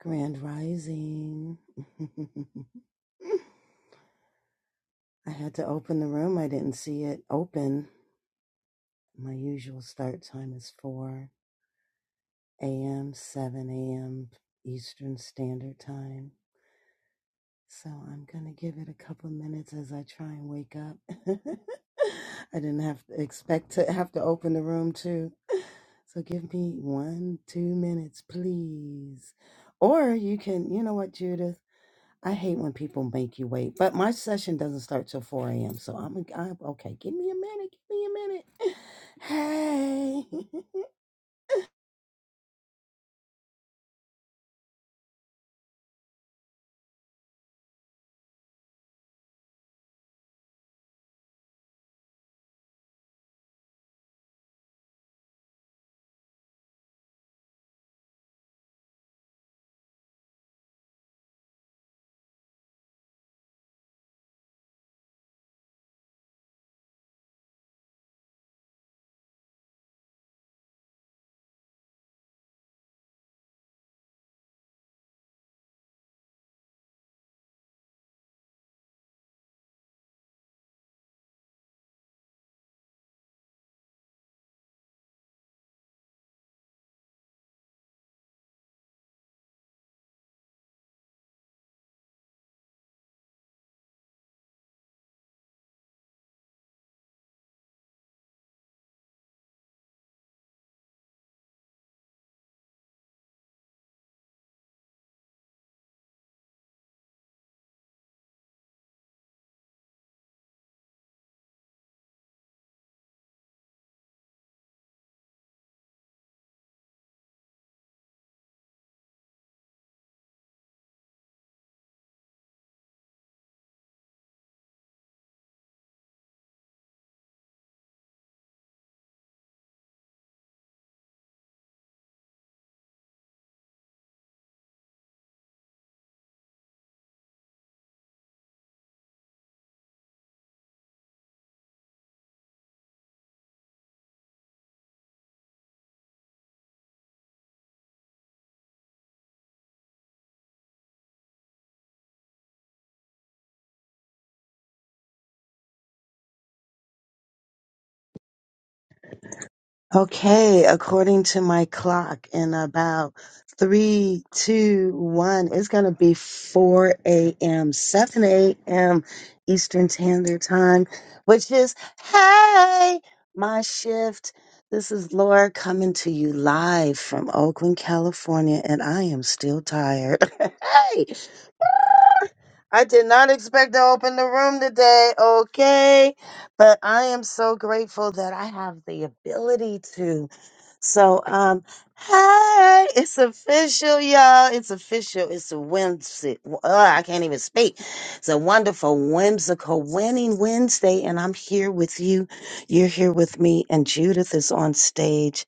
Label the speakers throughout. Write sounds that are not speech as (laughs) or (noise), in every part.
Speaker 1: Grand Rising. (laughs) I had to open the room. I didn't see it open. My usual start time is 4 a.m., 7 a.m. Eastern Standard Time. So I'm going to give it a couple minutes as I try and wake up. (laughs) I didn't have to expect to have to open the room too. So give me one, two minutes, please. Or you can, you know what, Judith? I hate when people make you wait, but my session doesn't start till 4 a.m. So I'm, I'm okay. Give me a minute. Give me a minute. (laughs) Hey. (laughs) Okay. According to my clock, in about three, two, one, it's going to be 4 a.m., 7 a.m. Eastern Standard Time, which is, hey, my shift. This is Laura coming to you live from Oakland, California, and I am still tired. (laughs) hey! I did not expect to open the room today, okay? But I am so grateful that I have the ability to. So, um, hey, it's official, y'all. It's official. It's a whimsy. Ugh, I can't even speak. It's a wonderful, whimsical winning Wednesday, and I'm here with you. You're here with me, and Judith is on stage.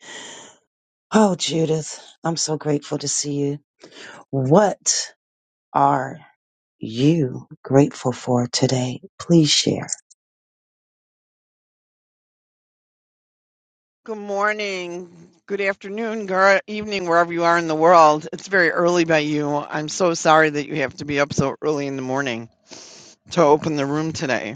Speaker 1: Oh, Judith, I'm so grateful to see you. What? are you grateful for today. Please share.
Speaker 2: Good morning, good afternoon, good evening, wherever you are in the world. It's very early by you. I'm so sorry that you have to be up so early in the morning to open the room today.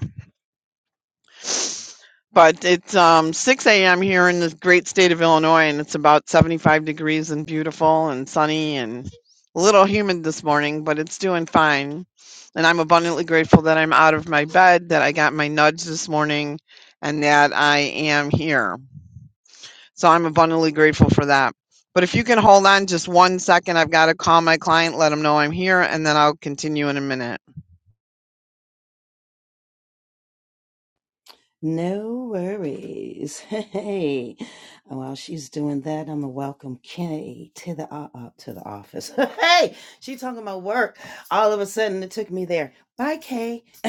Speaker 2: But it's um, 6 a.m. here in the great state of Illinois, and it's about 75 degrees and beautiful and sunny and a little humid this morning, but it's doing fine. And I'm abundantly grateful that I'm out of my bed, that I got my nudge this morning, and that I am here. So I'm abundantly grateful for that. But if you can hold on just one second, I've got to call my client, let them know I'm here, and then I'll continue in a minute.
Speaker 1: No worries. (laughs) Hey, while she's doing that, I'm gonna welcome Kay to the uh, uh, to the office. (laughs) hey, she talking about work. All of a sudden, it took me there. Bye, Kay. (laughs)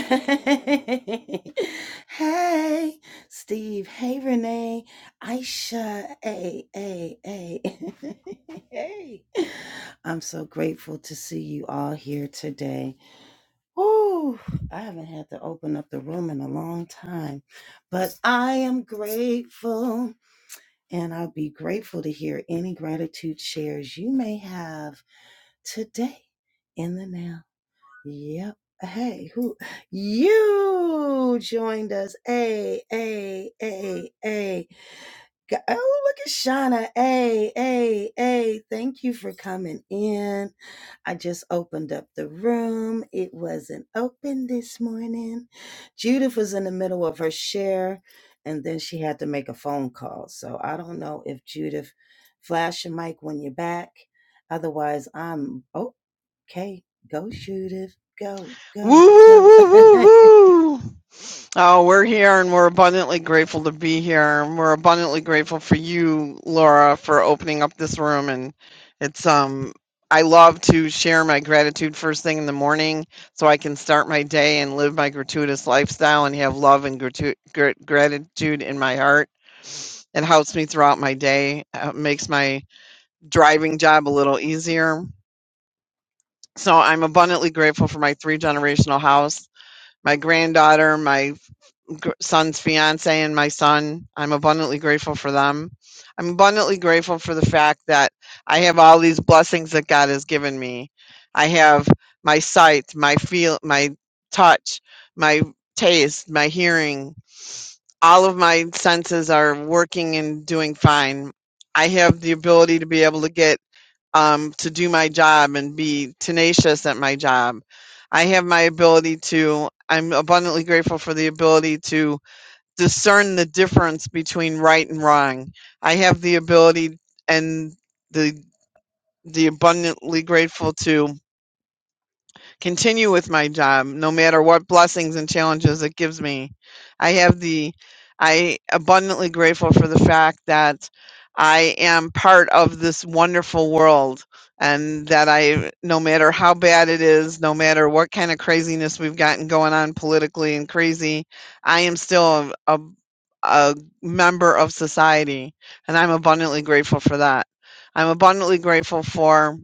Speaker 1: hey, Steve. Hey, Renee. Aisha. Hey, hey, hey. (laughs) hey. I'm so grateful to see you all here today. Whew, I haven't had to open up the room in a long time, but I am grateful, and I'll be grateful to hear any gratitude shares you may have today in the now. Yep. Hey, who you joined us? A, A, A, A. Go- Oh, look at Shauna. Hey, hey, hey, thank you for coming in. I just opened up the room. It wasn't open this morning. Judith was in the middle of her share and then she had to make a phone call. So I don't know if Judith flash your mic when you're back. Otherwise, I'm oh, okay. Go, Judith. Go,
Speaker 2: Woo,
Speaker 1: go,
Speaker 2: woo,
Speaker 1: go.
Speaker 2: woo,
Speaker 1: (laughs)
Speaker 2: woo, woo. Oh, we're here and we're abundantly grateful to be here. And we're abundantly grateful for you, Laura, for opening up this room. And it's, um, I love to share my gratitude first thing in the morning so I can start my day and live my gratuitous lifestyle and have love and gratu- gr- gratitude in my heart. It helps me throughout my day, uh, makes my driving job a little easier. So I'm abundantly grateful for my three generational house my granddaughter, my son's fiance, and my son. I'm abundantly grateful for them. I'm abundantly grateful for the fact that I have all these blessings that God has given me. I have my sight, my feel, my touch, my taste, my hearing. All of my senses are working and doing fine. I have the ability to be able to get um, to do my job and be tenacious at my job. I have my ability to, I'm abundantly grateful for the ability to discern the difference between right and wrong. I have the ability and the, the abundantly grateful to continue with my job, no matter what blessings and challenges it gives me. I have the, I abundantly grateful for the fact that I am part of this wonderful world and that I, no matter how bad it is, no matter what kind of craziness we've gotten going on politically and crazy, I am still a, a, a member of society and I'm abundantly grateful for that. I'm abundantly grateful for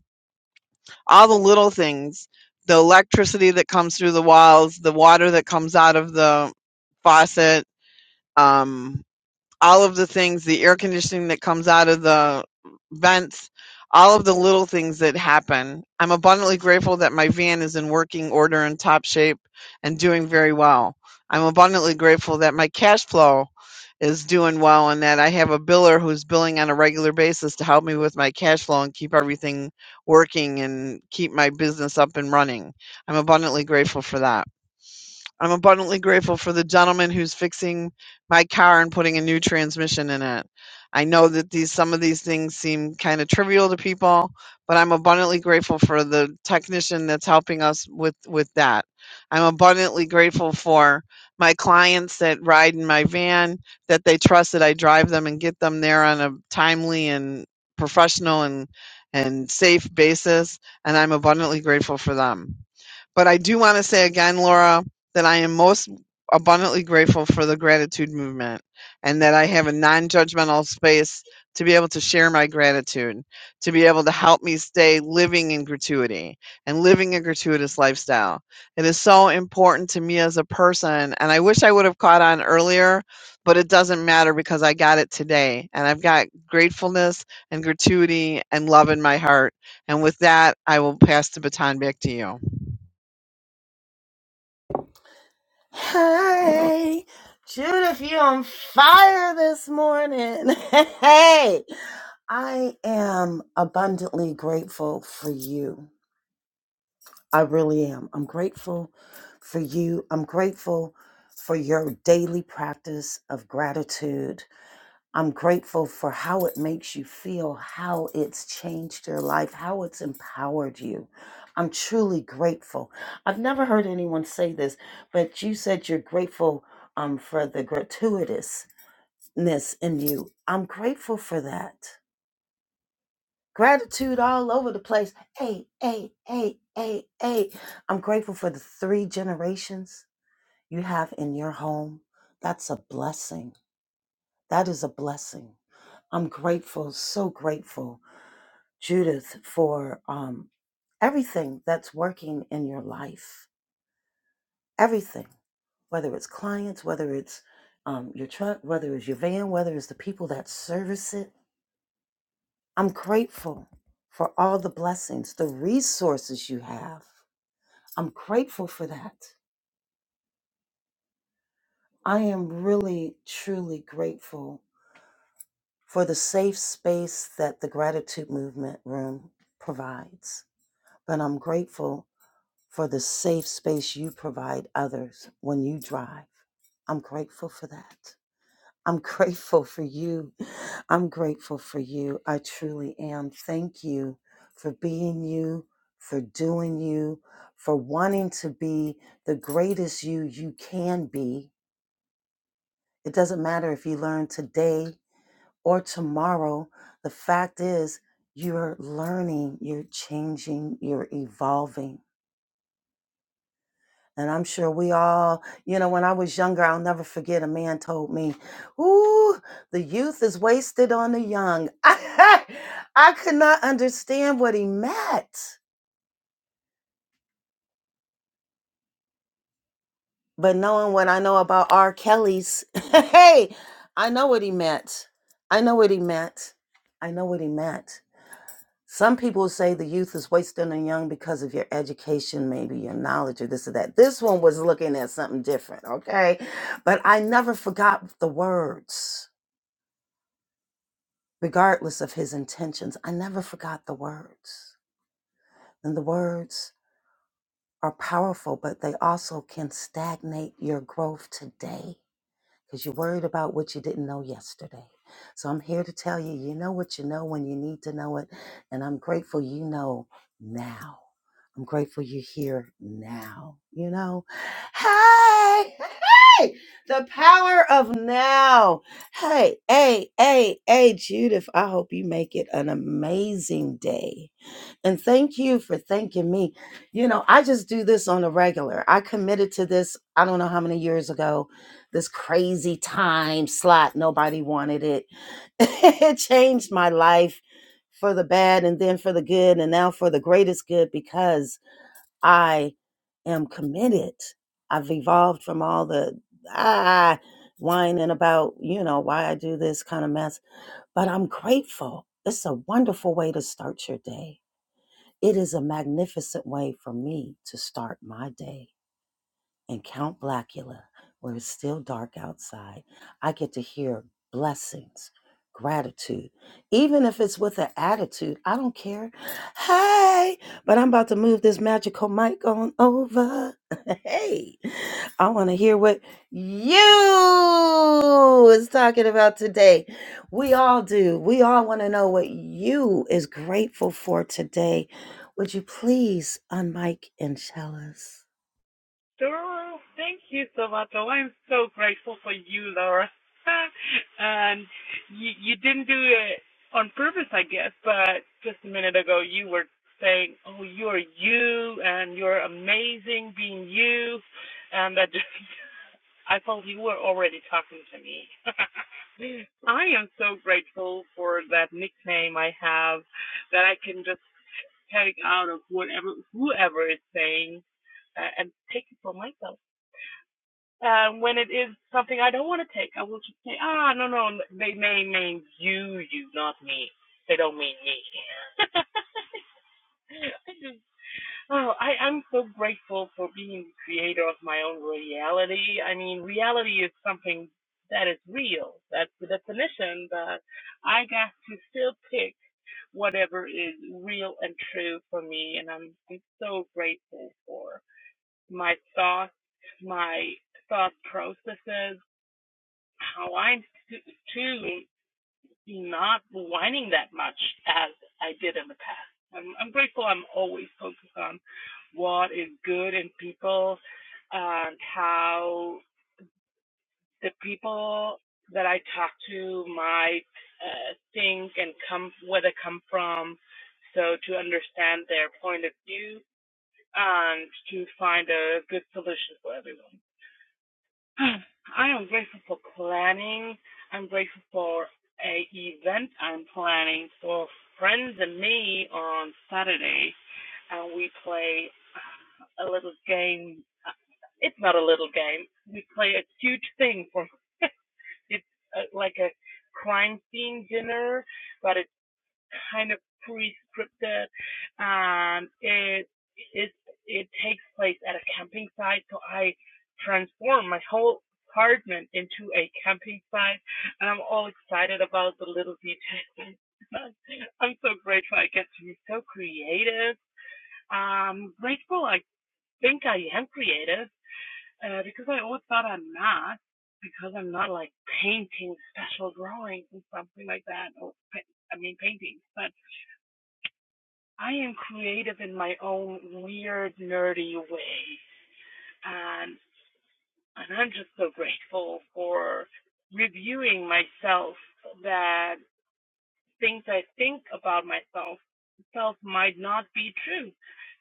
Speaker 2: all the little things the electricity that comes through the walls the water that comes out of the faucet um all of the things, the air conditioning that comes out of the vents, all of the little things that happen. I'm abundantly grateful that my van is in working order and top shape and doing very well. I'm abundantly grateful that my cash flow is doing well and that I have a biller who's billing on a regular basis to help me with my cash flow and keep everything working and keep my business up and running. I'm abundantly grateful for that. I'm abundantly grateful for the gentleman who's fixing my car and putting a new transmission in it. I know that these some of these things seem kind of trivial to people, but I'm abundantly grateful for the technician that's helping us with with that. I'm abundantly grateful for my clients that ride in my van that they trust that I drive them and get them there on a timely and professional and and safe basis and I'm abundantly grateful for them. But I do want to say again, Laura, that I am most abundantly grateful for the gratitude movement and that I have a non judgmental space to be able to share my gratitude, to be able to help me stay living in gratuity and living a gratuitous lifestyle. It is so important to me as a person. And I wish I would have caught on earlier, but it doesn't matter because I got it today. And I've got gratefulness and gratuity and love in my heart. And with that, I will pass the baton back to you.
Speaker 1: Hey, Judith, you on fire this morning. (laughs) Hey, I am abundantly grateful for you. I really am. I'm grateful for you. I'm grateful for your daily practice of gratitude I'm grateful for how it makes you feel, how it's changed your life, how it's empowered you. I'm truly grateful. I've never heard anyone say this, but you said you're grateful um, for the gratuitousness in you. I'm grateful for that. Gratitude all over the place. Hey, hey, hey, hey, hey. I'm grateful for the three generations you have in your home. That's a blessing. That is a blessing. I'm grateful, so grateful Judith, for um, everything that's working in your life. Everything, whether it's clients, whether it's um, your truck, whether it's your van, whether it's the people that service it. I'm grateful for all the blessings, the resources you have. I'm grateful for that. I am really, truly grateful for the safe space that the gratitude movement room provides. But I'm grateful for the safe space you provide others when you drive. I'm grateful for that. I'm (laughs) grateful for you. I'm grateful for you. I truly am. Thank you for being you, for doing you, for wanting to be the greatest you you can be. It doesn't matter if you learn today or tomorrow. The fact is, you're learning, you're changing, you're evolving And I'm sure we all, you know, when I was younger, I'll never forget a man told me, Ooh, the youth is wasted on the young. (laughs) I, could not understand what he meant. But knowing what I know about R. Kelly's, (laughs) hey, I know what he meant. I know what he meant. I know what he meant. Some people say the youth is wasting on young because of your education, maybe your knowledge or this or that. This one was looking at something different, okay? But I never forgot the words, regardless of his intentions. I never forgot the words. And the words are powerful, but they also can stagnate your growth today. because you're worried about what you didn't know yesterday. So I'm here to tell you, you know what you know when you need to know it. And I'm grateful you know now. I'm grateful you're here now. You know, hey, (laughs) hey, the power of now. Hey, hey, hey, hey, Judith, I hope you make it an amazing day. And thank you for thanking me. You know, I just do this on a regular. I committed to this, I don't know how many years ago, this crazy time slot. Nobody wanted it. (laughs) it changed my life for the bad and then for the good and now for the greatest good because I am committed. I've evolved from all the ah whining about, you know, why I do this kind of mess, but I'm grateful. It's a wonderful way to start your day it is a magnificent way for me to start my day in Count Blackula, where it's still dark outside, I get to hear blessings, gratitude. Even if it's with an attitude, I don't care. Hey, but I'm about to move this magical mic on over. (laughs) hey, I want to hear what you is talking about today. We all do. We all want to know what you is grateful for today. Would you please unmic and tell us?
Speaker 3: Doro, thank you so much. Oh, I'm so grateful for you, Laura. (laughs) and you, you didn't do it on purpose, I guess, but just a minute ago you were saying, oh, you're you and you're amazing being you. And that just, (laughs) I felt you were already talking to me. (laughs) I am so grateful for that nickname I have that I can just take out of whatever, whoever is saying uh, and take it for myself uh, when it is something I don't want to take, I will just say, ah, no, no, they may mean you, you, not me. They don't mean me. (laughs) I just, oh, I, I'm so grateful for being the creator of my own reality. I mean, reality is something that is real. That's the definition, but I got to still pick whatever is real and true for me, and I'm, I'm so grateful for my thoughts, my thought processes, Hawaiian too not whining that much as I did in the past. I'm, I'm grateful. I'm always focused on what is good in people and how the people that I talk to might uh, think and come where they come from. So to understand their point of view and to find a good solution for everyone. I am grateful for planning. I'm grateful for a event I'm planning for friends and me on Saturday, and we play uh, a little game. Uh, It's not a little game. We play a huge thing for. (laughs) it's uh, like a crime scene dinner, but it kind of pre-scripted. and it it it takes place at a camping site, so I transform my whole apartment into a camping site, and I'm all excited about the little details. (laughs) I'm so grateful I get to be so creative. I'm grateful I think I am creative uh, because I always thought I'm not because I'm not like painting special drawings and something like that. Or I mean painting, but I am creative in my own weird, nerdy way, and and I'm just so grateful for reviewing myself that things I think about myself self might not be true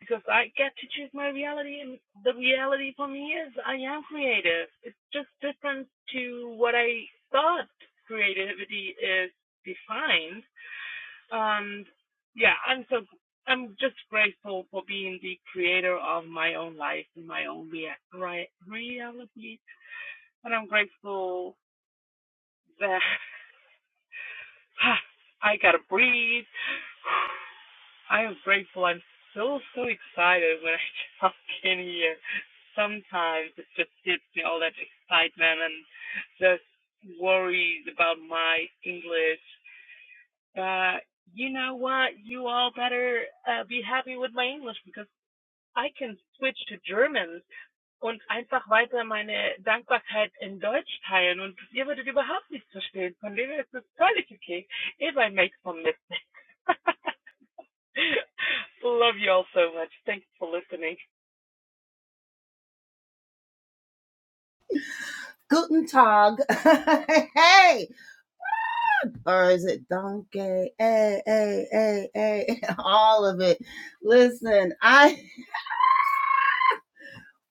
Speaker 3: because I get to choose my reality and the reality for me is I am creative. It's just different to what I thought creativity is defined and yeah, I'm so I'm just grateful for being the creator of my own life and my own rea- reality. And I'm grateful that (laughs) (sighs) I gotta breathe. (sighs) I am grateful. I'm so so excited when I (laughs) talk in here. Sometimes it just gives me all that excitement and just worries about my English Uh, you know what? You all better uh, be happy with my English because I can switch to German und einfach weiter meine Dankbarkeit in Deutsch teilen und ihr würdet überhaupt nichts verstehen. Von dem her ist es völlig okay if I make some mistakes. (laughs) Love you all so much. Thanks for listening.
Speaker 1: Guten Tag. (laughs) hey. Or is it Donkey? Hey, hey, hey, hey. (laughs) All of it. Listen, I,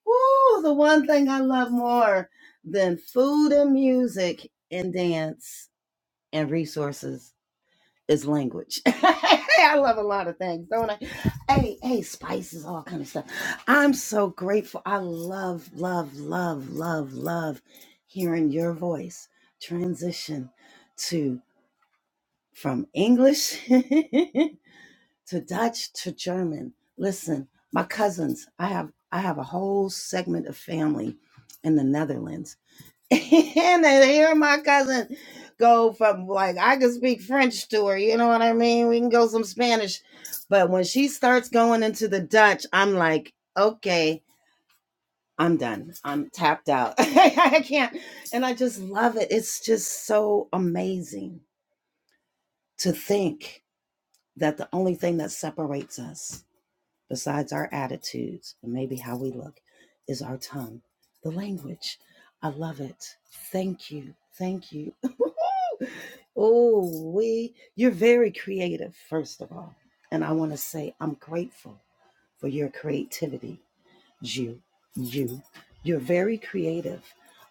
Speaker 1: woo, the one thing I love more than food and music and dance and resources is language. (laughs) I love a lot of things, don't I? Hey, hey, spices, all kind of stuff. I'm so grateful. I love, love, love, love, love hearing your voice transition to. from English (laughs) to Dutch to German. Listen, my cousins, I have I have a whole segment of family in the Netherlands. (laughs) and to hear my cousin go from like I can speak French to her, you know what I mean? We can go some Spanish. But when she starts going into the Dutch, I'm like, okay, I'm done. I'm tapped out. (laughs) I can't. And I just love it. It's just so amazing to think. that the only thing that separates us, besides our attitudes and maybe how we look, is our tongue, the language. I love it. Thank you. Thank you. (laughs) oh, we, you're very creative, first of all. And I want to say I'm grateful for your creativity, you, you. You're very creative.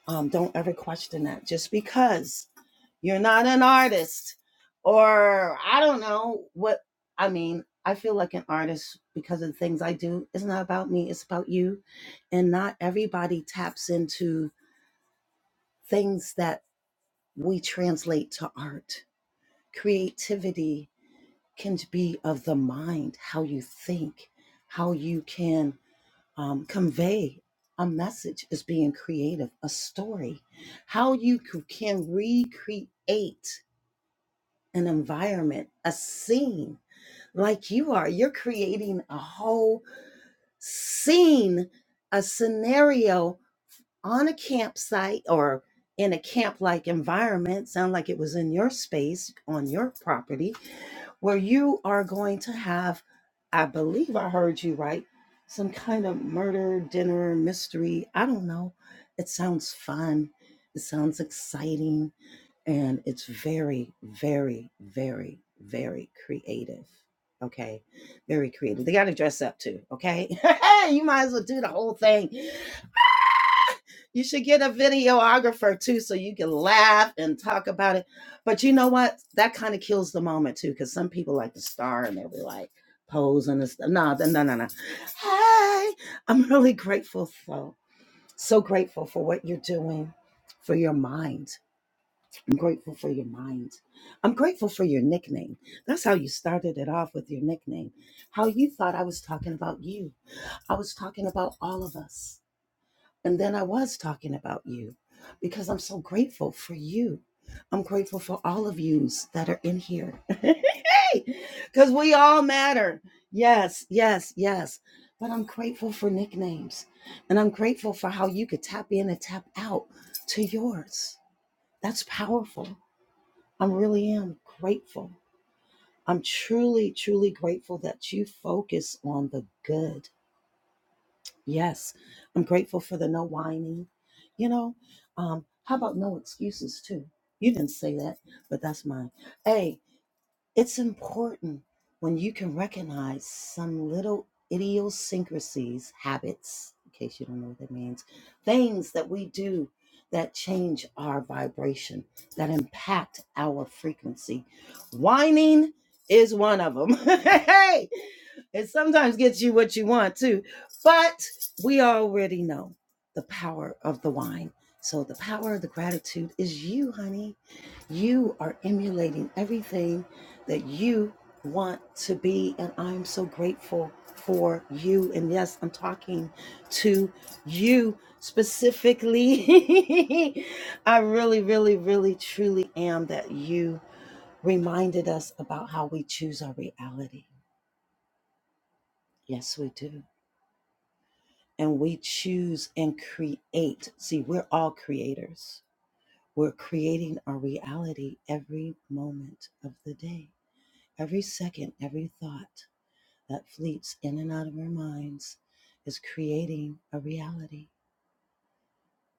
Speaker 1: Um, don't ever question that. Just because you're not an artist. Or I don't know what I mean. I feel like an artist because of the things I do. It's not about me, it's about you. And not everybody taps into things that we translate to art. Creativity can be of the mind, how you think, how you can um, convey a message is being creative, a story, how you c- can recreate an environment, a scene, like you are. You're creating a whole scene, a scenario on a campsite or in a camp like environment. Sound like it was in your space on your property where you are going to have, I believe I heard you right, some kind of murder, dinner, mystery. I don't know. It sounds fun. It sounds exciting and it's very very very very creative okay very creative they got to dress up too okay (laughs) you might as well do the whole thing you should get a videographer too so you can laugh and talk about it but you know what that kind of kills the moment too because some people like to star and they'll be like posing and stuff no th- no no no hey i'm really grateful so so grateful for what you're doing for your mind I'm grateful for your mind. I'm grateful for your nickname. That's how you started it off with your nickname. How you thought I was talking about you. I was talking about all of us. And then I was talking about you because I'm so grateful for you. I'm grateful for all of yous that are in here. (laughs) Because we all matter. Yes, yes, yes. But I'm grateful for nicknames. And I'm grateful for how you could tap in and tap out to yours. That's powerful. I really am grateful. I'm truly, truly grateful that you focus on the good. Yes, I'm grateful for the no whining. You know, um, how about no excuses too? You didn't say that, but that's mine. Hey. It's important when you can recognize some little idiosyncrasies, habits, in case you don't know what that means, things that we do that change our vibration, that impact our frequency. Whining is one of them. (laughs) hey, it sometimes gets you what you want too, but we already know the power of the wine. So the power of the gratitude is you, honey you are emulating everything that you want to be. And I'm so grateful for you. And yes, I'm talking to you specifically. (laughs) I really, really, really, truly am that you reminded us about how we choose our reality. Yes, we do. And we choose and create. See, we're all creators. We're creating our reality every moment of the day Every second, every thought that fleets in and out of our minds is creating a reality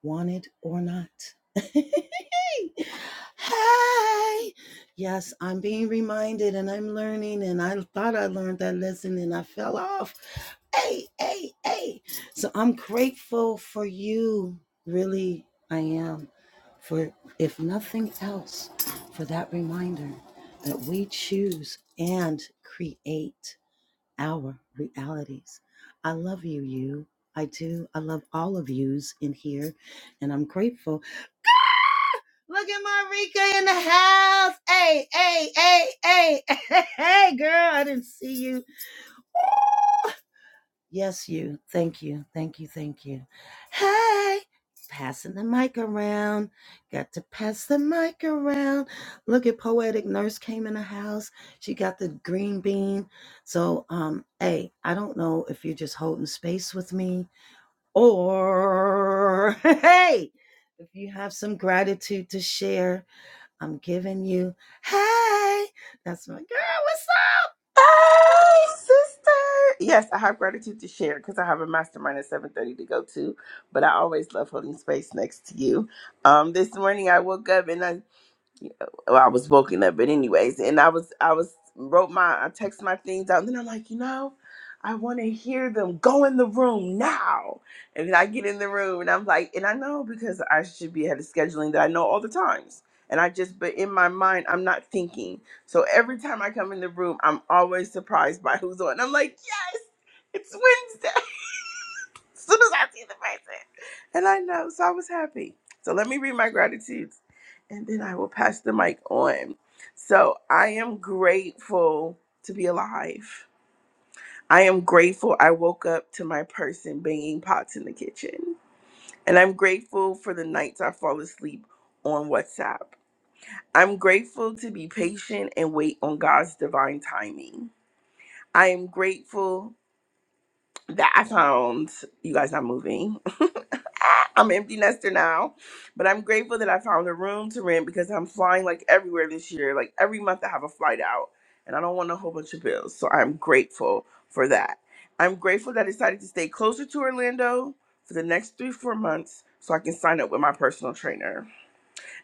Speaker 1: want it or not. (laughs) hey, yes, I'm being reminded and I'm learning, and I thought I learned that lesson and I fell off. Hey, hey, hey. So I'm grateful for you. Really, I am. For if nothing else, for that reminder that we choose and create our realities. I love you, you. I do. I love all of yous in here, and I'm grateful. Look at Marika in the house. Hey, hey, hey, hey, (laughs) hey, girl, I didn't see you. Yes, you. Thank you. Thank you. Thank you. Hey, passing the mic around. Got to pass the mic around. Look at poetic nurse came in the house. She got the green bean. So, um, hey, I don't know if you're just holding space with me or (laughs) hey, if you have some gratitude to share, I'm giving you. Hey, that's my girl. What's
Speaker 4: Hey, sister. Yes, I have gratitude to share because I have a mastermind at 7.30 to go to, but I always love holding space next to you. Um, this morning I woke up and I well, I was woken up, but anyways, and I was I was wrote my I text my things out, and then I'm like, you know, I want to hear them go in the room now, and then I get in the room, and I'm like, and I know because I should be ahead of scheduling that I know all the times, and I just but in my mind I'm not thinking, so every time I come in the room I'm always surprised by who's on. I'm like, yes, it's Wednesday. As soon as I see the person. And I know, so I was happy. So let me read my gratitudes and then I will pass the mic on. So I am grateful to be alive. I am grateful I woke up to my person banging pots in the kitchen. And I'm grateful for the nights I fall asleep on WhatsApp. I'm grateful to be patient and wait on God's divine timing. I am grateful that I found you guys not moving. I'm empty nester now, but I'm grateful that I found a room to rent because I'm flying like everywhere this year. Like every month I have a flight out and I don't want a whole bunch of bills. So I'm grateful for that. I'm grateful that I decided to stay closer to Orlando for the next three, four months so I can sign up with my personal trainer.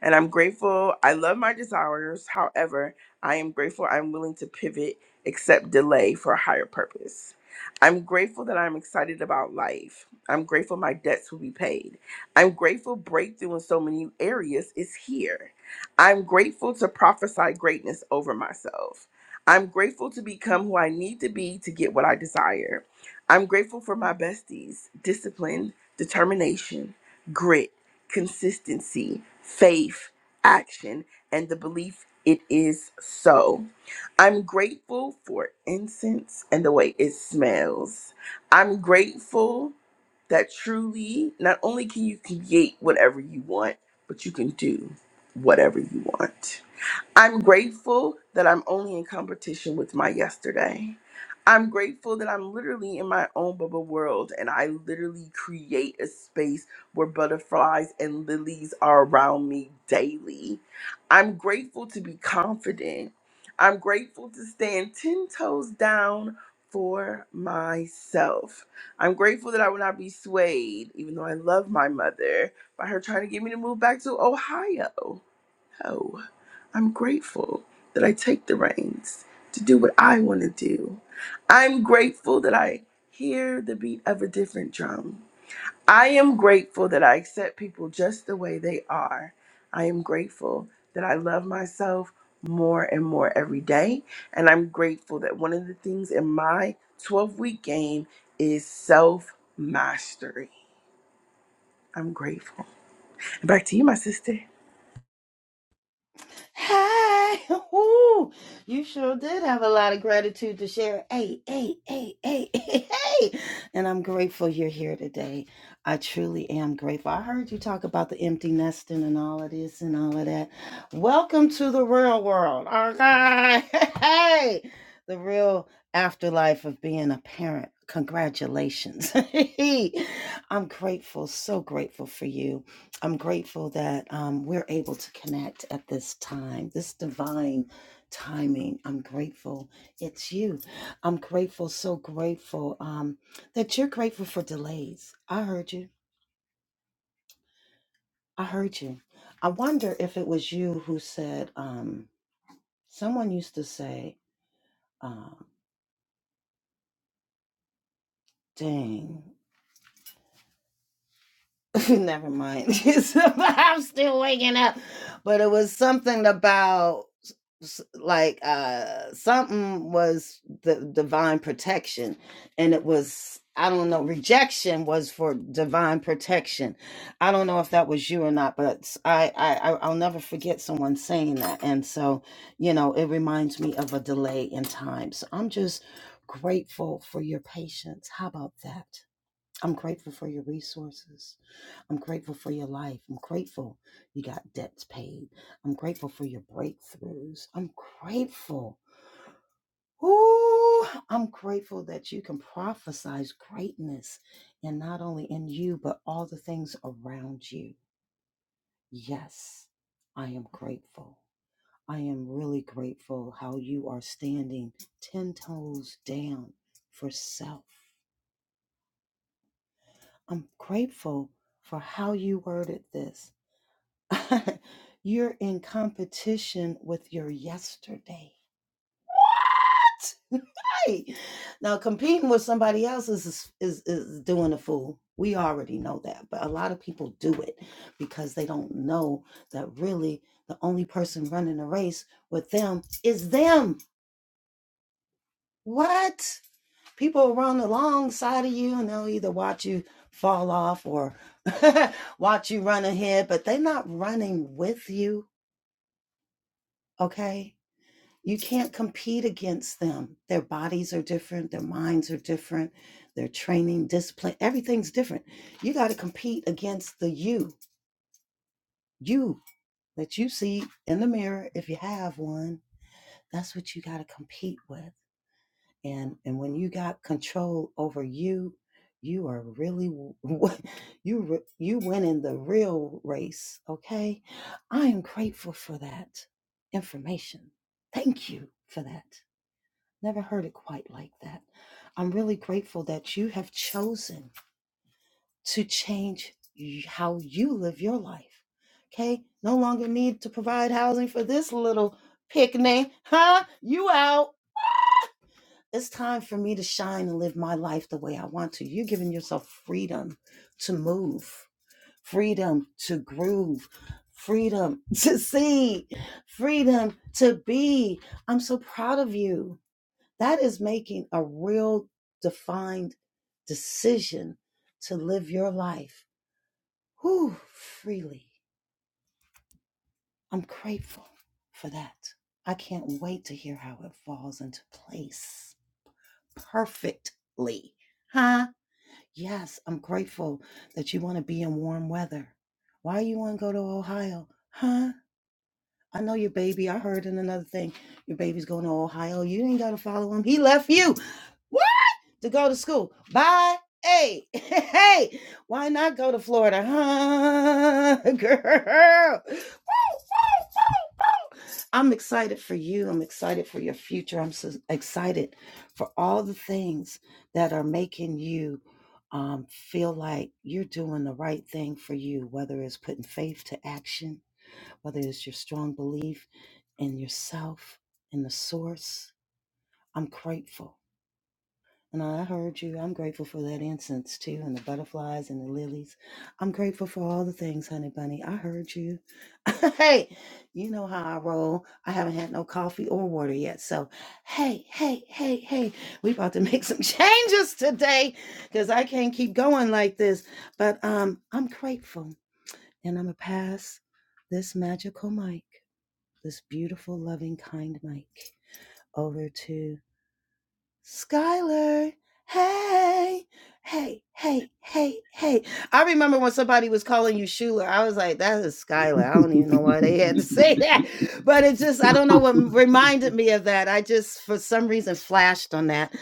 Speaker 4: And I'm grateful. I love my desires. However, I am grateful I'm willing to pivot, accept delay for a higher purpose. I'm grateful that I'm excited about life. I'm grateful my debts will be paid. I'm grateful breakthrough in so many areas is here. I'm grateful to prophesy greatness over myself. I'm grateful to become who I need to be to get what I desire. I'm grateful for my besties, discipline, determination, grit consistency, faith, action, and the belief it is so. I'm grateful for incense and the way it smells. I'm grateful that truly, not only can you create whatever you want, but you can do whatever you want. I'm grateful that I'm only in competition with my yesterday. I'm grateful that I'm literally in my own bubble world and I literally create a space where butterflies and lilies are around me daily. I'm grateful to be confident. I'm grateful to stand 10 toes down for myself. I'm grateful that I will not be swayed, even though I love my mother, by her trying to get me to move back to Ohio. I'm grateful that I take the reins to do what I want to do. I'm grateful that I hear the beat of a different drum. I am grateful that I accept people just the way they are. I am grateful that I love myself more and more every day. And I'm grateful that one of the things in my 12 week game is self mastery. I'm grateful. And Back to you, my sister.
Speaker 1: Hi. (laughs) Ooh, you sure did have a lot of gratitude to share. Hey, hey, hey, hey, (laughs) hey, hey. And I'm grateful you're here today. I truly am grateful. I heard you talk about the empty nesting and all of this and all of that. Welcome to the real world. Okay. (laughs) Hey, the real afterlife of being a parent. Congratulations. (laughs) I'm grateful, so grateful for you. I'm grateful that um, we're able to connect at this time, this divine timing. I'm grateful it's you. I'm grateful, so grateful um, that you're grateful for delays. I heard you. I heard you. I wonder if it was you who said, um, someone used to say, uh, dang. (laughs) Never mind. (laughs) I'm still waking up. But it was something about s- like uh something was the divine protection and it was I don't know rejection was for divine protection. I don't know if that was you or not but I I i I I- I'll never forget someone saying that and so you know it reminds me of a delay in time. So I'm just grateful for your patience. How about that? I'm grateful for your resources. I'm grateful for your life. I'm grateful you got debts paid. I'm grateful for your breakthroughs. I'm grateful. Ooh, I'm grateful that you can prophesize greatness and not only in you, but all the things around you. Yes, I am grateful. I am really grateful how you are standing 10 toes down for self. I'm grateful for how you worded this. (laughs) You're in competition with your yesterday. (laughs) Right. Now competing with somebody else is, is is doing a fool. We already know that, but a lot of people do it because they don't know that really the only person running a race with them is them. What? People run alongside of you and they'll either watch you fall off or (laughs) watch you run ahead, but they're not running with you. Okay you can't compete against them. Their bodies are different, their minds are different, their training, discipline, everything's different. You got to compete against the you, you that you see in the mirror if you have one. That's what you got to compete with. And and when you got control over you, you are really you you winning the real race, okay? I am grateful for that information. Thank you for that. Never heard it quite like that. I'm really grateful that you have chosen to change y- how you live your life. Okay? No longer need to provide housing for this little picnic. Huh? You out. It's time for me to shine and live my life the way I want to. You're giving yourself freedom to move, freedom to groove, freedom (laughs) to see, freedom to be. I'm so proud of you. That is making a real defined decision to live your life whew, freely. I'm grateful for that. I can't wait to hear how it falls into place perfectly. Huh? Yes, I'm grateful that you want to be in warm weather. Why you want to go to Ohio? Huh? I know your baby. I heard in another thing your baby's going to Ohio. You ain't got to follow him. He left you. Woo! to go to school. Bye. Hey, (laughs) hey, why not go to Florida, huh, girl? (laughs) I'm excited for you. I'm excited for your future. I'm so excited for all the things that are making you um, feel like you're doing the right thing for you, whether it's putting faith to action, whether it's your strong belief in yourself, in the source. I'm grateful. And I heard you. I'm grateful for that incense too, and the butterflies and the lilies. I'm grateful for all the things, honey bunny. I heard you. (laughs) hey, you know how I roll. I haven't had no coffee or water yet. So, hey, hey, hey, hey, we about to make some (laughs) changes today because I can't keep going like this. But um, I'm grateful, and I'm gonna pass this magical mic, this beautiful, loving, kind mic, over to Skylar, hey, hey, hey, hey, hey. I remember when somebody was calling you Schuler. I was like, that is Skylar. I don't even know why they had to (laughs) say that. But it just, I don't know what reminded me of that. I just, for some reason, flashed on that.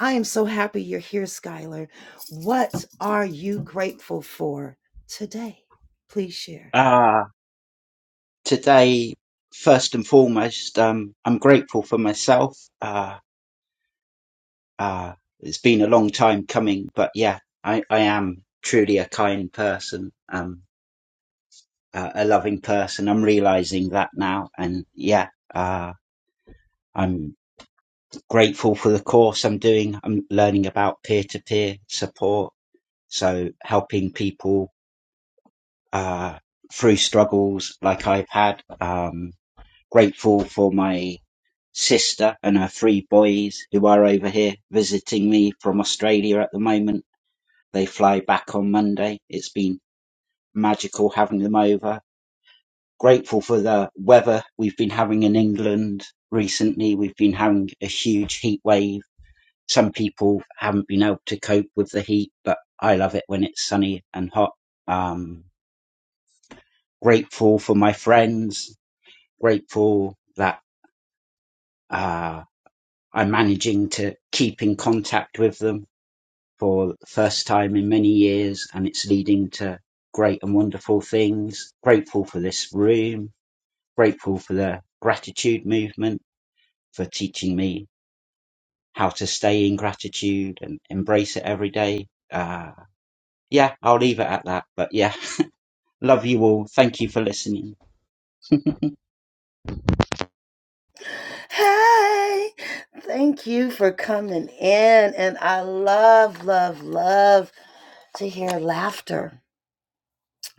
Speaker 1: I am so happy you're here, Skylar. What are you grateful for today? Please share.
Speaker 5: Uh, today, first and foremost, um, I'm grateful for myself. Uh, uh, it's been a long time coming, but yeah, I, I am truly a kind person, um, uh, a loving person. I'm realizing that now. And yeah, uh, I'm grateful for the course I'm doing. I'm learning about peer to peer support. So helping people, uh, through struggles like I've had, um, grateful for my sister and her three boys who are over here visiting me from Australia at the moment. They fly back on Monday. It's been magical having them over. Grateful for the weather we've been having in England recently. We've been having a huge heat wave. Some people haven't been able to cope with the heat, but I love it when it's sunny and hot. Um, grateful for my friends. Grateful that uh, I'm managing to keep in contact with them for the first time in many years, and it's leading to great and wonderful things. Grateful for this room, grateful for the gratitude movement, for teaching me how to stay in gratitude and embrace it every day. Uh, yeah, I'll leave it at that. But yeah, (laughs) love you all. Thank you for listening. (laughs)
Speaker 1: Hey, thank you for coming in. And I love, love, love to hear laughter.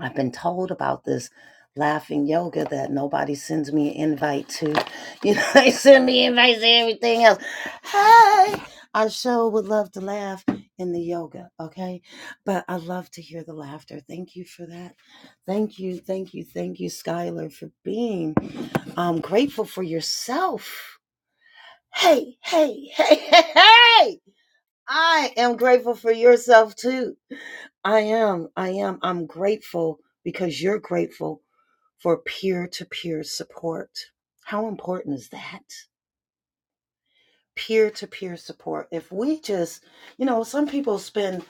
Speaker 1: I've been told about this laughing yoga that nobody sends me an invite to. You know, (laughs) they send me invites to everything else. Hey, I sure would love to laugh in the yoga, okay? But I love to hear the laughter. Thank you for that. Thank you, thank you, thank you, Skylar, for being um, grateful for yourself Hey, hey, hey, hey, hey! I am grateful for yourself too. I am. I am. I'm grateful because you're grateful for peer to peer support. How important is that? Peer to peer support. If we just, you know, some people spend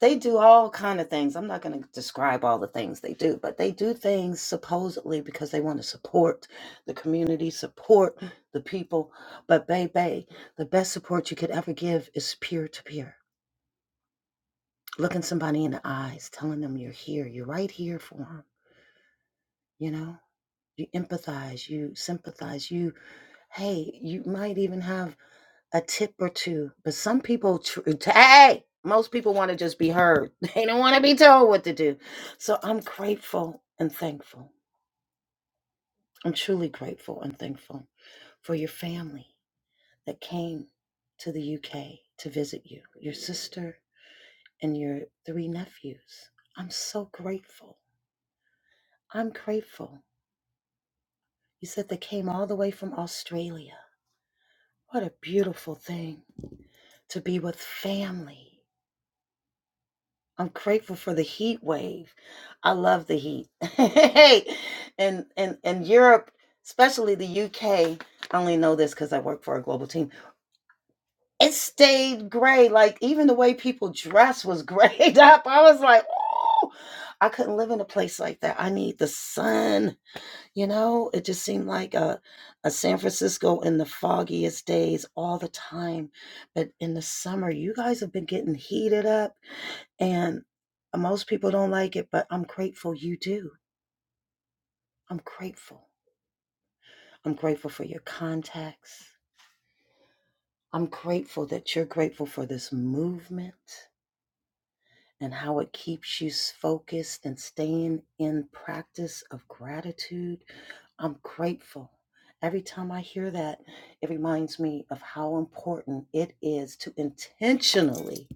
Speaker 1: they do all kind of things i'm not going to describe all the things they do but they do things supposedly because they want to support the community support the people but baby the best support you could ever give is peer to peer looking somebody in the eyes telling them you're here you're right here for them you know you empathize you sympathize you hey you might even have a tip or two. But some people, tr- hey, most people want to just be heard. (laughs) They don't want to be told what to do. So I'm grateful and thankful. I'm truly grateful and thankful for your family that came to the UK to visit you, your sister and your three nephews. I'm so grateful. I'm grateful. You said they came all the way from Australia. What a beautiful thing to be with family I'm grateful for the heat wave. I love the heat. (laughs) hey, and and and Europe, especially the UK. I only know this because I work for a global team. It stayed gray. Like even the way people dress was grayed (laughs) up. I was like, oh, I couldn't live in a place like that. I need the sun. You know, it just seemed like a, a San Francisco in the foggiest days all the time. But in the summer, you guys have been getting heated up, and most people don't like it, but I'm grateful you do. I'm grateful. I'm grateful for your contacts. I'm grateful that you're grateful for this movement. and how it keeps you s- focused and staying in practice of gratitude. I'm grateful. Every time I hear that, it reminds me of how important it is to intentionally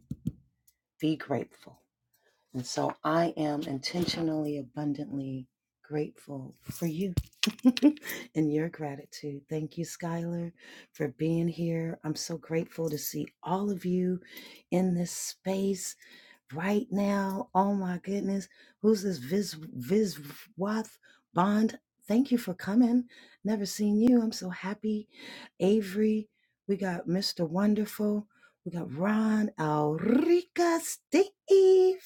Speaker 1: be grateful. And so I am intentionally, abundantly grateful for you (laughs) and your gratitude. Thank you, Skylar, for being here. I'm so grateful to see all of you in this space right now. Oh my goodness. Who's this Viz Viz Bond? Thank you for coming. Never seen you. I'm so happy. Avery, we got Mr. Wonderful. We got Ron, Alrika, Steve,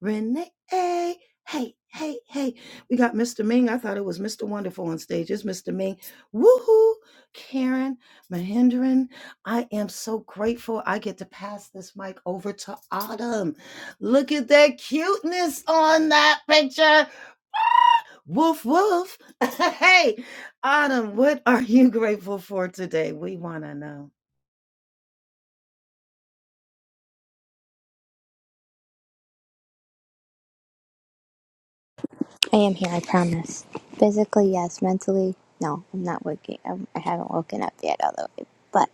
Speaker 1: Renee. Hey, hey, hey. hey. We got Mr. Ming. I thought it was Mr. Wonderful on stage. It's Mr. Ming. Woohoo! Karen, Mahendran. I am so grateful I get to pass this mic over to Autumn. Look at that cuteness on that picture. Woof, woof. (laughs) hey, Autumn, what are you grateful for today? We want to know.
Speaker 6: I am here, I promise. Physically, yes. Mentally, no. I'm not waking. I'm, I haven't woken up yet, although. It, but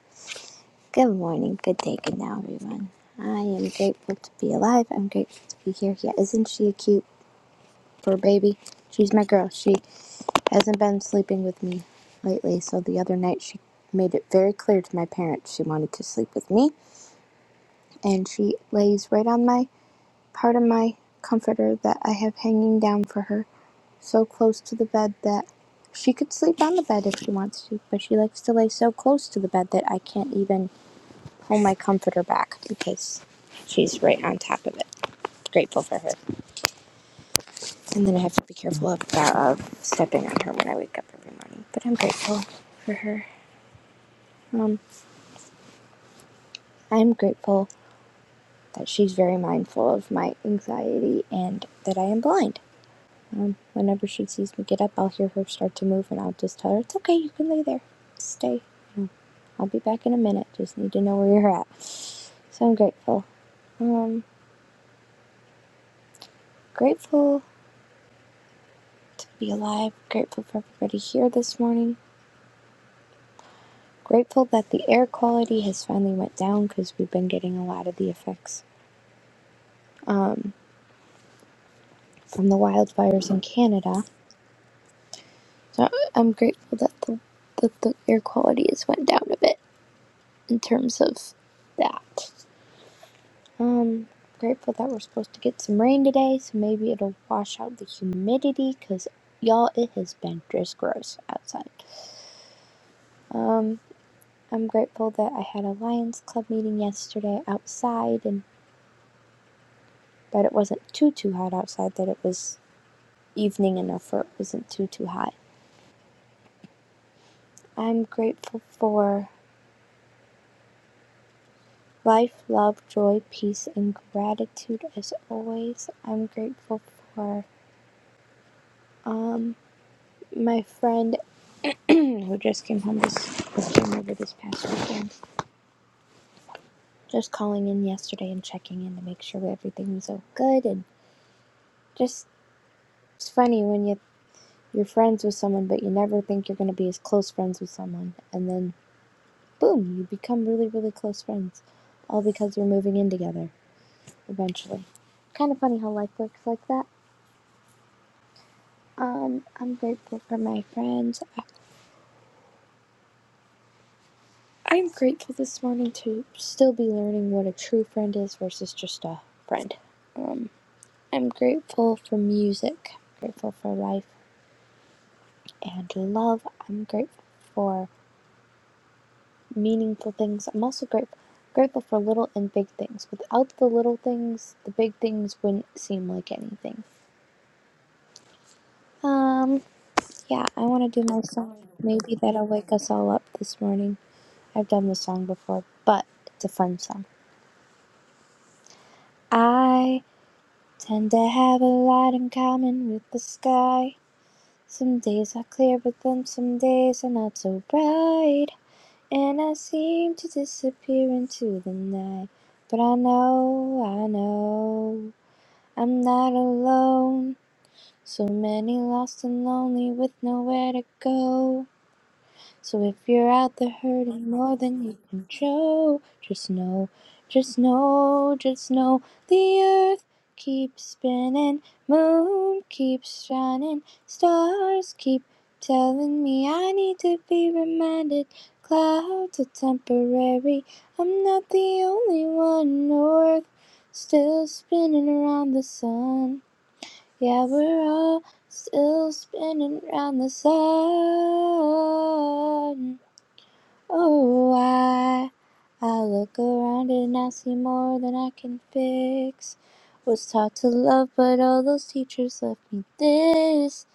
Speaker 6: good morning, good day, good now, everyone. I am grateful to be alive. I'm grateful to be here. Yeah, isn't she a cute for baby? She's my girl. She hasn't been sleeping with me lately, so the other night she made it very clear to my parents she wanted to sleep with me, and she lays right on my Part of my comforter that I have hanging down for her, so close to the bed that she could sleep on the bed if she wants to, but she likes to lay so close to the bed that I can't even pull my comforter back because she's right on top of it. Grateful for her. And then I have to be careful of, of stepping on her when I wake up every morning. But I'm grateful for her. Um, I'm grateful that she's very mindful of my anxiety and that I am blind Um, whenever she sees me get up, I'll hear her start to move, and I'll just tell her, It's okay, you can lay there. Stay. I'll be back in a minute. Just need to know where you're at. So I'm grateful. Um, grateful to be alive. Grateful for everybody here this morning. Grateful that the air quality has finally went down because we've been getting a lot of the effects from the wildfires in Canada. So I'm grateful that the that the air quality has went down a bit in terms of that. Um, grateful that we're supposed to get some rain today, so maybe it'll wash out the humidity, cause y'all, it has been just gross outside. Um, I'm grateful that I had a Lions Club meeting yesterday outside, and that it wasn't too too hot outside. That it was evening enough where it wasn't too too hot. I'm grateful for life, love, joy, peace, and gratitude as always. I'm grateful for my friend who just came home this, came over this past weekend. Just calling in yesterday and checking in to make sure everything was all good. And just, it's funny when you, you're friends with someone, but you never think you're going to be as close friends with someone. And then, boom, you become really, really close friends. All because you're moving in together eventually. Kind of funny how life works like that. Um, I'm grateful for my friends. I- I'm grateful this morning to still be learning what a true friend is versus just a friend. Um, I'm grateful for music, grateful for life, and love. I'm grateful for meaningful things. I'm also grateful grateful for little and big things. Without the little things, the big things wouldn't seem like anything. Um, yeah, I want to do my song. Maybe that'll wake us all up this morning. I've done this song before, but it's a fun song. I tend to have a lot in common with the sky. Some days are clear, but then some days are not so bright. And I seem to disappear into the night. But I know, I know, I'm not alone. So many lost and lonely with nowhere to go. So if you're out there hurting more than you can show, just know, just know, just know the earth keeps spinning, moon keeps shining, stars keep telling me I need to be reminded. Clouds are temporary, I'm not the only one. North still spinning around the sun. Yeah, we're all still spinning around the sun. Oh, I, I look around and I see more than I can fix. Was taught to love, but all those teachers left me this.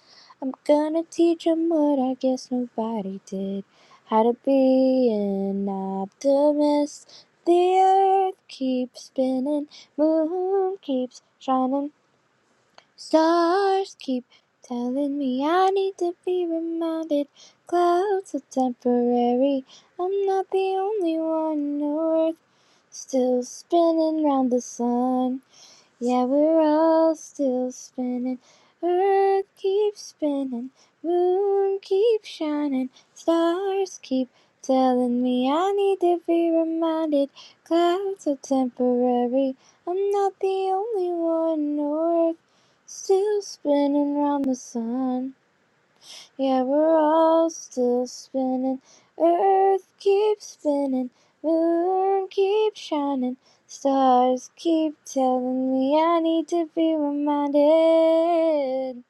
Speaker 6: I'm gonna teach 'em what I guess nobody did. How to be an optimist. The earth keeps spinning, moon keeps shining. Stars keep telling me I need to be reminded. Clouds are temporary. I'm not the only one. on Earth still spinning round the sun. Yeah, we're all still spinning. Earth keeps spinning. Moon keeps shining. Stars keep telling me I need to be reminded. Clouds are temporary. I'm not the only one. Earth still spinning round the sun. Yeah, we're all still spinning. Earth keeps spinning. Moon keeps shining. Stars keep telling me I need to be reminded.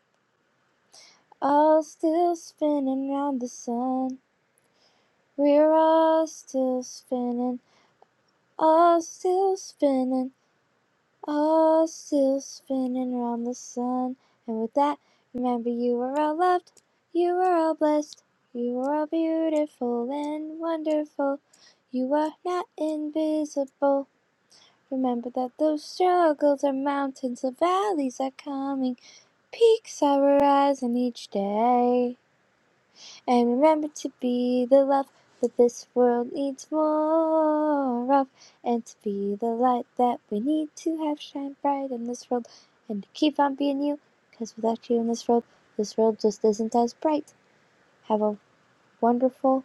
Speaker 6: All still spinning round the sun. We're all still spinning. All still spinning. All still spinning round the sun. And with that, remember you are all loved, you are all blessed, you are all beautiful and wonderful. You are not invisible. Remember that those struggles are mountains, the valleys are coming, peaks are rising each day. And remember to be the love that this world needs more of, and to be the light that we need to have shine bright in this world, and to keep on being you, because without you in this world, this world just isn't as bright. Have a wonderful,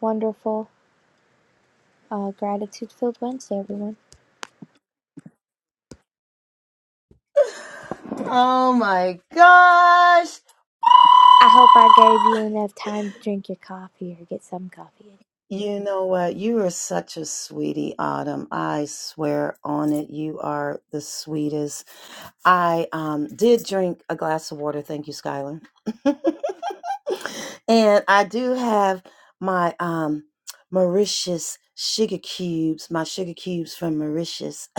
Speaker 6: wonderful, uh, gratitude filled Wednesday, everyone.
Speaker 1: Oh my gosh.
Speaker 6: I hope I gave you enough time to drink your coffee or get some coffee.
Speaker 1: You know what? You are such a sweetie, Autumn. I swear on it. You are the sweetest. I um, did drink a glass of water. Thank you, Skylar. (laughs) and I do have my um, Mauritius sugar cubes, my sugar cubes from Mauritius, (laughs)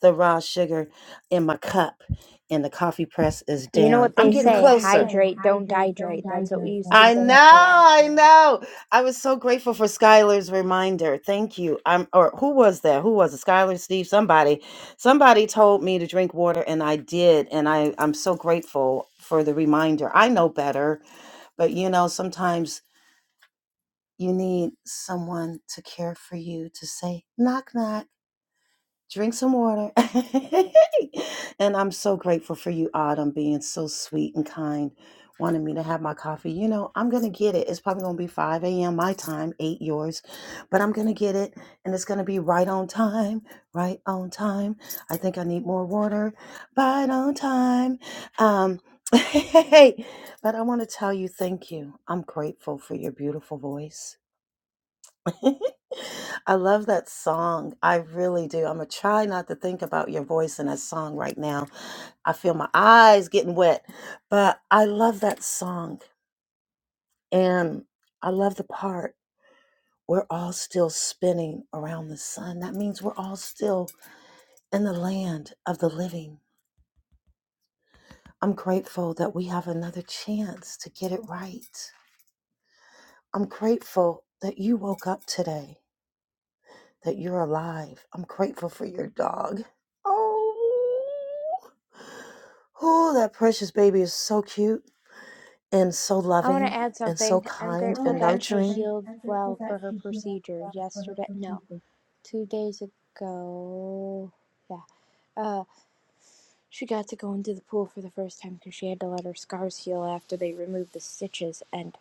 Speaker 1: the raw sugar in my cup, and the coffee press is
Speaker 6: You know
Speaker 1: down.
Speaker 6: what
Speaker 1: I'm You
Speaker 6: they
Speaker 1: getting know what
Speaker 6: say,
Speaker 1: they closer. say,
Speaker 6: hydrate, don't
Speaker 1: hydrate, don't
Speaker 6: dehydrate. That's what we
Speaker 1: dihydrate. That's
Speaker 6: used to
Speaker 1: I what we
Speaker 6: say
Speaker 1: know,
Speaker 6: at band.
Speaker 1: I know. know. I was so grateful for Skylar's reminder. Thank you. I'm or who was that? Who was it? Skylar, Steve, somebody Somebody told me to drink water, and I did, and I I'm so grateful for the reminder. I know better, but you know sometimes you need someone to care for you to say knock knock drink some water. (laughs) and I'm so grateful for you, Autumn, being so sweet and kind, wanting me to have my coffee. You know, I'm going to get it. It's probably going to be 5 a.m. my time, 8 yours, but I'm going to get it. And it's going to be right on time, right on time. I think I need more water, right on time. Um, (laughs) but I want to tell you thank you. I'm grateful for your beautiful voice. (laughs) I love that song. I really do. I'm going to try not to think about your voice in that song right now. I feel my eyes getting wet, but I love that song. And I love the part we're all still spinning around the sun. That means we're all still in the land of the living. I'm grateful that we have another chance to get it right. I'm grateful that you woke up today. that you're alive. I'm grateful for your dog. Oh, oh, that precious baby is so cute and so
Speaker 6: I want to
Speaker 1: loving
Speaker 6: add
Speaker 1: and so
Speaker 6: something. I'm
Speaker 1: kind
Speaker 6: grateful
Speaker 1: and
Speaker 6: that she
Speaker 1: nurturing.
Speaker 6: healed well for her procedure yesterday. No, two days ago. Yeah. Uh, she got to go into the pool for the first time because she had to let her scars heal after they removed the stitches, and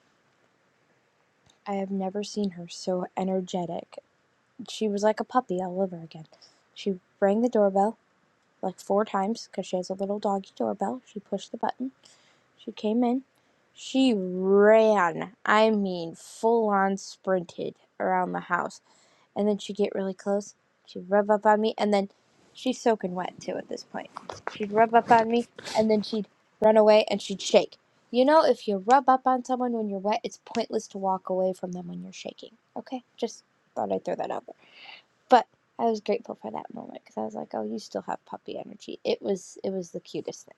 Speaker 6: I have never seen her so energetic. She was like a puppy all over again. She rang the doorbell like four times because she has a little doggy doorbell. She pushed the button She came in. She ran. I mean, full on sprinted around the house. And then she'd get really close. She'd rub up on me. And then she's soaking wet, too, at this point. She'd rub up on me. And then she'd run away and she'd shake. You know, if you rub up on someone when you're wet, it's pointless to walk away from them when you're shaking. Okay? Just thought I'd throw that out there. But. I was grateful for that moment because I was like, "Oh, you still have puppy energy." It was it was the cutest thing.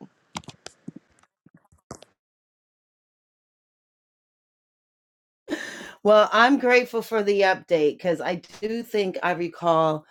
Speaker 1: Well, I'm grateful for the update because I do think I recall.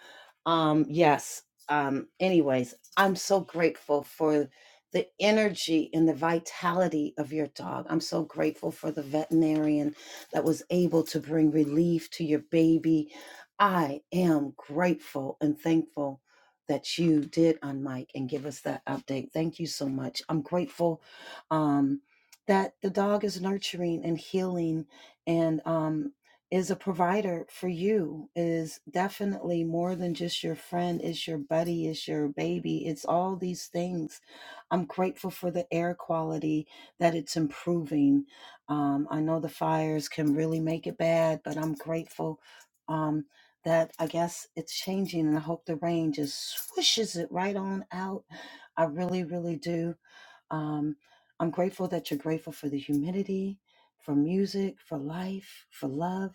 Speaker 1: Um, yes. Um, anyways, I'm so grateful for the energy and the vitality of your dog. I'm so grateful for the veterinarian that was able to bring relief to your baby. I am grateful and thankful that you did on Mike and give us that update. Thank you so much. I'm grateful um, that the dog is nurturing and healing and um, is a provider for you is definitely more than just your friend is your buddy is your baby it's all these things i'm grateful for the air quality that it's improving um, i know the fires can really make it bad but i'm grateful um, that i guess it's changing and i hope the rain just swishes it right on out i really really do um, I'm grateful that you're grateful for the humidity, for music, for life, for love,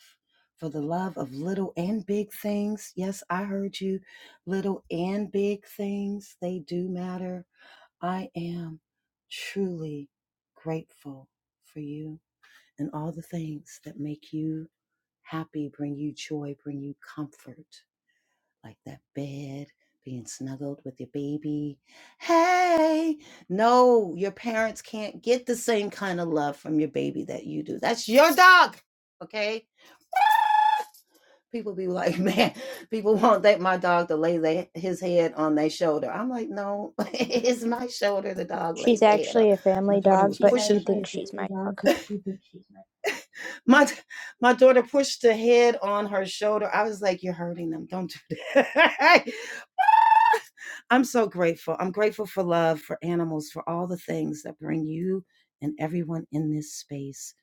Speaker 1: for the love of little and big things. Yes, I heard you. Little and big things, they do matter. I am truly grateful for you and all the things that make you happy, bring you joy, bring you comfort like that bed, being snuggled with your baby. Hey, no, your parents can't get the same kind of love from your baby that you do. That's your dog, okay? People be like, (laughs) man, people want that my dog to lay their, his head on their shoulder. I'm like, no, (laughs) it's my shoulder. The dog
Speaker 6: She's
Speaker 1: lays their head on.
Speaker 6: actually a
Speaker 1: My
Speaker 6: family
Speaker 1: daughter
Speaker 6: dog,
Speaker 1: was She's
Speaker 6: but
Speaker 1: pushing.
Speaker 6: she
Speaker 1: Actually a
Speaker 6: thinks she's my
Speaker 1: family
Speaker 6: dog.
Speaker 1: dog, but she thinks she's my my my daughter pushed her head on her shoulder. I was like, "You're hurting them. Don't do that." (laughs) I'm so grateful. I'm grateful for love, for animals, for all the things that bring you and everyone in this space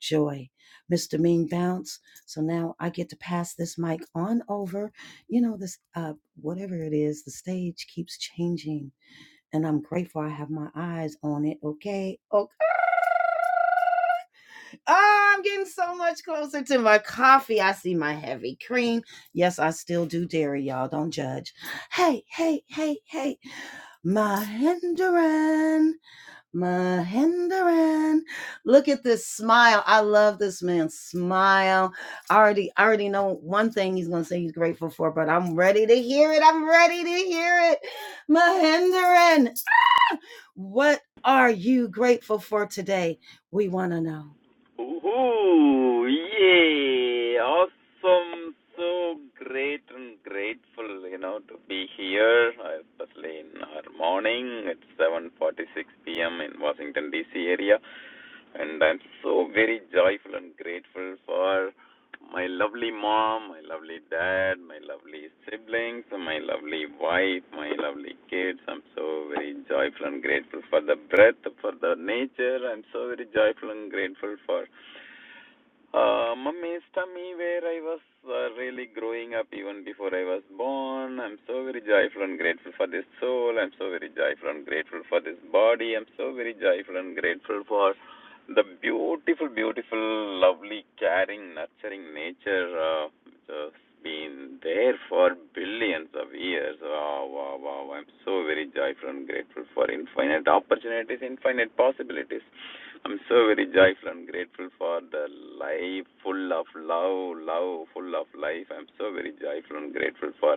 Speaker 1: joy. Mr. Mean Bounce. So now I get to pass this mic on over. You know, this, uh, whatever it is, the stage keeps changing. And I'm grateful I have my eyes on it. Okay. Okay. Oh, I'm getting so much closer to my coffee. I see my heavy cream. Yes, I still do dairy, y'all. Don't judge. Hey, hey, hey, hey. Mahendran, Mahendran. Look at this smile. I love this man's smile. I already, I already know one thing he's gonna say he's grateful for, but I'm ready to hear it. I'm ready to hear it. Mahendran, what are you grateful for today? We wanna know.
Speaker 7: Ooh, yay! Awesome! So great and grateful, you know, to be here, especially in our morning. It's 7:46 p.m. in Washington D.C. area, and I'm so very joyful and grateful for my lovely mom, my lovely dad, my lovely siblings, my lovely wife, my lovely kids. I'm so very joyful and grateful for the breath, for the nature. I'm so very joyful and grateful for uh, my Me, where I was uh, really growing up even before I was born. I'm so very joyful and grateful for this soul. I'm so very joyful and grateful for this body. I'm so very joyful and grateful for the beautiful, beautiful, lovely, caring, nurturing nature uh, just been there for billions of years. Wow, wow, wow. I'm so very joyful and grateful for infinite opportunities, infinite possibilities. I'm so very joyful and grateful for the life full of love, love full of life. I'm so very joyful and grateful for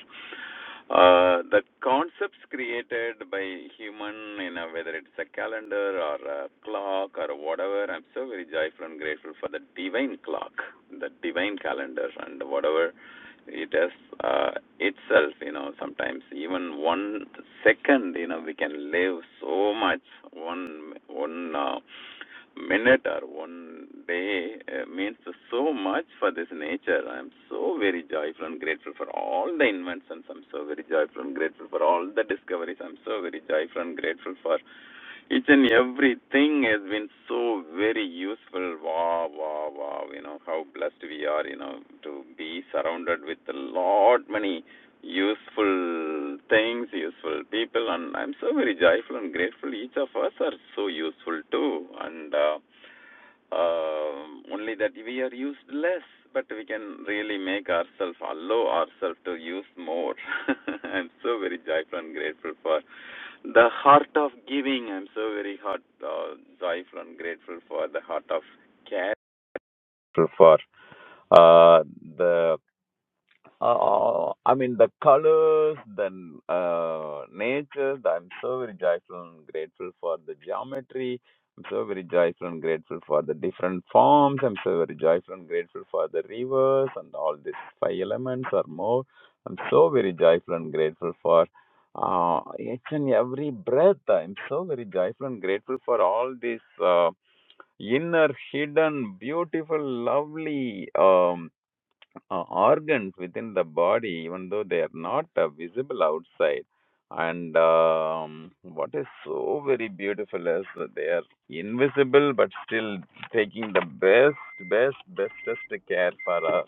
Speaker 7: uh, the concepts created by human, you know, whether it's a calendar or a clock or whatever, I'm so very joyful and grateful for the divine clock, the divine calendar, and whatever it is uh, itself you know sometimes even one second you know we can live so much one one uh, minute or one day uh, means so much for this nature i'm so very joyful and grateful for all the inventions i'm so very joyful and grateful for all the discoveries i'm so very joyful and grateful for each and everything has been so very useful. Wow, wow, wow. You know, how blessed we are, you know, to be surrounded with a lot many useful things, useful people. And I'm so very joyful and grateful. Each of us are so useful too. And uh, um only that we are used less, but we can really make ourselves, allow ourselves to use more. (laughs) I'm so very joyful and grateful for. The heart of giving. I'm so very heart uh, joyful and grateful for the heart of care. For uh, the uh, I mean, the colors, then uh, nature. the- I'm so very joyful and grateful for the geometry. I'm so very joyful and grateful for the different forms. I'm so very joyful and grateful for the rivers and all these five elements or more. I'm so very joyful and grateful for uh, each and every breath. I'm so very joyful and grateful for all these uh, inner, hidden, beautiful, lovely. Um, uh, organs within the body, even though they are not uh, visible outside. And um, what is so very beautiful is that they are invisible, but still taking the best, best, bestest care for uh,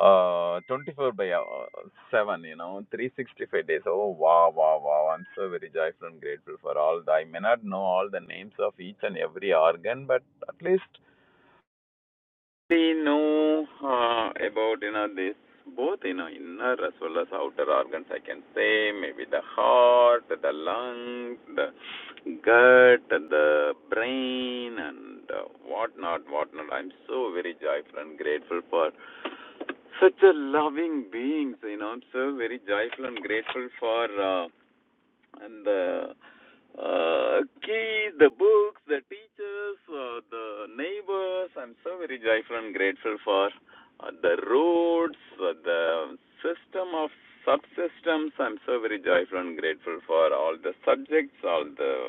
Speaker 7: uh, 24 by uh, 7, you know, 365 days. Oh, wow, wow, wow. I'm so very joyful and grateful for all. The, I may not know all the names of each and every organ, but at least we know uh, about you know this both you know inner as well as outer organs. I can say maybe the heart, the lungs, the gut, the brain, and uh, whatnot, whatnot. I'm so very joyful and grateful for such a loving beings. You know, I'm so very joyful and grateful for uh, and the uh, key, the books, the teachers, uh, the neighbors. I'm so very joyful and grateful for uh, the roads, uh, the system of subsystems. I'm so very joyful and grateful for all the subjects, all the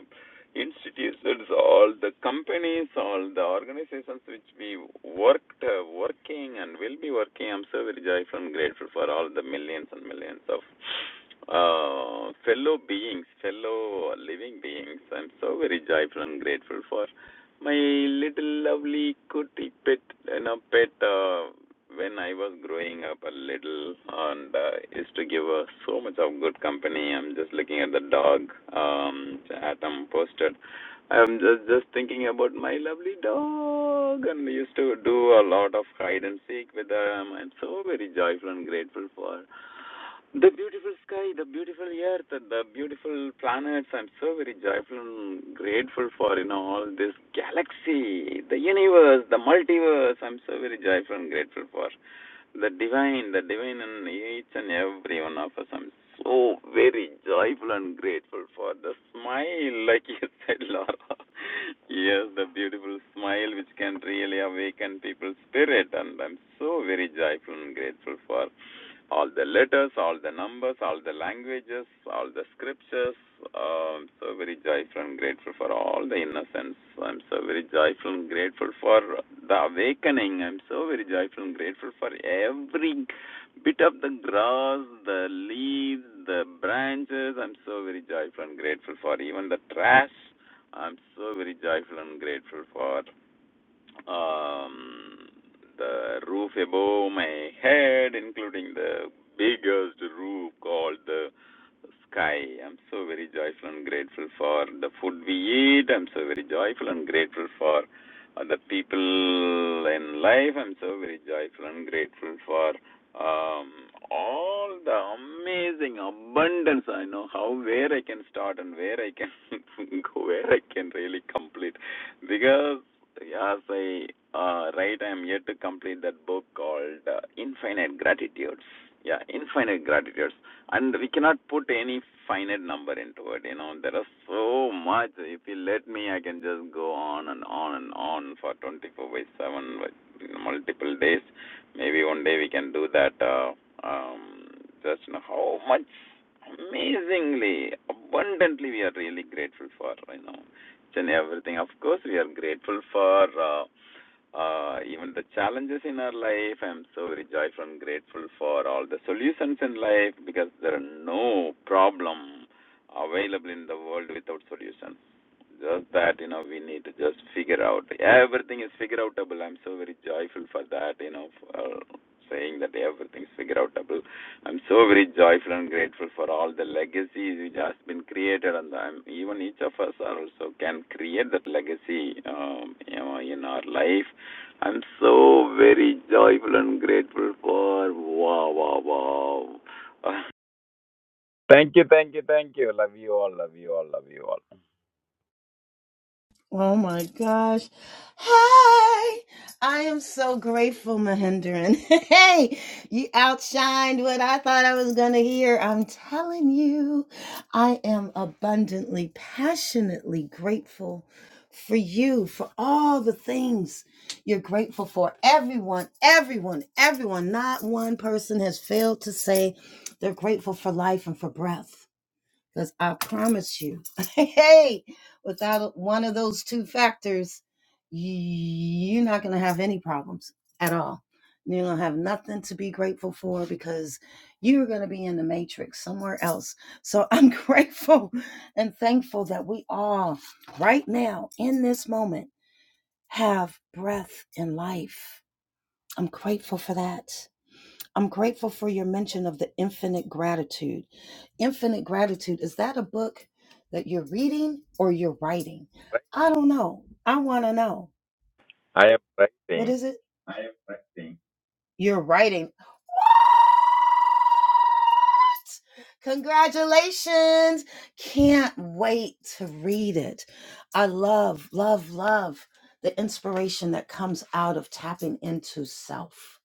Speaker 7: institutions, all the companies, all the organizations which we worked, uh, working and will be working. I'm so very joyful and grateful for all the millions and millions of uh, fellow beings, fellow living beings. I'm so very joyful and grateful for my little lovely cutie pet, you know, pet, uh, when I was growing up a little and uh, used to give her so much of good company. I'm just looking at the dog um, Atom posted. I'm just just thinking about my lovely dog, and we used to do a lot of hide and seek with her. I'm so very joyful and grateful for. her. The beautiful sky, the beautiful earth, and the beautiful planets. I'm so very joyful and grateful for you know all this galaxy, the universe, the multiverse. I'm so very joyful and grateful for the divine, the divine in each and every one of us. I'm so very joyful and grateful for the smile, like you (laughs) said, Laura. Yes, the beautiful smile which can really awaken people's spirit, and I'm so very joyful and grateful for all the letters, all the numbers, all the languages, all the scriptures. Uh, I'm so very joyful and grateful for all the innocence. I'm so very joyful and grateful for the awakening. I'm so very joyful and grateful for every bit of the grass, the leaves, the branches. I'm so very joyful and grateful for even the trash. I'm so very joyful and grateful for. Um, the roof above my head, including the biggest roof called the sky. I'm so very joyful and grateful for the food we eat. I'm so very joyful and grateful for uh, the people in life. I'm so very joyful and grateful for um, all the amazing abundance I know how where I can start and where I can (laughs) go, where I can really complete. Because as I uh, write, I am yet to complete that book called uh, Infinite Gratitudes. Yeah, Infinite Gratitudes. And we cannot put any finite number into it. You know, there are so much. If you let me, I can just go on and on and on for 24 by 7, like, multiple days. Maybe one day we can do that. Uh, um, just you know, how much amazingly, abundantly we are really grateful for, you know and everything. Of course, we are grateful for uh, uh, even the challenges in our life. I'm so very joyful and grateful for all the solutions in life because there are no problem available in the world without solutions. Just that, you know, we need to just figure out. Everything is figure outable. I'm so very joyful for that, you know, for uh, saying that everything is figure outable. I'm so very joyful and grateful for all the legacies which has been created, and I'm, even each of us are also can create that legacy, um, you know, in our life I'm so very joyful and grateful for wow, wow, wow. (laughs) Thank you, thank you, thank you. Love you all, love you all, love you all.
Speaker 1: Oh my gosh. Hi. I am so grateful, Mahendran. (laughs) Hey, you outshined what I thought I was going to hear. I'm telling you, I am abundantly, passionately grateful for you, for all the things you're grateful for. Everyone, everyone, everyone, not one person has failed to say they're grateful for life and for breath. Because I promise you, (laughs) hey, without one of those two factors, y- you're not going to have any problems at all. You're going to have nothing to be grateful for because you're going to be in the matrix somewhere else. So I'm (laughs) grateful and thankful that we all, right now, in this moment, have breath and life. I'm grateful for that. I'm grateful for your mention of the infinite gratitude. Infinite gratitude, is that a book that you're reading or you're writing? I don't know. I want to know.
Speaker 7: I am
Speaker 1: What
Speaker 7: writing.
Speaker 1: is it? Writing. You're writing. What? Congratulations. Can't wait to read it. I love, love, love the inspiration that comes out of tapping into self,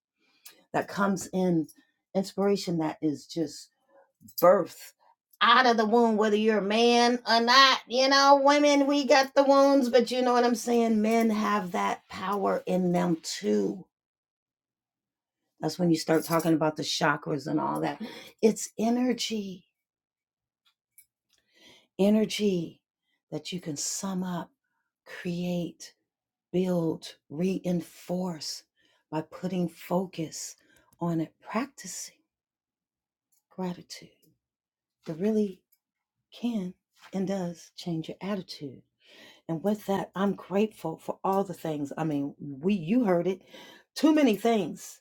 Speaker 1: that comes in inspiration that is just birth out of the womb, whether you're a man or not. You know, women, we got the wounds, but you know what I'm saying? Men have that power in them too. That's when you start talking about the chakras and all that. It's energy, energy that you can sum up, create, build, reinforce by putting focus on it, practicing gratitude that really can and does change your attitude And with that, I'm grateful for all the things. I mean, we you heard it. Too many things,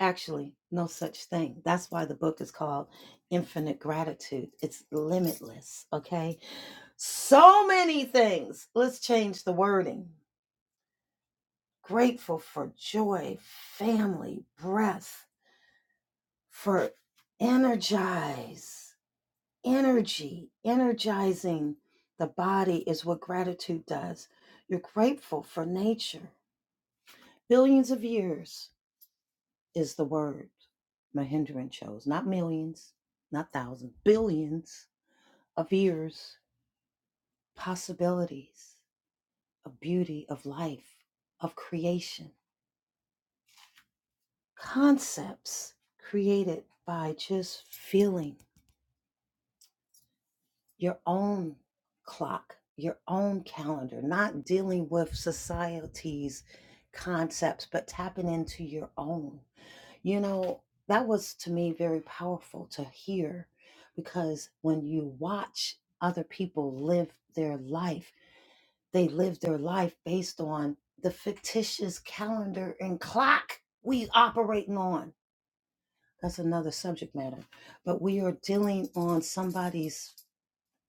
Speaker 1: actually, no such thing. That's why the book is called Infinite Gratitude. It's limitless, okay? So many things. Let's change the wording. Grateful for joy, family, breath, for energize, energy, energizing the body is what gratitude does. You're grateful for nature Billions of years is the word Mahendran chose, not millions, not thousands, billions of years, possibilities of beauty, of life, of creation, concepts created by just feeling your own clock, your own calendar, not dealing with society's concepts, but tapping into your own. You know, that was to me very powerful to hear because when you watch other people live their life, they live their life based on the fictitious calendar and clock we operating on. That's another subject matter. But we are dealing on somebody's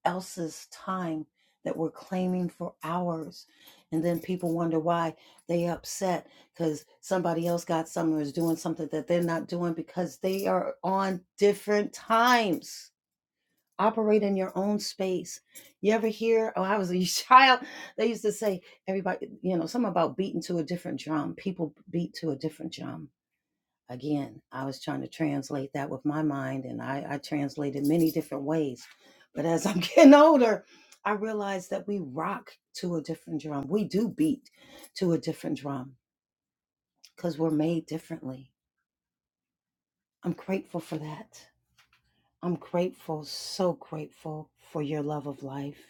Speaker 1: else's time that we're claiming for ours. And then people wonder why they upset because somebody else got something or is doing something that they're not doing because they are on different times. Operate in your own space. You ever hear, oh, I was a (laughs) child, they used to say, everybody, you know, something about beating to a different drum. People beat to a different drum Again, I was trying to translate that with my mind, and I, I translated many different ways. But as I'm (laughs) getting older, I realized that we rock to a different drum. We do beat to a different drum because we're made differently. I'm grateful for that. I'm grateful, so grateful for your love of life.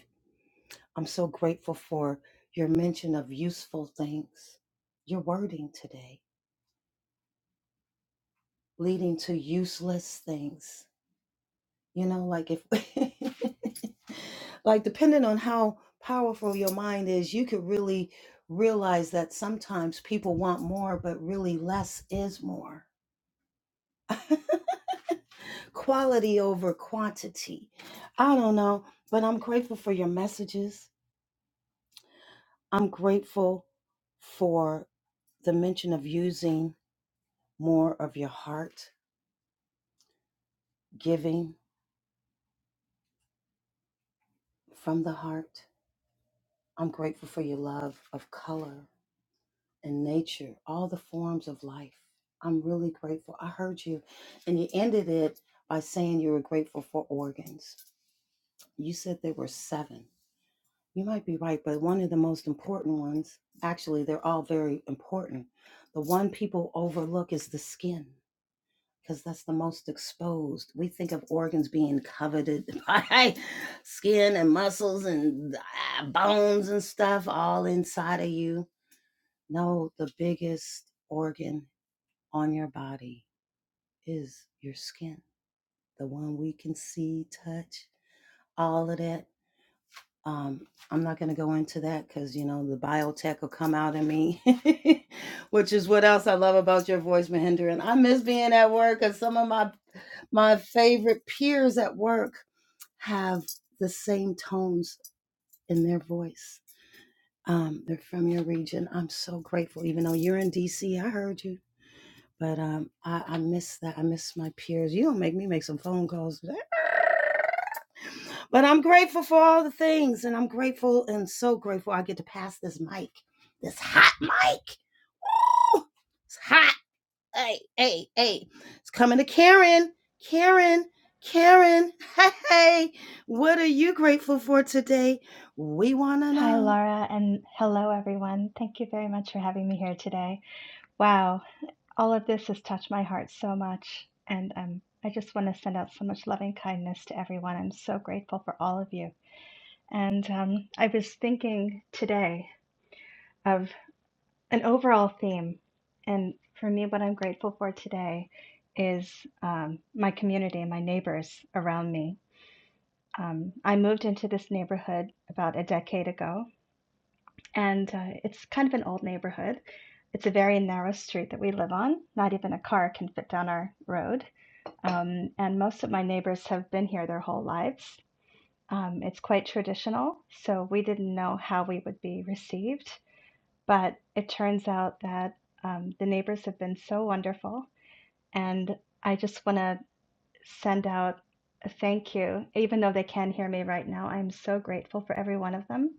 Speaker 1: I'm so grateful for your mention of useful things, your wording today, leading to useless things. You know, like if, (laughs) like, depending on how powerful your mind is, you could really realize that sometimes people want more, but really less is more. Quality over quantity. I don't know, but I'm grateful for your messages. I'm grateful for the mention of using more of your heart, giving from the heart. I'm grateful for your love of color. and nature, all the forms of life. I'm really grateful. I heard you, and you ended it by saying you were grateful for organs. You said there were seven. You might be right, but one of the most important ones, actually, they're all very important. The one people overlook is the skin, because that's the most exposed. We think of organs being coveted (laughs) by skin and muscles and ah, bones and stuff all inside of you. No, the biggest organ on your body is your skin, the one we can see, touch, all of that. Um, I'm not going to go into that because, you know, the biotech will come out in me, (laughs) which is what else I love about your voice, Mahinder. And I miss being at work because some of my, my favorite peers at work have the same tones in their voice. Um, they're from your region. I'm so grateful. Even though you're in DC, I heard you But um, I, I miss that. I miss my peers. You don't make me make some phone calls today. But I'm grateful for all the things, and I'm grateful and so grateful I get to pass this mic, this hot mic. Ooh, it's hot. Hey, hey, hey. It's coming to Karen. Karen, Karen. (laughs) Hey, hey. What are you grateful for today? We want to
Speaker 8: Hi,
Speaker 1: know.
Speaker 8: Laura, and hello, everyone. Thank you very much for having me here today. Wow, all of this has touched my heart so much, and um, I just want to send out so much loving kindness to everyone. I'm so grateful for all of you. And um, I was thinking today of an overall theme, and for me, what I'm grateful for today is um, my community and my neighbors around me. Um, I moved into this neighborhood about a decade ago, and uh, it's kind of an old neighborhood. It's a very narrow street that we live on. Not even a car can fit down our road. Um, and most of my neighbors have been here their whole lives. Um, it's quite traditional, so we didn't know how we would be received. But it turns out that um, the neighbors have been so wonderful. And I just want to send out a thank you. Even though they can't hear me right now, I'm so grateful for every one of them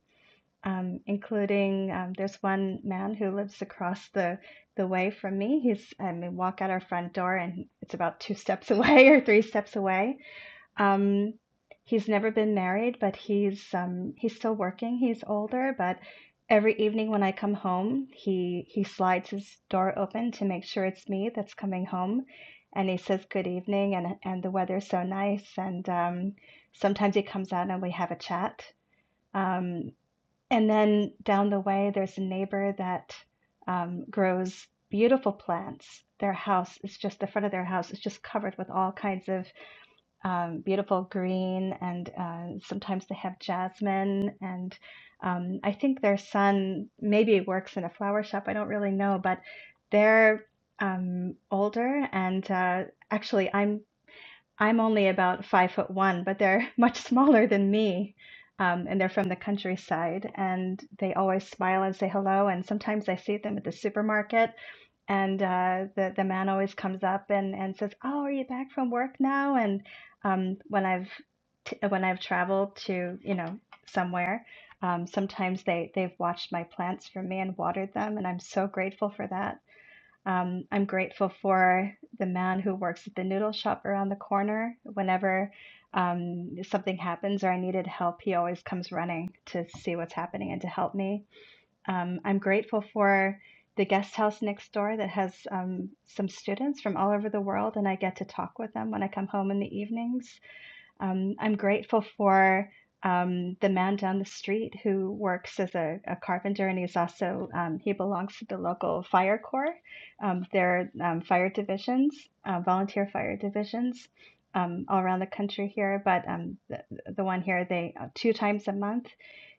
Speaker 8: um, including um, there's one man who lives across the the way from me. He's I mean walk out our front door and it's about two steps (laughs) away or three steps away. Um, he's never been married, but he's um, he's still working. He's older, but every evening when I come home, he he slides his door open to make sure it's me that's coming home. And he says good evening, and and the weather's so nice. And um, sometimes he comes out and we have a chat. Um, and then down the way, there's a neighbor that um, grows beautiful plants. Their house is just the front of their house is just covered with all kinds of um, beautiful green, and uh, sometimes they have jasmine. And um, I think their son maybe works in a flower shop. I don't really know, but they're um, older. And uh, actually, I'm I'm only about five foot one, but they're (laughs) much smaller than me. Um, and they're from the countryside, and they always smile and say hello. And sometimes I see them at the supermarket, and uh, the the man always comes up and, and says, "Oh, are you back from work now?" And um, when I've t- when I've traveled to you know somewhere, um, sometimes they they've watched my plants for me and watered them, and I'm so grateful for that um, I'm grateful for the man who works at the noodle shop around the corner. Whenever um, something happens or I needed help, he always comes running to see what's happening and to help me. Um, I'm grateful for the guest house next door that has um, some students from all over the world, and I get to talk with them when I come home in the evenings. Um, I'm grateful for um, the man down the street who works as a, a carpenter, and he's also um, he belongs to the local fire corps. Um, there are um, fire divisions, uh, volunteer fire divisions, um, all around the country here. But um, the, the one here, they uh, two times a month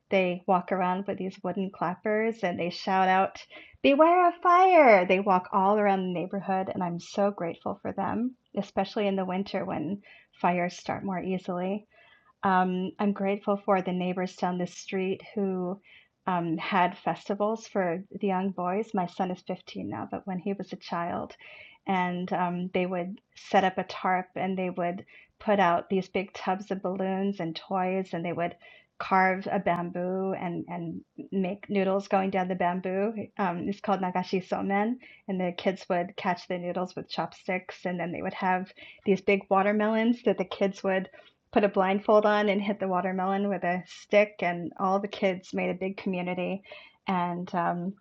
Speaker 8: they walk around with these wooden clappers and they shout out, Beware of fire! They walk all around the neighborhood, and I'm so grateful for them, especially in the winter when fires start more easily. Um, I'm grateful for the neighbors down the street who um, had festivals for the young boys. My son is 15 now, but when he was a child, and um, they would set up a tarp and they would put out these big tubs of balloons and toys, and they would carve a bamboo and, and make noodles going down the bamboo. Um, it's called nagashi somen, and the kids would catch the noodles with chopsticks, and then they would have these big watermelons that the kids would put a blindfold on and hit the watermelon with a stick, and all the kids made a big community. And um,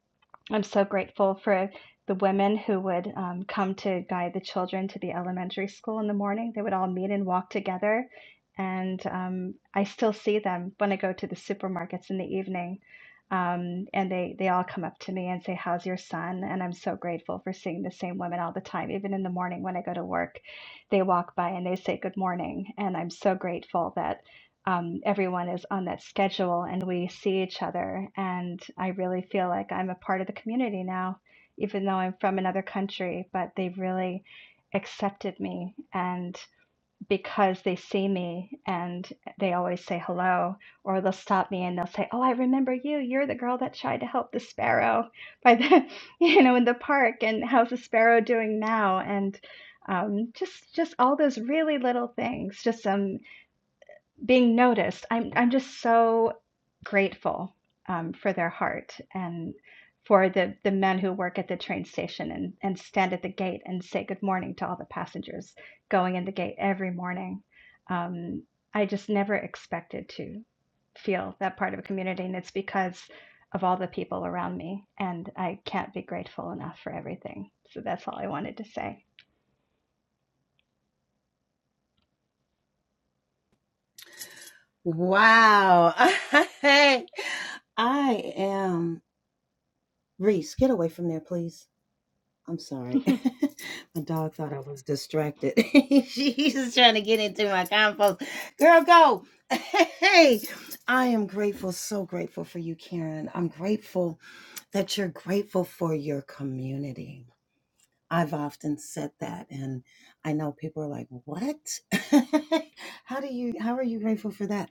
Speaker 8: I'm so grateful for the women who would um, come to guide the children to the elementary school in the morning. They would all meet and walk together. And um, I still see them when I go to the supermarkets in the evening. Um, and they, they all come up to me and say, How's your son? And I'm so grateful for seeing the same women all the time. Even in the morning when I go to work, they walk by and they say, Good morning. And I'm so grateful that um, everyone is on that schedule and we see each other. And I really feel like I'm a part of the community now, even though I'm from another country, but they really accepted me. And because they see me and they always say hello, or they'll stop me and they'll say, Oh, I remember you. You're the girl that tried to help the sparrow by the, (laughs) you know, in the park. And how's the sparrow doing now? And um, just just all those really little things, just some being noticed. I'm I'm just so grateful um, for their heart and for the the men who work at the train station and and stand at the gate and say good morning to all the passengers going in the gate every morning. Um, I just never expected to feel that part of a community, and it's because of all the people around me. And I can't be grateful enough for everything. So that's all I wanted to say.
Speaker 1: Wow. (laughs) hey. I am. Reese, get away from there, please. I'm
Speaker 8: (laughs)
Speaker 1: sorry. (laughs) my dog thought I was distracted. (laughs) She's trying to get into my compost. Girl, go. (laughs) Hey, I am grateful, so grateful for you, Karen. I'm grateful that you're grateful for your community. I've often said that, and I know people are like, "What? (laughs) how do you? How are you grateful for that?"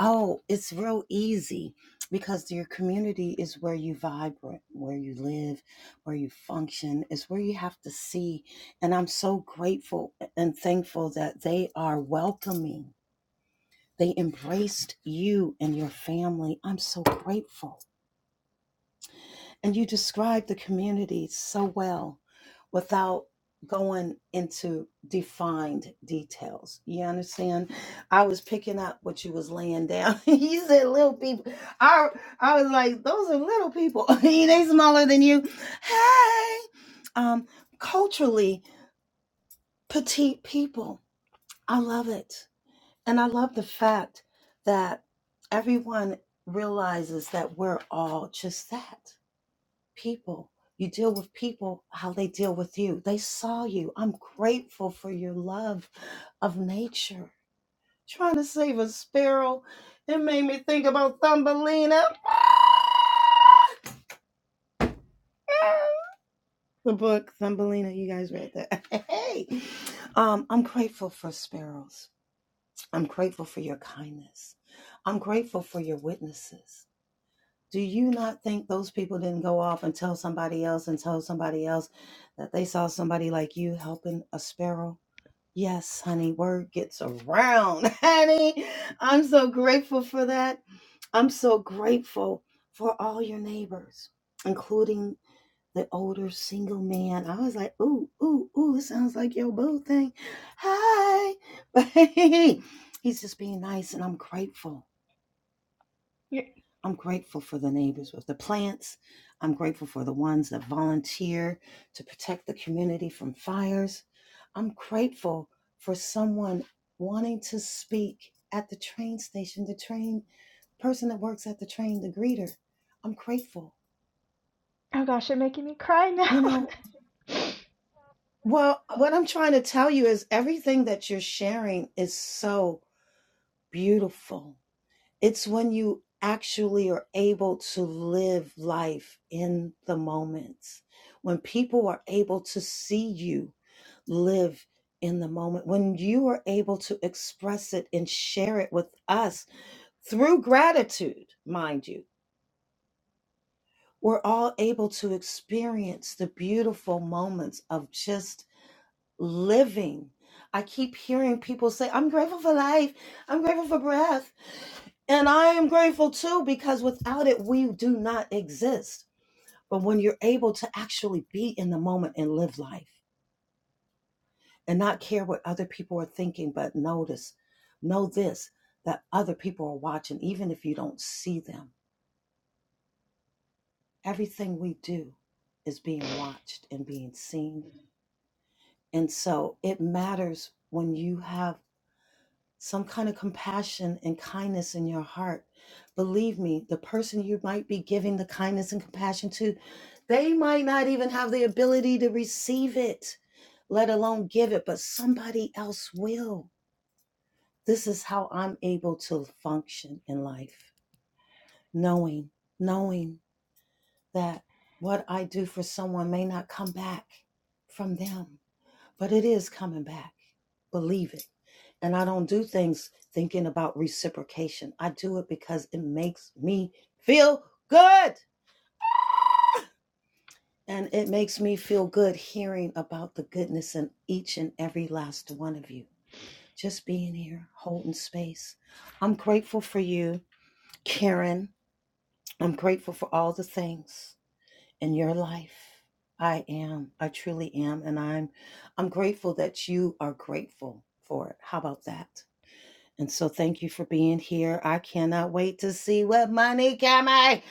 Speaker 1: Oh, it's real easy because your community is where you vibrate, where you live, where you function. Is where you have to see, and I'm so grateful and thankful that they are welcoming. They embraced you and your family. I'm so grateful. And you described the community so well without going into defined details. You understand? I was picking up what you was laying down. (laughs) you said little people. I I was like, those are little people. (laughs) they smaller than you. Hey. Um, culturally, petite people. I love it. And I love the fact that everyone realizes that we're all just that people. You deal with people how they deal with you. They saw you. I'm grateful for your love of nature. Trying to save a sparrow, it made me think about Thumbelina. (laughs) The book Thumbelina, you guys read that. (laughs) Hey, um, I'm grateful for sparrows. I'm grateful for your kindness. I'm grateful for your witnesses. Do you not think those people didn't go off and tell somebody else and tell somebody else that they saw somebody like you helping a sparrow? Yes, honey, word gets around. (laughs) Honey, I'm so grateful for that. I'm so grateful for all your neighbors, including the older single man. I was like, ooh, ooh, ooh, it sounds like your boo thing. Hi. (laughs) But hey, hey, hey, he's just being nice, and I'm grateful.
Speaker 8: You-
Speaker 1: I'm grateful for the neighbors with the plants. I'm grateful for the ones that volunteer to protect the community from fires. I'm grateful for someone wanting to speak at the train station, the train person that works at the train, the greeter. I'm grateful.
Speaker 8: oh gosh, you're making me cry now.
Speaker 1: You know, well, what
Speaker 8: (laughs)
Speaker 1: I'm trying to tell you is everything that you're sharing is so beautiful It's when you actually are able to live life in the moments, when people are able to see you live in the moment, when you are able to express it and share it with us through gratitude, mind you. We're all able to experience the beautiful moments of just living. I keep hearing people say, I'm grateful for life. I'm grateful for breath. And I am grateful too, because without it, we do not exist. But when you're able to actually be in the moment and live life and not care what other people are thinking, but notice, know this, that other people are watching, even if you don't see them. Everything we do is being watched and being seen. And so it matters when you have some kind of compassion and kindness in your heart. Believe me, the person you might be giving the kindness and compassion to, they might not even have the ability to receive it, let alone give it, but somebody else will. This is how I'm able to function in life, knowing, knowing that what I do for someone may not come back from them but it is coming back. Believe it. And I don't do things thinking about reciprocation. I do it because it makes me feel good. And it makes me feel good hearing about the goodness in each and every last one of you. Just being here, holding space. I'm grateful for you, Karen. I'm grateful for all the things. in your life. I am. I truly am. And I'm I'm grateful that you are grateful for it. How about that? And so thank you for being here. I cannot wait to see what money can make.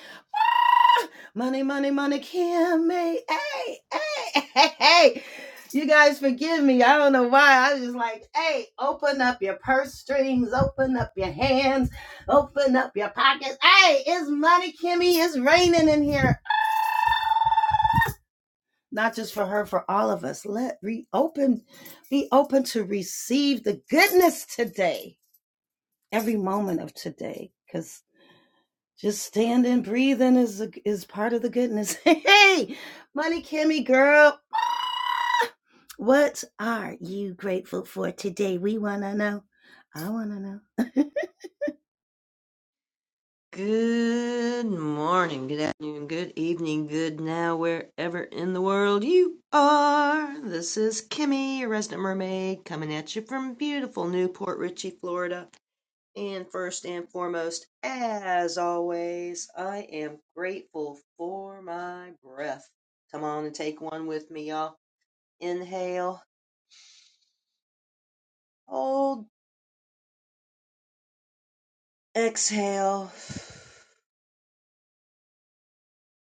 Speaker 1: Money, money, money can make. Hey, hey, (laughs) hey, hey. You guys forgive me. I don't know why. I was just like, hey, open up your purse strings, open up your hands, open up your pockets. Hey, it's money, Kimmy. It's raining in here. not just for her, for all of us. Let reopen, be open to receive the goodness today, every moment of today, because just standing, breathing is a, is part of the goodness. (laughs) Hey, money, Kimmy, girl, what are you grateful for today? We wanna know. I wanna know.
Speaker 9: Good morning, good afternoon, good evening, good now, wherever in the world you are. This is Kimmy, your resident mermaid, coming at you from beautiful Newport Richey, Florida. And first and foremost, as always, I am grateful for my breath. Come on and take one with me, y'all. Inhale, hold, exhale.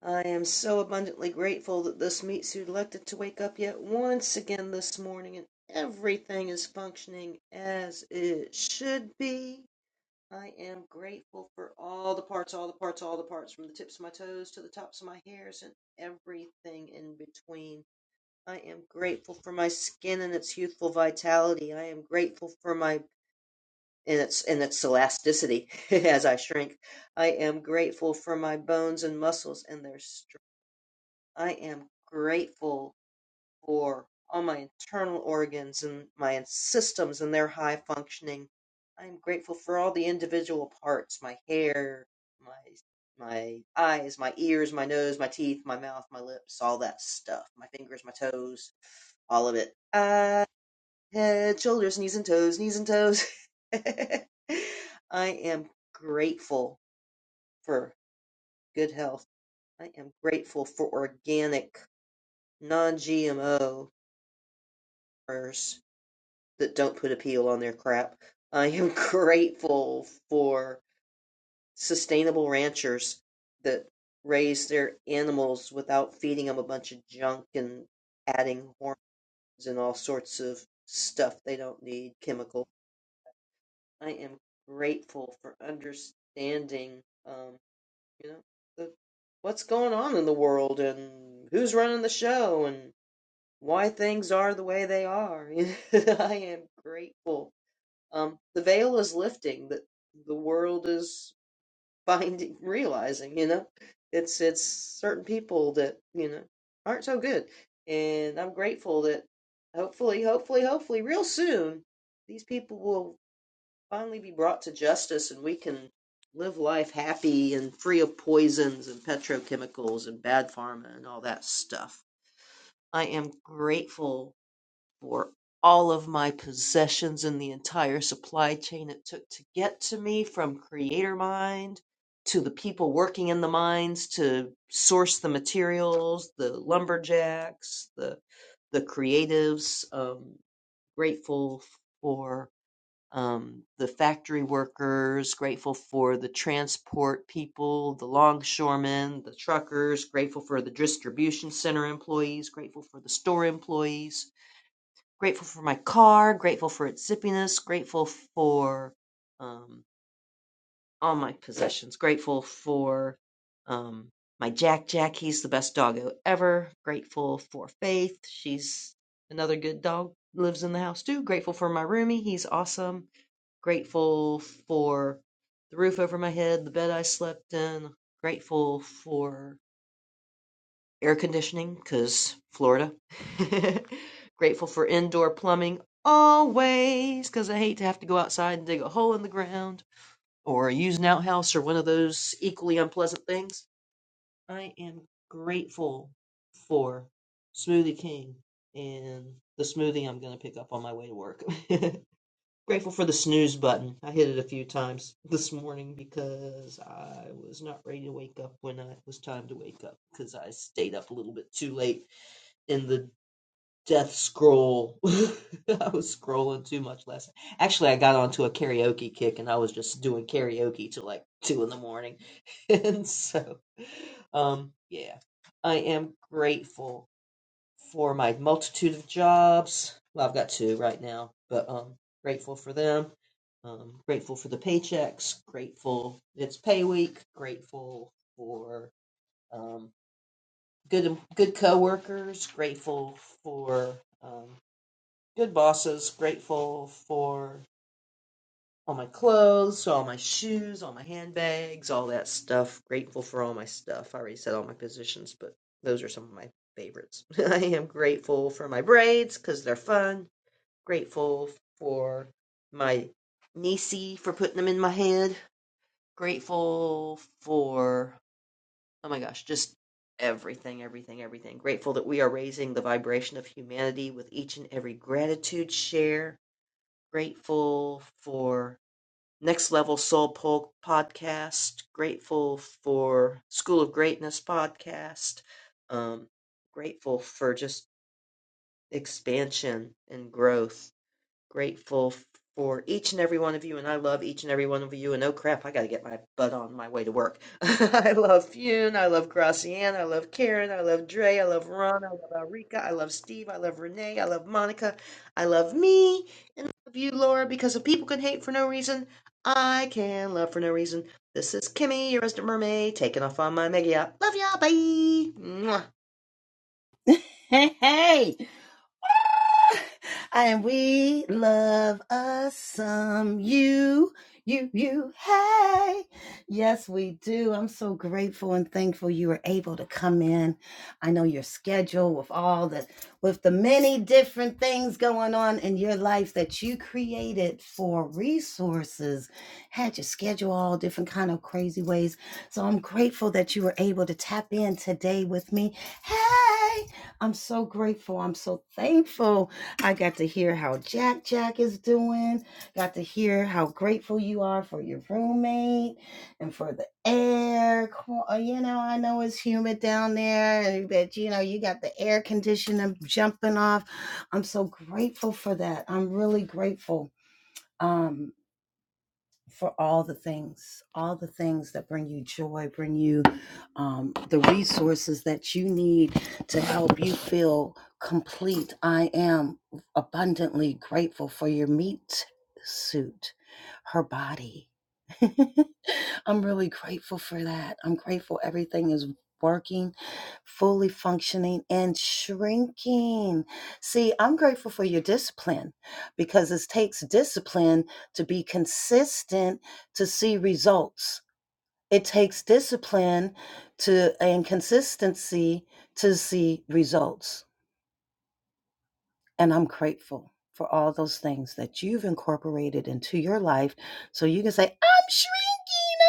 Speaker 9: I am so abundantly grateful that this meat suit elected to wake up yet once again this morning and everything is functioning as it should be. I am grateful for all the parts, all the parts, all the parts, from the tips of my toes to the tops of my hairs and everything in between. I am grateful for my skin and its youthful vitality. I am grateful for my and its and its elasticity (laughs) as I shrink. I am grateful for my bones and muscles and their strength. I am grateful for all my internal organs and my systems and their high functioning. I am grateful for all the individual parts, my hair, my my eyes, my ears, my nose, my teeth, my mouth, my lips, all that stuff. My fingers, my toes, all of it. Uh, head, shoulders, knees and toes, knees and toes. (laughs) I am grateful for good health. I am grateful for organic non GMO. that don't put a peel on their crap. I am (laughs) grateful for sustainable ranchers that raise their animals without feeding them a bunch of junk and adding hormones and all sorts of stuff they don't need, chemical. I am grateful for understanding, um, you know, the, what's going on in the world and who's running the show and why things are the way they are. (laughs) I am grateful Um, the veil is lifting that the world is (laughs) finding, realizing, you know, it's it's certain people that you know aren't so good, and I'm grateful that hopefully, hopefully, hopefully, real soon, these people will finally be brought to justice, and we can live life happy and free of poisons and petrochemicals and bad pharma and all that stuff. I am grateful for all of my possessions and the entire supply chain it took to get to me from creator mind to the people working in the mines to source the materials the lumberjacks the the creatives um grateful for um the factory workers grateful for the transport people the longshoremen the truckers grateful for the distribution center employees grateful for the store employees Grateful for my car, grateful for its zippiness, grateful for um, all my possessions, grateful for um, my Jack Jack. He's the best doggo ever. Grateful for Faith. She's another good dog, lives in the house too. Grateful for my roomie. He's awesome. Grateful for the roof over my head, the bed I slept in. Grateful for air conditioning because Florida. (laughs) Grateful for indoor plumbing always because I hate to have to go outside and dig a hole in the ground or use an outhouse or one of those equally unpleasant things. I am grateful for Smoothie King and the smoothie I'm going to pick up on my way to work. (laughs) Grateful for the snooze button. I hit it a few times this morning because I was not ready to wake up when it was time to wake up because I stayed up a little bit too late in the death scroll. (laughs) I was scrolling too much last night. Actually, I got onto a karaoke kick and I was just doing karaoke till like two in the morning. (laughs) and so, um, yeah, I am grateful for my multitude of jobs. Well, I've got two right now, but um, grateful for them. Um, grateful for the paychecks. Grateful it's pay week. Grateful for um, good good coworkers. Grateful for um, good bosses. Grateful for all my clothes, so all my shoes, all my handbags, all that stuff. Grateful for all my stuff. I already said all my positions, but those are some of my favorites. (laughs) I am grateful for my braids because they're fun. Grateful for my niecey for putting them in my head. Grateful for, oh my gosh, just everything, everything, everything. Grateful that we are raising the vibration of humanity with each and every gratitude share. Grateful for Next Level Soul Po- podcast. Grateful for School of Greatness podcast. Um, grateful for just expansion and growth. Grateful for each and every one of you, and I love each and every one of you. And oh crap, I got to get my butt on my way to work. (laughs) I love Fune. I love Gracianne. I love Karen. I love Dre. I love Ron. I love Alrika. I love Steve. I love Renee. I love Monica. I love me. And I love you, Laura, because if people can hate for no reason, I can love for no reason. This is Kimmy, your resident mermaid, taking off on my mega yacht. Love y'all. Bye. Mwah.
Speaker 1: (laughs) hey, hey. (laughs) And we love us some you, you, you, hey. Yes, we do. I'm so grateful and thankful you were able to come in. I know your schedule with all the with the many different things going on in your life that you created for resources had your schedule all different kind of crazy ways. So I'm grateful that you were able to tap in today with me. Hey, I'm so grateful. I'm so thankful. I got to hear how Jack Jack is doing. Got to hear how grateful you are for your roommate and for the air. qu- uh, You know, I know it's humid down there, and that you know you got the air conditioner jumping off. I'm so grateful for that. I'm really grateful. Um, for all the things, all the things that bring you joy, bring you um, the resources that you need to help you feel complete. I am abundantly grateful for your meat suit, her body. (laughs) I'm really grateful for that. I'm grateful everything is working, fully functioning, and shrinking. See, I'm grateful for your discipline because it takes discipline to be consistent to see results. It takes discipline to and consistency to see results. And I'm grateful for all those things that you've incorporated into your life so you can say, I'm shrinking,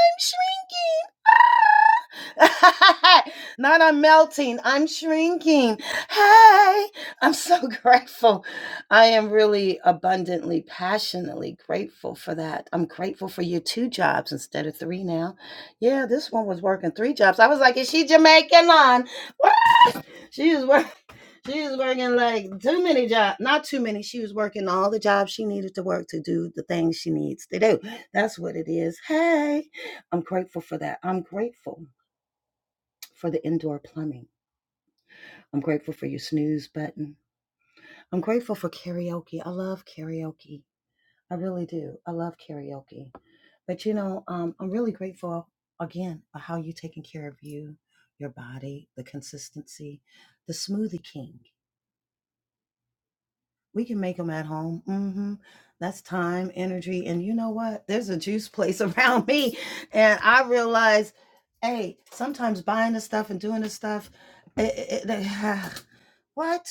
Speaker 1: I'm shrinking. ah." (laughs) Not I'm melting, I'm shrinking. Hey, I'm so (laughs) grateful. I am really abundantly, passionately grateful for that. I'm grateful for your two jobs instead of three now. Yeah, this one was working three jobs. I was like, is she Jamaican on? (laughs) She was working. (laughs) She was working like too many jobs. Not too many. She was working all the jobs she needed to work to do the things she needs to do. That's what it is. Hey, I'm grateful for that. I'm grateful for the indoor plumbing. I'm grateful for your snooze button. I'm grateful for karaoke. I love karaoke. I really do. I love karaoke. But you know, um, I'm really grateful again for how you taking care of you, your body, the consistency, the smoothie king. We can make them at home. hmm That's time, energy, and you know what? There's a juice place (laughs) around me, and I realize, hey, sometimes buying the stuff and doing the stuff, it, it, it- (sighs) what?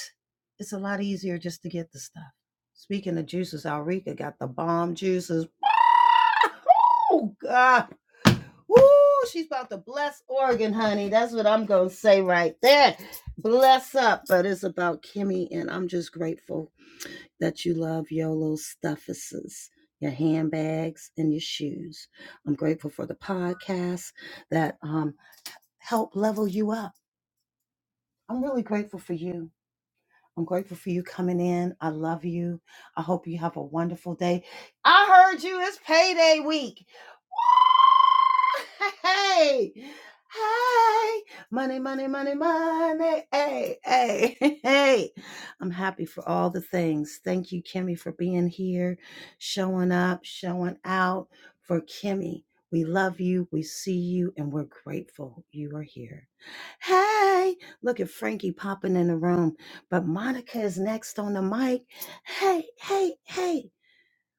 Speaker 1: It's a lot easier just to get the stuff. Speaking of juices, Alrika got the bomb juices. (laughs) Oh God! Woo! She's about to bless Oregon, honey. That's what I'm gonna say right there. Bless up, but it's about Kimmy, and I'm just grateful that you love your little stuffuses, your handbags, and your shoes. I'm grateful for the podcasts that um, help level you up. I'm really grateful for you. I'm grateful for you coming in. I love you. I hope you have a wonderful day. I heard you. It's payday week. (laughs) Hey, hey, money, money, money, money. Hey, hey, (laughs) hey. I'm happy for all the things. Thank you, Kimmy, for being here, showing up, showing out for Kimmy. We love you, we see you, and we're grateful you are here. Hey, look at Frankie popping in the room, but Monica is next on the mic. Hey, hey, hey.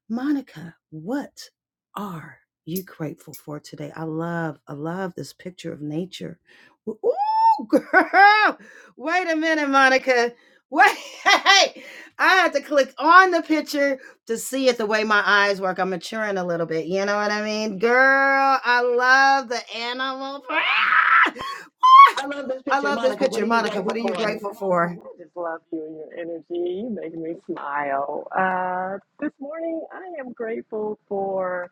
Speaker 1: Monica, what are you grateful for today? I love, I love this picture of nature. W- Ooh, (laughs) girl! Wait a minute, Monica. (laughs) Wait, hey, I had to click on the picture to see it the way my eyes work. I'm maturing a little bit. You know what I mean? Girl, I love the animal. (laughs)
Speaker 10: I love this
Speaker 1: I
Speaker 10: picture.
Speaker 1: love this
Speaker 10: Monica, what are
Speaker 1: picture.
Speaker 10: you
Speaker 1: Monica, what
Speaker 10: grateful
Speaker 1: are you
Speaker 10: for? I
Speaker 1: grateful for?
Speaker 10: just love you and your energy. You make me smile. Uh, this morning, I am grateful for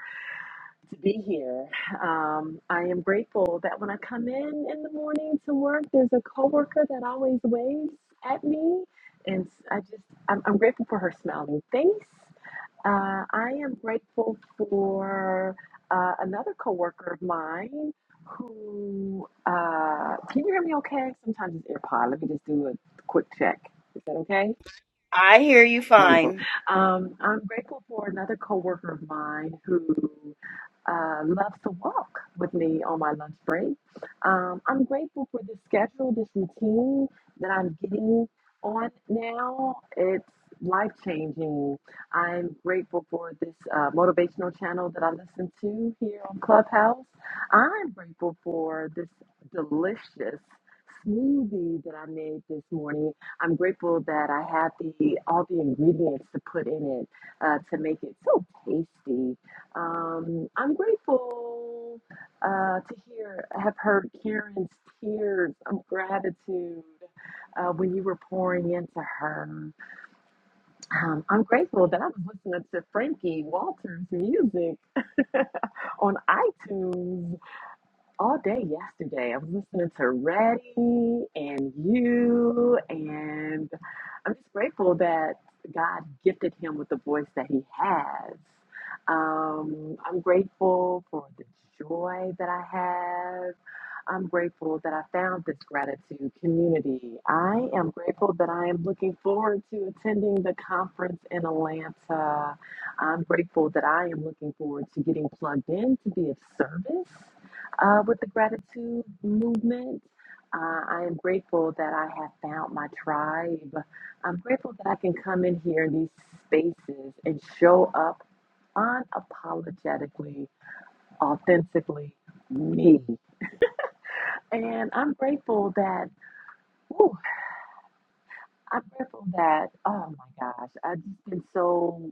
Speaker 10: to be here. Um, I am grateful that when I come in in the morning to work, there's a coworker that always waves at me, and I just I'm, I'm grateful for her smiling face. Uh, I am grateful for uh, another coworker of mine who. Uh, can you hear me okay? Sometimes it's AirPod. Let me just do a quick check. Is that okay?
Speaker 1: I hear you
Speaker 10: Wonderful.
Speaker 1: fine.
Speaker 10: Um, I'm grateful for another coworker of mine who uh, loves to walk with me on my lunch break. Um, I'm grateful for this schedule, this routine that I'm getting on now. It's life changing. I'm grateful for this uh, motivational channel that I listen to here on Clubhouse. I'm grateful for this delicious smoothie that I made this morning I'm grateful that I have the all the ingredients to put in it uh, to make it so tasty. Um, I'm grateful uh, to hear have heard Karen's tears of gratitude uh, when you were pouring into her. Um, I'm grateful that I was listening to Frankie Walters' music (laughs) on iTunes all day yesterday. I was listening to Reddy and you, and I'm just grateful that God gifted him with the voice that he has. Um, I'm grateful for the joy that I have I'm grateful that I found this gratitude community. I am grateful that I am looking forward to attending the conference in Atlanta. I'm grateful that I am looking forward to getting plugged in to be of service uh, with the gratitude movement. Uh, I am grateful that I have found my tribe. I'm grateful that I can come in here in these spaces and show up unapologetically, authentically me. And I'm grateful that, whew, I'm grateful that, oh my gosh, I've just been so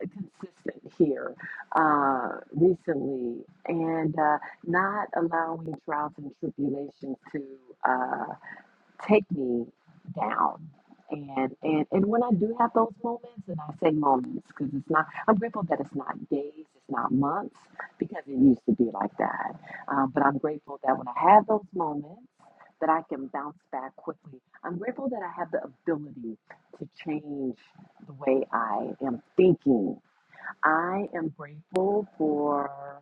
Speaker 10: consistent here uh, recently and uh, not allowing trials and tribulations to uh, take me down. And, and and when I do have those moments, and I say moments because it's not, I'm grateful that it's not days, it's not months, because it used to be like that. Um, but I'm grateful that when I have those moments, that I can bounce back quickly. I'm grateful that I have the ability to change the way I am thinking. I am grateful for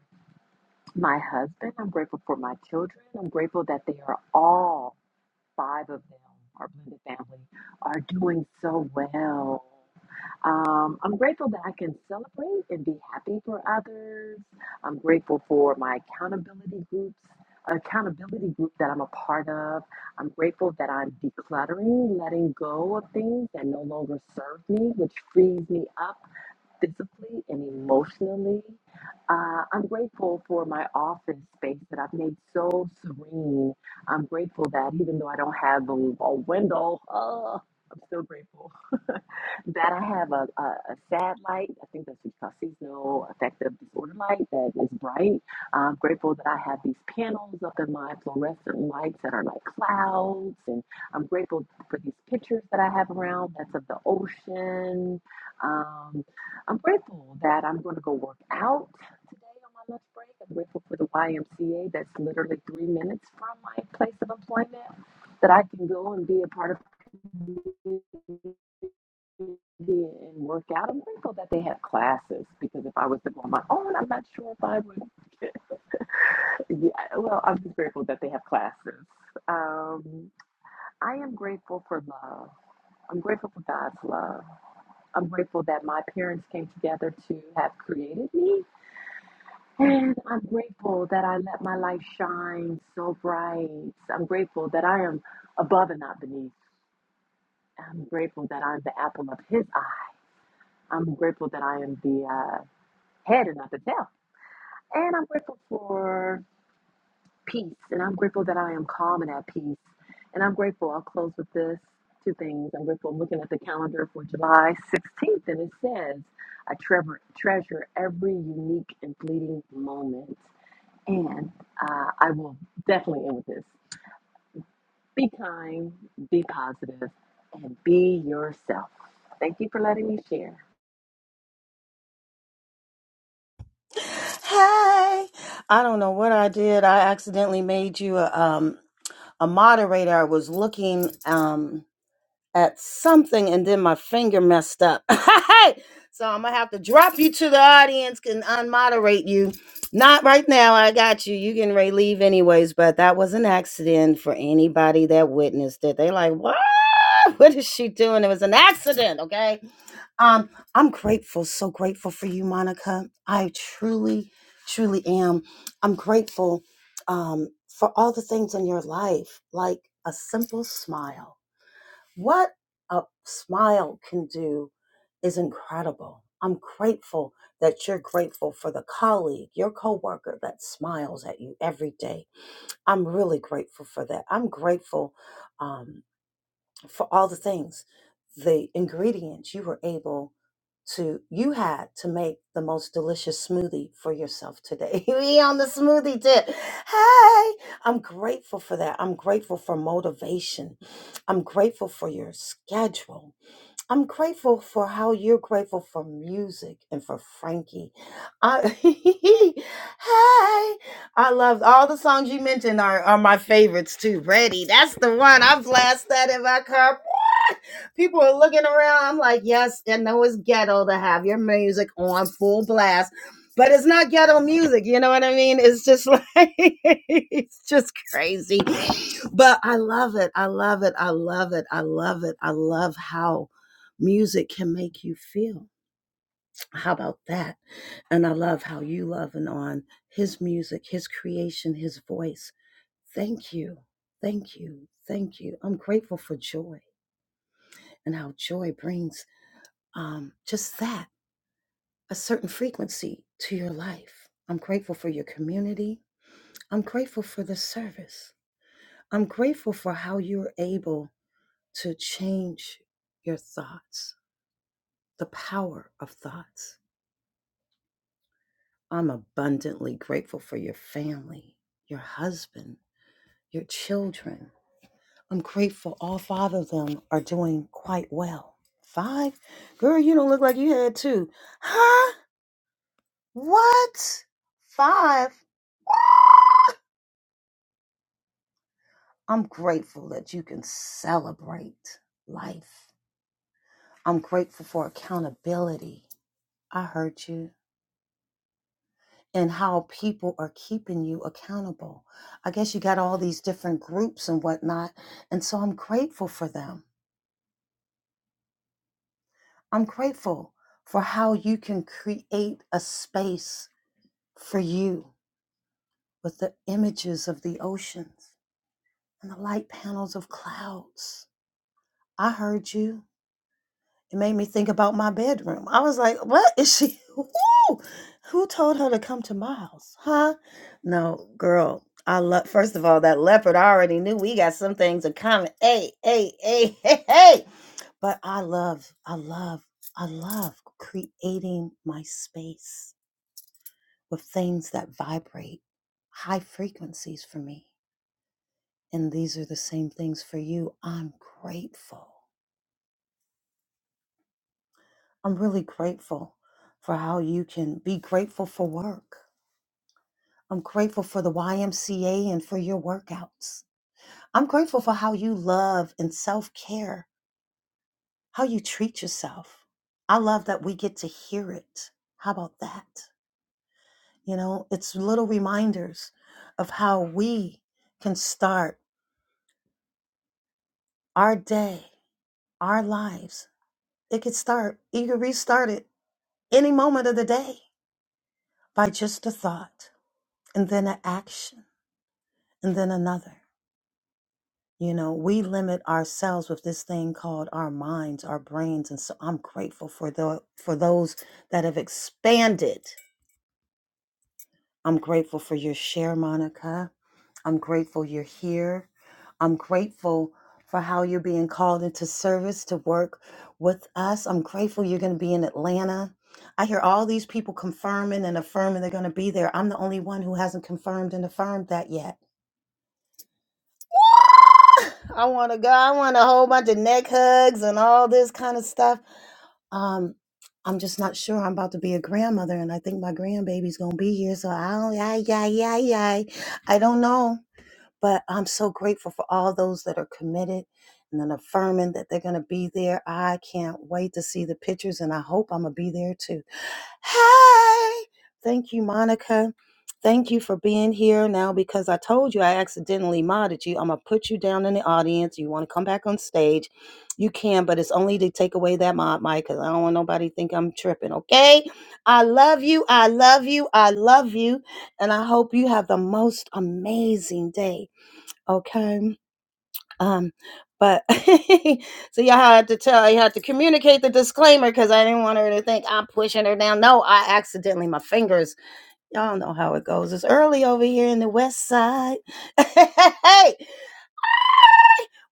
Speaker 10: my husband. I'm grateful for my children. I'm grateful that they are all five of them, our blended family, are doing so well. Um, I'm grateful that I can celebrate and be happy for others. I'm grateful for my accountability groups, accountability group that I'm a part of. I'm grateful that I'm decluttering, letting go of things that no longer serve me, which frees me up physically and emotionally. Uh, I'm grateful for my office space that I've made so serene. I'm grateful that even though I don't have a, a window, uh, I'm still grateful (laughs) that I have a, a, a sad light. I think that's what you call seasonal affective disorder light that is bright. I'm grateful that I have these panels up in my fluorescent lights that are like clouds. And I'm grateful for these pictures that I have around that's of the ocean. Um, I'm grateful that I'm going to go work out today on my lunch break. I'm grateful for the YMCA that's literally three minutes from my place of employment that I can go and be a part of community and work out. I'm grateful that they have classes because if I was to go on my own, I'm not sure if I would. (laughs) yeah, well, I'm just grateful that they have classes. Um, I am grateful for love. I'm grateful for God's love. I'm grateful that my parents came together to have created me And I'm grateful that I let my light shine so bright. I'm grateful that I am above and not beneath. I'm grateful that I'm the apple of his eye. I'm grateful that I am the uh, head and not the tail. And I'm grateful for peace. And I'm grateful that I am calm and at peace. And I'm grateful. I'll close with this two things. I'm grateful. I'm looking at the calendar for July 16th, and it says, I treasure, treasure every unique and fleeting moment. And uh, I will definitely end with this. Be kind, be positive, and be yourself. Thank you for letting me share.
Speaker 1: Hey, I don't know what I did. I accidentally made you a um a moderator. I was looking um at something and then my finger messed up. (laughs) Hey, so I'm gonna have to drop you to the audience and unmoderate you. Not right now. I got you. You can ready to leave anyways. But that was an accident for anybody that witnessed it. They like what? (laughs) What is she doing? It was an accident. Okay. Um, I'm grateful, so grateful for you, Monica. I truly, truly am. I'm grateful um, for all the things in your life, like a simple smile. What a smile can do is incredible. I'm grateful that you're grateful for the colleague, your coworker that smiles at you every day. I'm really grateful for that. I'm grateful. um, for all the things, the ingredients you were able to, you had to make the most delicious smoothie for yourself today. (laughs) we on the smoothie tip. Hey, I'm grateful for that. I'm grateful for motivation. I'm grateful for your schedule. I'm grateful for how you're grateful for music and for Frankie. I, (laughs) hey, I love all the songs you mentioned are, are my favorites too. Ready, that's the one. I blast that in my car. (laughs) People are looking around. I'm like, yes, I know it's ghetto to have your music on full blast, but it's not ghetto music. You know what I mean? It's just like, (laughs) it's just crazy. But I love it. I love it. I love it. I love it. I love how Music can make you feel. How about that? And I love how you loving on his music, his creation, his voice. Thank you. Thank you. Thank you. I'm grateful for joy and how joy brings um, just that, a certain frequency to your life. I'm grateful for your community. I'm grateful for the service. I'm grateful for how you're able to change your thoughts, the power of thoughts I'm abundantly grateful for your family, your husband, your children. I'm grateful all five of them are doing quite well. Five? Girl, you don't look like you had two. Huh? What? Five? I'm grateful that you can celebrate life. I'm grateful for accountability. I heard you. and how people are keeping you accountable. I guess you got all these different groups and whatnot. And so I'm grateful for them. I'm grateful for how you can create a space for you with the images of the oceans and the light panels of clouds. I heard you. It made me think about my bedroom. I was like, what is she? (laughs) Woo! Who told her to come to my house? Huh? No, girl. I love, first of all, that leopard, I already knew we got some things in common. Hey, hey, hey, (laughs) hey, hey. But I love, I love, I love creating my space with things that vibrate high frequencies for me. And these are the same things for you. I'm grateful. I'm really grateful for how you can be grateful for work. I'm grateful for the YMCA and for your workouts. I'm grateful for how you love and self care, how you treat yourself. I love that we get to hear it. How about that? You know, it's little reminders of how we can start our day, our lives. It could start, you could restart it any moment of the day by just a thought and then an action and then another. You know, we limit ourselves with this thing called our minds, our brains, and so I'm grateful for the for those that have expanded. I'm grateful for your share, Monica. I'm grateful you're here. I'm grateful for how you're being called into service to work with us. I'm grateful you're going to be in Atlanta. I hear all these people confirming and affirming they're going to be there. I'm the only one who hasn't confirmed and affirmed that yet. I want to go. I want a whole bunch of neck hugs and all this kind of stuff. Um, I'm just not sure. I'm about to be a grandmother, and I think my grandbaby's gonna be here. So I don't. I, I, I, I, I don't know. But I'm so grateful for all those that are committed and then affirming that they're going to be there. I can't wait to see the pictures, and I hope I'm going to be there too. Hey, thank you, Monica. Thank you for being here now because I told you I accidentally modded you. I'm going to put you down in the audience. You want to come back on stage? You can, but it's only to take away that mod mic because I don't want nobody to think I'm tripping, okay? I love you. I love you. I love you. And I hope you have the most amazing day okay um but (laughs) so y'all had to tell you had to communicate the disclaimer because i didn't want her to think i'm pushing her down no i accidentally my fingers y'all know how it goes it's early over here in the west side (laughs) hey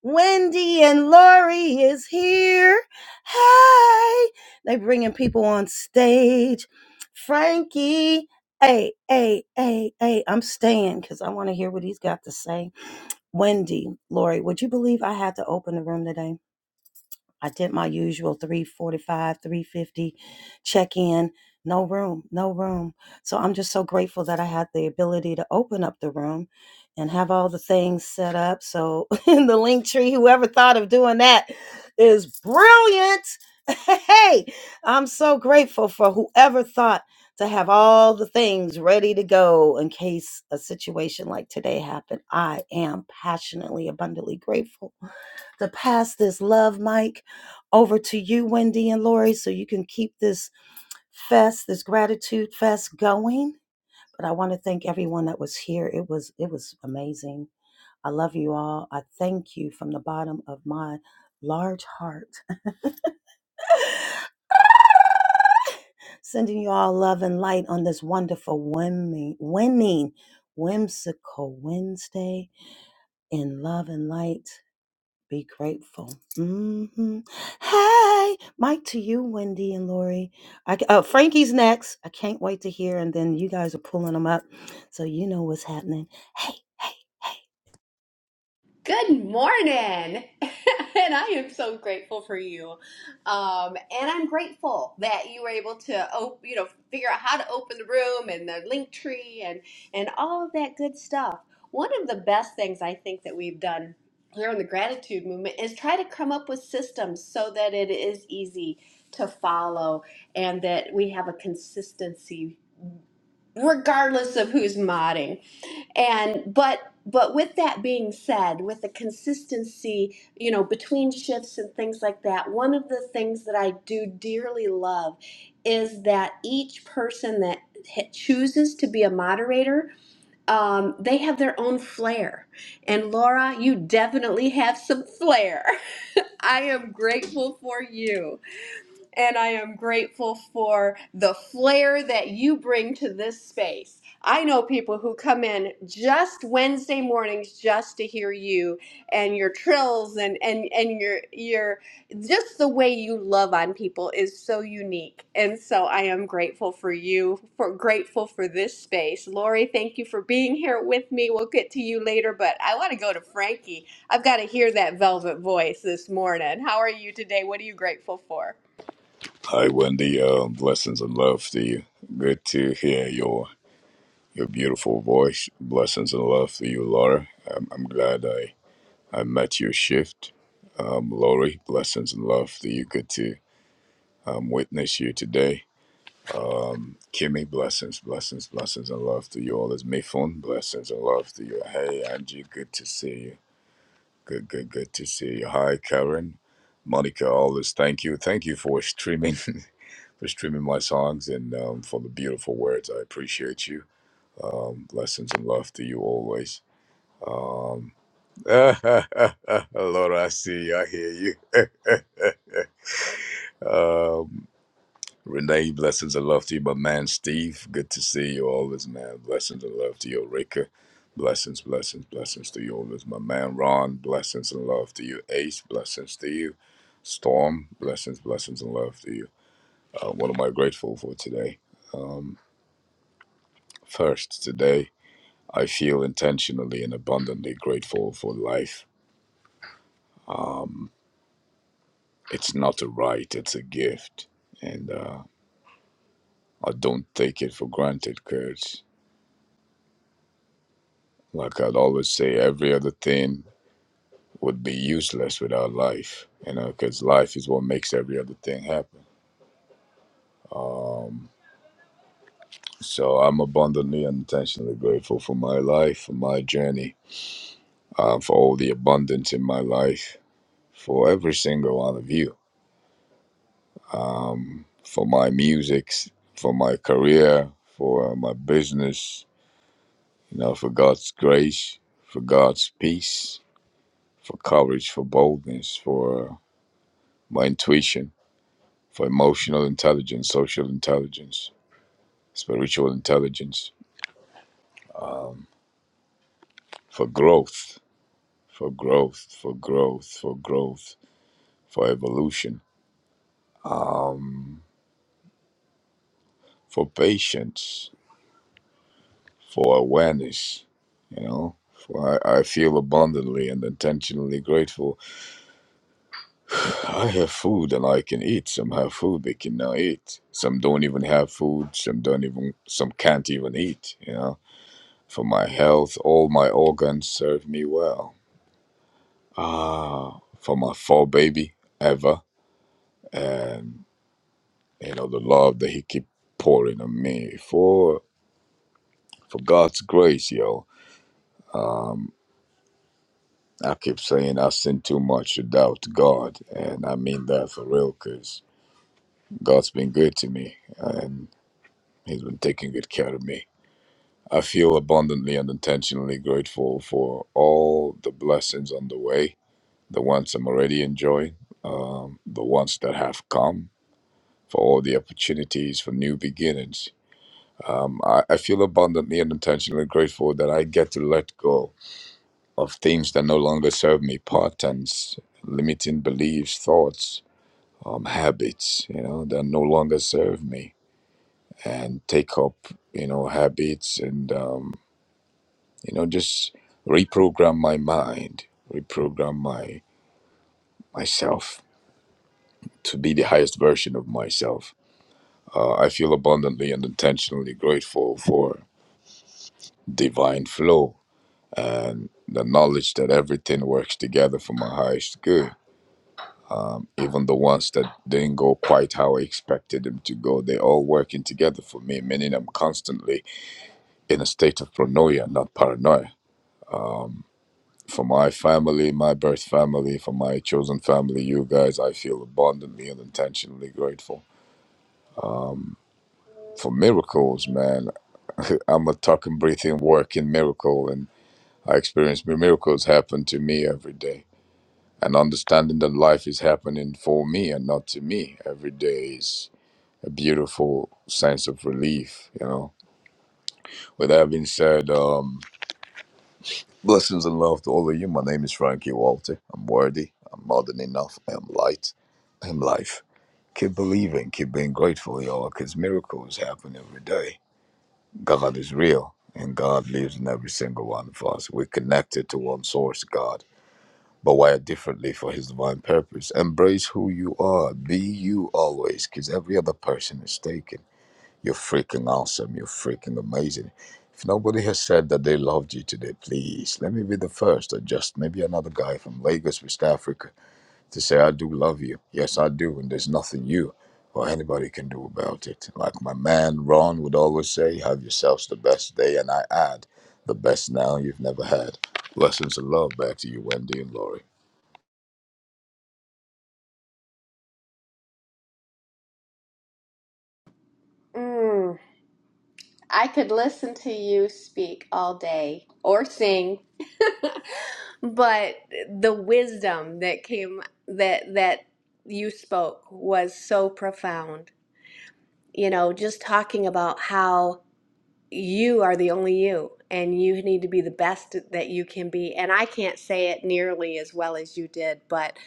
Speaker 1: wendy and lori is here hey they bringing people on stage frankie hey hey hey hey i'm staying because i want to hear what he's got to say Wendy, Lori, would you believe I had to open the room today? I did my usual 345, 350 check in. No room, no room. So I'm just so grateful that I had the ability to open up the room and have all the things set up. So (laughs) in the link tree, whoever thought of doing that is brilliant. (laughs) Hey, I'm so grateful for whoever thought to have all the things ready to go in case a situation like today happened. I am passionately, abundantly grateful to pass this love mic over to you, Wendy and Lori, so you can keep this fest, this gratitude fest going. But I want to thank everyone that was here. It was it was amazing. I love you all. I thank you from the bottom of my large heart. (laughs) Sending you all love and light on this wonderful winning, winning, whimsical Wednesday in love and light. Be grateful. hmm Hey, Mike, to you, Wendy and Lori. I, ca- uh, Frankie's next. I can't wait to hear, and then you guys are pulling them up, so you know what's happening. Hey, hey,
Speaker 11: Good morning. (laughs) and I am so grateful for you. Um, and I'm grateful that you were able to op- you know, figure out how to open the room and the link tree and and all of that good stuff. One of the best things I think that we've done here in the gratitude movement is try to come up with systems so that it is easy to follow and that we have a consistency regardless of who's modding and but but with that being said with the consistency you know between shifts and things like that one of the things that i do dearly love is that each person that h- chooses to be a moderator um, they have their own flair and laura you definitely have some flair (laughs) i am grateful for you and I am grateful for the flair that you bring to this space. I know people who come in just Wednesday mornings just to hear you and your trills and and and your your just the way you love on people is so unique. And so I am grateful for you, for grateful for this space. Lori, thank you for being here with me. We'll get to you later, but I want to go to Frankie. I've got to hear that velvet voice this morning. How are you today? What are you grateful for?
Speaker 12: Hi, Wendy. Uh, blessings and love to you. Good to hear your your beautiful voice. Blessings and love to you, Laura. I'm, I'm glad I, I met your shift. Um, Lori, blessings and love to you. Good to um, witness you today. Um, Kimmy, blessings, blessings, blessings and love to you all. It's Mifun. Blessings and love to you. Hey, Angie, good to see you. Good, good, good to see you. Hi, Karen. Monica, always thank you. Thank you for streaming. (laughs) for streaming my songs and um, for the beautiful words. I appreciate you. Um, blessings and love to you always. Um, (laughs) Lord, I see you. I hear you. (laughs) um, Renee, blessings and love to you. My man, Steve, good to see you always, man. Blessings and love to you, Rika. Blessings, blessings, blessings to you always. My man, Ron, blessings and love to you. Ace, blessings to you. Storm, blessings, blessings and love to you. Uh, what am I grateful for today? Um, First, today, I feel intentionally and abundantly grateful for life. Um, it's not a right, it's a gift. And uh, I don't take it for granted because, like I'd always say, every other thing would be useless without life, you know, because life is what makes every other thing happen. Um, so I'm abundantly and intentionally grateful for my life, for my journey, uh, for all the abundance in my life, for every single one of you um, for my music, for my career, for uh, my business, you know, for God's grace, for God's peace, for courage, for boldness, for uh, my intuition, for emotional intelligence, social intelligence, spiritual intelligence, for growth, for growth, for growth, for growth, for evolution, for patience, for awareness, you know. For I, I feel abundantly and intentionally grateful I have food and I can eat. Some have food they cannot eat. Some don't even have food. Some don't even. Some can't even eat. You know. For my health, all my organs serve me well. Ah, for my four baby ever, and you know the love that he keep pouring on me for for God's grace, yo. Um, I keep saying I sin too much to doubt God, and I mean that for real, cause God's been good to me, and He's been taking good care of me I feel abundantly and intentionally grateful for all the blessings on the way, the ones I'm already enjoying, um, the ones that have come, for all the opportunities for new beginnings. Um, I, I feel abundantly and intentionally grateful that I get to let go of things that no longer serve me, patterns, limiting beliefs, thoughts, um, habits, you know, that no longer serve me, and take up, you know, habits and. Um, you know just reprogram my mind reprogram my myself to be the highest version of myself uh, i feel abundantly and intentionally grateful for divine flow and the knowledge that everything works together for my highest good even the ones that didn't go quite how i expected them to go they're all working together for me meaning i'm constantly in a state of pronoia not paranoia For my family, my birth family, for my chosen family, you guys, I feel abundantly and intentionally grateful. For miracles, man, (laughs) I'm a talking, breathing, working miracle, and I experience mir- miracles happen to me every day. And understanding that life is happening for me and not to me every day is a beautiful sense of relief, you know. With that being said, um, blessings and love to all of you. My name is Frankie Walter. I'm worthy. I'm more than enough. I am light. I am life. Keep believing, keep being grateful, y'all, because miracles happen every day. God is real, and God lives in every single one of us. We're connected to one source, God, but wired differently for His divine purpose. Embrace who you are. Be you always, because every other person is taken. You're freaking awesome. You're freaking amazing. If nobody has said that they loved you today, please let me be the first, or just maybe another guy from Lagos, West Africa to say, I do love you. Yes, I do. And there's nothing you or anybody can do about it. Like my man Ron would always say, have yourselves the best day. And I add, the best now you've never had. Blessings and love back to you, Wendy and Laurie.
Speaker 11: Mm, I could listen to you speak all day or sing, but the wisdom that came that that you spoke was so profound. You know, just talking about how you are the only you and you need to be the best that you can be and i can't say it nearly as well as you did but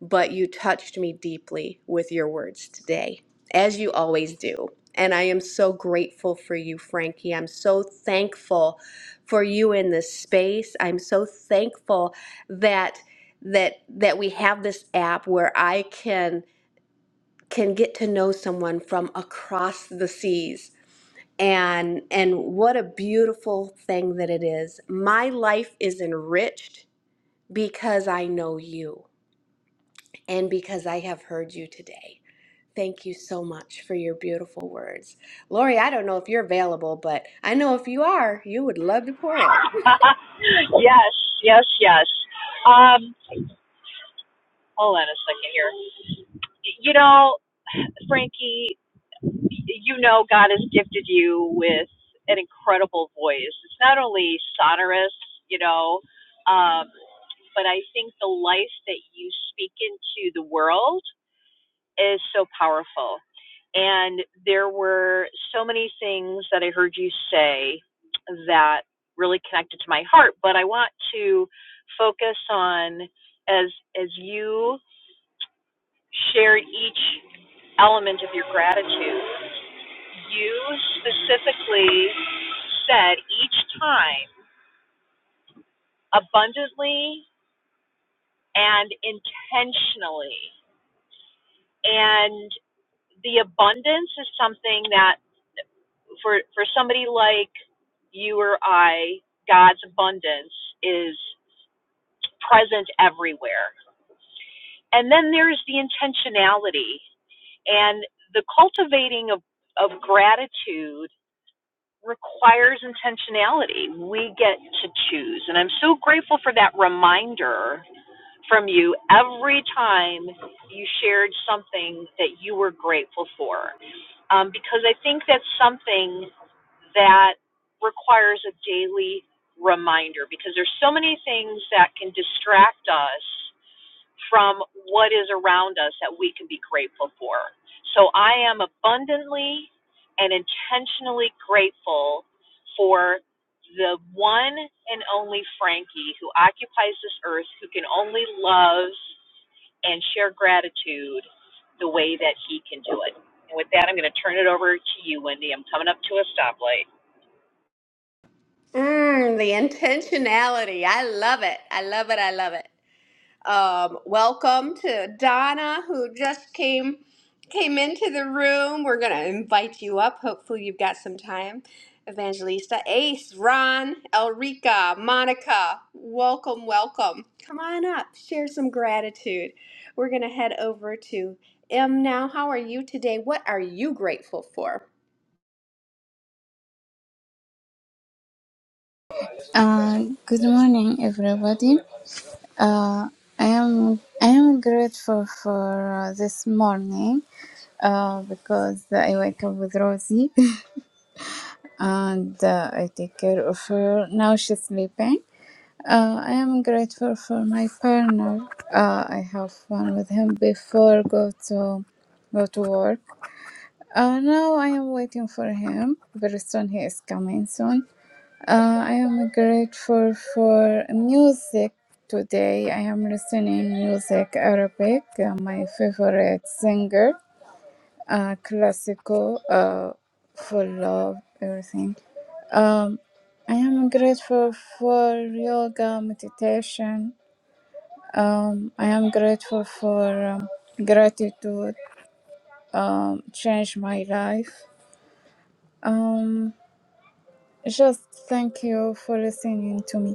Speaker 11: but you touched me deeply with your words today as you always do and i am so grateful for you frankie i'm so thankful for you in this space i'm so thankful that that that we have this app where i can can get to know someone from across the seas and and what a beautiful thing that it is my life is enriched because i know you and because i have heard you today thank you so much for your beautiful words lori i don't know if you're available but i know if you are you would love to pour it
Speaker 13: (laughs) yes, yes, yes. Um, hold on a second here. You know, Frankie, you know God has gifted you with an incredible voice. It's not only sonorous, you know, um, but I think the life that you speak into the world is so powerful. And there were so many things that I heard you say that really connected to my heart, but I want to focus on as as you shared each element of your gratitude, you specifically said each time abundantly and intentionally. And the abundance is something that for for somebody like you or I, God's abundance is present everywhere. And then there's the intentionality and the cultivating of, of gratitude requires intentionality. We get to choose. And I'm so grateful for that reminder from you every time you shared something that you were grateful for. Um, because I think that's something that requires a daily reminder because there's so many things that can distract us from what is around us that we can be grateful for. So I am abundantly and intentionally grateful for the one and only Frankie who occupies this earth, who can only love and share gratitude the way that he can do it. And with that, I'm going to turn it over to you, Wendy. I'm coming up to a stoplight.
Speaker 11: (laughs) mm, the intentionality i love it i love it i love it Um, welcome to Donna, who just came came into the room. We're gonna invite you up. Hopefully, you've got some time. Evangelista, Ace, Ron, Elrica, Monica, welcome, welcome. Come on up, share some gratitude. We're gonna head over to M now. How are you today? What are you grateful for?
Speaker 14: Uh, good morning, everybody. Uh, I am I am grateful for uh, this morning uh, because I wake up with Rosie (laughs) and uh, I take care of her. Now she's sleeping. Uh, I am grateful for my partner. Uh, I have fun with him before go to go to work. Uh, now I am waiting for him. Very soon he is coming soon uh, I am grateful for music today. I am listening music Arabic. uh, my favorite singer, uh, classical, uh, for love, everything. Um, I am grateful for yoga meditation. Um, I am grateful for um, gratitude. Um, changed my life. Um, just thank you for listening to me.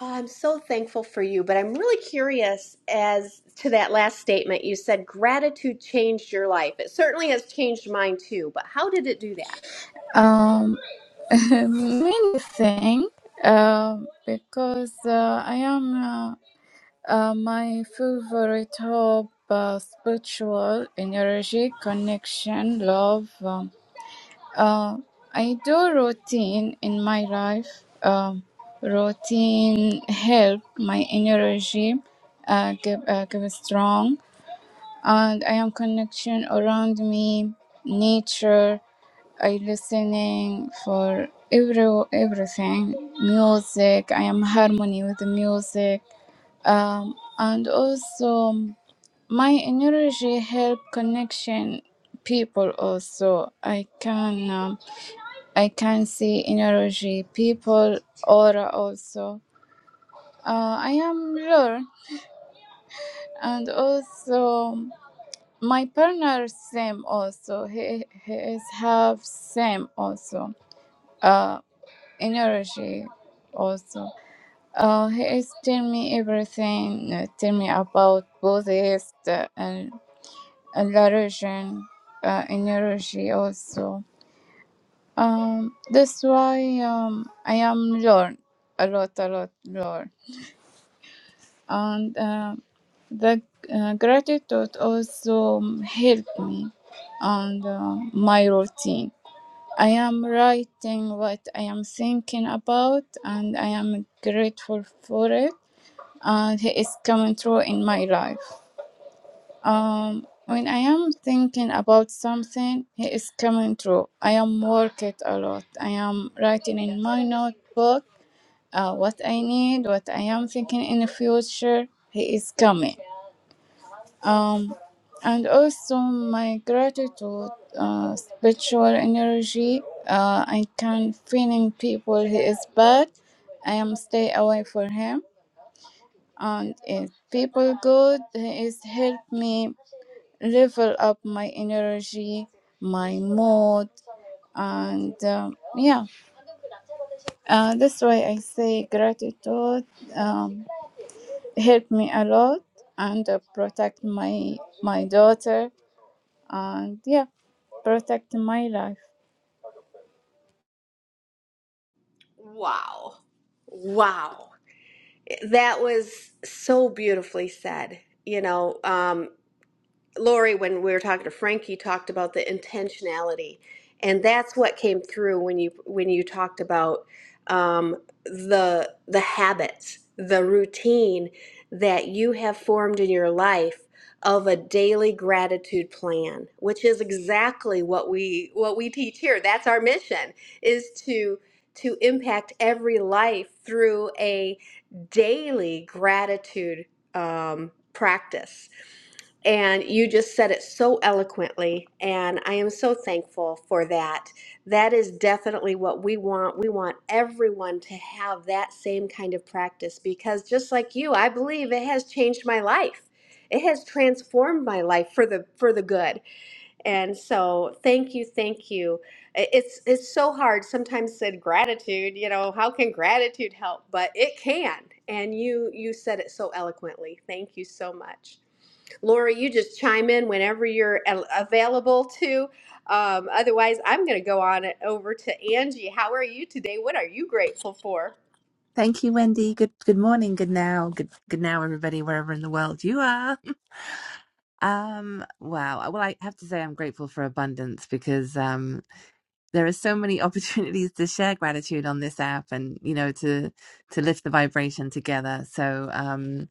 Speaker 11: Oh, I'm so thankful for you, but I'm really curious as to that last statement. You said gratitude changed your life. It certainly has changed mine too, but how did it do that?
Speaker 14: Um, (laughs) many thing. Um, because uh, I am uh, uh, my favorite hope, uh, spiritual energy, connection, love. Um, uh, I do routine in my life. Um, routine help my energy uh, give uh, give strong, and I am connection around me, nature I listening for every everything music. I am harmony with the music, um, and also my energy help connection people. Also, I can um, I can see energy people aura also. Uh, I am learn and also my partner same also he, he is have same also Uh, energy also. Uh, he is tell me everything, uh, tell me about Buddhist uh, and, and la religion, uh, energy also. Um, that's why um, I am learn a lot, a lot, learn. And uh, the uh, gratitude also um, help me on uh, my routine. I am writing what I am thinking about and I am grateful for it And he is coming through in my life. Um, when I am thinking about something, he is coming through. I am working a lot. I am writing in my notebook uh, what I need, what I am thinking in the future. He is coming. Um, and also my gratitude, uh, spiritual energy. Uh, I can feeling people he is bad. I am stay away for him and if people good is help me level up my energy my mood and um, yeah uh, that's why i say gratitude um, helped me a lot and uh, protect my my daughter and yeah protect my life
Speaker 11: Wow. Wow. That was so beautifully said. You know, um, Lori, when we were talking to Frankie, talked about the intentionality, and that's what came through when you when you talked about um, the the habits, the routine that you have formed in your life of a daily gratitude plan, which is exactly what we what we teach here. That's our mission is to to impact every life through a daily gratitude um, practice. And you just said it so eloquently, and I am so thankful for that. That is definitely what we want. We want everyone to have that same kind of practice because, just like you, I believe it has changed my life. It has transformed my life for the for the good. And so, thank you, thank you. I- It's it's so hard sometimes said gratitude, you know, how can gratitude help? But it can. And you you said it so eloquently. Thank you so much. Laura, you just chime in whenever you're a- available to. Um, otherwise, I'm going to go on it over to Angie. How are you today? What are you grateful for?
Speaker 15: Thank you, Wendy. Good good morning, good now, good good now, everybody, wherever in the world you are. Um, wow. Well, I have to say I'm grateful for abundance because um there are so many (laughs) opportunities to share gratitude on this app and you know to to lift the vibration together. So um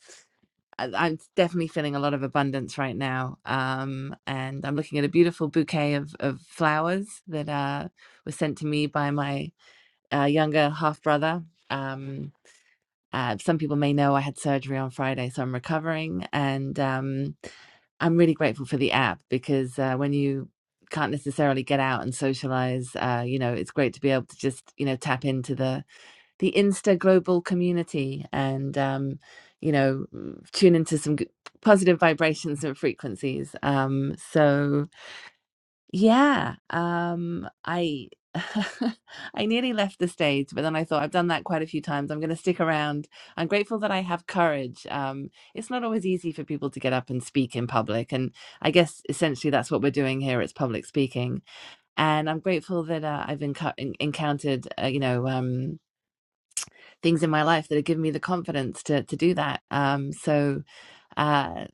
Speaker 15: I, I'm definitely feeling a lot of abundance right now. Um and I'm looking at a beautiful bouquet of, of flowers that uh was sent to me by my uh, younger half brother. Um Uh, some people may know I had surgery on Friday, so I'm recovering, and um, I'm really grateful for the app because uh, when you can't necessarily get out and socialize, uh, you know, it's great to be able to just you know tap into the the Insta global community and um, you know tune into some g- positive vibrations and frequencies. Um, so yeah, um, I (laughs) I nearly left the stage, but then I thought I've done that quite a few times. I'm going to stick around. I'm grateful that I have courage. Um, it's not always easy for people to get up and speak in public, and I guess essentially that's what we're doing here. It's public speaking, and I'm grateful that uh, I've enco- en- encountered, uh, you know, um, things in my life that have given me the confidence to to do that. Um, so, uh,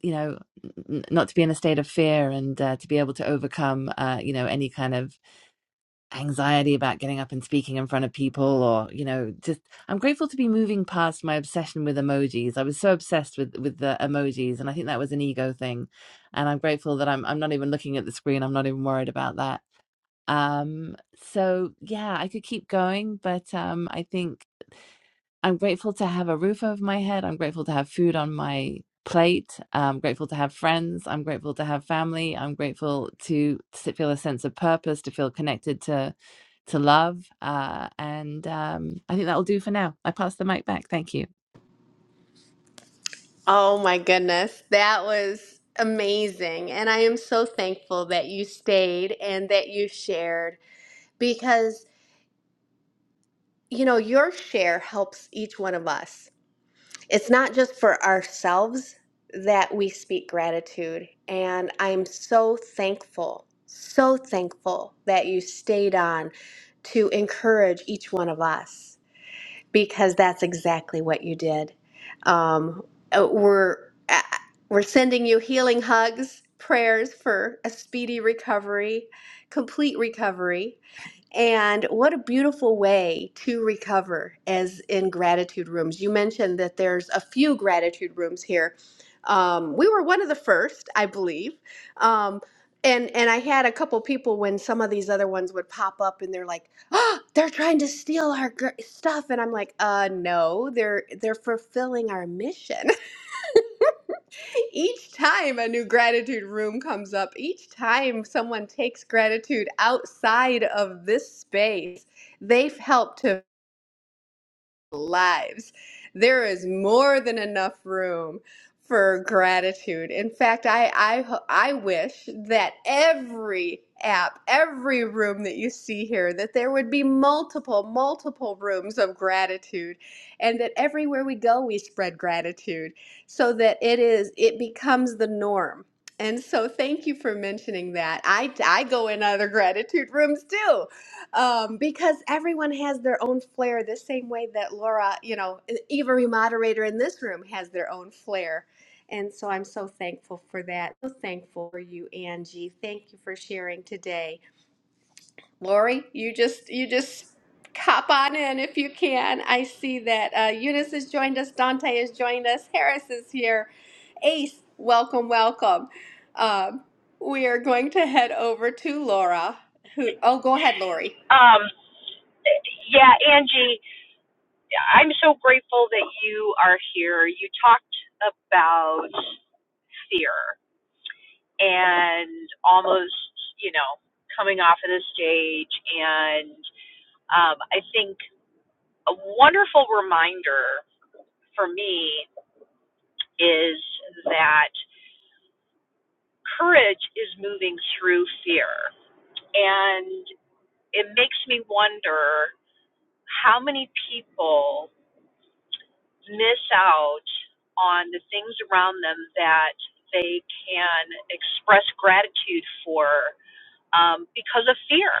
Speaker 15: you know, n- n- not to be in a state of fear and uh, to be able to overcome, uh, you know, any kind of anxiety about getting up and speaking in front of people or you know just i'm grateful to be moving past my obsession with emojis i was so obsessed with with the emojis and i think that was an ego thing and i'm grateful that i'm i'm not even looking at the screen i'm not even worried about that um so yeah i could keep going but um i think I'm grateful to have a roof over my head. I'm grateful to have food on my plate. I'm grateful to have friends. I'm grateful to have family. I'm grateful to s- feel a sense of purpose, to feel connected to to love. Uh, and um, I think that'll do for now. I pass the mic back. Thank you.
Speaker 11: Oh my goodness, that was amazing. And I am so thankful that you stayed and that you shared because, you know, your share helps each one of us. it's not just for ourselves that we speak gratitude. And I'm so thankful, so thankful that you stayed on to encourage each one of us because that's exactly what you did. Um, uh, we're uh, we're sending you healing hugs, prayers for a speedy recovery, complete recovery. And what a beautiful way to recover as in gratitude rooms. You mentioned that there's a few gratitude rooms here. Um, we were one of the first, I believe. Um, and and I had a couple people when some of these other ones would pop up and they're like, oh, they're trying to steal our gr- stuff. And I'm like, uh, no, they're they're fulfilling our mission. (laughs) each time a new gratitude room comes up, each time someone takes gratitude outside of this space, they've helped to lives. There is more than enough room for gratitude. In fact, I I I wish that every app, every room that you see here, that there would be multiple, multiple rooms of gratitude and that everywhere we go we spread gratitude so that it is it becomes the norm. And so thank you for mentioning that. I I go in other gratitude rooms too um, because everyone has their own flair the same way that Laura, you know, every moderator in this room has their own flair. And so I'm so thankful for that. So thankful for you, Angie. Thank you for sharing today. Lori, you just you just cop on in if you can. I see that uh, Eunice has joined us, Dante has joined us, Harris is here. Ace, welcome, welcome. Um, we are going to head over to Laura. Who? Oh, go ahead, Lori.
Speaker 13: Um, yeah, Angie, I'm so grateful that you are here. You talked about fear and almost, you know, coming off of the stage. And um, I think a wonderful reminder for me is that courage is moving through fear. And it makes me wonder how many people miss out on the things around them that they can express gratitude for um, because of fear.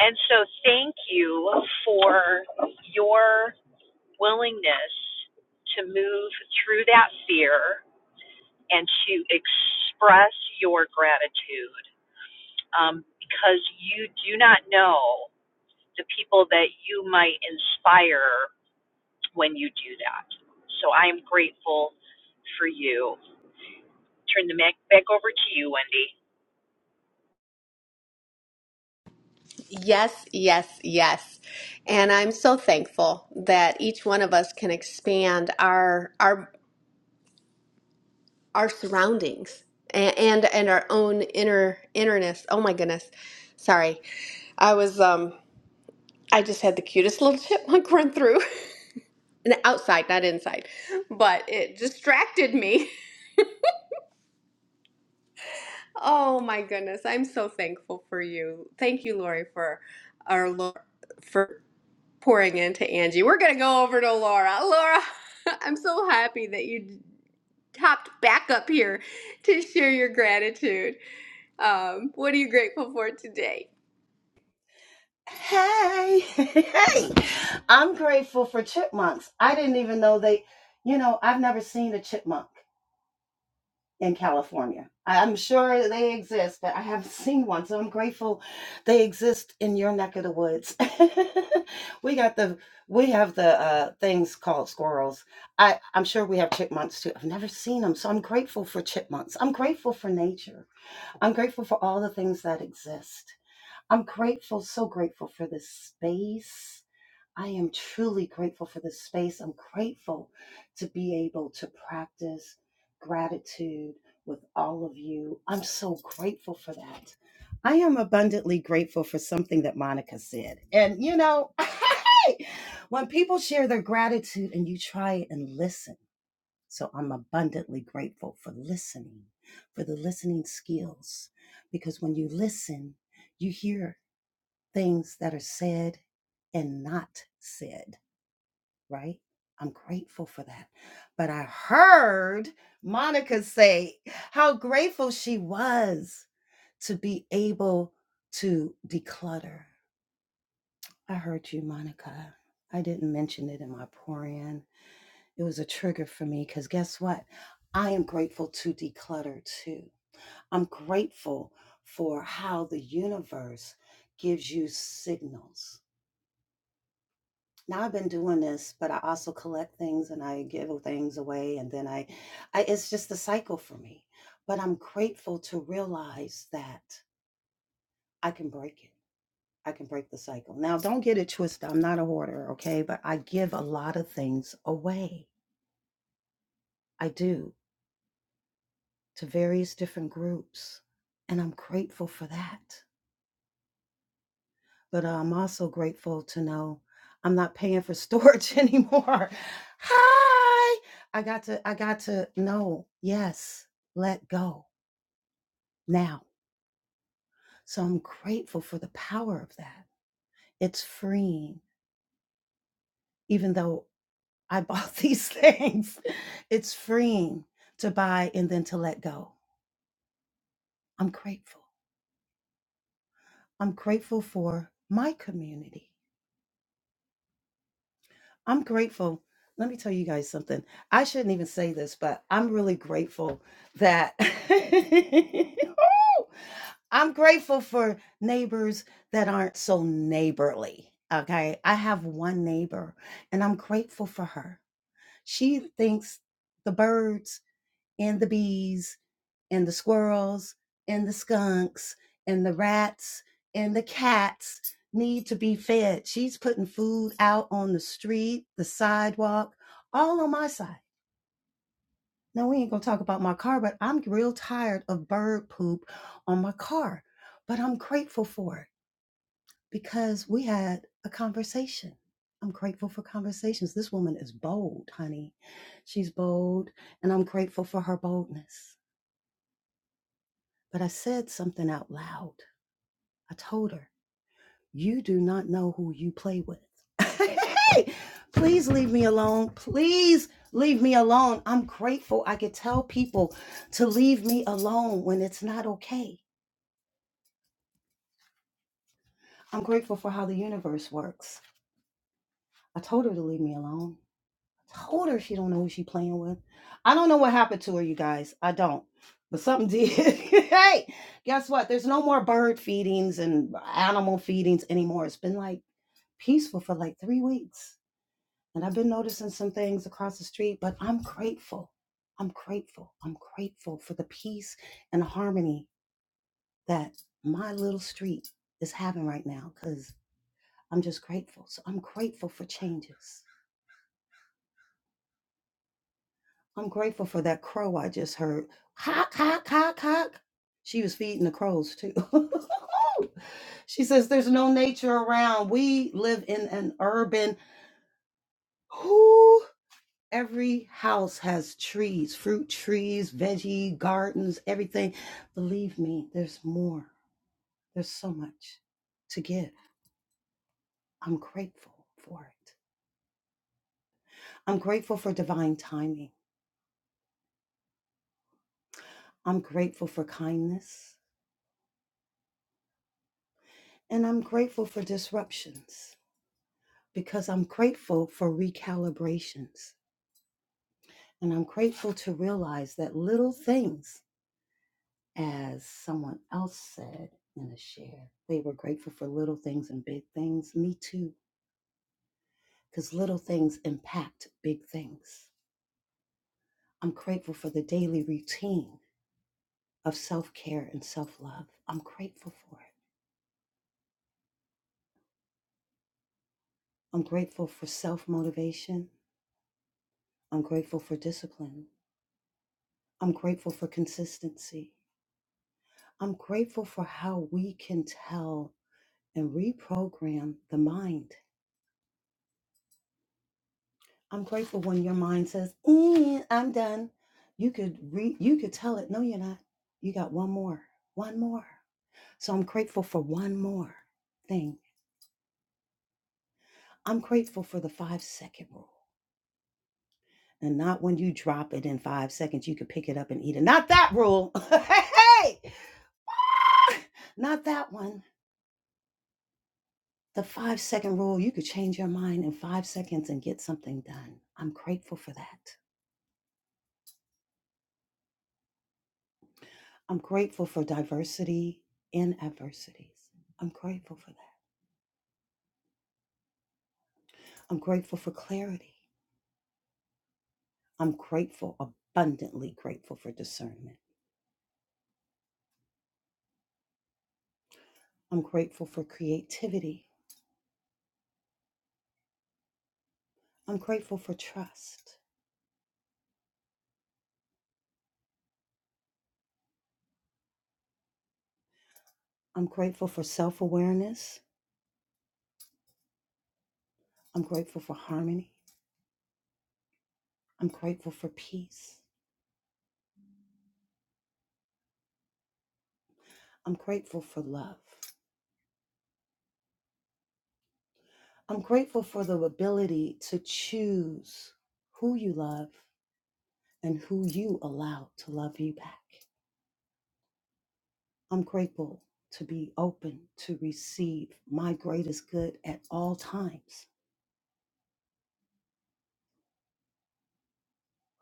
Speaker 13: And so thank you for your willingness to move through that fear and to express your gratitude um, because you do not know the people that you might inspire when you do that. So I am grateful for you. Turn the mic back over to you, Wendy.
Speaker 11: Yes, yes, yes. And I'm so thankful that each one of us can expand our our our surroundings and and, and our own inner innerness. Oh my goodness. Sorry. I was um I just had the cutest (laughs) little chipmunk run through. (laughs) And outside, not inside. But it distracted me. (laughs) Oh my goodness. I'm so thankful for you. Thank you, Lori, for our Lord pouring into Angie. We're going to go over to Laura. Laura, (laughs) I'm so happy that you hopped back up here to share your gratitude. Um, what are you grateful for today?
Speaker 1: hey, hey, (laughs) hey! I'm grateful for chipmunks. I didn't even know they. You know, I've never seen a chipmunk. in California. I- am sure they exist, but I haven't (laughs) seen one. So I'm grateful they exist in your neck of the woods. (laughs) we got the we have the uh, things called squirrels. I I'm sure we have chipmunks too. I've never seen them, so I'm grateful for chipmunks. I'm grateful for nature. I'm grateful for all the things that exist. I'm grateful, so grateful for this space. I am truly grateful for this space. I'm grateful to be able to practice gratitude with all of you. I'm so grateful for that. I am abundantly grateful for something that Monica said. And you know, (laughs) when people share their gratitude and you try and listen, so I'm abundantly grateful for listening, for the listening skills, because when you listen, you hear things that are said and not said right? I'm grateful for that. But I heard Monica say how grateful she was to be able to declutter. I heard you, Monica. I didn't mention it in my pour in. It was a trigger for me because guess what? I am grateful to declutter too. I'm grateful for how the universe gives you signals now I've been doing this, but I also collect things and I give things away. And then I, I, it's just a cycle for me. But I'm grateful to realize that I can break it. I can break the cycle. Now, don't get it twisted. I'm not a hoarder, okay? But I give a lot of things away. I do to various different groups. And I'm grateful for that. but uh, I'm also grateful to know I'm not paying for storage (laughs) anymore. Hi, I got to, I got to know, yes, let go now. So I'm grateful for the power of that. It's freeing, even though I bought (laughs) these things, it's freeing to buy and then to let go. I'm grateful. I'm grateful for my community. I'm grateful. Let me tell you guys something. I shouldn't even say this, but I'm really grateful that (laughs) I'm grateful for neighbors that aren't so neighborly. Okay. I have one neighbor and I'm grateful for her. She thinks the birds and the bees and the squirrels and the skunks and the rats and the cats need to be fed. She's putting food out on the street, the sidewalk, all on my side. Now, we ain't gonna talk about my car, but I'm real tired of bird poop on my car. But I'm grateful for it because we had a conversation. I'm grateful for conversations. This woman is bold, honey. She's bold, and I'm grateful for her boldness. But I said something out loud I told her, You do not know who you play with. (laughs) Please leave me alone. Please leave me alone. I'm grateful I could tell people to leave me alone when it's not okay. I'm grateful for how the universe works. I told her to leave me alone. I told her she don't know who she playing with. I don't know what happened to her, you guys. I don't. But something did. (laughs) hey, guess what? There's no more bird feedings and animal feedings anymore. It's been like peaceful for like three weeks And I've been noticing some things across the street, but I'm grateful. I'm grateful. I'm grateful for the peace and harmony that my little street is having right now because I'm just grateful. So I'm grateful for changes. I'm grateful for that crow I just heard. Hock, hock, hock, hock. She was feeding the crows too. (laughs) she says, There's no nature around. We live in an urban. Every house has trees, fruit trees, veggie gardens, everything. Believe me, there's more. There's so much to give. I'm grateful for it. I'm grateful for divine timing. I'm grateful for kindness. And I'm grateful for disruptions because I'm grateful for recalibrations. And I'm grateful to realize that little things, as someone else said in a share, they were grateful for little things and big things. Me too. because little things impact big things. I'm grateful for the daily routine of self care and self love. I'm grateful for it. I'm grateful for self motivation. I'm grateful for discipline. I'm grateful for consistency. I'm grateful for how we can tell and reprogram the mind. I'm grateful when your mind says, "Eh, "I'm done." You could re- you could tell it, "No, you're not. You got one more. One more." So I'm grateful for one more thing I'm grateful for the five second rule. And not when you drop it in five seconds, you could pick it up and eat it. Not that rule. (laughs) hey, hey. Ah, not that one. The five second rule, you could change your mind in five seconds and get something done. I'm grateful for that. I'm grateful for diversity in adversities. I'm grateful for that. I'm grateful for clarity. I'm grateful, abundantly grateful for discernment. I'm grateful for creativity. I'm grateful for trust. I'm grateful for self awareness. I'm grateful for harmony. I'm grateful for peace. I'm grateful for love. I'm grateful for the ability to choose who you love and who you allow to love you back. I'm grateful to be open to receive my greatest good at all times.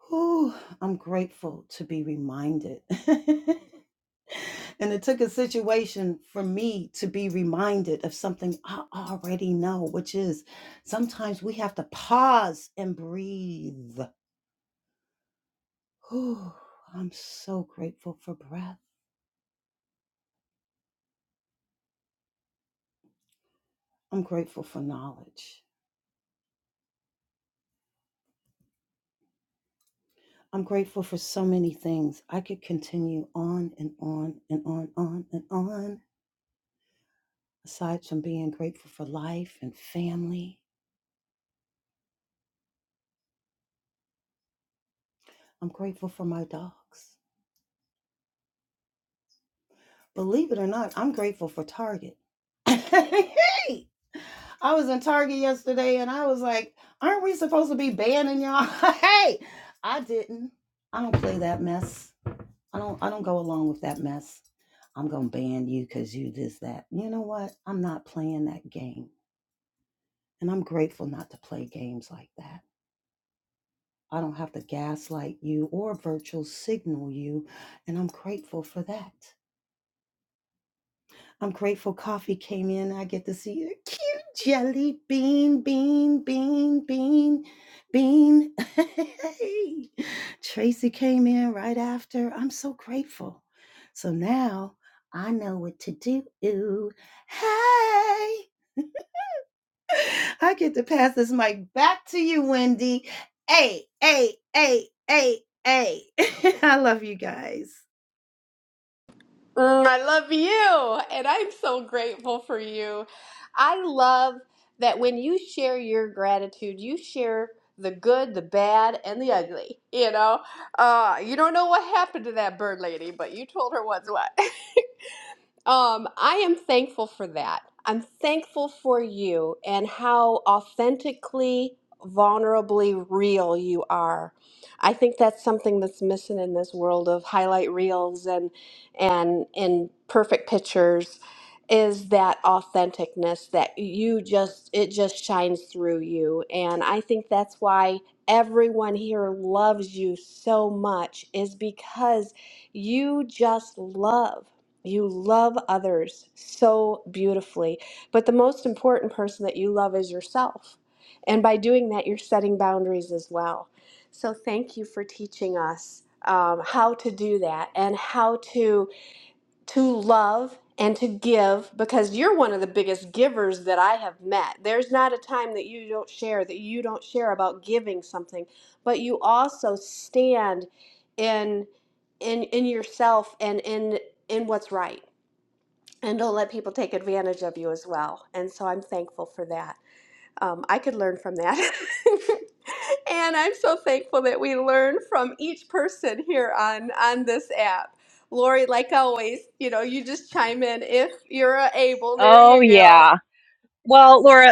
Speaker 1: Whew, I'm grateful to be reminded (laughs) And it took a situation for me to be reminded of something I already know, which is sometimes we have to pause and breathe. Whew, I'm so grateful for breath. I'm grateful for knowledge. I'm grateful for so many things. I could continue on and on and on, on and on, aside from being grateful for life and family. I'm grateful for my dogs. Believe it or not, I'm grateful for Target. (laughs) hey, I was in Target yesterday and I was like, aren't we supposed to be banning y'all? (laughs) hey, I didn't. I don't play that mess. I don't I don't go along with that mess. I'm gonna ban you because you this, that. You know what? I'm not playing that game. And I'm grateful not to play games like that. I don't have to gaslight you or virtual signal you, and I'm grateful for that. I'm grateful coffee came in. I get to see a cute jelly bean, bean, bean, bean, bean. (laughs) Hey, Tracy came in right after. I'm so grateful. So now I know what to do. Hey, (laughs) I get to pass this mic back to you, Wendy. Hey, hey, hey, hey, hey. (laughs) I love you guys.
Speaker 11: Mm, I love you, and I'm so grateful for you. I love that when you share your gratitude, you share the good, the bad, and the ugly. You know, uh, you don't know what happened to that bird lady, but you told her what's what. (laughs) Um, I am thankful for that. I'm thankful for you and how authentically, vulnerably real you are. I think that's something that's missing in this world of highlight reels and and and perfect pictures is that authenticness that you just it just shines through you and I think that's why everyone here loves you so much is because you just love. You love others so beautifully. But the most important person that you love is yourself. And by doing that, you're setting boundaries as well. So thank you for teaching us um, how to do that and how to to love and to give because you're one of the biggest givers that I have met. There's not a time that you don't share that you don't share about giving something, but you also stand in in in yourself and in in what's right and don't let people take advantage of you as well. And so I'm thankful for that. Um, I could learn from that. (laughs) and I'm so thankful that we learn from each person here on, on this app. Lori, like always, you know, you just chime in if you're able. There
Speaker 13: Oh,
Speaker 11: you go.
Speaker 13: yeah. Well, Laura,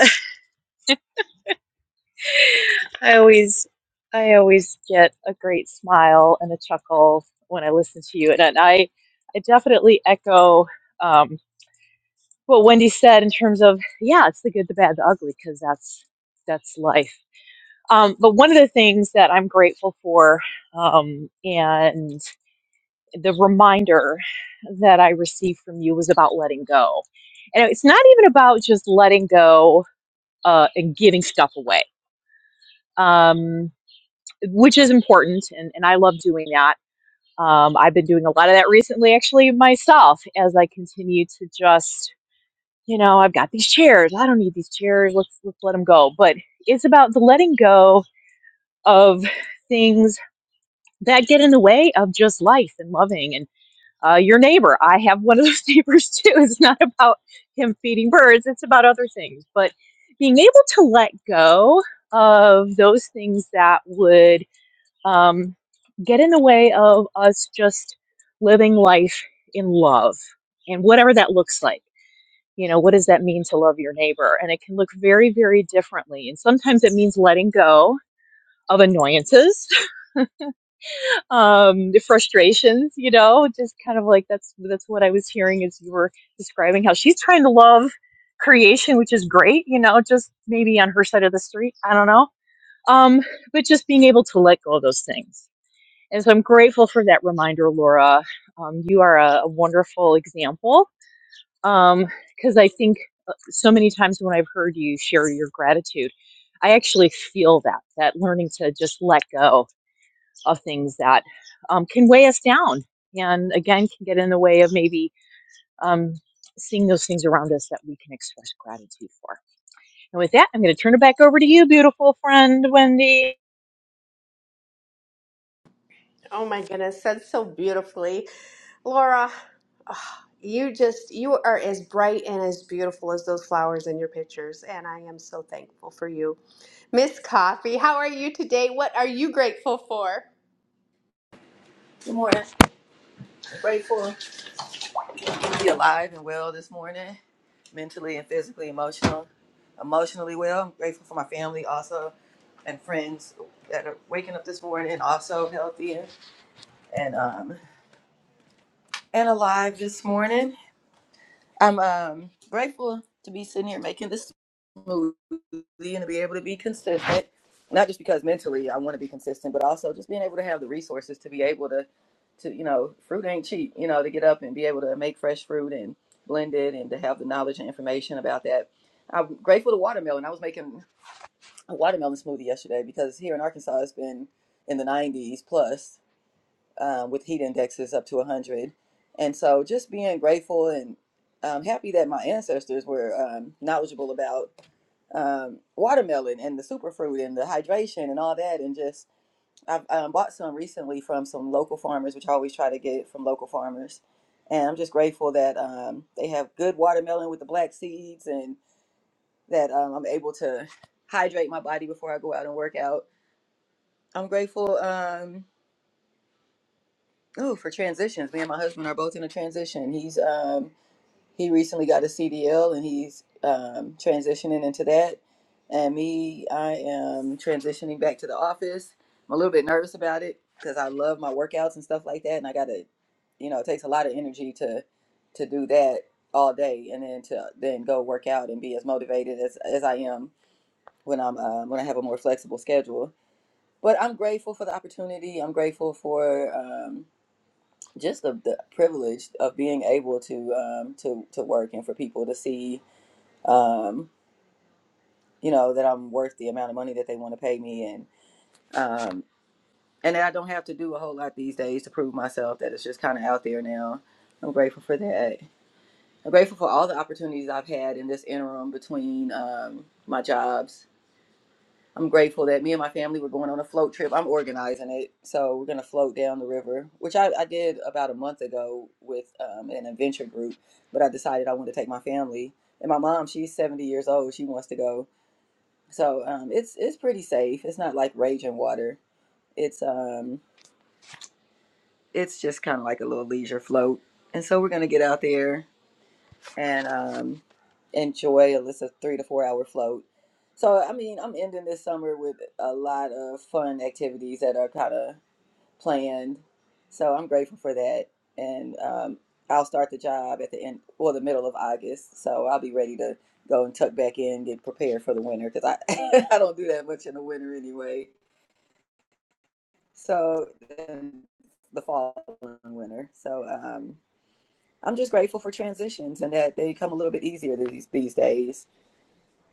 Speaker 13: I always I always get a great smile and a chuckle when I listen to you, and, and I I definitely echo um, what Wendy said in terms of yeah, it's the good, the bad, the ugly, because that's that's life. Um, but one of the things that I'm grateful for, um, and the reminder that I received from you was about letting go, and it's not even about just letting go uh, and giving stuff away. Um, which is important and, and i love doing that um, i've been doing a lot of that recently actually myself as i continue to just you know i've got these chairs i don't need these chairs let's let's let them go but it's about the letting go of things that get in the way of just life and loving and uh, your neighbor i have one of those (laughs) neighbors too it's not about him feeding birds it's about other things but being able to let go of those things that would um, get in the way of us just living life in love and whatever that looks like. You know, what does that mean to love your neighbor? And it can look very, very differently. And sometimes it means letting go of annoyances, (laughs) um, the frustrations, you know, just kind of like that's that's what I was hearing as you were describing how she's trying to love creation, which is great, you know, just maybe on her side of the street. I don't know. Um, but just being able to let go of those things And so I'm grateful for that reminder, Laura. Um, you are a, a wonderful example Um, because I think so many times when I've heard you share your gratitude, I actually feel that, that learning to just let go of things that um, can weigh us down and again can get in the way of maybe um, seeing those things around us that we can express gratitude for. And with that, I'm going to turn it back over to you, beautiful friend, Wendy.
Speaker 11: Oh my goodness, said so beautifully. Laura, You just, you are as bright and as beautiful as those flowers in your pictures, and I am so thankful for you. Miss Coffee, how are you today? What are you grateful for?
Speaker 16: Good morning. Grateful to be alive and well this morning, mentally and physically, emotional, emotionally well. I'm grateful for my family also and friends that are waking up this morning and also healthy and and, um, and alive this morning. I'm um, grateful to be sitting here making this. smoothly and to be able to be consistent. Not just because mentally I want to be consistent, but also just being able to have the resources to be able to, to you know, fruit ain't cheap. You know, to get up and be able to make fresh fruit and blend it, and to have the knowledge and information about that. I'm grateful to watermelon. I was making a watermelon smoothie yesterday because here in Arkansas it's been in the 90s plus, um, with heat indexes up to 100. And so just being grateful and um, happy that my ancestors were um, knowledgeable about um, watermelon and the superfruit and the hydration and all that. And just, I've um, bought some recently from some local farmers, which I always try to get from local farmers. And I'm just grateful that um, they have good watermelon with the black seeds and that um, I'm able to hydrate my body before I go out and work out. I'm grateful. Um, Ooh, for transitions. Me and my husband are both in a transition. He's um he recently got a CDL and he's um transitioning into that. And me, I am transitioning back to the office. I'm a little bit nervous about it because I love my workouts and stuff like that. And I gotta, you know, it takes a lot of energy to to do that all day and then to then go work out and be as motivated as as I am when I'm um, when I have a more flexible schedule. But I'm grateful for the opportunity. I'm grateful for. um just the, the privilege of being able to um, to to work and for people to see um, you know that I'm worth the amount of money that they want to pay me and um, and that I don't have to do a whole lot these days to prove myself that it's just kind of out there now. I'm grateful for that. I'm grateful for all the opportunities I've had in this interim between um, my jobs I'm grateful that me and my family were going on a float trip. I'm organizing it, so we're gonna float down the river, which I, I did about a month ago with um, an adventure group. But I decided I wanted to take my family and my mom. She's 70 years old. She wants to go, so um, it's it's pretty safe. It's not like raging water. It's um it's just kind of like a little leisure float, and so we're gonna get out there and um, enjoy at least a three to four hour float. So, I mean, I'm ending this summer with a lot of fun activities that are kind of planned. So, I'm grateful for that. And um, I'll start the job at the end or the middle of August. So, I'll be ready to go and tuck back in, get prepared for the winter because I, (laughs) I don't do that much in the winter anyway. So, then the fall and winter. So, um, I'm just grateful for transitions and that they come a little bit easier these, these days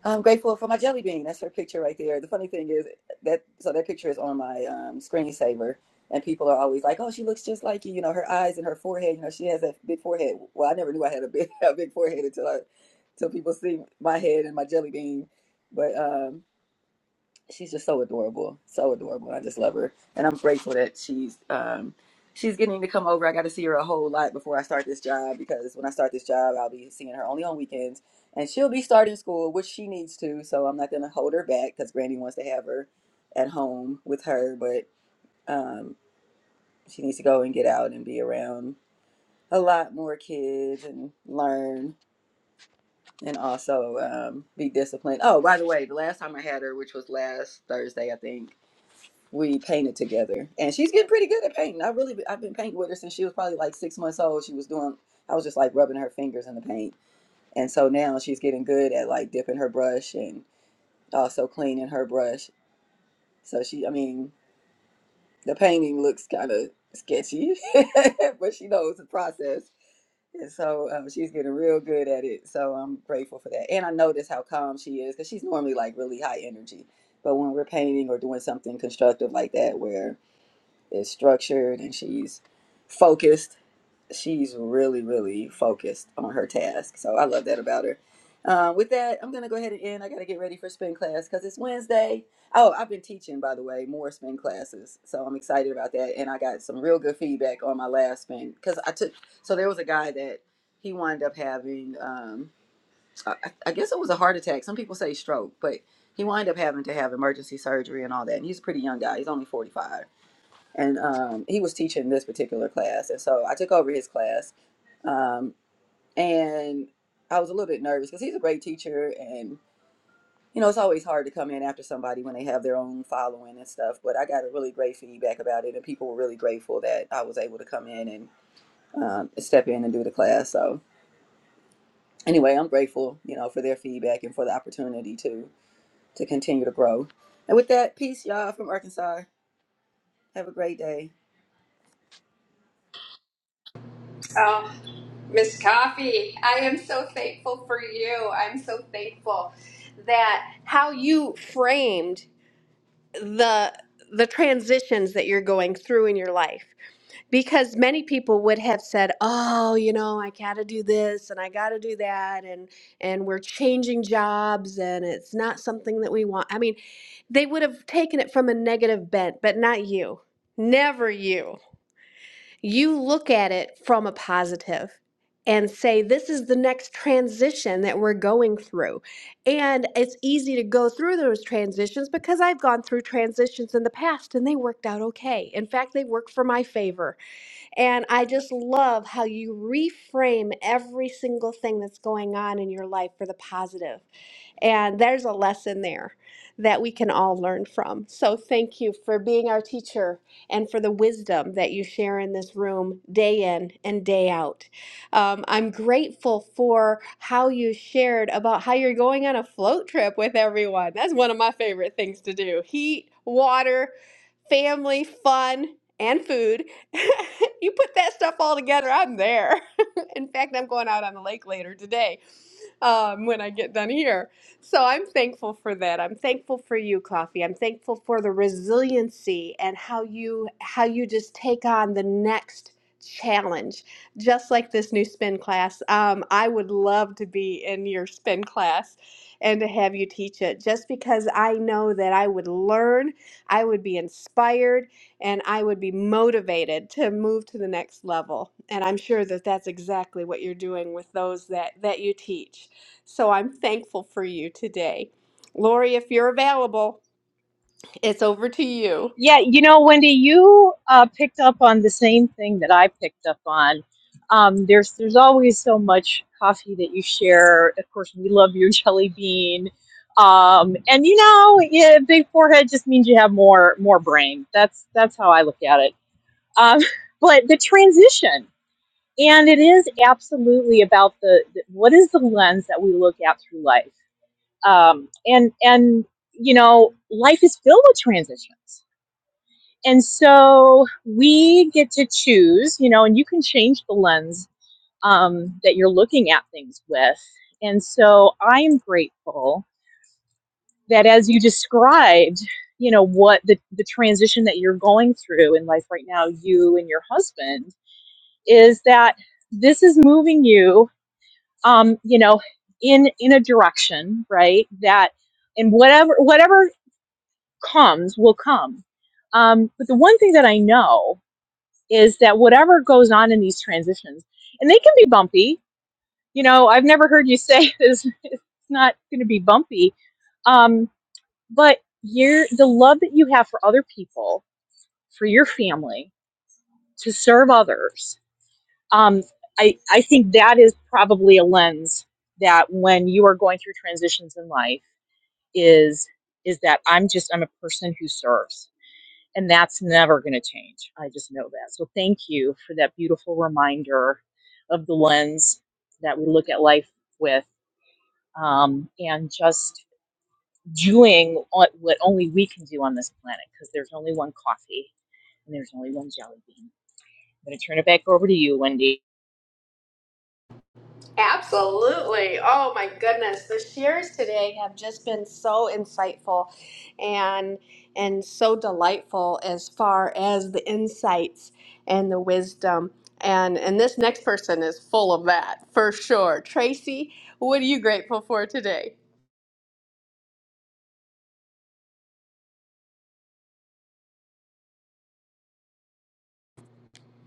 Speaker 16: I'm grateful for my jelly bean. That's her picture right there. The funny thing is that so that picture is on my um, screensaver, and people are always like, "Oh, she looks just like you." You know, her eyes and her forehead. You know, she has a big forehead. Well, I never knew I had a big (laughs) a big forehead until I, until people see my head and my jelly bean. But um, she's just so adorable, so adorable. I just love her, and I'm grateful that she's um, she's getting to come over. I got to see her a whole lot before I start this job because when I start this job, I'll be seeing her only on weekends, and she'll be starting school, which she needs to. So I'm not going to hold her back because Granny wants to have her at home with her, but um, she needs to go and get out and be around a lot more kids and learn and also um, be disciplined. Oh, by the way, the last time I had her, which was last Thursday, I think we painted together and she's getting pretty good at painting i really i've been painting with her since she was probably like six months old she was doing i was just like rubbing her fingers in the paint and so now she's getting good at like dipping her brush and also cleaning her brush so she i mean the painting looks kind of sketchy (laughs) but she knows the process and so um, she's getting real good at it so i'm grateful for that and i notice how calm she is because she's normally like really high energy but when we're painting or doing something constructive like that where is structured and she's focused. She's really, really focused on her task. So I love that about her. Uh, with that, I'm going to go ahead and end. I got to get ready for spin class because it's Wednesday. Oh, I've been teaching, by the way, more spin classes. So I'm excited about that. And I got some real good feedback on my last spin because I took, so there was a guy that he wound up having, um, I, I guess it was a heart attack. Some people say stroke, but he wound up having to have emergency surgery and all that. And he's a pretty young guy. He's only 45 and um, he was teaching this particular class, and so I took over his class, um, and I was a little bit nervous because he's a great teacher, and you know it's always hard to come in after somebody when they have their own following and stuff. But I got a really great feedback about it, and people were really grateful that I was able to come in and um, step in and do the class. So anyway, I'm grateful, you know, for their feedback and for the opportunity to to continue to grow. And with that, peace, y'all from Arkansas. Have a great day.
Speaker 11: Oh, Miss Coffee, I am so thankful for you. I'm so thankful that How you framed the the transitions that you're going through in your life. because many people would have said oh you know i gotta do this and i gotta do that and and we're changing jobs and it's not something that we want i mean they would have taken it from a negative bent but not you never you you look at it from a positive and say this is the next transition that we're going through and it's easy to go through those transitions because i've gone through transitions in the past and they worked out okay in fact they worked for my favor and I just love how you reframe every single thing that's going on in your life for the positive. And there's a lesson there that we can all learn from. So thank you for being our teacher and for the wisdom that you share in this room day in and day out. Um, I'm grateful for how you shared about how you're going on a float trip with everyone. That's one of my favorite things to do heat, water, family, fun. And food. (laughs) you put that stuff all together, I'm there. (laughs) In fact, I'm going out on the lake later today um, when I get done here so I'm thankful for that. I'm thankful for you, Coffee. I'm thankful for the resiliency and how you how you just take on the next challenge. Just like this new spin class, um, I would love to be in your spin class and to have you teach it. Just because I know that I would learn, I would be inspired, and I would be motivated to move to the next level. And I'm sure that that's exactly what you're doing with those that that you teach. So I'm thankful for you today. Lori, if you're available, it's over to you.
Speaker 13: Yeah, you know, Wendy, you uh, picked up on the same thing that I picked up on. Um, there's there's always so much coffee that you share. Of course, we love your (laughs) jelly bean, um, and you know, yeah, big forehead just means you have more more brain. That's that's how I look at it. Um, (laughs) but the transition, and it is absolutely about the, the what is the lens that we look at through life, um, and and you know, life is filled with transitions and so we get to choose, you know, and you can change the lens um, that you're looking at things with. And so I am grateful that as you described, you know, what the, the transition that you're going through in life right now, you and your husband, is that this is moving you, um, you know, in in a direction, right? That and whatever whatever comes will come. Um, but the one thing that I know is that whatever goes on in these transitions, and they can be bumpy. You know, I've never heard you say this. (laughs) It's not going to be bumpy, um, but you're the love that you have for other people, for your family, to serve others. Um, I I think that is probably a lens that when you are going through transitions in life is is that I'm just I'm a person who serves And that's never going to change. I just know that. So thank you for that beautiful reminder of the lens that we look at life with um, and just doing what what only we can do on this planet because there's only one coffee and there's only one jelly bean. I'm going to turn it back over to you, Wendy.
Speaker 11: Absolutely. Oh my goodness. The shares today have just been so insightful and and so delightful as far as the insights and the wisdom. And and this next person is full of that for sure. Tracy, what are you grateful for today?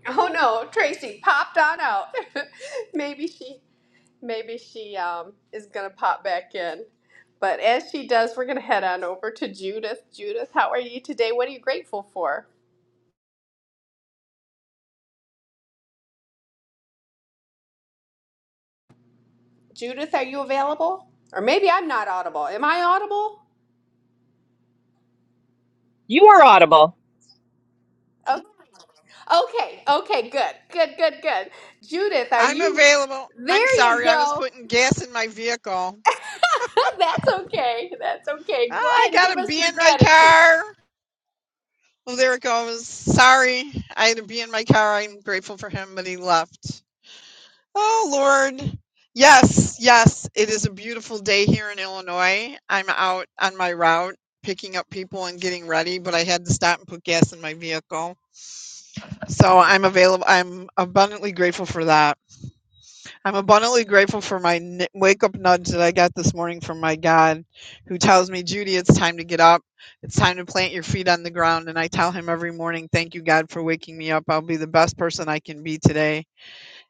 Speaker 11: Oh no, Tracy popped on out. (laughs) Maybe she Maybe she um, is going to pop back in. But as she does, we're going to head on over to Judith. Judith, how are you today? What are you grateful for? Judith, are you available? Or maybe I'm not audible. Am I audible?
Speaker 13: You are audible.
Speaker 11: Oh, okay, okay, good, good, good, good. Judith, are
Speaker 2: I'm
Speaker 11: you?
Speaker 2: available. I'm
Speaker 11: There you
Speaker 2: sorry, I was
Speaker 11: go.
Speaker 2: putting gas in my vehicle.
Speaker 11: (laughs) That's okay. That's okay. Go
Speaker 2: I
Speaker 11: ahead and give
Speaker 2: gotta
Speaker 11: us
Speaker 2: be
Speaker 11: your
Speaker 2: in my
Speaker 11: gratitude.
Speaker 2: car. Well, there it goes. Sorry, I had to be in my car. I'm grateful for him, but he left. Oh, Lord. Yes, yes, it is a beautiful day here in Illinois. I'm out on my route picking up people and getting ready, but I had to stop and put gas in my vehicle. So I'm available. I'm abundantly grateful for that. I'm abundantly grateful for my n- wake up nudge that I got this morning from my God, who tells me, Judy, it's time to get up. It's time to plant your feet on the ground. And I tell him every morning, Thank you, God, for waking me up. I'll be the best person I can be today.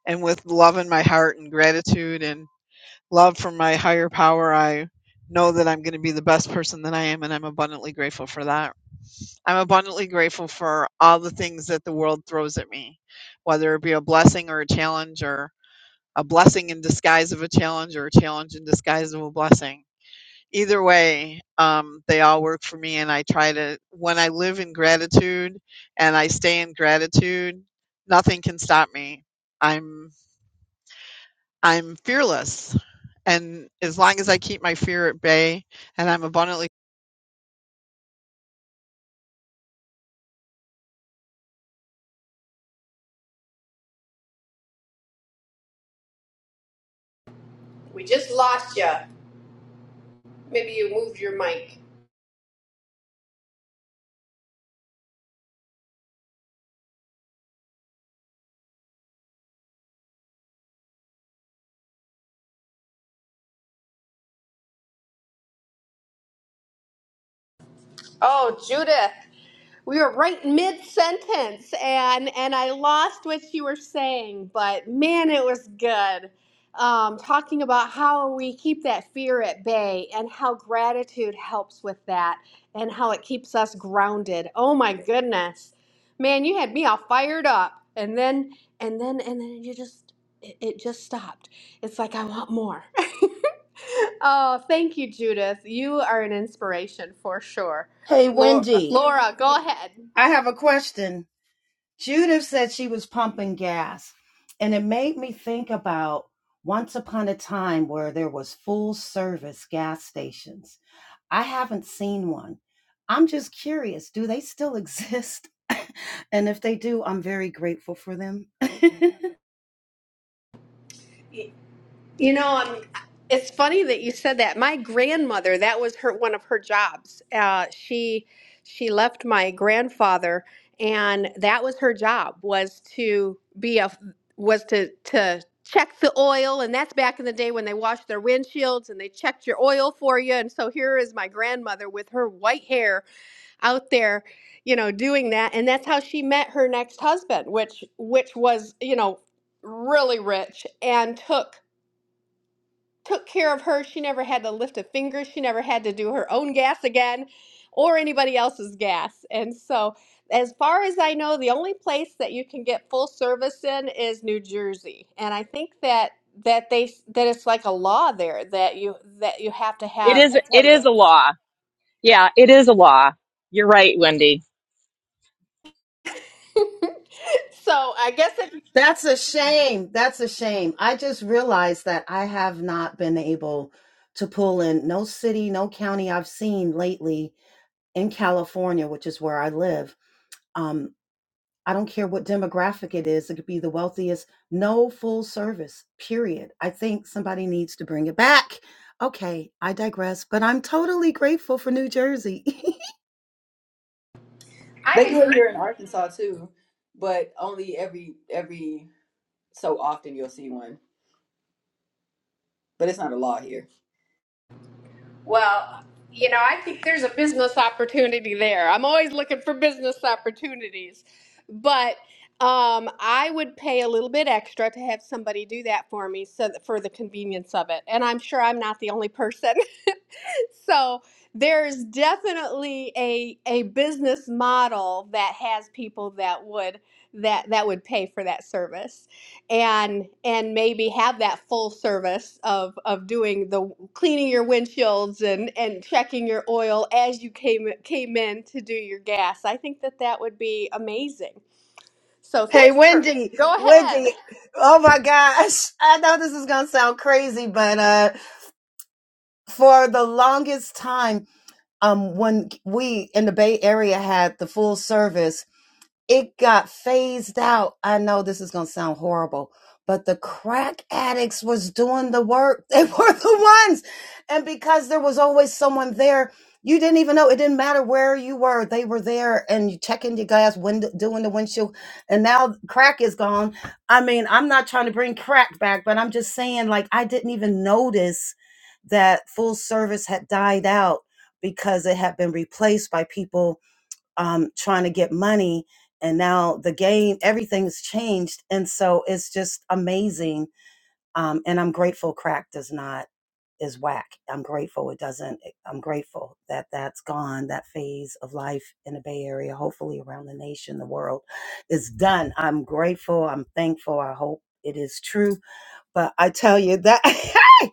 Speaker 2: And with love in my heart and gratitude and love from my higher power, I know that I'm going to be the best person that I am. And I'm abundantly grateful for that. I'm abundantly grateful for all the things that the world throws at me, whether it be a blessing or a challenge or a blessing in disguise of a challenge or a challenge in disguise of a blessing. Either way, um, they all work for me, and I try to, when I live in gratitude and I stay in gratitude, nothing can stop me. I'm, I'm fearless. And as long as I keep my fear at bay and I'm abundantly
Speaker 11: We just lost you. Maybe you moved your mic. Oh, Judith. we were right mid sentence and and I lost what you were saying, but man, it was good. Um, talking about how we keep that fear at bay and how gratitude helps with that and how it keeps us grounded. Oh my goodness. Man, you had me all fired up. And then and then and then you just it, it just stopped. It's like I want more. (laughs) oh, thank you, Judith. You are an inspiration for sure.
Speaker 1: Hey,
Speaker 11: Laura,
Speaker 1: Wendy,
Speaker 11: Laura, go ahead.
Speaker 1: I have a question. Judith said she was pumping gas. And it made me think about once upon a time where there was full service gas stations. I haven't seen one. I'm just curious, do they still exist? (laughs) and if they do, I'm very grateful for them.
Speaker 11: You know, um, it's funny that you said that. My grandmother, that was her one of her jobs. Uh, she she left my grandfather, and that was her job was to be a was to to check the oil, and that's back in the day when they washed their windshields and they checked your oil for you. And so here is my grandmother with her white hair out there, you know, doing that. And that's how she met her next husband, which which was, you know, really rich and took took care of her. She never had to lift a finger. She never had to do her own gas again or anybody else's gas. And so as far as I know, the only place that you can get full service in is New Jersey. And I think that that they that it's like a law there that you that you have to
Speaker 13: It
Speaker 11: have
Speaker 13: is it is a
Speaker 11: attendance.
Speaker 13: law. Yeah, it is a law. You're right, Wendy.
Speaker 11: So I guess if
Speaker 1: (laughs) That's a shame. That's a shame. I just realized that I have not been able to pull in no city, no county I've seen lately in California, which is where I live. Um. I don't care what demographic it is, it could be the wealthiest, no full service, period. I think somebody needs to bring it back. Okay, I digress, but I'm totally grateful for New Jersey. (laughs)
Speaker 11: I
Speaker 16: They do
Speaker 11: agree.
Speaker 16: it here in Arkansas too, but only every every so often you'll see one. But it's not a law here.
Speaker 11: Well, you know, I think there's a business opportunity there. I'm always looking for business opportunities. But um, I would pay a little bit extra to have somebody do that for me so that for the convenience of it. And I'm sure I'm not the only person. So there's definitely a a business model that has people that would that that would pay for that service and and maybe have that full service of of doing the cleaning your windshields and and checking your oil as you came came in to do your gas. I think that that would be amazing. So
Speaker 1: hey,
Speaker 11: thanks for
Speaker 1: Wendy,
Speaker 11: go ahead.
Speaker 1: Wendy, oh my gosh. I know this is going to sound crazy, but uh, for the longest time, um, when we in the Bay Area had the full service, it got phased out. I know this is going to sound horrible, but the crack addicts was doing the work. (laughs) They were the ones. And because there was always someone there, you didn't even know. It didn't matter where you were. They were there and you checking your glass window, doing the windshield. And now crack is gone. I mean, I'm not trying to bring crack back, but I'm just saying like, I didn't even notice that full service had died out because it had been replaced by people um, trying to get money. And now the game, everything's changed. And so it's just amazing. Um, and I'm grateful crack does not, is whack. I'm grateful it doesn't, eh, I'm grateful that that's gone. That phase of life in the Bay Area, hopefully around the nation, the world is done. I'm grateful. I'm thankful. I hope it is true. But I tell you that. (laughs)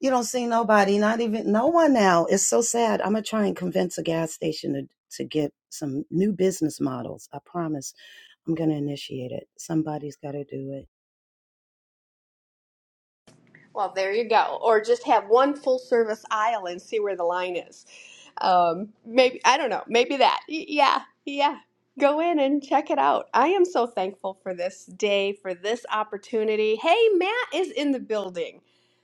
Speaker 1: You don't see nobody, not even no one now. It's so sad. I'm gonna try and convince a gas station to, to get some new business models. I promise. I'm gonna initiate it. Somebody's got to do it.
Speaker 11: Well, there you go. Or just have one full service aisle and see where the line is. Um, maybe, I don't know, maybe that. Y- Yeah, yeah. Go in and check it out. I am so thankful for this day, for this opportunity. Hey, Matt is in the building.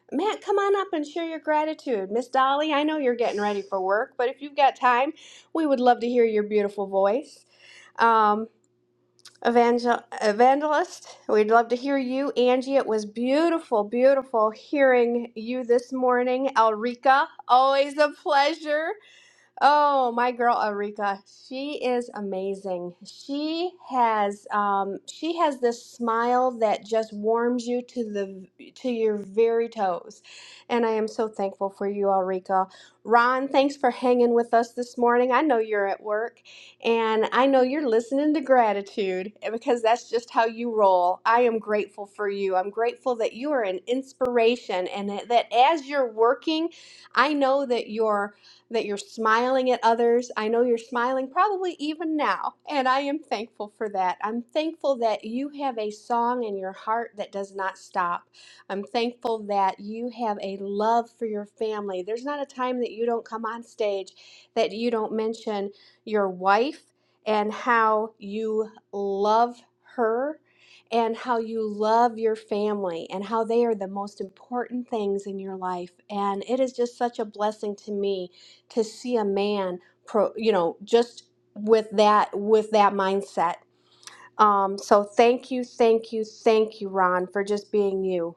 Speaker 11: Matt, come on up and share your gratitude. Miss Dolly, I know you're getting ready for work, but if you've got time, we would love to hear your beautiful voice. Um, Evangel- evangelist. We'd love to hear you, Angie. It was beautiful, beautiful hearing you this morning, Elrica. Always a pleasure. Oh, my girl Arika, she is amazing. She has um she has this smile that just warms you to the to your very toes. And I am so thankful for you, Arika. Ron, thanks for hanging with us this morning. I know you're at work and I know you're listening to gratitude eh, because that's just how you roll. I am grateful for you. I'm grateful that you are an inspiration and that as you're working, I know that you're that you're smiling at others. I know you're smiling probably even now, and I am thankful for that. I'm thankful that you have a song in your heart that does not stop. I'm thankful that you have a love for your family. There's not a time that you don't come on stage that you don't mention your wife and how you love her. And how you love your family, and how they are the most important things in your life. And it is just such a blessing to me to see a man pro you know just with that with that mindset um so thank you thank you thank you ron for just being you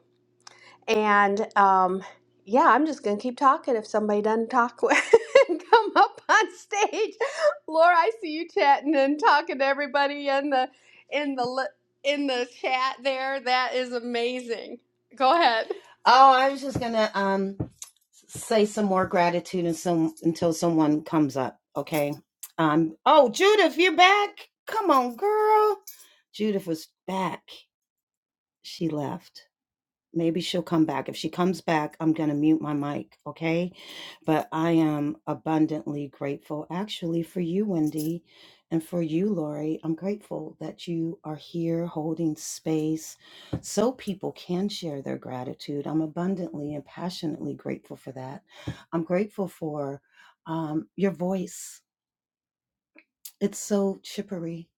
Speaker 11: and um yeah i'm just gonna keep talking if somebody doesn't talk (laughs) and come up on stage laura i see you chatting and talking to everybody in the in the li- in the chat there that is amazing go ahead
Speaker 1: Oh, I was just gonna um say some more gratitude and some until someone comes up. Okay. Um. Oh, Judith, you're back. Come on, girl. Judith was back. She left. Maybe she'll come back. If she comes back, I'm going to mute my mic, okay? But I am abundantly grateful, actually, for you, Wendy, and for you, Lori. I'm grateful that you are here holding space so people can share their gratitude. I'm abundantly and passionately grateful for that. I'm grateful for um, your voice, it's so chippery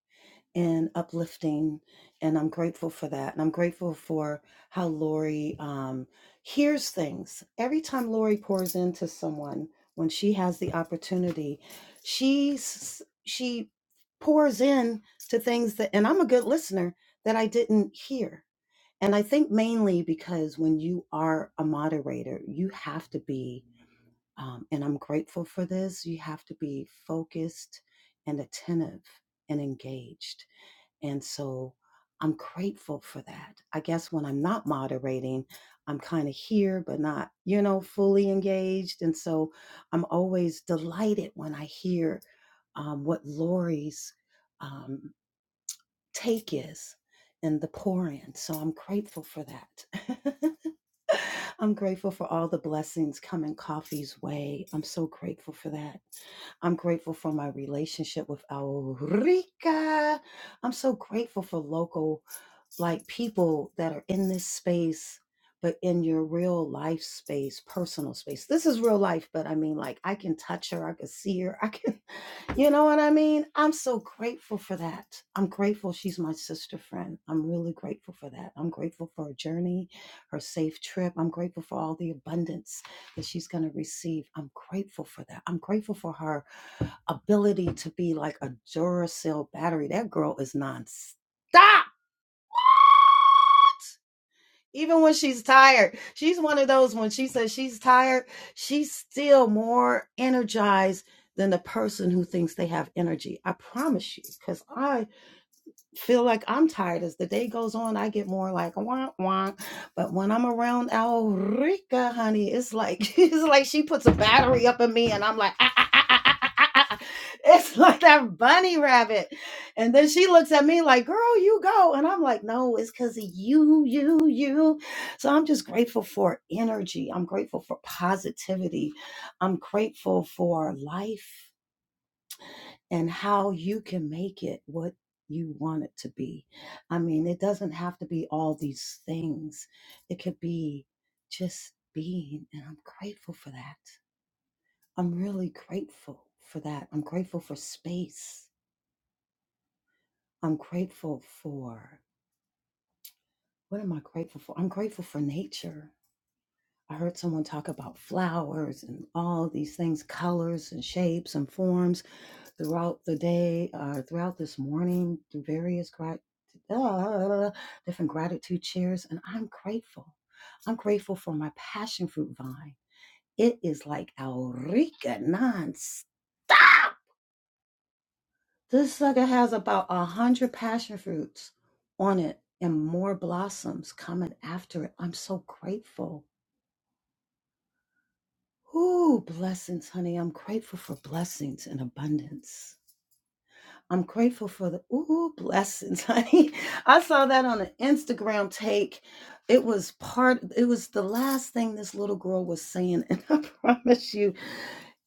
Speaker 1: and uplifting and i'm grateful for that and i'm grateful for how lori um, hears things every time lori pours into someone when she has the opportunity she s- she pours in to things that and i'm a good listener that i didn't hear and i think mainly because when you are a moderator you have to be um, and i'm grateful for this you have to be focused and attentive and engaged and so I'm grateful for that. I guess when I'm not moderating, I'm kind of here, but not, you know, fully engaged. And so I'm always delighted when I hear um, what Lori's um, take is and the pour in. So I'm grateful for that. (laughs) I'm grateful for all the blessings coming coffee's way. I'm so grateful for that. I'm grateful for my relationship with Aurica. I'm so grateful for local like people that are in this space but in your real life space personal space this is real life but i mean like i can touch her i can see her i can (laughs) you know what i mean i'm so grateful for that i'm grateful she's my sister friend i'm really grateful for that i'm grateful for her journey her safe trip i'm grateful for all the abundance that she's going to receive i'm grateful for that i'm grateful for her ability to be like a duracell battery that girl is non-stop even when she's tired, she's one of those when she says she's tired, she's still more energized than the person who thinks they have energy. I promise you, because I feel like I'm tired. As the day goes on, I get more like wah wah. But when I'm around Alrika, honey, it's like (laughs) it's like she puts a battery up in me, and I'm like. "Ah, ah, ah, ah, ah, ah, ah, (laughs) ah." It's like that bunny rabbit. And then she looks at me like, girl, you go. And I'm like, no, it's because of you, you, you. So I'm just grateful for energy. I'm grateful for positivity. I'm grateful for life and how you can make it what you want it to be. I mean, it doesn't have to be all these things, it could be just being. And I'm grateful for that. I'm really grateful for that. I'm grateful for space. I'm grateful for what am I grateful for? I'm grateful for nature. I heard someone talk about flowers and all these things, colors and shapes and forms throughout the day, uh, throughout this morning, through various grat- uh, different gratitude cheers. And I'm grateful. I'm grateful for my passion fruit vine. It is like Aurica nonstop. This sucker has about a hundred passion fruits on it and more blossoms coming after it. I'm so grateful. Ooh, blessings, honey. I'm grateful for blessings and abundance. I'm grateful for the ooh blessings, honey. (laughs) I saw that on an Instagram take. It was part, it was the last thing this little girl was saying. (laughs) And I promise you,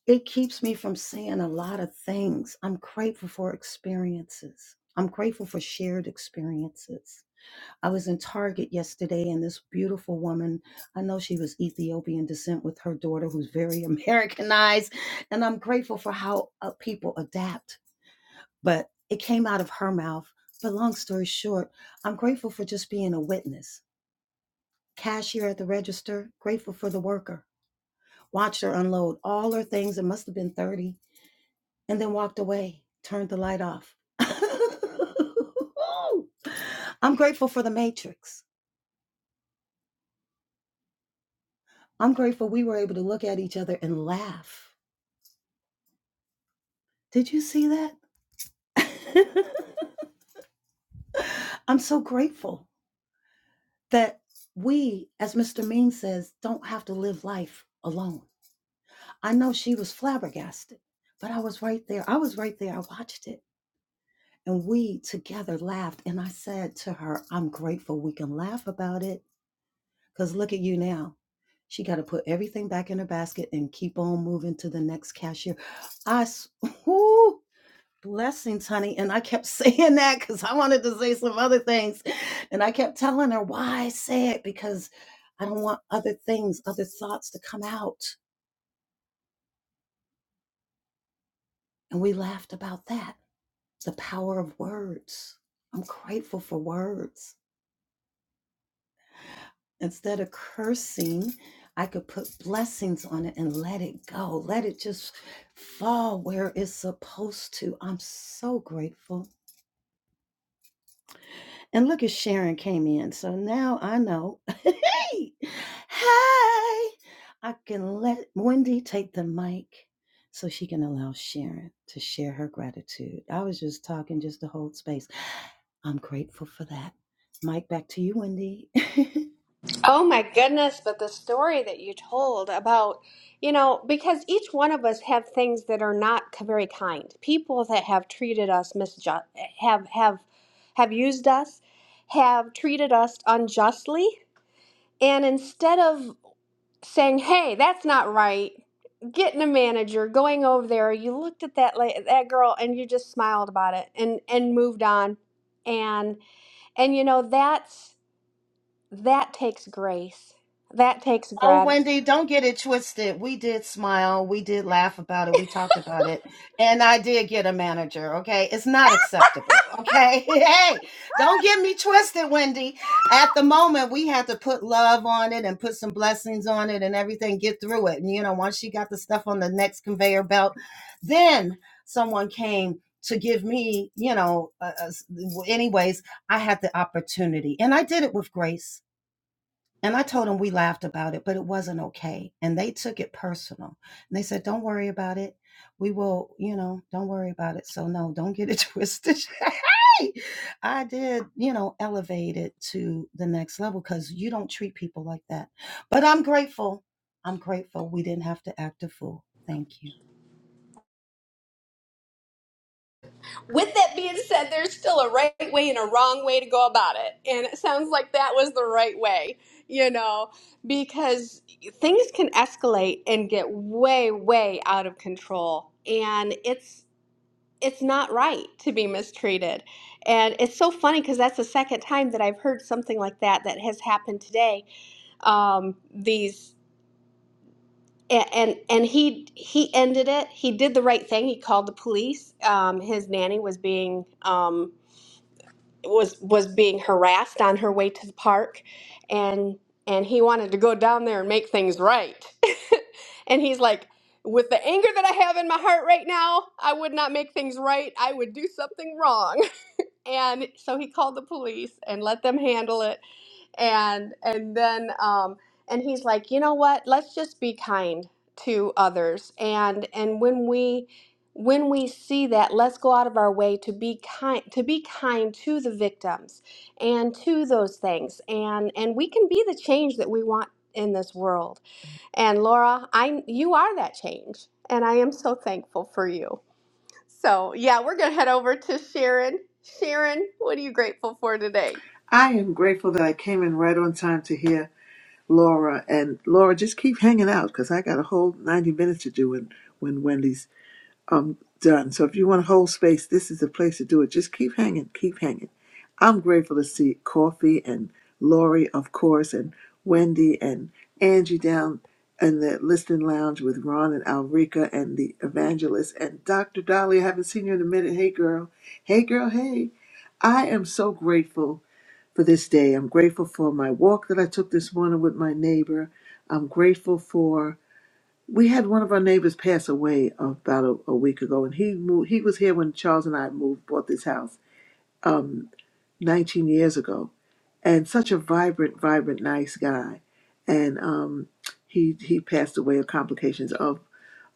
Speaker 1: it keeps me from saying a lot of things. I'm grateful for experiences. I'm grateful for shared experiences. I was in Target yesterday and this beautiful woman, I know she was Ethiopian descent with her daughter who's very (laughs) Americanized. And I'm grateful for how uh, people adapt but it came out of her mouth. But long story short, I'm grateful for just being a witness. Cashier at the register, grateful for the worker. Watched her unload all her things, it must have been 30, and then walked away, turned the light off. (laughs) I'm grateful for the matrix. I'm grateful we were able to look at each other and laugh. Did you see that? (laughs) I'm so grateful that we, as Mr. Ming says, don't have to live life alone. I know she was flabbergasted, but I was right there. I was right there. I watched it. And we together laughed. And I said to her, I'm grateful we can laugh about it because look at you now. She got to put everything back in her basket and keep on moving to the next cashier. I, s- (laughs) whoo, blessings, honey. And I kept (laughs) saying that because I wanted to say some other things. And I kept telling her why I say it because I don't want other things, other thoughts to come out. And we laughed about that. the power of words. I'm grateful for words. Instead of cursing, I could put blessings on it and let it go. Let it just fall where it's supposed to. I'm so grateful. And look at Sharon came in. So now I know. (laughs) hey, hey, I can let Wendy take the mic so she can allow Sharon to share her gratitude. I was just talking just to hold space. I'm grateful for that. Mike, back to you, Wendy. (laughs)
Speaker 11: Oh my goodness, but the story that you told about, you know, because each one of us have things that are not k- very kind. People that have treated us misjust have have have used us, have treated us unjustly, and instead of saying, "Hey, that's not right," getting a manager, going over there, you looked at that la- that girl and you just smiled about it and and moved on. And and you know, that's that takes grace. That takes
Speaker 1: Oh,
Speaker 11: gratitude.
Speaker 1: Wendy, don't get it twisted. We did smile. We did laugh about it. We talked about it. And I did get a manager. Okay. It's not acceptable. Okay. (laughs) Hey, don't get me twisted, Wendy. At the moment, we had to put love on it and put some blessings on it and everything, get through it. And, you know, once she got the stuff on the next conveyor belt, then someone came to give me, you know, uh, uh, anyways, I had the opportunity and I did it with grace. And I told them we laughed about it, but it wasn't okay. And they took it personal. And they said, don't worry about it. We will, you know, don't worry about it. So, no, don't get it (laughs) twisted. (laughs) I did, you know, elevate it to the next level because you don't treat people like that. But I'm grateful. I'm grateful we didn't have to act a fool. Thank you.
Speaker 11: With that being said, there's still a right way and a wrong way to go about it. And it sounds like that was the right way, you know, because things can escalate and get way, way out of control. And it's it's not right to be mistreated. And it's so funny because that's the second time that I've heard something like that that has happened today. Um, these and and, and he he ended it. He did the right thing. He called the police. Um, his nanny was being um, was was being harassed on her way to the park, and and he wanted to go down there and make things right. (laughs) and he's like, with the anger that I have in my heart right now, I would not make things right. I would do something wrong. (laughs) And so he called the police and let them handle it and and then um and he's like you know what let's just be kind to others and and when we when we see that let's go out of our way to be kind to be kind to the victims and to those things and and we can be the change that we want in this world and Laura, I you are that change, and I am so thankful for you. So yeah, we're gonna head over to Sharon. Sharon, what are you grateful for today?
Speaker 17: I am grateful that I came in right on time to hear Laura. And Laura, just keep hanging out because I got a whole 90 minutes to do when, when Wendy's um done. So if you want to hold space, this is the place to do it. Just keep hanging, keep hanging. I'm grateful to see Coffee and Lori, of course, and Wendy and Angie down in the listening lounge with Ron and Alrika and the evangelist and Dr. Dolly. I haven't seen you in a minute. Hey, girl. Hey, girl. Hey. I am so grateful for this day. I'm grateful for my walk that I took this morning with my neighbor. I'm grateful for we had one of our neighbors pass away about a, a week ago, and he moved, he was here when Charles and I moved bought this house um, 19 years ago, and such a vibrant, vibrant, nice guy, and um, he he passed away of complications of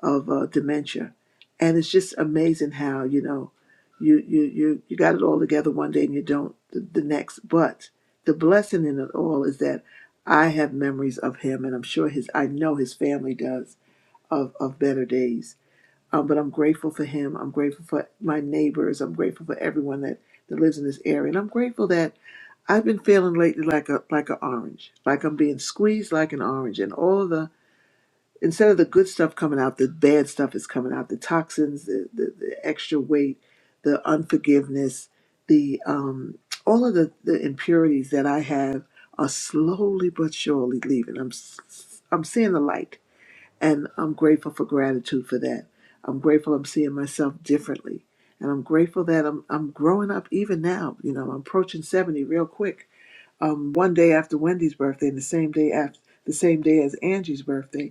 Speaker 17: of uh, dementia, and it's just amazing how you know you you you you got it all together one day and you don't the, the next. But the blessing in it all is that I have memories of him, and I'm sure his I know his family does of of better days. Um, but I'm grateful for him. I'm grateful for my neighbors. I'm grateful for everyone that that lives in this area, and I'm grateful that I've been feeling lately like a like an orange, like I'm being squeezed like an orange, and all the instead of the good stuff coming out, the bad stuff is coming out. The toxins, the, the, the extra weight, the unforgiveness, the um, all of the, the impurities that I have are slowly but surely leaving. I'm s- I'm seeing the light, and I'm grateful for gratitude for that. I'm grateful I'm seeing myself differently, and I'm grateful that I'm I'm growing up even now. You know, I'm approaching seventy real quick. Um, one day after Wendy's birthday, and the same day after the same day as Angie's birthday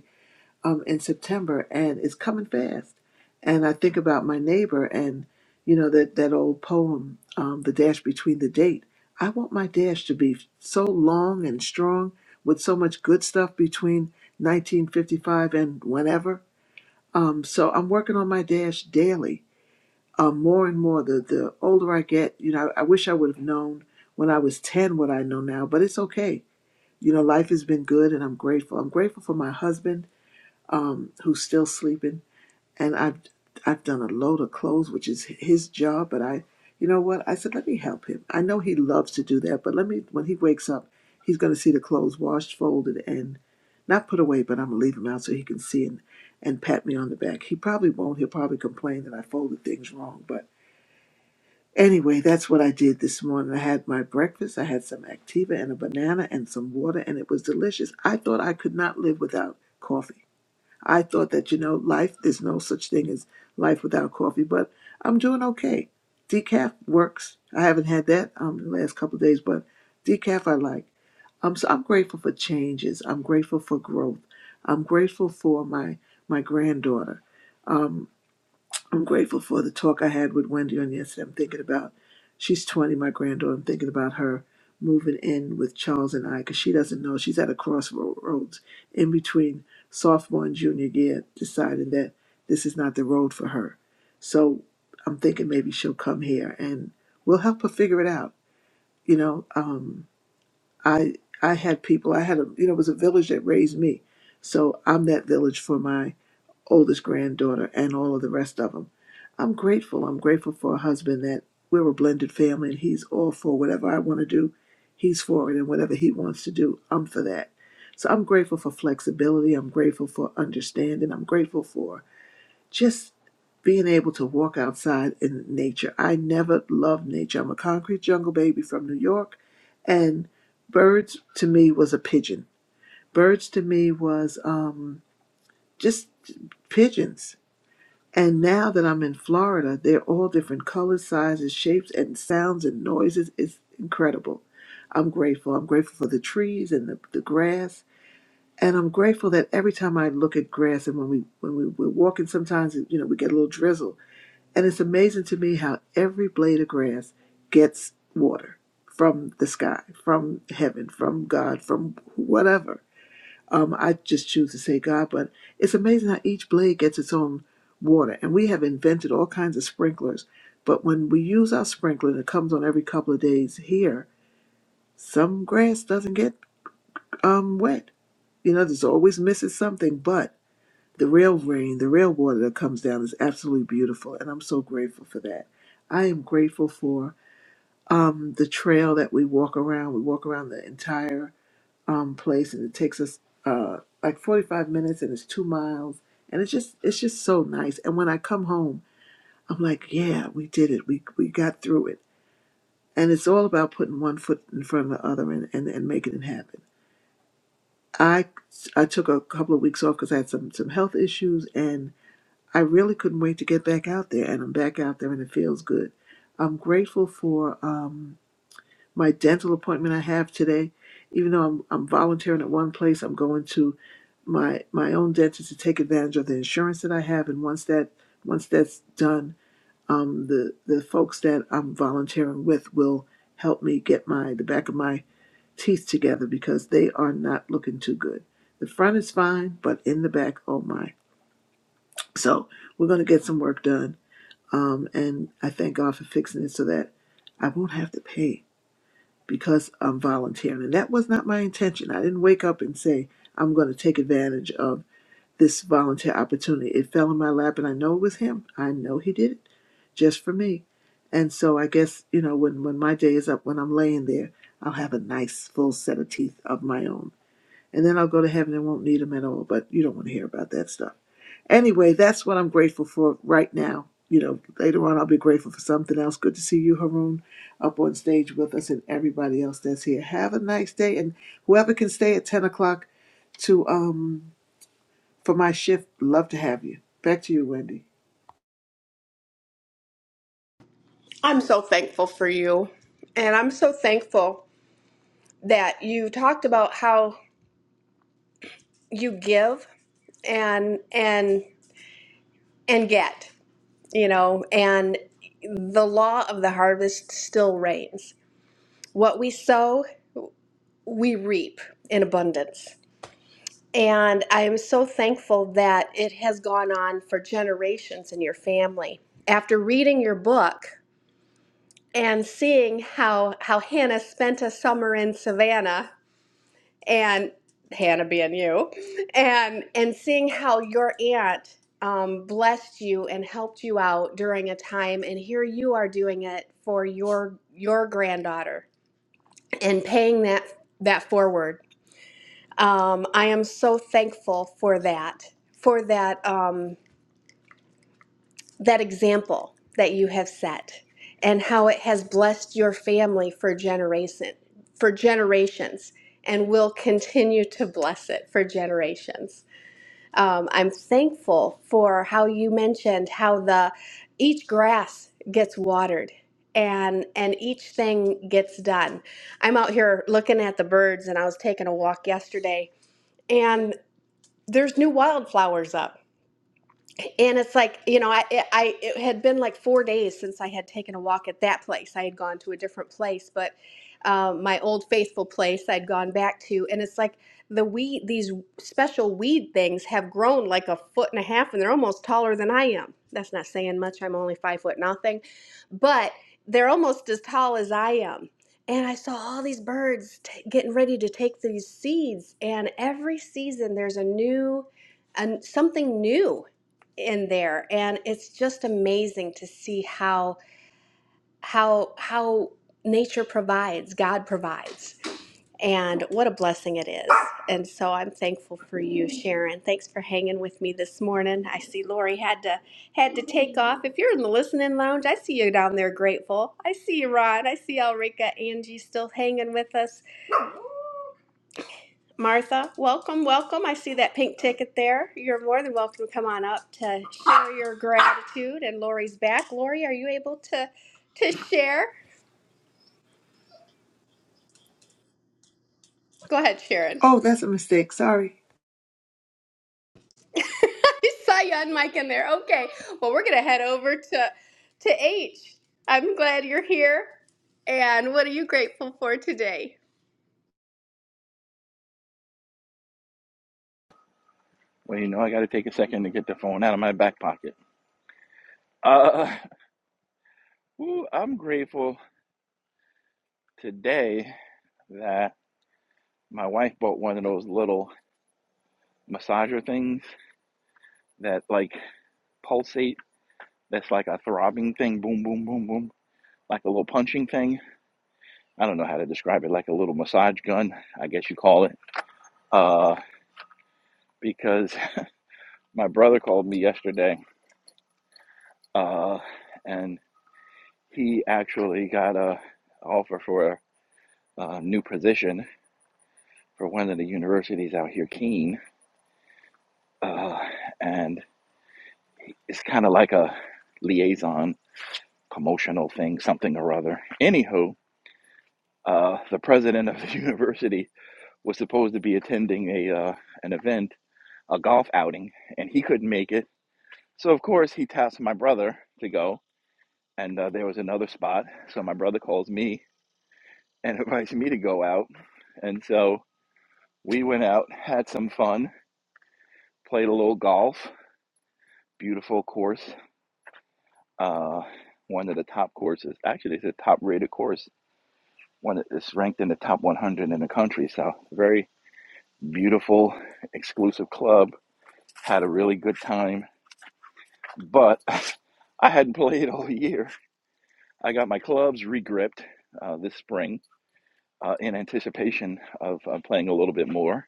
Speaker 17: um, in September, and it's coming fast. And I think about my neighbor, and you know that that old poem, um, "The Dash Between the Date." I want my dash to be so long and strong, with so much good stuff between 1955 and whenever. Um, so I'm working on my dash daily, um, more and more. The the older I get, you know, I wish I would have known when I was 10 what I know now, but it's okay. You know, life has been good, and I'm grateful. I'm grateful for my husband, um, who's still sleeping and I've I've done a load of clothes, which is his job. But I, you know what? I said, let me help him. I know he loves to do that, but let me. When he wakes up, he's going to see the clothes washed, folded, and not put away. But I'm gonna leave them out so he can see and and pat me on the back. He probably won't. He'll probably complain that I folded things wrong. But anyway, that's what I did this morning. I had my breakfast. I had some Activa and a banana and some water, and it was delicious. I thought I could not live without coffee. I thought that, you know, life, there's no such thing as life without coffee, but I'm doing okay. Decaf works. I haven't had that um, the last couple of days, but decaf I like. I'm, so, I'm grateful for changes. I'm grateful for growth. I'm grateful for my, my granddaughter. Um. I'm grateful for the talk I had with Wendy on yesterday. I'm thinking about, she's 20, my granddaughter. I'm thinking about her moving in with Charles and I because she doesn't know. She's at a crossroads in between sophomore and junior year, deciding that this is not the road for her. So I'm thinking maybe she'll come here and we'll help her figure it out. You know, um, I I had people, I had a, you know, it was a village that raised me. So I'm that village for my oldest granddaughter and all of the rest of them. I'm grateful. I'm grateful for a husband that we're a blended family and he's all for whatever I want to do, he's for it. And whatever he wants to do, I'm for that. So I'm grateful for flexibility. I'm grateful for understanding. I'm grateful for just being able to walk outside in nature. I never loved nature. I'm a concrete jungle baby from New York. And birds to me was a pigeon. Birds to me was um, just pigeons. And now that I'm in Florida, they're all different colors, sizes, shapes, and sounds and noises. It's incredible. I'm grateful. I'm grateful for the trees and the, the grass. And I'm grateful that every time I look at grass and when we when we, we're walking sometimes you know, we get a little drizzle. And it's amazing to me how every blade of grass gets water from the sky, from heaven, from God, from whatever um, I just choose to say God, but it's amazing how each blade gets its own water. And we have invented all kinds of sprinklers. But when we use our sprinkler and it comes on every couple of days here, some grass doesn't get um, wet. You know, there's always misses something, but the real rain, the real water that comes down is absolutely beautiful. And I'm so grateful for that. I am grateful for um, the trail that we walk around. We walk around the entire um, place, and it takes us uh, like 45 minutes, and it's two miles, and it's just it's just so nice. And when I come home, I'm like, yeah, we did it. We we got through it. And it's all about putting one foot in front of the other and and, and making it happen. I I took a couple of weeks off because I had some some health issues, and I really couldn't wait to get back out there. And I'm back out there, and it feels good. I'm grateful for. Um, my dental appointment I have today. Even though I'm, I'm volunteering at one place, I'm going to my my own dentist to take advantage of the insurance that I have. And once that once that's done, um, the the folks that I'm volunteering with will help me get my the back of my teeth together because they are not looking too good. The front is fine, but in the back, oh my! So we're gonna get some work done. Um, and I thank God for fixing it so that I won't have to pay because I'm volunteering. And that was not my intention. I didn't wake up and say, I'm going to take advantage of this volunteer opportunity. It fell in my lap, and I know it was him. I know he did it just for me. And so I guess, you know, when, when my day is up, when I'm laying there, I'll have a nice full set of teeth of my own and then I'll go to heaven and won't need them at all. But you don't want to hear about that stuff. Anyway, that's what I'm grateful for right now. You know, later on I'll be grateful for something else. Good to see you, Haroon, up on stage with us and everybody else that's here. Have a nice day, and whoever can stay at ten o'clock to um for my shift, love to have you. Back to you, Wendy.
Speaker 11: I'm so thankful for you. And I'm so thankful that you talked about how you give and and and get, you know, and the law of the harvest still reigns. What we sow, we reap in abundance. And I am so thankful that it has gone on for generations in your family. After reading your book and seeing how how Hannah spent a summer in Savannah, and Hannah being you, and and seeing how your aunt um, blessed you and helped you out during a time, and here you are doing it for your your granddaughter and paying that that forward. Um, I am so thankful for that for that um, that example that you have set and how it has blessed your family for generation for generations and will continue to bless it for generations. Um, I'm thankful for how you mentioned how the each grass gets watered and and each thing gets done. I'm out here looking at the birds and I was taking a walk yesterday and there's new wildflowers up and it's like you know i it- i it had been like four days since i had taken a walk at that place i had gone to a different place but um, my old faithful place i'd gone back to and it's like the weed these special weed things have grown like a foot and a half and they're almost taller than i am that's not saying much i'm only five foot nothing but they're almost as tall as i am and i saw all these birds t- getting ready to take these seeds and every season there's a new and something new in there and it's just amazing to see how how how nature provides god provides and what a blessing it is and so i'm thankful for you sharon thanks for hanging with me this morning i see lori had to had to take off if you're in the listening lounge i see you down there grateful i see you ron i see elrica angie still hanging with us Martha, welcome, welcome. I see that pink ticket there. You're more than welcome to come on up to share your gratitude. And Lori's back. Lori, are you able to to share? Go ahead, Sharon.
Speaker 17: Oh, that's a mistake. Sorry.
Speaker 11: (laughs) I saw you on mic in there. Okay. Well, we're gonna head over to to H. I'm glad you're here. And what are you grateful for today?
Speaker 18: Well, you know, I got to take a second to get the phone out of my back pocket. Uh, whew, I'm grateful today that my wife bought one of those little massager things that like pulsate. That's like a throbbing thing. Boom, boom, boom, boom. Like a little punching thing. I don't know how to describe it. Like a little massage gun, I guess you call it. Uh, because my brother called me yesterday, uh, and he actually got a offer for a, a new position for one of the universities out here, Keene, uh, and it's kind of like a liaison promotional thing, something or other. Anywho, uh, the president of the (laughs) university was supposed to be attending a uh, an event, a golf outing, and he couldn't make it. So of course he tasked my brother to go, and uh, there was another spot. So my brother calls me and (laughs) invites me to go out, and so we went out, had some fun, played a little golf, beautiful course, uh, one of the top courses. Actually, it's a top rated course. One that's ranked in the top 100 in the country. So, very beautiful, exclusive club. Had a really good time, but (laughs) I hadn't played all year. I got my clubs regripped uh, this spring uh, in anticipation of uh, playing a little bit more.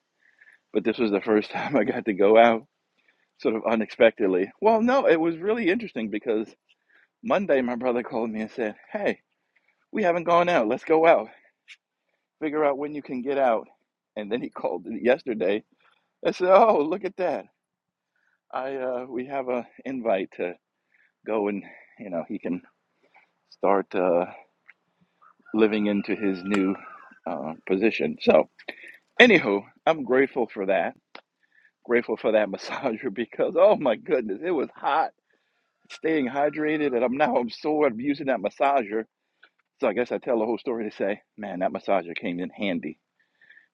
Speaker 18: But this was the first (laughs) time I got to go out sort of unexpectedly. Well, no, it was really interesting because Monday my brother called me and said, Hey, we haven't gone out. Let's go out. Figure out when you can get out. And then he (laughs) called yesterday. I said, "Oh, look at that! I uh, we have an invite to go and you know he can start uh, living into his new uh, position." So, anywho, I'm grateful for that. Grateful for that (laughs) massager because oh my goodness, it was hot. Staying hydrated, and I'm now I'm sore. I'm using that massager. So I guess I tell the whole story to say, man, that massager came in handy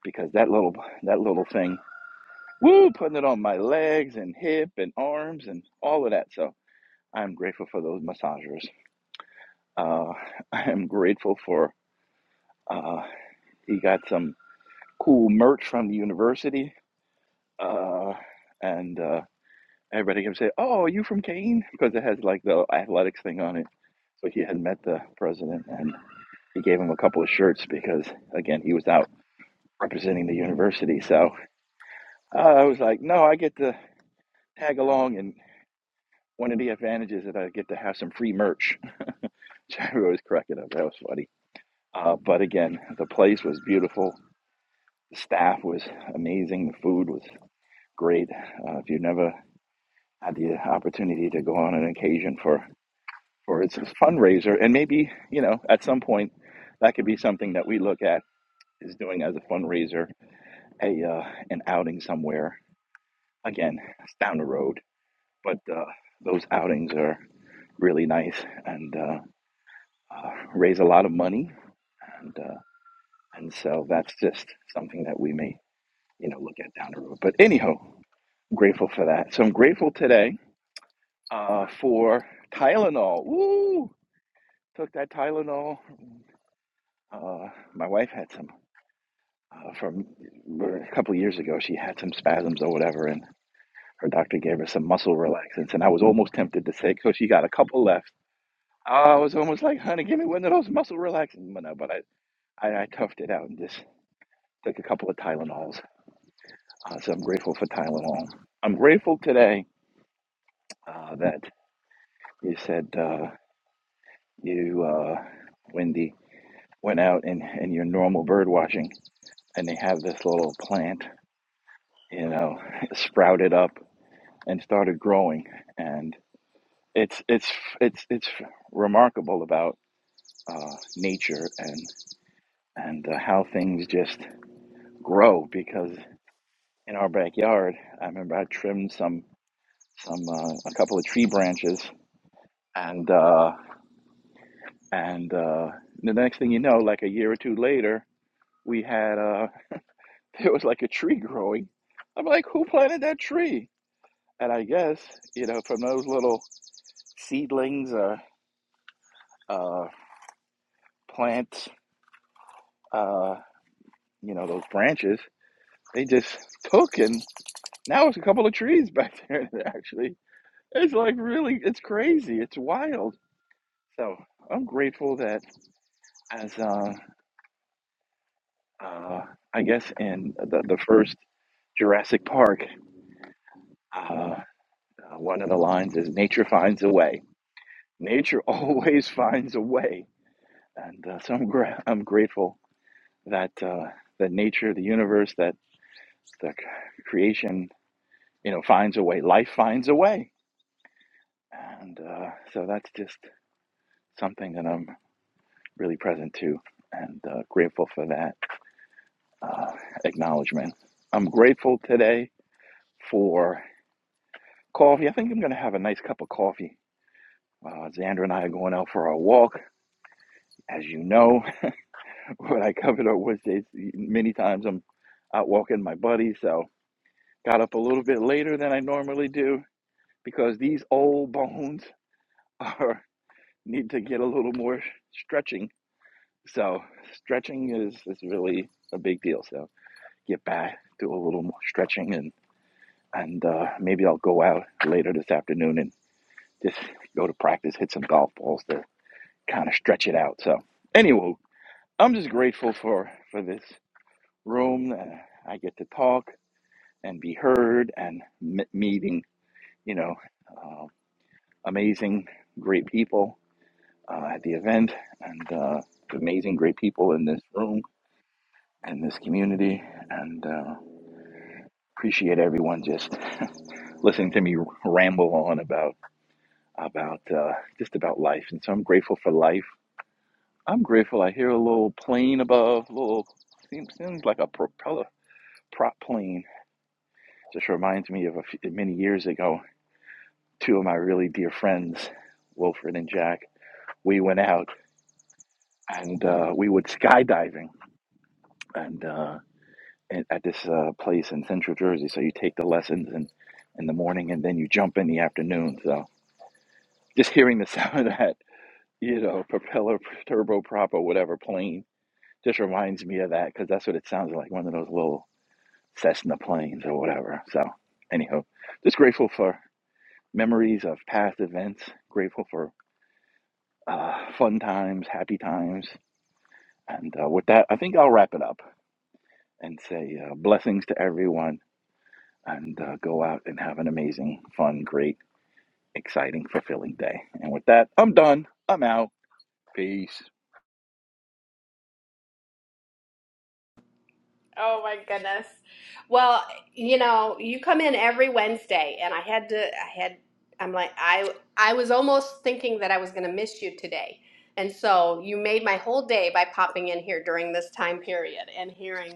Speaker 18: because that little that little thing Woo, putting it on my legs and hip and arms and all of that. So I'm grateful for those massagers. Uh, (laughs) I am grateful for uh, he got some cool merch from the university. Uh, and uh, everybody can say, Oh, are you from Kane? Because it has like the athletics thing on it. So he had met the president and he gave him a couple of shirts because, again, he was out representing the university. So uh, I was like, No, I get to tag along and one of the advantages is that I get to have some free merch. (laughs) So I was cracking up. That was funny. Uh, but again, the place was beautiful. The staff was amazing. The food was great. Uh, if you never had the opportunity to go on an occasion for for its fundraiser, and maybe you know at some point that could be something that we look at is doing as a fundraiser, a uh, an outing somewhere. Again, it's down the road, but uh, those outings are really nice and uh, uh, raise a lot of money and uh, and so that's just something that we may you know look at down the road. But anyhow, I'm grateful for that. So I'm grateful today uh, for Tylenol. Woo! Took that Tylenol. Uh, my wife had some uh, from a couple of years ago. She had some spasms or whatever, and her doctor gave her some muscle relaxants. And I was almost tempted to say, "So she got a couple left." I was almost like, "Honey, give me one of those muscle relaxants," but no, but I, I, I toughed it out and just took a couple of Tylenols Uh, so I'm grateful for Tyler Long. I'm grateful today uh, that you said uh, you, uh, Wendy, went out in, in your normal bird watching and they have this little plant, you know, (laughs) sprouted up and started growing. And it's, it's, it's, it's remarkable about uh, nature and, and uh, how things just grow because in our backyard, I remember I trimmed some, some, uh, a couple of tree branches and, uh, And uh, the next thing you know, like a year or two later, we had uh, (laughs) there was like a tree growing. I'm like, who planted that tree? And I guess you know from those little seedlings or uh, uh, plants, uh, you know those branches, they just took, and now it's a couple of trees (laughs) back there. Actually, it's like really, it's crazy, it's wild. So I'm grateful that as uh, uh, I guess in the, the first Jurassic Park. Uh, Uh, one of the lines is nature finds a way. Nature (laughs) always finds a way. And uh, so I'm, gra- I'm grateful that uh, that nature, the universe, that the c- creation, you know, finds a way. Life finds a way. And uh, so that's just something that I'm really present to and uh, grateful for that uh, acknowledgement. I'm grateful today for coffee. I think I'm going to have a nice cup of coffee. Uh, Xandra and I are going out for our walk, as you know. (laughs) what I covered on Wednesdays many times. I'm out walking my buddy, so got up a little bit later than I normally do because these old bones (laughs) are need to get a little more stretching. So stretching is is really a big deal. So get back, do a little more stretching, and and uh, maybe I'll go out later this afternoon and just go to practice, hit some golf balls to kind of stretch it out. So anyway, I'm just grateful for for this room. Uh, I get to talk. and be heard and m- meeting, you know, uh, amazing, great people uh, at the event and uh, amazing, great people in this room and this community. And uh, appreciate everyone just (laughs) listening to me ramble on about about uh, just about life. And so I'm grateful for life. I'm grateful. I hear a little plane above, a little seems, seems like a propeller prop plane. Just reminds me of a few, many years ago. two of my really dear friends, Wilfred and Jack, we went out and uh, we went skydiving and uh, at this uh, place in Central Jersey. So you take the lessons in, in the morning and then you jump in the afternoon. So just hearing the (laughs) sound of that, you know, propeller, turboprop, or whatever plane just reminds me of that because that's what it sounds like one of those little Cessna planes or whatever. So, anyhow, just grateful for memories of past events, grateful for uh, fun times, happy times. And uh, with that, I think I'll wrap it up and say uh, blessings to everyone and uh, go out and have an amazing, fun, great, exciting, fulfilling day. And with that, I'm done. I'm out. Peace.
Speaker 11: Oh my goodness. Well, you know, you come in every Wednesday and I had to I had I'm like I I was almost thinking that I was going to miss you today. And so you made my whole day by popping in here during this time period and hearing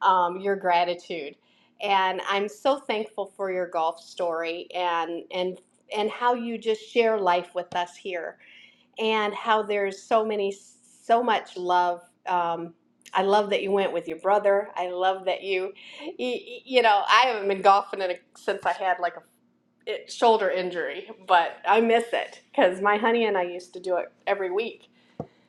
Speaker 11: um, your gratitude. And I'm so thankful for your golf story and and and how you just share life with us here and how there's so many so much love um, i love that you went with your brother i love that you you, you know i haven't been golfing in a, since i had like a it, shoulder injury but i miss it because my honey and i used to do it every week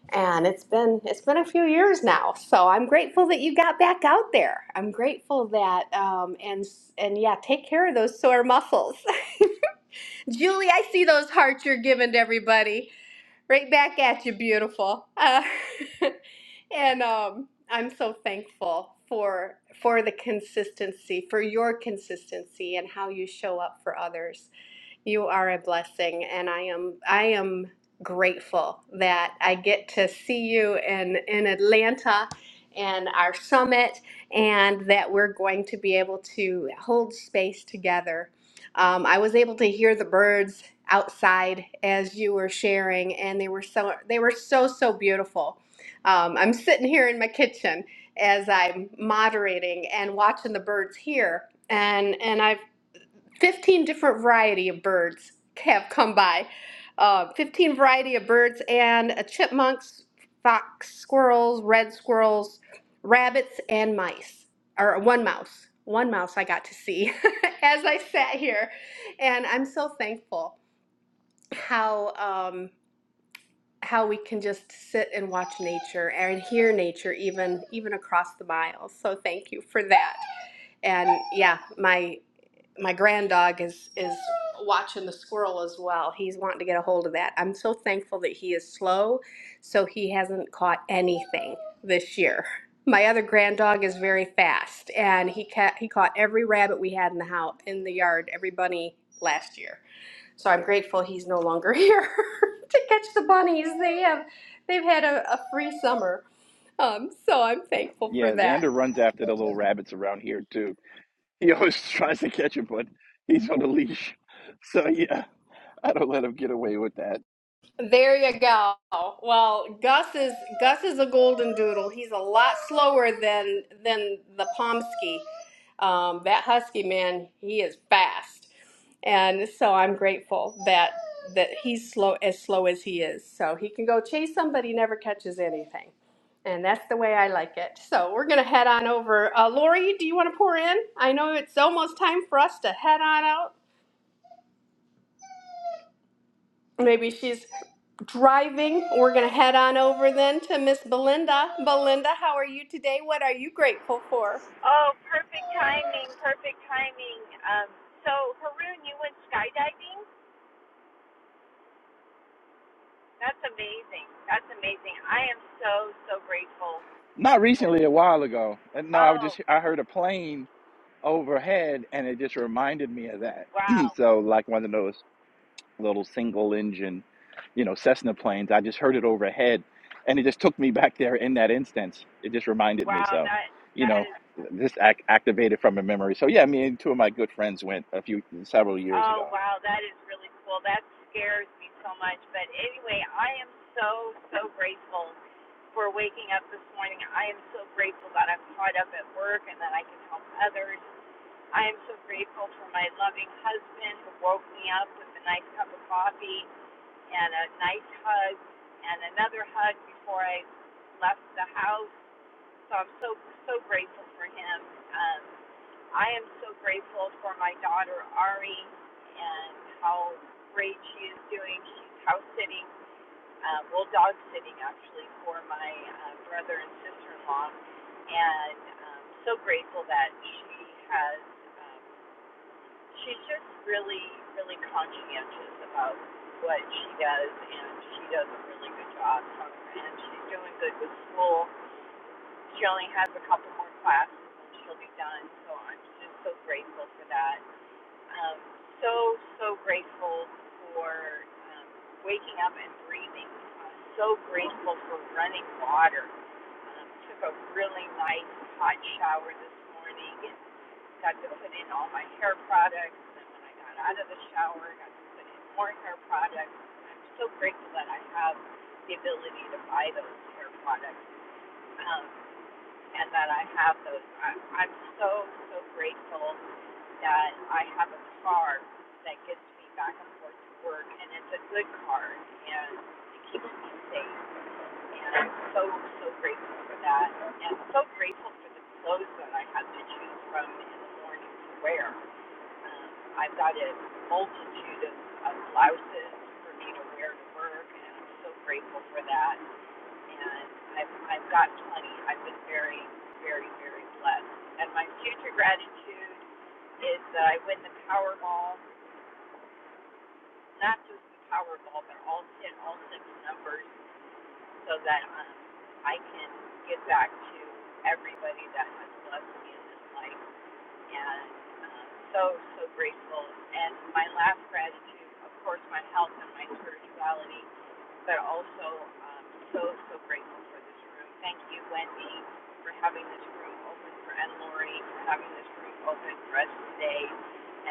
Speaker 11: and it's been it's been a few years now so i'm grateful that you got back out there i'm grateful that um, and and yeah take care of those sore muscles (laughs) julie i see those hearts you're giving to everybody right back at you, beautiful. Uh, (laughs) and um, I'm so thankful for for the consistency, for your consistency, and how you show up for others. You are a blessing, and I am I am grateful that I get to see you in in Atlanta and our summit, and that we're going to be able to hold space together. Um, I was able to hear the birds outside as you were sharing, and they were so they were so so beautiful. Um, I'm sitting here in my kitchen as I'm moderating and watching the birds here, and and I 15 different variety of birds have come by uh, 15 variety of birds and uh, chipmunks fox squirrels red squirrels rabbits and mice or one mouse one mouse i got to see (laughs) as i sat here and i'm so thankful how um, how we can just sit and watch nature and hear nature even even across the miles so thank you for that and yeah, my my grand dog is is watching the squirrel as well. He's wanting to get a hold of that. I'm so thankful that he is slow, so he hasn't caught anything this year. My other grand dog is very fast, and he ca- he caught every rabbit we had in the house in the yard, every bunny last year. So I'm grateful he's no longer (laughs) here to catch the bunnies. They have they've had a, a free summer, um, so I'm thankful for
Speaker 18: Yeah,
Speaker 11: that.
Speaker 18: Xander runs after the little rabbits around here, too. He always (laughs) tries to catch him, but he's on a leash. So, yeah, I don't let him get away with that.
Speaker 11: There you go. Well, Gus is Gus is a golden doodle. He's a lot slower than than the Pomsky. Um, that husky man, he is fast, and so I'm grateful that that he's slow as slow as he is. So he can go chase somebody, never catches anything, and that's the way I like it. So we're gonna head on over. Uh, Lori, do you want to pour in? I know it's almost time for us to head on out. Maybe she's driving. We're going to head on over then to Miss Belinda. Belinda, how are you today? What are you grateful for?
Speaker 19: Oh, perfect timing, perfect timing. Um, so, Haroon, you went skydiving? That's amazing. That's amazing. I am so, so grateful.
Speaker 18: Not
Speaker 19: For,
Speaker 18: recently, a while ago. And no, I was
Speaker 19: oh,
Speaker 18: just, I heard a plane overhead and it just reminded me of that (clears throat)
Speaker 19: wow.
Speaker 18: so like one of those little single engine you know cessna planes i just heard it overhead and it just took me back there in that instance it just reminded me
Speaker 19: Wow,
Speaker 18: so
Speaker 19: that,
Speaker 18: you
Speaker 19: that
Speaker 18: know
Speaker 19: is,
Speaker 18: this act activated from a memory so yeah me and two of my good friends went a few several years ago
Speaker 19: oh, wow, that is really cool. That scares me so much. But anyway, I am so, so grateful for waking up this morning. I am so grateful that I'm caught up at work and that I can help others. I am so grateful for my loving husband who woke me up with a nice cup of coffee and a nice hug and another hug before I left the house. So I'm so so grateful for him. Um, I am so grateful for my daughter Ari and how great she is doing. She's house sitting, uh, well, dog sitting actually for my uh, brother and sister in law, and I'm um, so grateful that she has. Um, She's just really, really conscientious about what she does, and she does a really good job. um, And she's doing good with school. She only has a couple more classes, and she'll be done. So I'm just so grateful for that. Um, so, so grateful for um, waking up and breathing. I'm so grateful for running water. Um, took a really nice hot shower this morning, and got to put in all my hair products. And when I got out of the shower, I got to put in more hair products. I'm so grateful that I have the ability to buy those hair products um, and that I have those. I, I'm so, so grateful that I have a car that gets me back and forth to work, and it's a good car, and it keeps me safe. And I'm so, so grateful for that, and so grateful for the clothes that I have to choose from in the morning to wear. I've got a multitude of, of blouses for me to wear to work, and I'm so grateful for that. And I've, I've got plenty. I've been very, very, very blessed. And my future gratitude is that I win the Powerball, not just the Powerball, but all hit all six numbers, so that um, I can give back to everybody that has blessed me in this life. and um, so so grateful. And my last gratitude, of course, my health and my spirituality, but also um, so so grateful for this room. Thank you, Wendy, for having this room open for and Lori for having this room open for us today,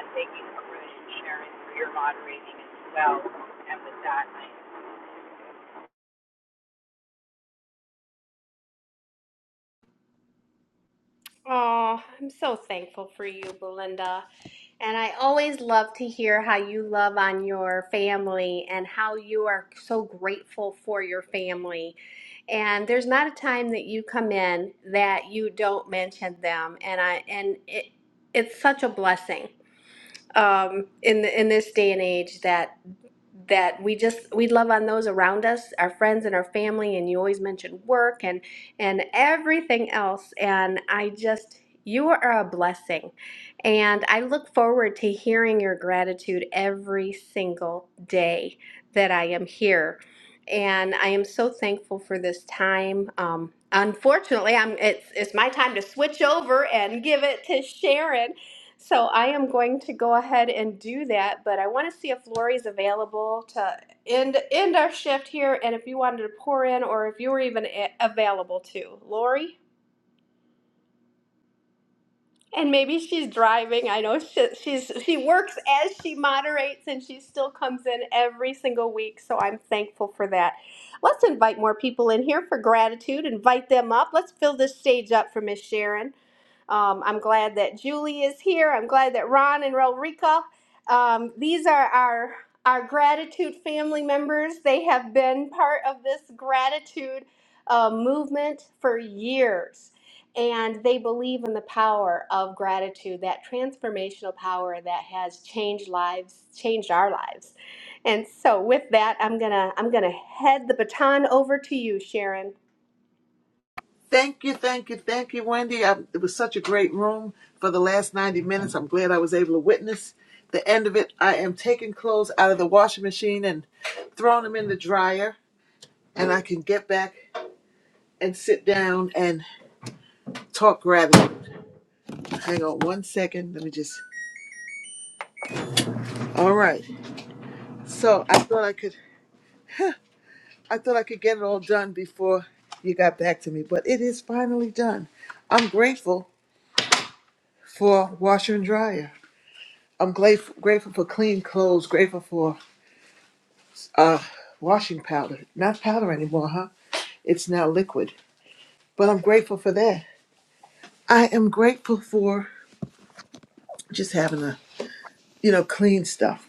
Speaker 19: and thank you, Haroon and Sharon, for your moderating as well. And with that, I
Speaker 11: Oh, I'm so thankful for you, Belinda. And I always love to hear how you love on your family and how you are so grateful for your family. And there's not a time that you come in that you don't mention them. And I and it, it's such a blessing um, in the, in this day and age that. that we just we love on those around us our friends and our family and you always mention work and and everything else and i just you are a blessing and i look forward to hearing your gratitude every single day that i am here and i am so thankful for this time um, unfortunately i'm it's it's my time to switch over and give it to sharon so I am going to go ahead and do that, but I want to see if Lori's available to end end our shift here, and if you wanted to pour in, or if you were even a- available to Lori. And maybe she's driving. I know she, she's she works as she moderates, and she still comes in every single week. So I'm thankful for that. Let's invite more people in here for gratitude. Invite them up. Let's fill this stage up for Miss Sharon. Um, I'm glad that Julie is here. I'm glad that Ron and Rolrika. Um, these are our our gratitude family members. They have been part of this gratitude uh, movement for years, and they believe in the power of gratitude, that transformational power that has changed lives, changed our lives. And so, with that, I'm gonna I'm gonna head the baton over to you, Sharon.
Speaker 17: Thank you, thank you, thank you, Wendy. I, it was such a great room for the last 90 minutes. I'm glad I was able to witness the end of it. I am taking clothes out of the washing machine and throwing them in the dryer, and I can get back and sit down and talk gratitude. Hang on one second. Let me just. All right. So I thought I could. I thought I could get it all done before you got back to me, but it is finally done. I'm grateful for washer and dryer. I'm grateful, grateful for clean clothes. Grateful for Uh, washing powder. Not powder anymore, huh? It's now liquid. But I'm grateful for that. I am grateful for just having a, you know, clean stuff.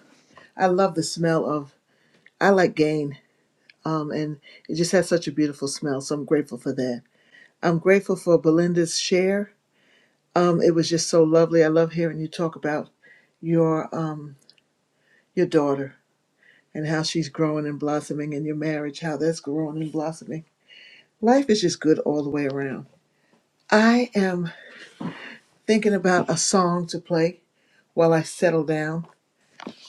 Speaker 17: I love the smell of, I like Gain. Um, and it just has such a beautiful smell. So I'm grateful for that. I'm grateful for Belinda's share. Um, it was just so lovely. I love hearing you talk about your, um, your daughter and how she's growing and blossoming and your marriage, how that's growing and blossoming. Life is just good all the way around. I am thinking about a song to play while I settle down.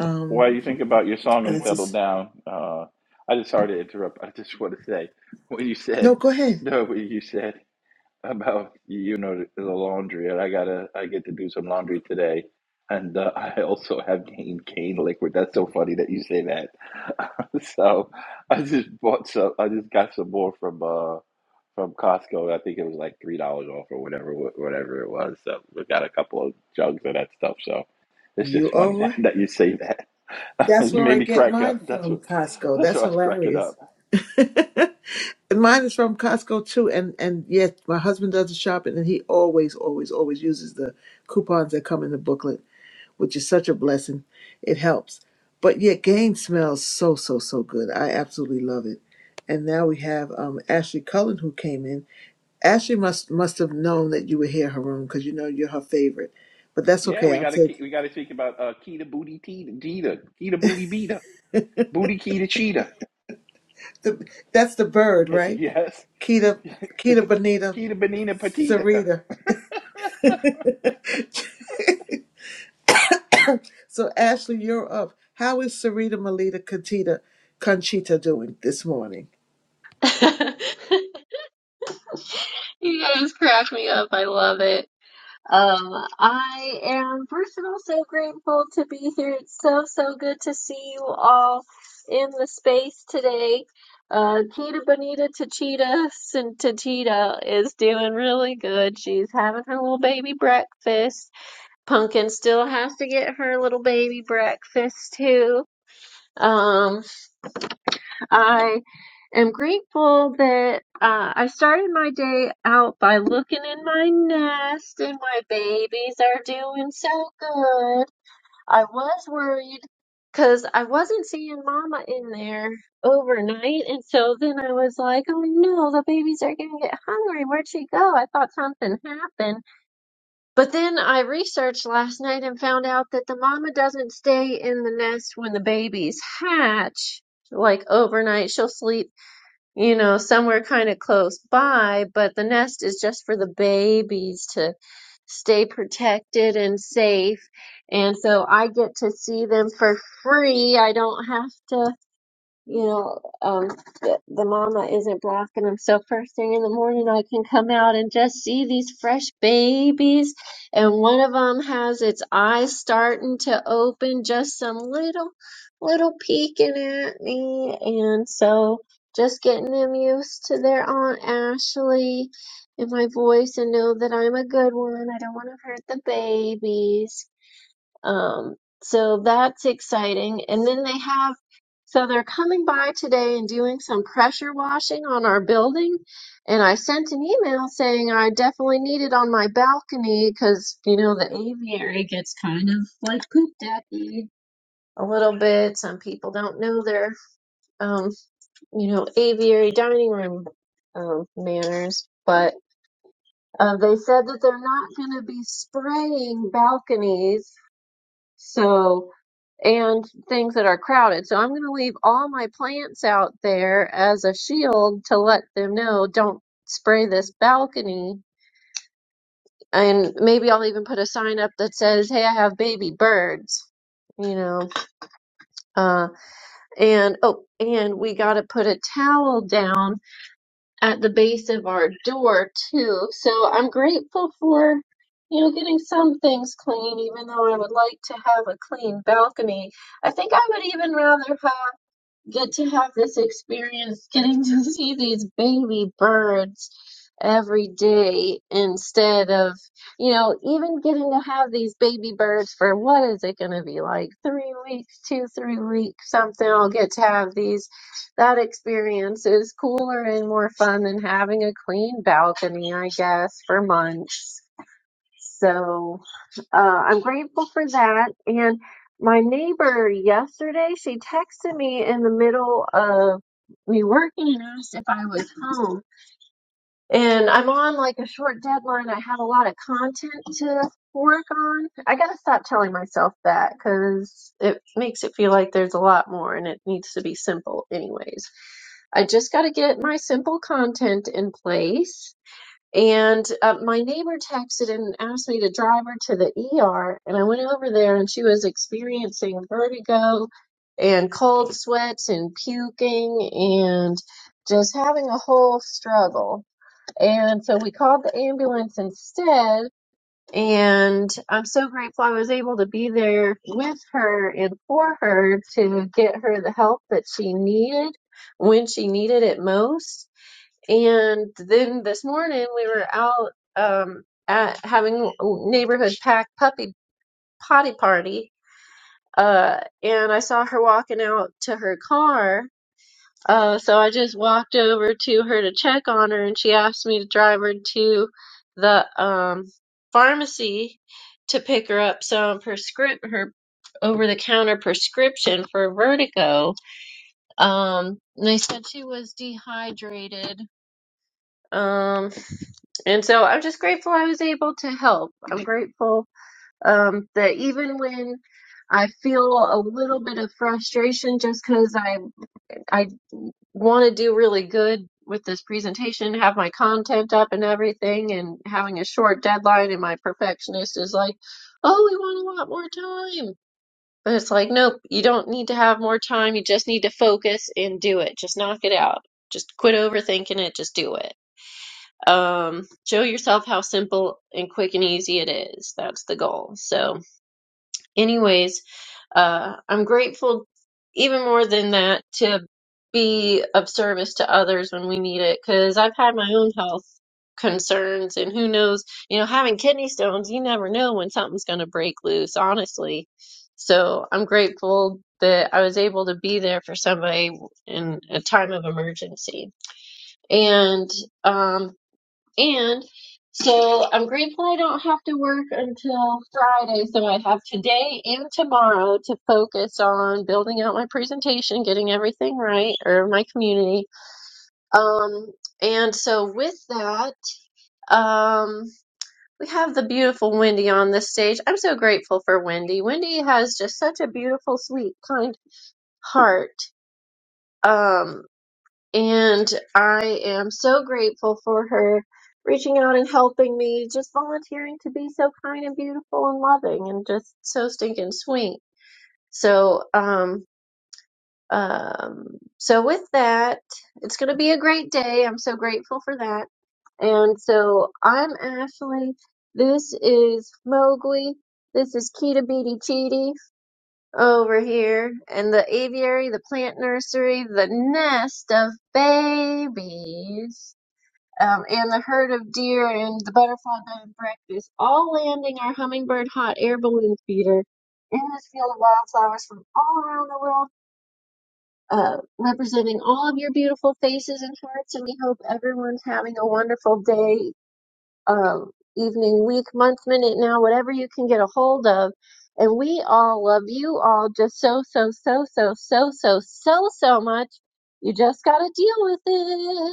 Speaker 17: Um,
Speaker 18: while you think about your song
Speaker 17: and
Speaker 18: and
Speaker 17: it's
Speaker 18: settle
Speaker 17: just,
Speaker 18: down uh i just sorry to interrupt i just want to say when you said
Speaker 17: no, go
Speaker 18: (laughs)
Speaker 17: ahead.
Speaker 18: no when you said (laughs) How about you know the laundry and i gotta i get to do some laundry today and uh, (laughs) i also have cane cane liquid that's so funny that you say that (laughs) so i just bought some i just got some more from uh from costco i think it was like three dollars off or whatever wh- whatever it was so we got a couple of jugs of that stuff so it's just
Speaker 17: You are
Speaker 18: funny (laughs) that,
Speaker 17: right.
Speaker 18: that you say that (laughs)
Speaker 17: That's
Speaker 18: you
Speaker 17: where
Speaker 18: made
Speaker 17: I
Speaker 18: me
Speaker 17: get
Speaker 18: crack up
Speaker 17: mine
Speaker 18: that's
Speaker 17: from,
Speaker 18: what
Speaker 17: Costco.
Speaker 18: that's
Speaker 17: That's
Speaker 18: what i was cracking up
Speaker 17: hilarious. (laughs) and mine is from Costco too. And and yet my husband does the shopping, and he always, always, always uses the coupons that come in the booklet, which is such a blessing. It helps. But yet, Gain smells so, so, so good. I absolutely love it. And now we have um, Ashley Cullen who came in. Ashley must must have known that you were here, Haroon, because you know you're her favorite. But that's
Speaker 18: yeah
Speaker 17: okay.
Speaker 18: we
Speaker 17: I'll
Speaker 18: gotta
Speaker 17: take
Speaker 18: ke- we gotta speak about uh keto booty tea Gita, keto booty beta Booty Key the Cheetah.
Speaker 17: the that's the bird,
Speaker 18: (laughs)
Speaker 17: right?
Speaker 18: Yes.
Speaker 17: Kita,
Speaker 18: (laughs)
Speaker 17: Kita, Bonita,
Speaker 18: Key the Benina Petita.
Speaker 17: Sarita. (laughs) so Ashley, you're up. How is Sarita Melita Conchita Conchita doing this morning?
Speaker 20: (laughs) You guys crack me up. I love it. Um, I am first and also grateful to be here. It's so, so good to see you all in the space today. Uh, Kita Bonita Tachita Tachita is doing really good. She's having her little baby breakfast. Pumpkin still has to get her little baby breakfast too. Um, I am grateful that uh, I started my day out by looking in my nest and my babies are doing so good. I was worried because I wasn't seeing Mama in there overnight. And so then I was like, oh no, the babies are going to get hungry. Where'd she go? I thought something happened. But then I researched last night and found out that the mama doesn't stay in the nest when the babies hatch like overnight. She'll sleep you know, somewhere kind of close by, but the nest is just for the babies to stay protected and safe. And so I get to see them for free. I don't have to you know, um, the, the mama isn't blocking them. So first thing in the morning, I can come out and just see these fresh babies, and one of them has its eyes starting to open, just some little, little peeking at me, and so just getting them used to their Aunt Ashley and my voice, and know that I'm a good one. I don't want to hurt the babies um, so that's exciting. And then they have, so they're coming by today and doing some pressure washing on our building. And I sent an email saying I definitely need it on my balcony because, you know, the aviary gets kind of like pooped at a little bit. Some people don't know their, um, you know, aviary dining room um, manners. But uh, they said that they're not going to be spraying balconies. So, and things that are crowded. So I'm going to leave all my plants out there as a shield to let them know don't spray this balcony. And maybe I'll even put a sign up that says, hey, I have baby birds. You know, uh, and oh, and we got to put a towel down at the base of our door too. So I'm grateful for, you know, getting some things clean, even though I would like to have a clean balcony. I think I would even rather have Get to have this experience getting to (laughs) see these baby birds every day instead of you know even getting to have these baby birds for what is it going to be like three weeks two three weeks something i'll get to have these that experience is cooler and more fun than having a clean balcony i guess for months so uh, I'm grateful for that. And my neighbor yesterday, she texted me in the middle of me working and asked if I was home. And I'm on like a short deadline. I have a lot of content to work on. I got to stop telling myself that because it makes it feel like there's a lot more and it needs to be simple, anyways. I just got to get my simple content in place and uh, my neighbor texted and asked me to drive her to the ER. And I went over there and she was experiencing vertigo and cold sweats and puking and just having a whole struggle. And so we called the ambulance instead. And I'm so grateful I was able to be there with her and for her to get her the help that she needed when she needed it most and then this morning we were out um, at having neighborhood pack puppy potty party, uh, and I saw her walking out to her car. Uh, so I just walked over to her to check on her, and she asked me to drive her to the um, pharmacy to pick her up some prescrip her over-the-counter prescription for vertigo. Um, and they said she was dehydrated. Um, And so I'm just grateful I was able to help. I'm grateful um, that even when I feel a little bit of frustration just because I I want to do really good with this presentation, have my content up and everything, and having a short deadline, and my perfectionist is like, "Oh, we want a lot more time." But it's like, nope, you don't need to have more time. You just need to focus and do it. Just knock it out. Just quit overthinking it. Just do it um, show yourself how simple and quick and easy it is. That's the goal. So, anyways, uh, I'm grateful even more than that to be of service to others when we need it because I've had my own health concerns and who knows, you know, having kidney stones, you never know when something's going to break loose, honestly. So, I'm grateful that I was able to be there for somebody in a time of emergency. And, um. And so I'm grateful I don't have to work until Friday. So I have today and tomorrow to focus on building out my presentation, getting everything right, or my community. Um, and so with that, um, we have the beautiful Wendy on this stage. I'm so grateful for Wendy. Wendy has just such a beautiful, sweet, kind heart. Um, And I am so grateful for her reaching out and helping me, just volunteering to be so kind and beautiful and loving and just so stinking sweet. So, um, um, so with that, it's going to be a great day. I'm so grateful for that. And so I'm Ashley. This is Mowgli. This is Kita Beatty over here and the aviary, the plant nursery, the nest of babies, um, and the herd of deer and the butterfly bed and breakfast, all landing our hummingbird hot air balloon feeder in this field of wildflowers from all around the world, uh, representing all of your beautiful faces and hearts. And we hope everyone's having a wonderful day um, evening, week, month, minute, now, whatever you can get a hold of. And we all love you all just so, so, so, so, so, so, so, so much. You just got to deal with it.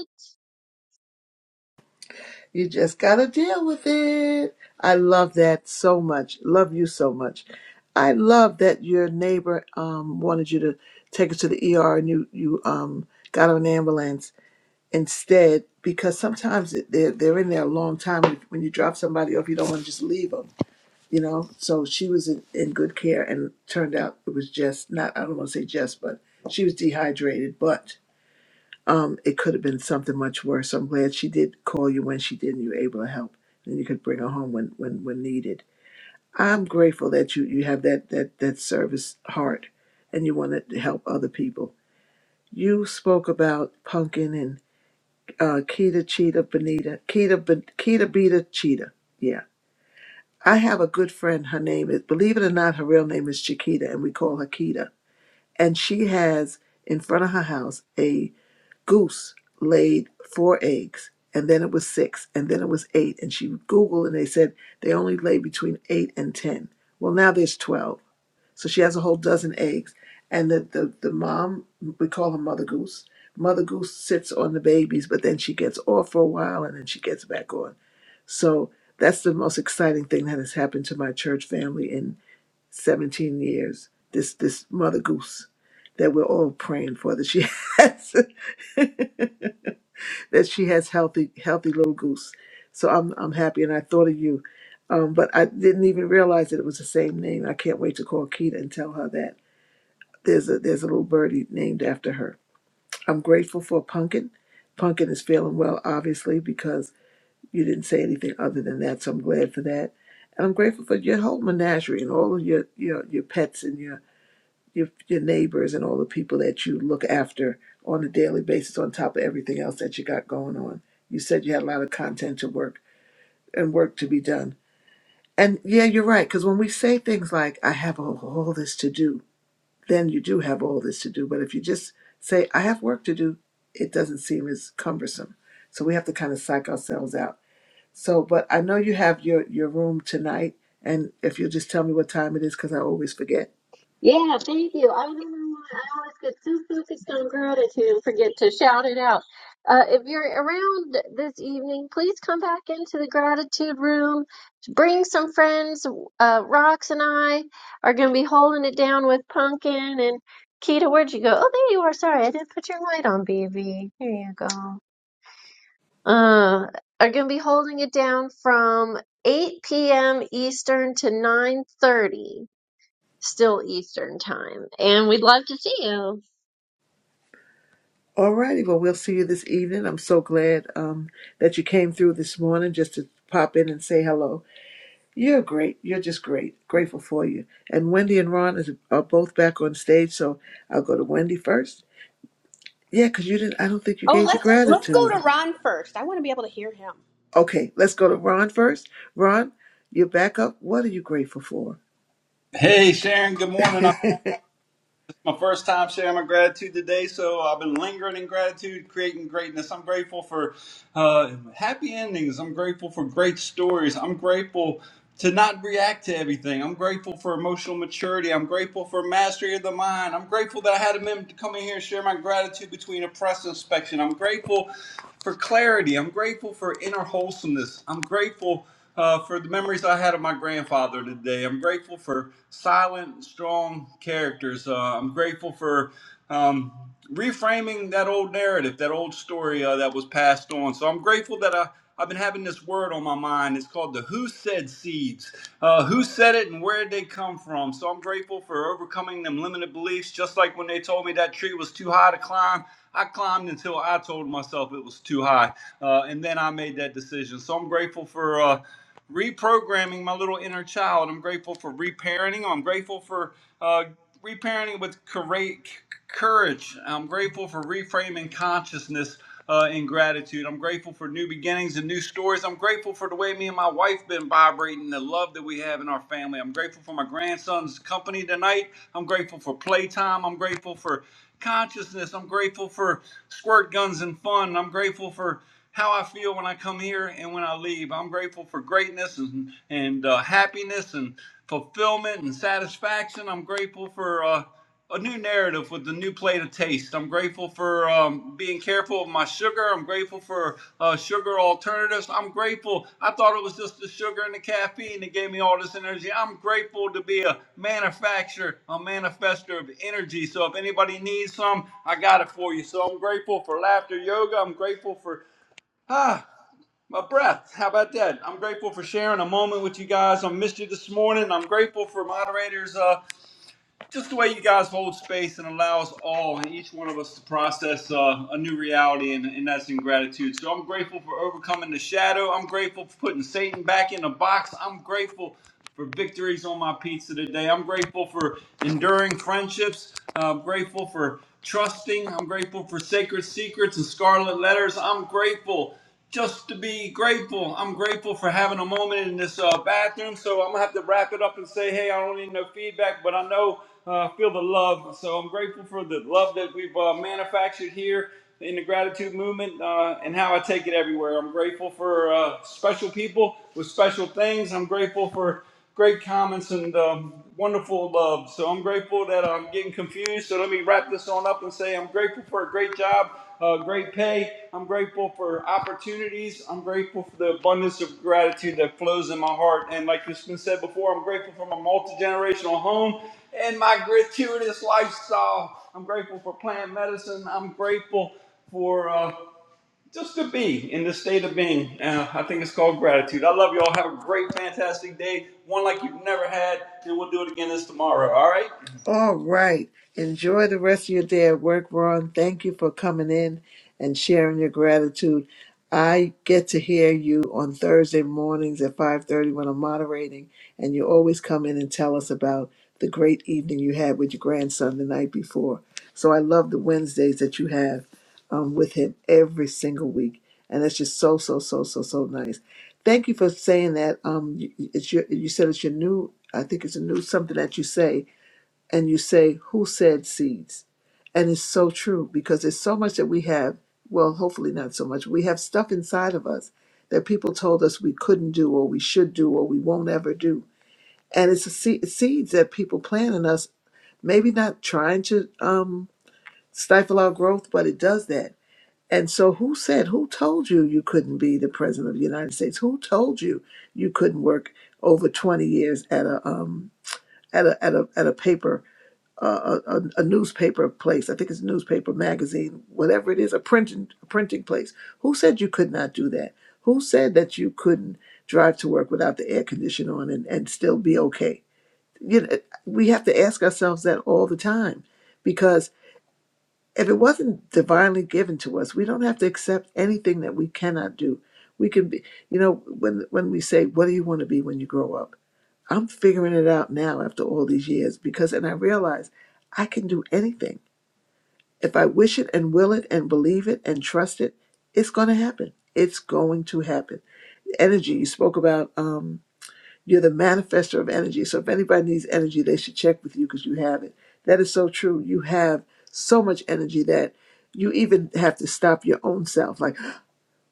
Speaker 17: You just gotta deal with it. I love that so much. Love you so much. I love that your neighbor um, wanted you to take her to the ER and you you um, got on an ambulance instead because sometimes it- they're they're in there a long time when when you drop somebody off. You don't want to just leave them, you know. So she was in, in good care and turned out it was just not. I don't want to say just, but she was dehydrated, but um, it could have been something much worse. I'm glad she did call you when she did and you were able to help. And you could bring her home when, when, when needed. I'm grateful that you, you have that, that, that service heart and you want to help other people. You spoke about pumpkin and uh, Keita Cheetah Bonita. Keita, Bon- Keita Beta Cheetah. Yeah. I have a good friend. Her name is, believe it or not, her real name is Chiquita and we call her Keita. And she has in front of her house a goose laid four eggs and then it was six and then it was eight and she googled, and they said they only lay between eight and ten well now there's 12 so she has a whole dozen eggs and the, the, the mom we call her mother goose mother goose sits on the babies but then she gets off for a while and then she gets back on so that's the most exciting thing that has happened to my church family in 17 years this this mother goose that we're all praying for that she has (laughs) that she has healthy healthy little goose. So I'm I'm happy, and I thought of you, um, but I didn't even realize that it was the same name. I can't wait to call Keita and tell her that there's a there's a little birdie named after her. I'm grateful for Pumpkin. Pumpkin is feeling well, obviously, because you didn't say anything other than that. So I'm glad for that, and I'm grateful for your whole menagerie and all of your your your pets and your your your neighbors and all the people that you look after on a daily basis on top of everything else that you got going on. You said you had a lot of content to work and work to be done. And yeah, you're right cuz when we say things like I have all, all this to do, then you do have all this to do, but if you just say I have work to do, it doesn't seem as cumbersome. So we have to kind of psych ourselves out. So, but I know you have your your room tonight and if you'll just tell me what time it is cuz I always forget
Speaker 20: Yeah, thank you. I don't know why I always get so focused on gratitude and forget to shout it out. Uh, if you're around this evening, please come back into the gratitude room. Bring some friends. Uh, Rox and I are going to be holding it down with Pumpkin and Keita. Where'd you go? Oh, there you are. Sorry, I didn't put your light on, baby. Here you go. Uh, are going to be holding it down from 8 p.m. Eastern to 9:30 still Eastern time. And we'd love to see you.
Speaker 17: All righty. Well, we'll see you this evening. I'm so glad um, that you came through this morning just to pop in and say hello. You're great. You're just great. Grateful for you. And Wendy and Ron is, are both back on stage, so I'll go to Wendy first. Yeah, because you didn't. I don't think you
Speaker 11: Oh,
Speaker 17: gave your
Speaker 11: let's let's go
Speaker 17: gratitude.
Speaker 11: to Ron first. I want to be able to hear him.
Speaker 17: Okay, let's go to Ron first. Ron, you're back up. What are you grateful for?
Speaker 21: Hey Sharon, good morning. I'm, it's my first time sharing my gratitude today, so I've been lingering in gratitude, creating greatness. I'm grateful for uh, happy endings. I'm grateful for great stories. I'm grateful to not react to everything. I'm grateful for emotional maturity. I'm grateful for mastery of the mind. I'm grateful that I had a minute to come in here and share my gratitude between a press inspection. I'm grateful for clarity. I'm grateful for inner wholesomeness. I'm grateful uh, for the memories I had of my grandfather today. I'm grateful for silent, strong characters. Uh, I'm grateful for um, reframing that old narrative, that old story uh, that was passed on. So I'm grateful that I, I've been having this word on my mind. It's called the Who Said Seeds. Uh, who said it and where did they come from? So I'm grateful for overcoming them limited beliefs, just like when they told me that tree was too high to climb. I climbed until I told myself it was too high, uh, and then I made that decision. So I'm grateful for uh, reprogramming my little inner child. I'm grateful for reparenting. I'm grateful for uh, reparenting with coura- courage. I'm grateful for reframing consciousness uh, in gratitude. I'm grateful for new beginnings and new stories. I'm grateful for the way me and my wife been vibrating, the love that we have in our family. I'm grateful for my grandson's company tonight. I'm grateful for playtime. I'm grateful for consciousness. I'm grateful for squirt guns and fun. I'm grateful for how I feel when I come here and when I leave. I'm grateful for greatness and, and uh, happiness and fulfillment and satisfaction. I'm grateful for uh, a new narrative with a new plate of taste. I'm grateful for um, being careful of my sugar. I'm grateful for uh, sugar alternatives. I'm grateful. I thought it was just the sugar and the caffeine that gave me all this energy. I'm grateful to be a manufacturer, a manifester of energy. So if anybody needs some, I got it for you. So I'm grateful for laughter yoga. I'm grateful for Ah, my breath. How about that? I'm grateful for sharing a moment with you guys. I missed you this morning. I'm grateful for moderators, uh, just the way you guys hold space and allow us all and each one of us to process uh, a new reality, and, and that's in gratitude. So I'm grateful for overcoming the shadow. I'm grateful for putting Satan back in the box. I'm grateful for victories on my pizza today. I'm grateful for enduring friendships. I'm grateful for trusting. I'm grateful for sacred secrets and scarlet letters. I'm grateful just to be grateful. I'm grateful for having a moment in this uh, bathroom. So I'm gonna have to wrap it up and say, hey, I don't need no feedback, but I know uh, feel the love. So I'm grateful for the love that we've uh, manufactured here in the gratitude movement uh, and how I take it everywhere. I'm grateful for uh, special people with special things. I'm grateful for great comments and um, wonderful love. So I'm grateful that I'm getting confused. So let me wrap this on up and say I'm grateful for a great job, uh, great pay. I'm grateful for opportunities. I'm grateful for the abundance of gratitude that flows in my heart. And like it's been said before, I'm grateful for my multi generational home and my gratuitous lifestyle. I'm grateful for plant medicine. I'm grateful. For uh, just to be in the state of being. Uh, I think it's called gratitude. I love you all. Have a great, fantastic day. One like you've never had, and we'll do it again this tomorrow. All right?
Speaker 17: All right. Enjoy the rest of your day at work, Ron. Thank you for coming in and sharing your gratitude. I get to hear you on Thursday mornings at 5:30 when I'm moderating, and you always come in and tell us about the great evening you had with your grandson the night before. So I love the Wednesdays that you have um, with him every single week, and it's just so so so so so nice. Thank you for saying that. Um, you- it's your, you said it's your new. I think it's a new something that you say and you say, Who said seeds? And it's so true because there's so much that we have. Well, hopefully not so much. We have stuff inside of us that people told us we couldn't do or we should do or we won't ever do. And it's the se- seeds that people plant in us, maybe not trying to um, stifle our growth, but it does that. And so, who said, who told you you couldn't be the president of the United States? Who told you you couldn't work over 20 years at a um, at a at a at a paper uh, a, a newspaper place. I think it's a newspaper magazine, whatever it is, a printing a printing place. Who said you could not do that? Who said that you couldn't drive to work without the air conditioner on and, and still be okay? You know, we have to ask ourselves that all the time because if it wasn't divinely given to us, we don't have to accept anything that we cannot do. We can be, you know, when when we say, "What do you want to be when you grow up?" I'm figuring it out now after all these years because, and I realize I can do anything. If I wish it and will it and believe it and trust it, it's going to happen. It's going to happen. Energy, you spoke about, um, you're the manifester of energy. So if anybody needs energy, they should check with you because you have it. That is so true. You have so much energy that you even have to stop your own self. Like,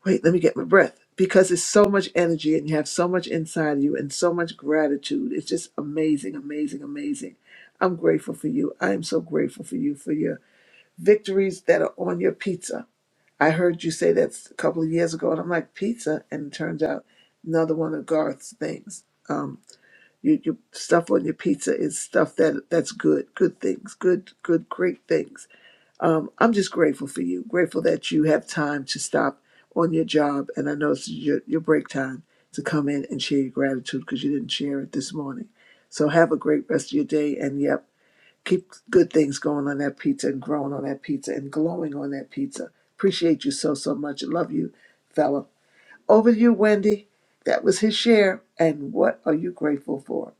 Speaker 17: wait, let me get my breath because it's so much energy and you have so much inside of you and so much gratitude. It's just amazing, amazing, amazing. I'm grateful for you. I am so grateful for you for your victories that are on your pizza. I heard you say that a couple of years ago, and I'm like, pizza? And it turns out another one of Garth's things. Um, you, your stuff on your pizza is stuff that that's good, good things, good, good, great things um, I'm just grateful for you, grateful that you have time to stop on your job. And I know it's your, your break time to come in and share your gratitude because you didn't share it this morning. So have a great rest of your day. And yep, keep good things going on that pizza and growing on that pizza and glowing on that pizza. Appreciate you so, so much. Love you, fella. Over to you, Wendy. That was his share. And what are you grateful for?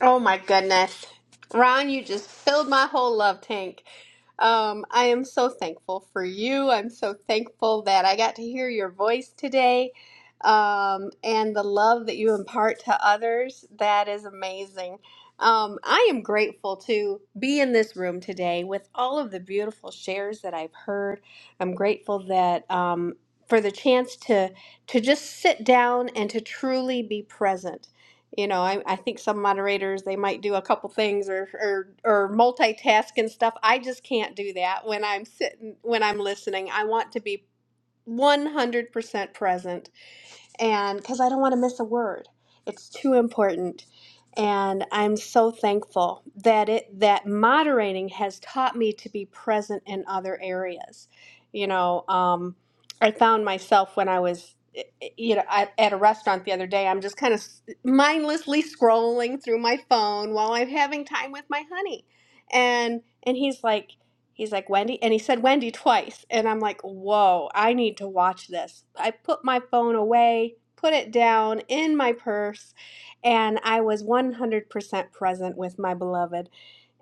Speaker 11: Oh my goodness. Ron, you just filled my whole love tank. Um, I am so thankful for you. I'm so thankful that I got to hear your voice today um, and the love that you impart to others. That is amazing. Um, I am grateful to be in this room today with all of the beautiful shares that I've heard. I'm grateful that um, for the chance to to just sit down and to truly be present you know, I, I think some moderators they might do a couple things or, or or multitask and stuff. I just can't do that when I'm sitting when I'm listening. I want to be 100% present and because I don't want to miss a word. It's too important. And I'm so thankful that it that moderating has taught me to be present in other areas. You know, um, I found myself when I was, eh, eh, you know, at, at a restaurant the other day. I'm just kind of mindlessly scrolling through my phone while I'm having time with my honey, and and he's like. He's like, Wendy? And he said Wendy twice. And I'm like, whoa, I need to watch this. I put my phone away, put it down in my purse, and I was 100% present with my beloved.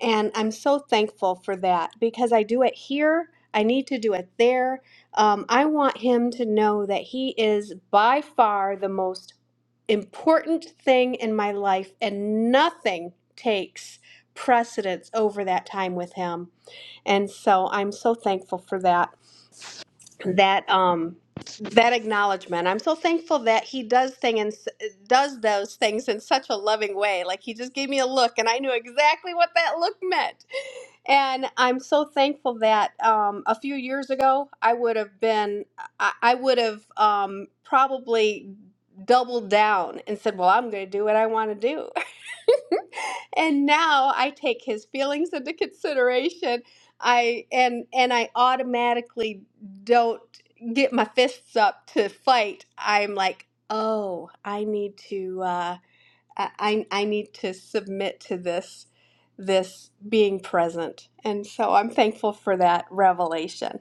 Speaker 11: And I'm so thankful for that because I do it here. I need to do it there. Um, I want him to know that he is by far the most important thing in my life, and nothing takes precedence over that time with him. And so I'm so thankful for that that um that acknowledgement i'm so thankful that he does thing and s- does those things in such a loving way like he just gave me a look and i knew exactly what that look meant and i'm so thankful that um, a few years ago i would have been i, I would have um, probably doubled down and said well i'm going to do what i want to do (laughs) and now I take his feelings into consideration. I and and I automatically don't get my fists up to fight, I'm like, oh, I need to. Uh, I, I I need to submit to this this being present. And so I'm thankful for that revelation.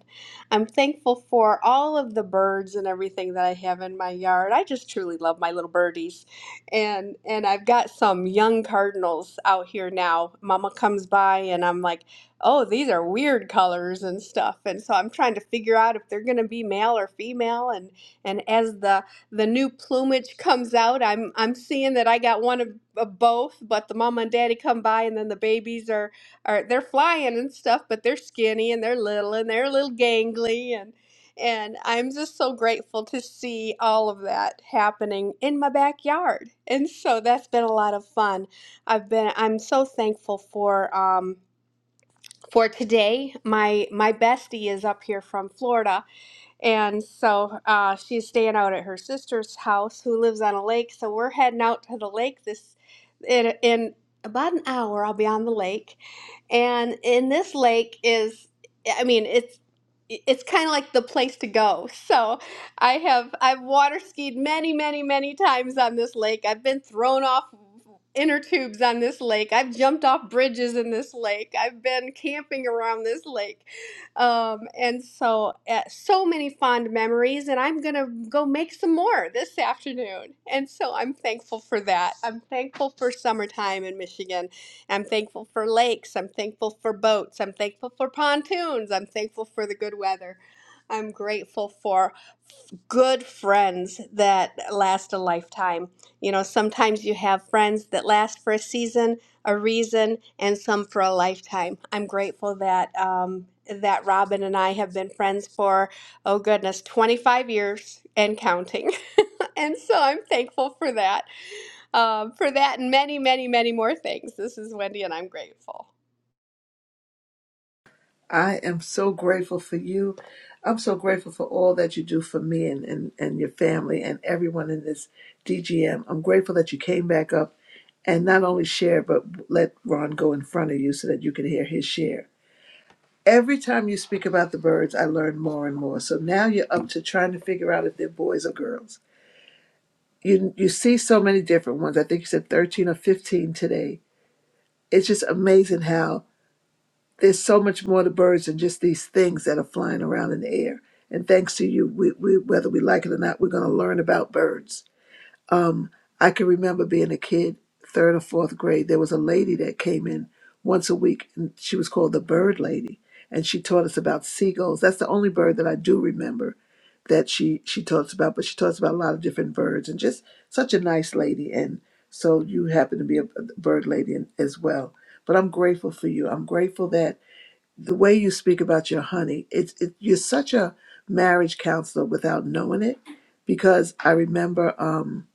Speaker 11: I'm thankful for all of the birds and everything that I have in my yard. I just truly love my little birdies. And and I've got some young cardinals out here now. Mama comes by and I'm like, "Oh, these are weird colors and stuff." And so I'm trying to figure out if they're going to be male or female and and as the the new plumage comes out. I'm I'm seeing that I got one of, of both, but the mama and daddy come by and then the babies are are they're flying and stuff, but they're skinny and they're little and they're a little gangly and and I'm just so grateful to see all of that happening in my backyard. And so that's been a lot of fun. I've been I'm so thankful for um for today. My my bestie is up here from Florida and so uh, she's staying out at her sister's house, who lives on a lake. So we're heading out to the lake this in, in about an hour. I'll be on the lake, and in this lake is, I mean, it's it's kind of like the place to go. So I have I've water skied many, many, many times on this lake. I've been thrown off inner tubes on this lake. I've jumped off bridges in this lake. I've been camping around this lake um, and so uh, so many fond memories and i'm gonna go make some more this afternoon and so i'm thankful for that i'm thankful for summertime in michigan i'm thankful for lakes i'm thankful for boats i'm thankful for pontoons i'm thankful for the good weather i'm grateful for good friends that last a lifetime. You know, sometimes you have friends that last for a season, a reason, and some for a lifetime. I'm grateful that um, that Robin and I have been friends for oh goodness, 25 years and counting. (laughs) and so I'm thankful for that, um, for that and many, many, many more things. This is Wendy, and I'm grateful.
Speaker 17: I am so grateful for you. I'm so grateful for all that you do for me and, and, and your family and everyone in this DGM. I'm grateful that you came back up and not only share, but let Ron go in front of you so that you can hear his share. Every time you speak about the birds, I learn more and more. So now you're up to trying to figure out if they're boys or girls. You, you see so many different ones. I think you said 13 or 15 today. It's just amazing how there's so much more to birds than just these things that are flying around in the air. And thanks to you, we, we whether we like it or not, we're going to learn about birds. Um, I can remember being a kid, third or fourth grade. There was a lady that came in once a week, and she was called the Bird Lady, and she taught us about seagulls. That's the only bird that I do remember that she she taught us about. But she taught us about a lot of different birds, and just such a nice lady. And so you happen to be a a bird lady in- as well. But I'm grateful for you. I'm grateful that the way you speak about your honey, it's it, you're such a marriage counselor without knowing it, because I remember um,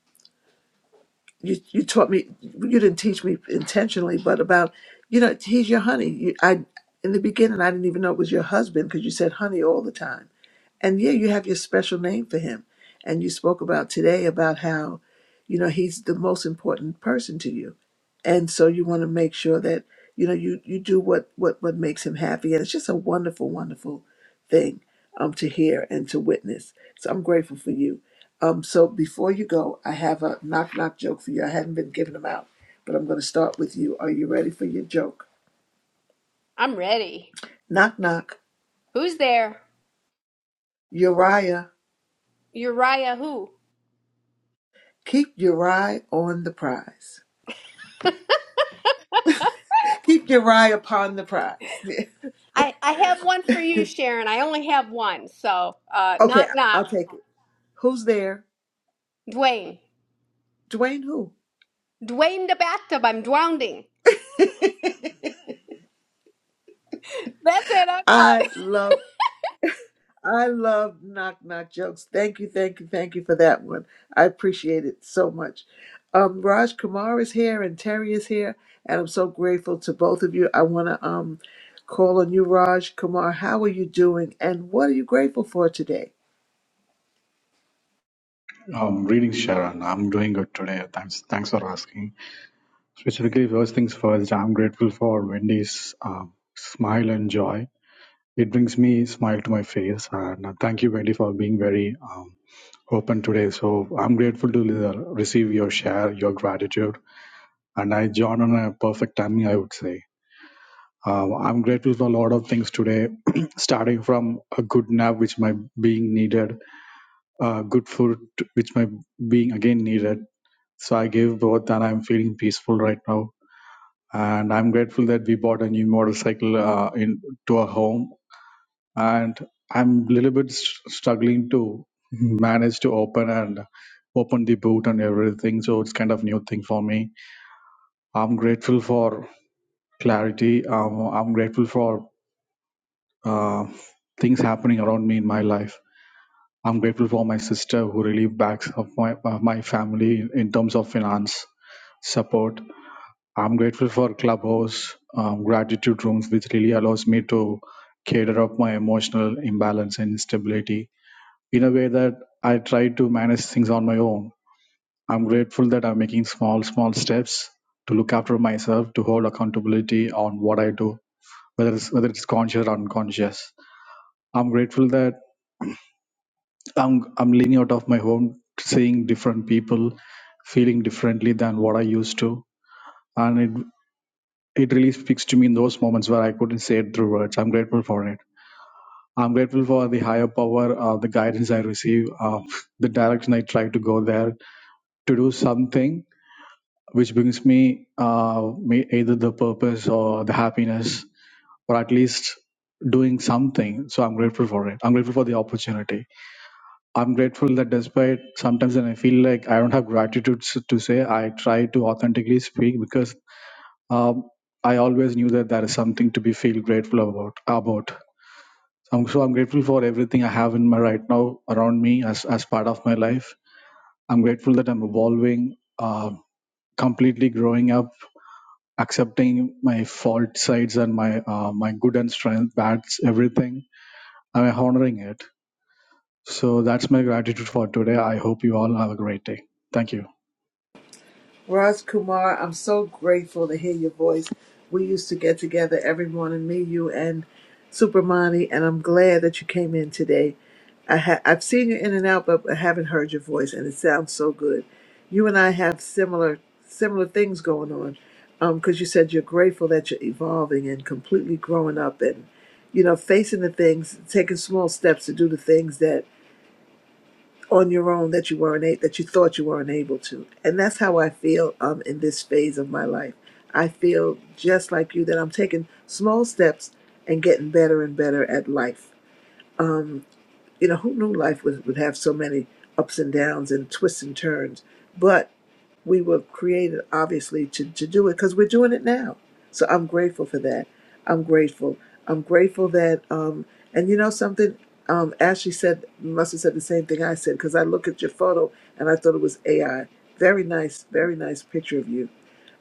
Speaker 17: you you taught me you didn't teach me intentionally, but about you know he's your honey. You, I in the beginning I didn't even know it was your husband because you said honey all the time and yeah, you have your special name for him. And you spoke about today about how, you know, he's the most important person to you. And so you want to make sure that, you know, you, you do what, what, what makes him happy. And it's just a wonderful, wonderful thing um, to hear and to witness. So I'm grateful for you. Um, so before you go, I have a knock knock joke for you. I hadn't been giving them out, but I'm going to start with you. Are you ready for your joke?
Speaker 11: I'm ready.
Speaker 17: Knock knock.
Speaker 11: Who's there?
Speaker 17: Uriah,
Speaker 11: Uriah, who?
Speaker 17: keep your eye on the prize. Keep your eye upon the prize.
Speaker 11: I, I have one for you, Sharon. I only have one. So, uh,
Speaker 17: (laughs) okay,
Speaker 11: knock, knock.
Speaker 17: I'll take it. Who's there?
Speaker 11: Dwayne.
Speaker 17: Dwayne who?
Speaker 11: Dwayne the bathtub. I'm drowning. That's it. I'm done. (laughs)
Speaker 17: I love I love knock knock jokes. Thank you, thank you, thank you for that one. I appreciate it so much. Um Raj Kumar is here and Terry is here, and I'm so grateful to both of you. I wanna um call on you, Raj Kumar. How are you doing and what are you grateful for today?
Speaker 22: Um, greetings, Sharon. I'm doing good today. Thanks, thanks for asking. Specifically, first things first, I'm grateful for Wendy's um, smile and joy. It brings me smile to my face. And uh, thank you, Wendy, for being very um, open today. So I'm grateful to uh, receive your share, your gratitude, and I joined on a perfect timing, I would say. Um, I'm grateful for a lot of things today, (clears throat) starting from a good nap, which my being needed, uh, good food, which my being again needed So I gave both, and I'm feeling peaceful right now. And I'm grateful that we bought a new motorcycle uh, in to our home. And I'm a little bit s- struggling to manage to open and open the boot and everything. So it's kind of new thing for me. I'm grateful for clarity. Um, I'm grateful for uh, things happening around me in my life. I'm grateful for my sister who really backs up my uh, my family in terms of finance support I'm grateful for Clubhouse um, gratitude rooms, which really allows me to cater up my emotional imbalance and instability in a way that I try to manage things on my own. I'm grateful that I'm making small, small steps to look after myself, to hold accountability on what I do, whether it's whether it's conscious or unconscious. I'm grateful that I'm I'm leaning out of my home, seeing different people, feeling differently than what I used to, and it. it really speaks to me in those moments where I couldn't say it through words. I'm grateful for it. I'm grateful for the higher power, uh, the guidance I receive, uh, (laughs) the direction I try to go there to do something which brings me, uh, me either the purpose or the happiness, or at least doing something. So I'm grateful for it. I'm grateful for the opportunity. I'm grateful that despite sometimes when I feel like I don't have gratitude s- to say, I try to authentically speak because um, I always knew that there is something to be feel grateful about. About um, so, I'm grateful for everything I have in my right now around me as as part of my life. I'm grateful that I'm evolving, uh, completely growing up, accepting my fault sides and my uh, my good and strength, bads, everything. I'm honoring it. So that's my gratitude for today. I hope you all have a great day. Thank you.
Speaker 17: Raj Kumar, I'm so grateful to hear your voice. We used to get together every morning, me, you, and Supermani, and I'm glad that you came in today. I ha- I've seen you in and out, but I haven't heard your voice, and it sounds so good. You and I have similar similar things going on, because you said you're grateful that you're evolving and completely growing up, and you know facing the things, taking small steps to do the things that on your own that you weren't a- that you thought you were unable to. And that's how I feel um in this phase of my life. I feel just like you that I'm taking small steps and getting better and better at life. You know, who knew life would, would have so many ups and downs and twists and turns? But we were created obviously to, to do it because we're doing it now so i'm grateful for that i'm grateful i'm grateful that um and you know something um ashley said must have said the same thing i said because i look at your photo and i thought it was ai very nice very nice picture of you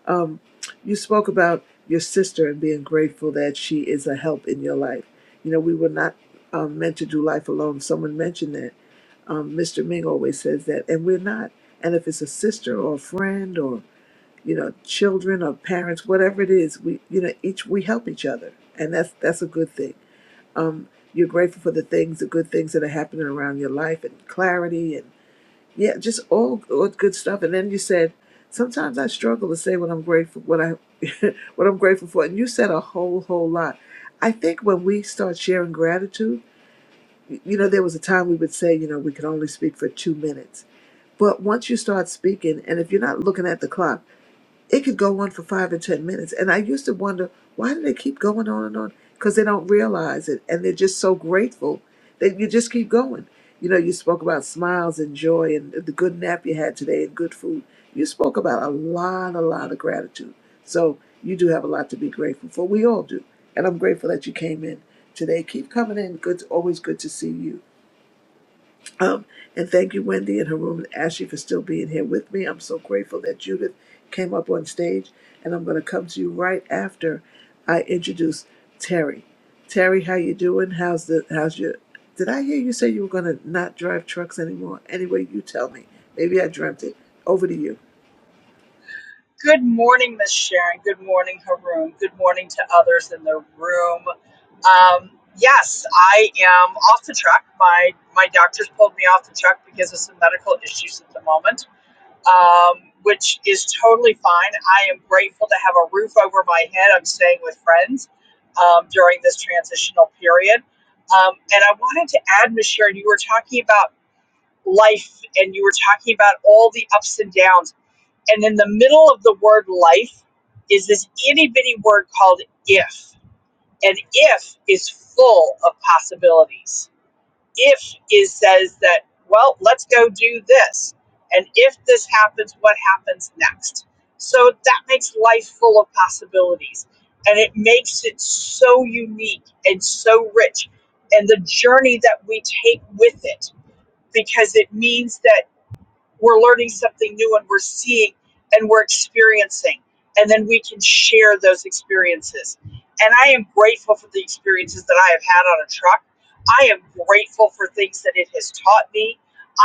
Speaker 17: um you spoke about your sister and being grateful that she is a help in your life you know we were not um, meant to do life alone someone mentioned that um, Mr. Ming always says that, and we're not. And if it's a sister or a friend or you know children or parents, whatever it is, we you know each we help each other, and that's that's a good thing. Um, you're grateful for the things, the good things that are happening around your life, and clarity, and yeah, just all, all good stuff. And then you said, sometimes I struggle to say what I'm grateful what I (laughs) what I'm grateful for, and you said a whole whole lot. I think when we start sharing gratitude, you know, there was a time we would say, you know, we could only speak for two minutes but once you start speaking, and if you're not looking at the clock, it could go on for five or 10 minutes. And I used to wonder, why do they keep going on and on? Because they don't realize it. And they're just so grateful that you just keep going. You know, you spoke about smiles and joy and the good nap you had today and good food. You spoke about a lot, a lot of gratitude. So you do have a lot to be grateful for. We all do. And I'm grateful that you came in today. Keep coming in. Good, always good to see you. Um, and thank you, Wendy and Haroon and Ashley, for still being here with me. I'm so grateful that Judith came up on stage, and I'm going to come to you right after I introduce Terry. Terry, how you doing? How's the how's your? Did I hear you say you were going to not drive trucks anymore? Anyway, you tell me. Maybe I dreamt it. Over to you.
Speaker 23: Good morning, Miss Sharon. Good morning, Haroon. Good morning to others in the room. Um, yes, I am off the truck. My my doctors pulled me off the truck because of some medical issues at the moment, um, which is totally fine. I am grateful to have a roof over my head. I'm staying with friends um, during this transitional period, um, and I wanted to add, Miss Sharon, you were talking about life, and you were talking about all the ups and downs and in the middle of the word life is this itty bitty word called if. And if is full of possibilities. If is says that, well, let's go do this. And if this happens, what happens next? So that makes life full of possibilities. And it makes it so unique and so rich. And the journey that we take with it, because it means that we're learning something new and we're seeing and we're experiencing and then we can share those experiences and i am grateful for the experiences that i have had on a truck i am grateful for things that it has taught me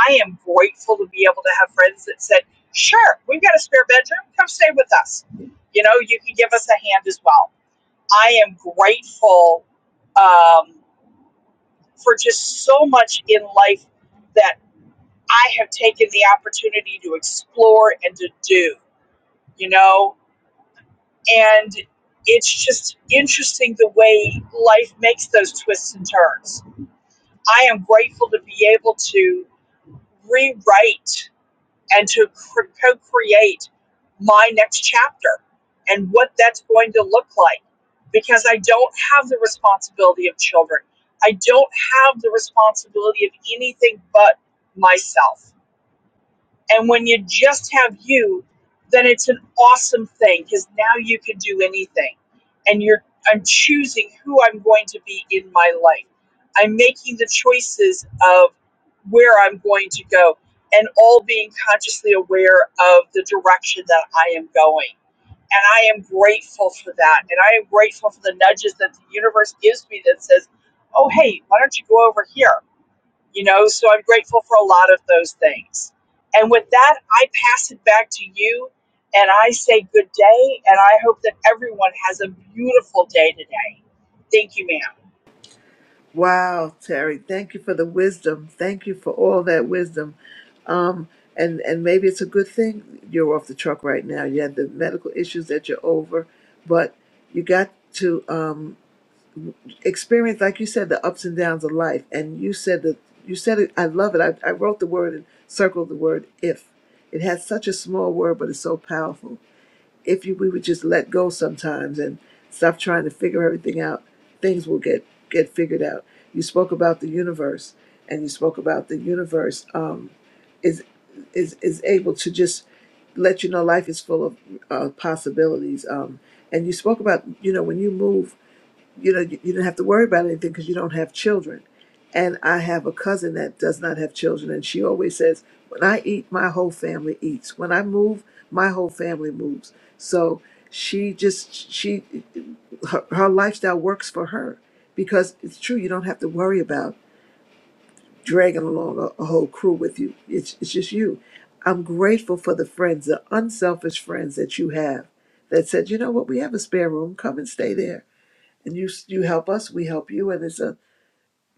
Speaker 23: i am grateful to be able to have friends that said sure we've got a spare bedroom come stay with us you know you can give us a hand as well i am grateful um, for just so much in life that. I have taken the opportunity to explore and to do, you know? And it's just interesting the way life makes those twists and turns. I am grateful to be able to rewrite and to co create my next chapter and what that's going to look like because I don't have the responsibility of children. I don't have the responsibility of anything but myself And when you just have you, then it's an awesome thing because now you can do anything. And you're I'm choosing who I'm going to be in my life. I'm making the choices of where I'm going to go and all being consciously aware of the direction that I am going. And I am grateful for that. And I am grateful for the nudges that the universe gives me that says, oh, hey, why don't you go over here? you know so i'm grateful for a lot of those things and with that i pass it back to you and i say good day and i hope that everyone has a beautiful day today thank you ma'am
Speaker 17: Wow, Terry, thank you for the wisdom. Thank you for all that wisdom. Um, and and maybe it's a good thing you're off the truck right now. You had the medical issues that you're over, but you got to um, experience, like you said, the ups and downs of life. And you said that you said it. I love it. I, I wrote the word and circled the word if. It has such a small word, but it's so powerful if you we would just let go sometimes and stop trying to figure everything out, things will get get figured out. You spoke about the universe, and you spoke about the universe um, is is is able to just let you know life is full of uh, possibilities. Um, and you spoke about you know when you move you know, you, you don't have to worry about anything because you don't have children. And I have a cousin that does not have children, and she always says, "When I eat, my whole family eats. When I move, my whole family moves." So she just she her, her lifestyle works for her because it's true. You don't have to worry about dragging along a, a whole crew with you. It's it's just you. I'm grateful for the friends, the unselfish friends that you have that said, you know what, we have a spare room. Come and stay there and you you help us, we help you, and it's a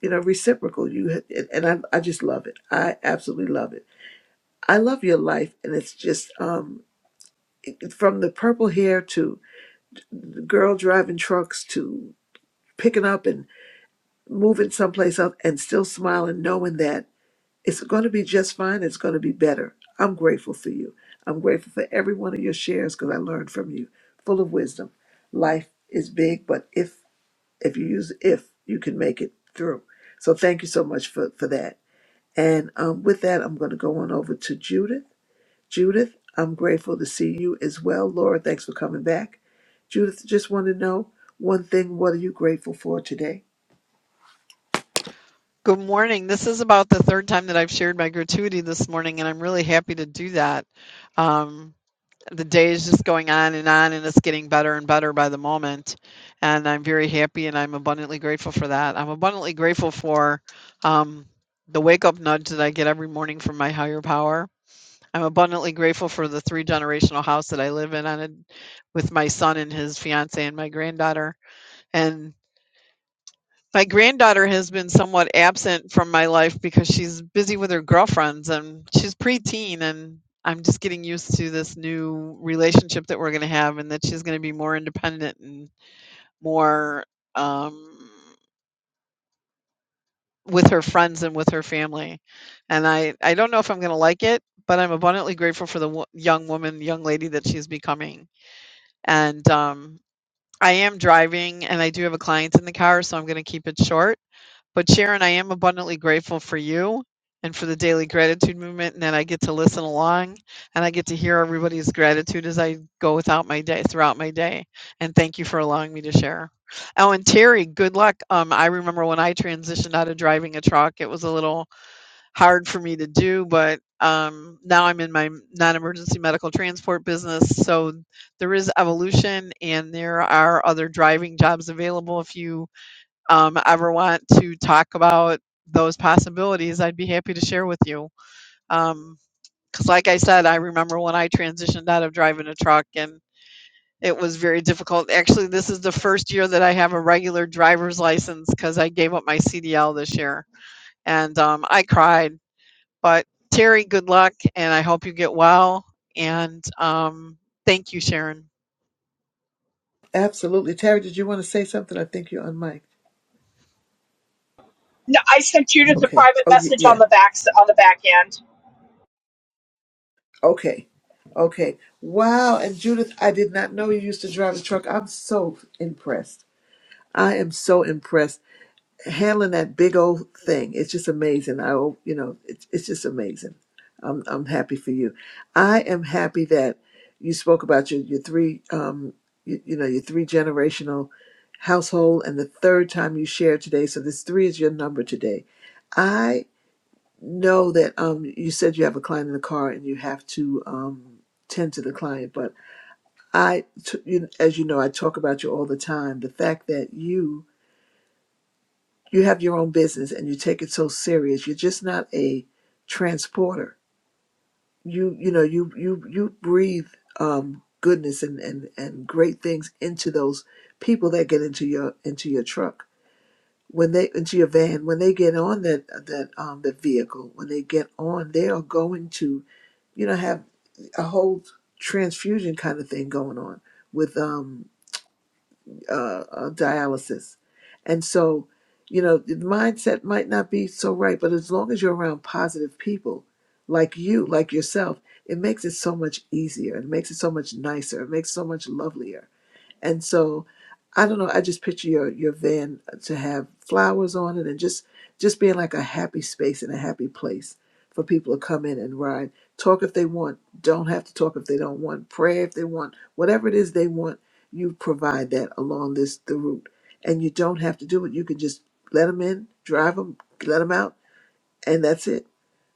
Speaker 17: you know reciprocal. You and and I I just love it. I absolutely love it. I love your life, and it's just um from the purple hair to the girl driving trucks to picking up and moving someplace else, and still smiling, knowing that it's going to be just fine. It's going to be better. I'm grateful for you. I'm grateful for every one of your shares because I learned from you, full of wisdom. Life is big, but if if you use if you can make it through so thank you so much for for that and um, with that i'm going to go on over to judith judith i'm grateful to see you as well laura thanks for coming back judith just want to know one thing what are you grateful for today
Speaker 2: Good morning. This is about the third time that I've shared my gratuity this morning, and I'm really happy to do that. Um, the day is just going on and on and it's getting better and better by the moment and i'm very happy and i'm abundantly grateful for that i'm abundantly grateful for um, the wake up nudge that i get every morning from my higher power i'm abundantly grateful for the three generational house that i live in on a, with my son and his fiance and my granddaughter And my granddaughter has been somewhat absent from my life because she's busy with her girlfriends and she's preteen and I'm just getting used to this new relationship that we're going to have and that she's going to be more independent and more um with her friends and with her family. And I I don't know if I'm going to like it, but I'm abundantly grateful for the wo- young woman, young lady that she's becoming. And um I am driving and I do have a client in the car, so I'm going to keep it short But Sharon, I am abundantly grateful for you and for the daily gratitude movement, and that I get to listen along and I get to hear everybody's gratitude as I go without my day throughout my day. And thank you for allowing me to share. Oh, and Terry, good luck. Um, I remember when I transitioned out of driving a truck, it was a little hard for me to do, but um, now I'm in my non-emergency medical transport business, so there is evolution, and there are other driving jobs available if you um, ever want to talk about those possibilities, I'd be happy to share with you. Um, Because, like I said, I remember when I transitioned out of driving a truck and it was very difficult. Actually, this is the first year that I have a regular driver's license because I gave up my CDL this year and um, I cried. But Terry, good luck and I hope you get well. And um, thank you, Sharon.
Speaker 17: absolutely terry did you want to say something i think you're on mic
Speaker 23: no, i sent you to the
Speaker 17: okay
Speaker 23: private
Speaker 17: oh y-
Speaker 23: message on
Speaker 17: yeah
Speaker 23: the back on the back end
Speaker 17: okay okay wow and judith i did not know you used to drive a truck i'm so impressed i am so impressed handling that big old thing. It's just amazing. I, you know, it's it's just amazing. I'm I'm happy for you. I am happy that you spoke about your your three um you, you know your three generational household and the third time you shared today. So this three is your number today. I know that um you said you have a client in the car and you have to um tend to the client, but I t- you, as you know I talk about you all the time. The fact that you you have your own business and you take it so serious you're just not a transporter you you know you you you breathe um goodness and and and great things into those people that get into your into your truck when they into your van when they get on that that um the vehicle when they get on they are going to you know have a whole transfusion kind of thing going on with um uh, uh, dialysis. And so, you know, the mindset might not be so right, but as long as you're around positive people like you, like yourself, it makes it so much easier. It makes it so much nicer. It makes it so much lovelier and so I don't know, I just picture your your van to have flowers on it and just just being like a happy space and a happy place for people to come in and ride. Talk if they want, don't have to talk if they don't want, pray if they want, whatever it is they want, you provide that along this the route. And you don't have to do it. You can just let them in, drive them, let them out, and that's it.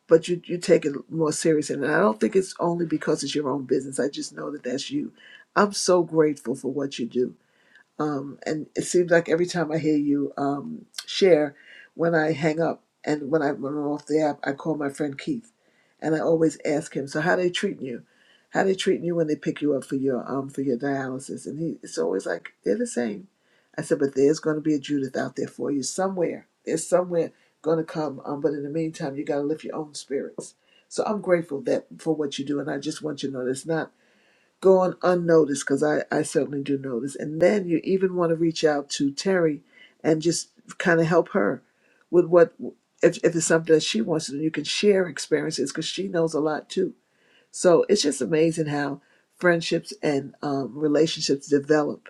Speaker 17: But you, you take it more serious. And I don't think it's only because it's your own business. I just know that that's you. I'm so grateful for what you do um, and it seems like every time I hear you um, share, when I hang up and when I when I'm off the app, I call my friend Keith, and I always ask him, "So how they treating you? How they treating you when they pick you up for your um for your dialysis?" And he it's always like they're the same. I said, "But there's going to be a Judith out there for you somewhere. There's somewhere going to come. Um, but in the meantime, you got to lift your own spirits." So I'm grateful that for what you do, and I just want you to know it's not going unnoticed because I, I certainly do notice. And then you even want to reach out to Terry and just kind of help her with what, if, if it's something that she wants to do, you can share experiences because she knows a lot too. So it's just amazing how friendships and um, relationships develop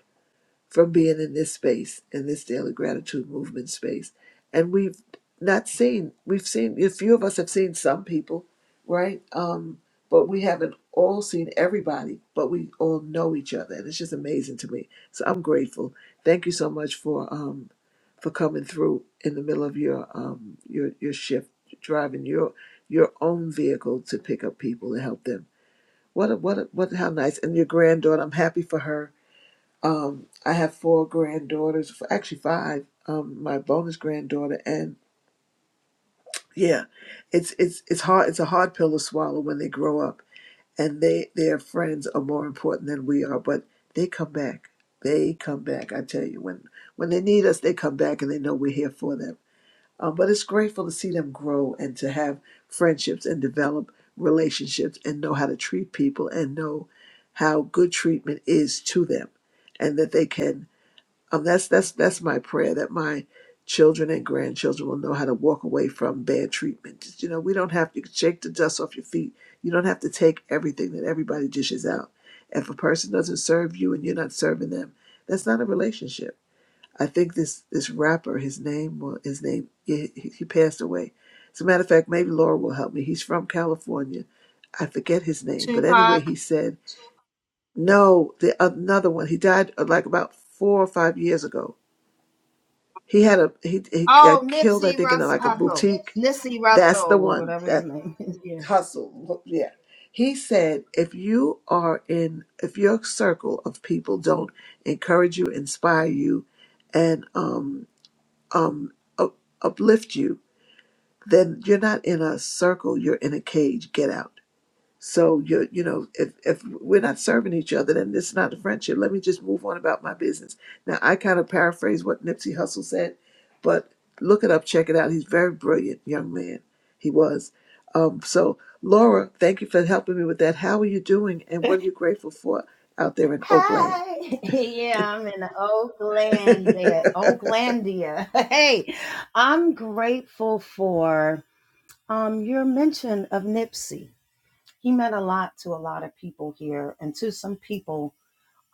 Speaker 17: from being in this space, in this daily gratitude movement space. And we've not seen, we've seen, a few of us have seen some people, right? Um, but we haven't all seen everybody, but we all know each other. And it's just amazing to me. So I'm grateful. Thank you so much for um, for coming through in the middle of your um, your your shift, driving your your own vehicle to pick up people and help them. What a, what a, what how nice! And your granddaughter, I'm happy for her um, I have four granddaughters, f- actually five. Um, my bonus granddaughter, and yeah, it's it's it's hard. It's a hard pill to swallow when they grow up, and they their friends are more important than we are. But they come back. They come back. I tell you, when when they need us, they come back, and they know we're here for them. Um, but it's grateful to see them grow and to have friendships and develop relationships and know how to treat people and know how good treatment is to them, and that they can um, that's that's that's my prayer that my children and grandchildren will know how to walk away from bad treatment. Just, You know, we don't have to shake the dust off your feet. You don't have to take everything that everybody dishes out. If a person doesn't serve you and you're not serving them, that's not a relationship. I think this this rapper, his name, wa- his name, he, he he passed away. As a matter of fact, maybe Laura will help me. He's from California. I forget his name, but anyway,
Speaker 1: Tupac.
Speaker 17: he said no. The another one, he died uh, like about four or five years ago he had a he he
Speaker 1: Oh,
Speaker 17: got killed, I
Speaker 1: Nipsey
Speaker 17: think, in
Speaker 1: Russell
Speaker 17: like a
Speaker 1: Hustle.
Speaker 17: boutique.
Speaker 1: Nipsey
Speaker 17: That's the
Speaker 1: Russell or
Speaker 17: one
Speaker 1: whatever his
Speaker 17: that
Speaker 1: name is. (laughs)
Speaker 17: hustle. Yeah. He said, if you are in, if your circle of people don't encourage you, inspire you, and um um up, uplift you, then you're not in a circle. You're in a cage. Get out. So you you know if if we're not serving each other, then this is not a friendship. Let me just move on about my business. Now I kind of paraphrase what Nipsey Hussle said, but look it up, check it out. He's a very brilliant young man. He was. Um, so Laura, thank you for helping me with that. How are you doing, and what are you grateful for out there in Oakland?
Speaker 1: Hi. (laughs) Yeah, I'm in
Speaker 17: (laughs) hey
Speaker 1: Oaklandia. Oaklandia. (laughs) Hey, I'm grateful for um your mention of Nipsey. He meant a lot to a lot of people here and to some people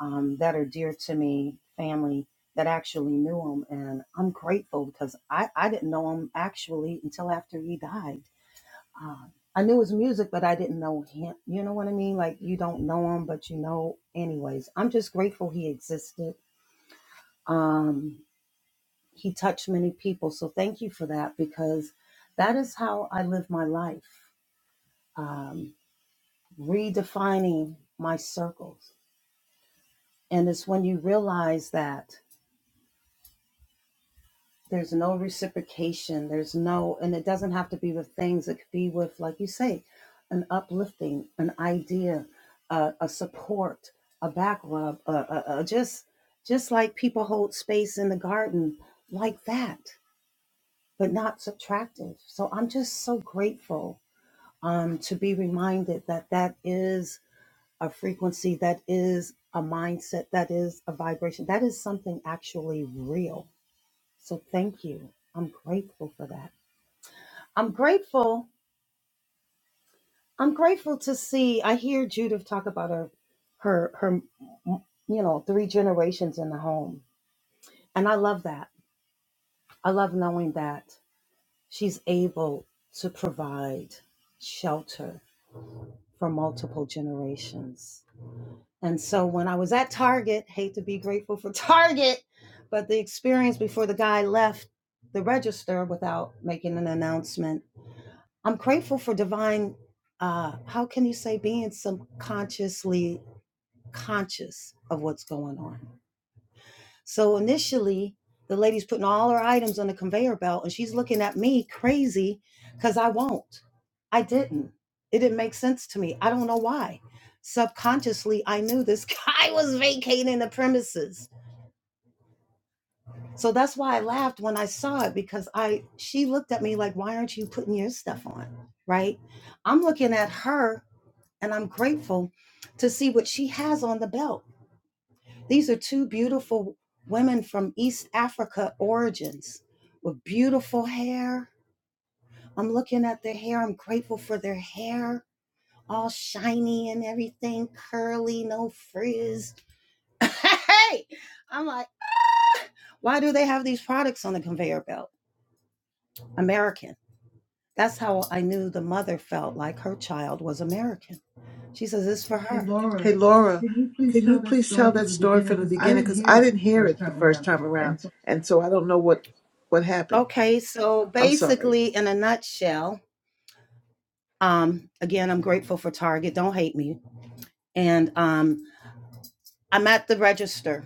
Speaker 1: um, that are dear to me, family that actually knew him. And I'm grateful because I, I didn't know him actually until after he died um, I knew his music, but I didn't know him. You know what I mean? Like you don't know him, but you know. Anyways, I'm just grateful he existed. Um, he touched many people, so thank you for that because that is how I live my life, um, redefining my circles. And it's when you realize that. there's no reciprocation there's no and it doesn't have to be with things it could be with like you say an uplifting an idea uh, a support a back rub uh, uh, uh, just just like people hold space in the garden like that but not subtractive so i'm just so grateful um, to be reminded that that is a frequency that is a mindset that is a vibration that is something actually real so thank you. I'm grateful for that. I'm grateful. I'm grateful to see. I hear Judith talk about her, her, her, you know, three generations in the home, and I love that. I love knowing that she's able to provide shelter for multiple generations. And so when I was at Target, hate to be grateful for (laughs) Target, but the experience before the guy left the register without making an announcement I'm grateful for divine, uh, how can you say, being subconsciously conscious of what's going on. So initially, the lady's putting all her items on the conveyor belt and she's looking at me crazy because I won't. I didn't. It didn't make sense to me. I don't know why. Subconsciously, I knew this (laughs) guy was vacating the premises. So that's why I laughed when I saw it because I she looked at me like, why aren't you putting your stuff on? Right? I'm looking at her and I'm grateful to see what she has on the belt. These are two beautiful women from East Africa origins with beautiful hair. I'm looking at their hair. I'm grateful for their hair, all shiny and everything, curly, no frizz. (laughs) hey, I'm like, why do they have these products on the conveyor belt? American. That's how I knew the mother felt like her child was American She says it's for her. Hey, Laura,
Speaker 17: Laura,
Speaker 1: can you please
Speaker 17: can
Speaker 1: tell
Speaker 17: you
Speaker 1: that
Speaker 17: please tell
Speaker 1: story
Speaker 17: that
Speaker 1: from the
Speaker 17: story
Speaker 1: beginning?
Speaker 17: from the
Speaker 1: Because I
Speaker 17: beginning?
Speaker 1: didn't
Speaker 17: Because
Speaker 1: hear
Speaker 17: I
Speaker 1: it
Speaker 17: didn't
Speaker 1: the
Speaker 17: hear
Speaker 1: first
Speaker 17: it the
Speaker 1: time
Speaker 17: first
Speaker 1: around.
Speaker 17: time around,
Speaker 1: And so,
Speaker 17: and so I don't know what what happened.
Speaker 1: Okay, so
Speaker 17: I'm sorry.
Speaker 1: basically, in a nutshell, um, again, I'm grateful for Target. Don't hate me. And um, I'm at the register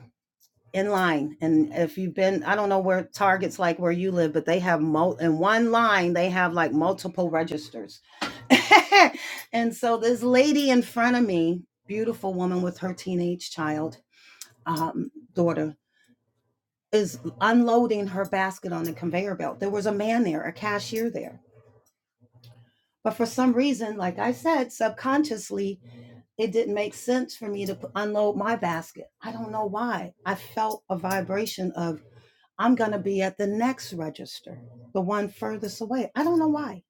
Speaker 1: in line. And if you've been, I don't know where Target's like where you live, but they have mo in one line, they have like multiple registers. (laughs) and so this lady in front of me, beautiful woman with her teenage child um, daughter, is unloading her basket on the conveyor belt. There was a man there, a cashier there. But for some reason, like I said, subconsciously, it didn't make sense for me to unload my basket. I don't know why. I felt a vibration of, I'm going to be at the next register, the one furthest away. I don't know why.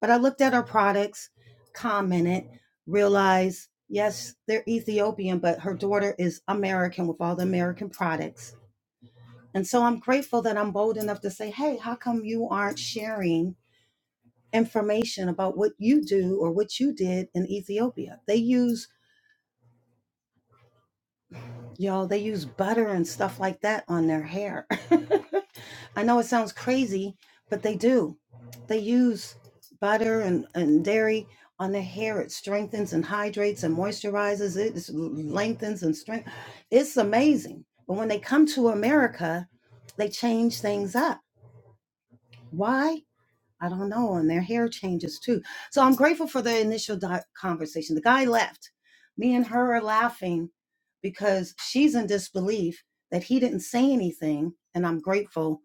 Speaker 1: But I looked at her products, commented, realized, yes, they're Ethiopian, but her daughter is American with all the American products And so I'm grateful that I'm bold enough to say, hey, how come you aren't sharing information about what you do or what you did in Ethiopia? They use, y'all, they use butter and stuff like that on their hair. (laughs) I know it sounds crazy, but they do. They use butter and, and dairy on their hair. It strengthens and hydrates and moisturizes it, it lengthens and strengthens. It's amazing. But when they come to America, they change things up. Why? I don't know. And their hair changes too. So I'm grateful for the initial di- conversation. The guy left. Me and her are laughing because she's in disbelief that he didn't say anything. And I'm grateful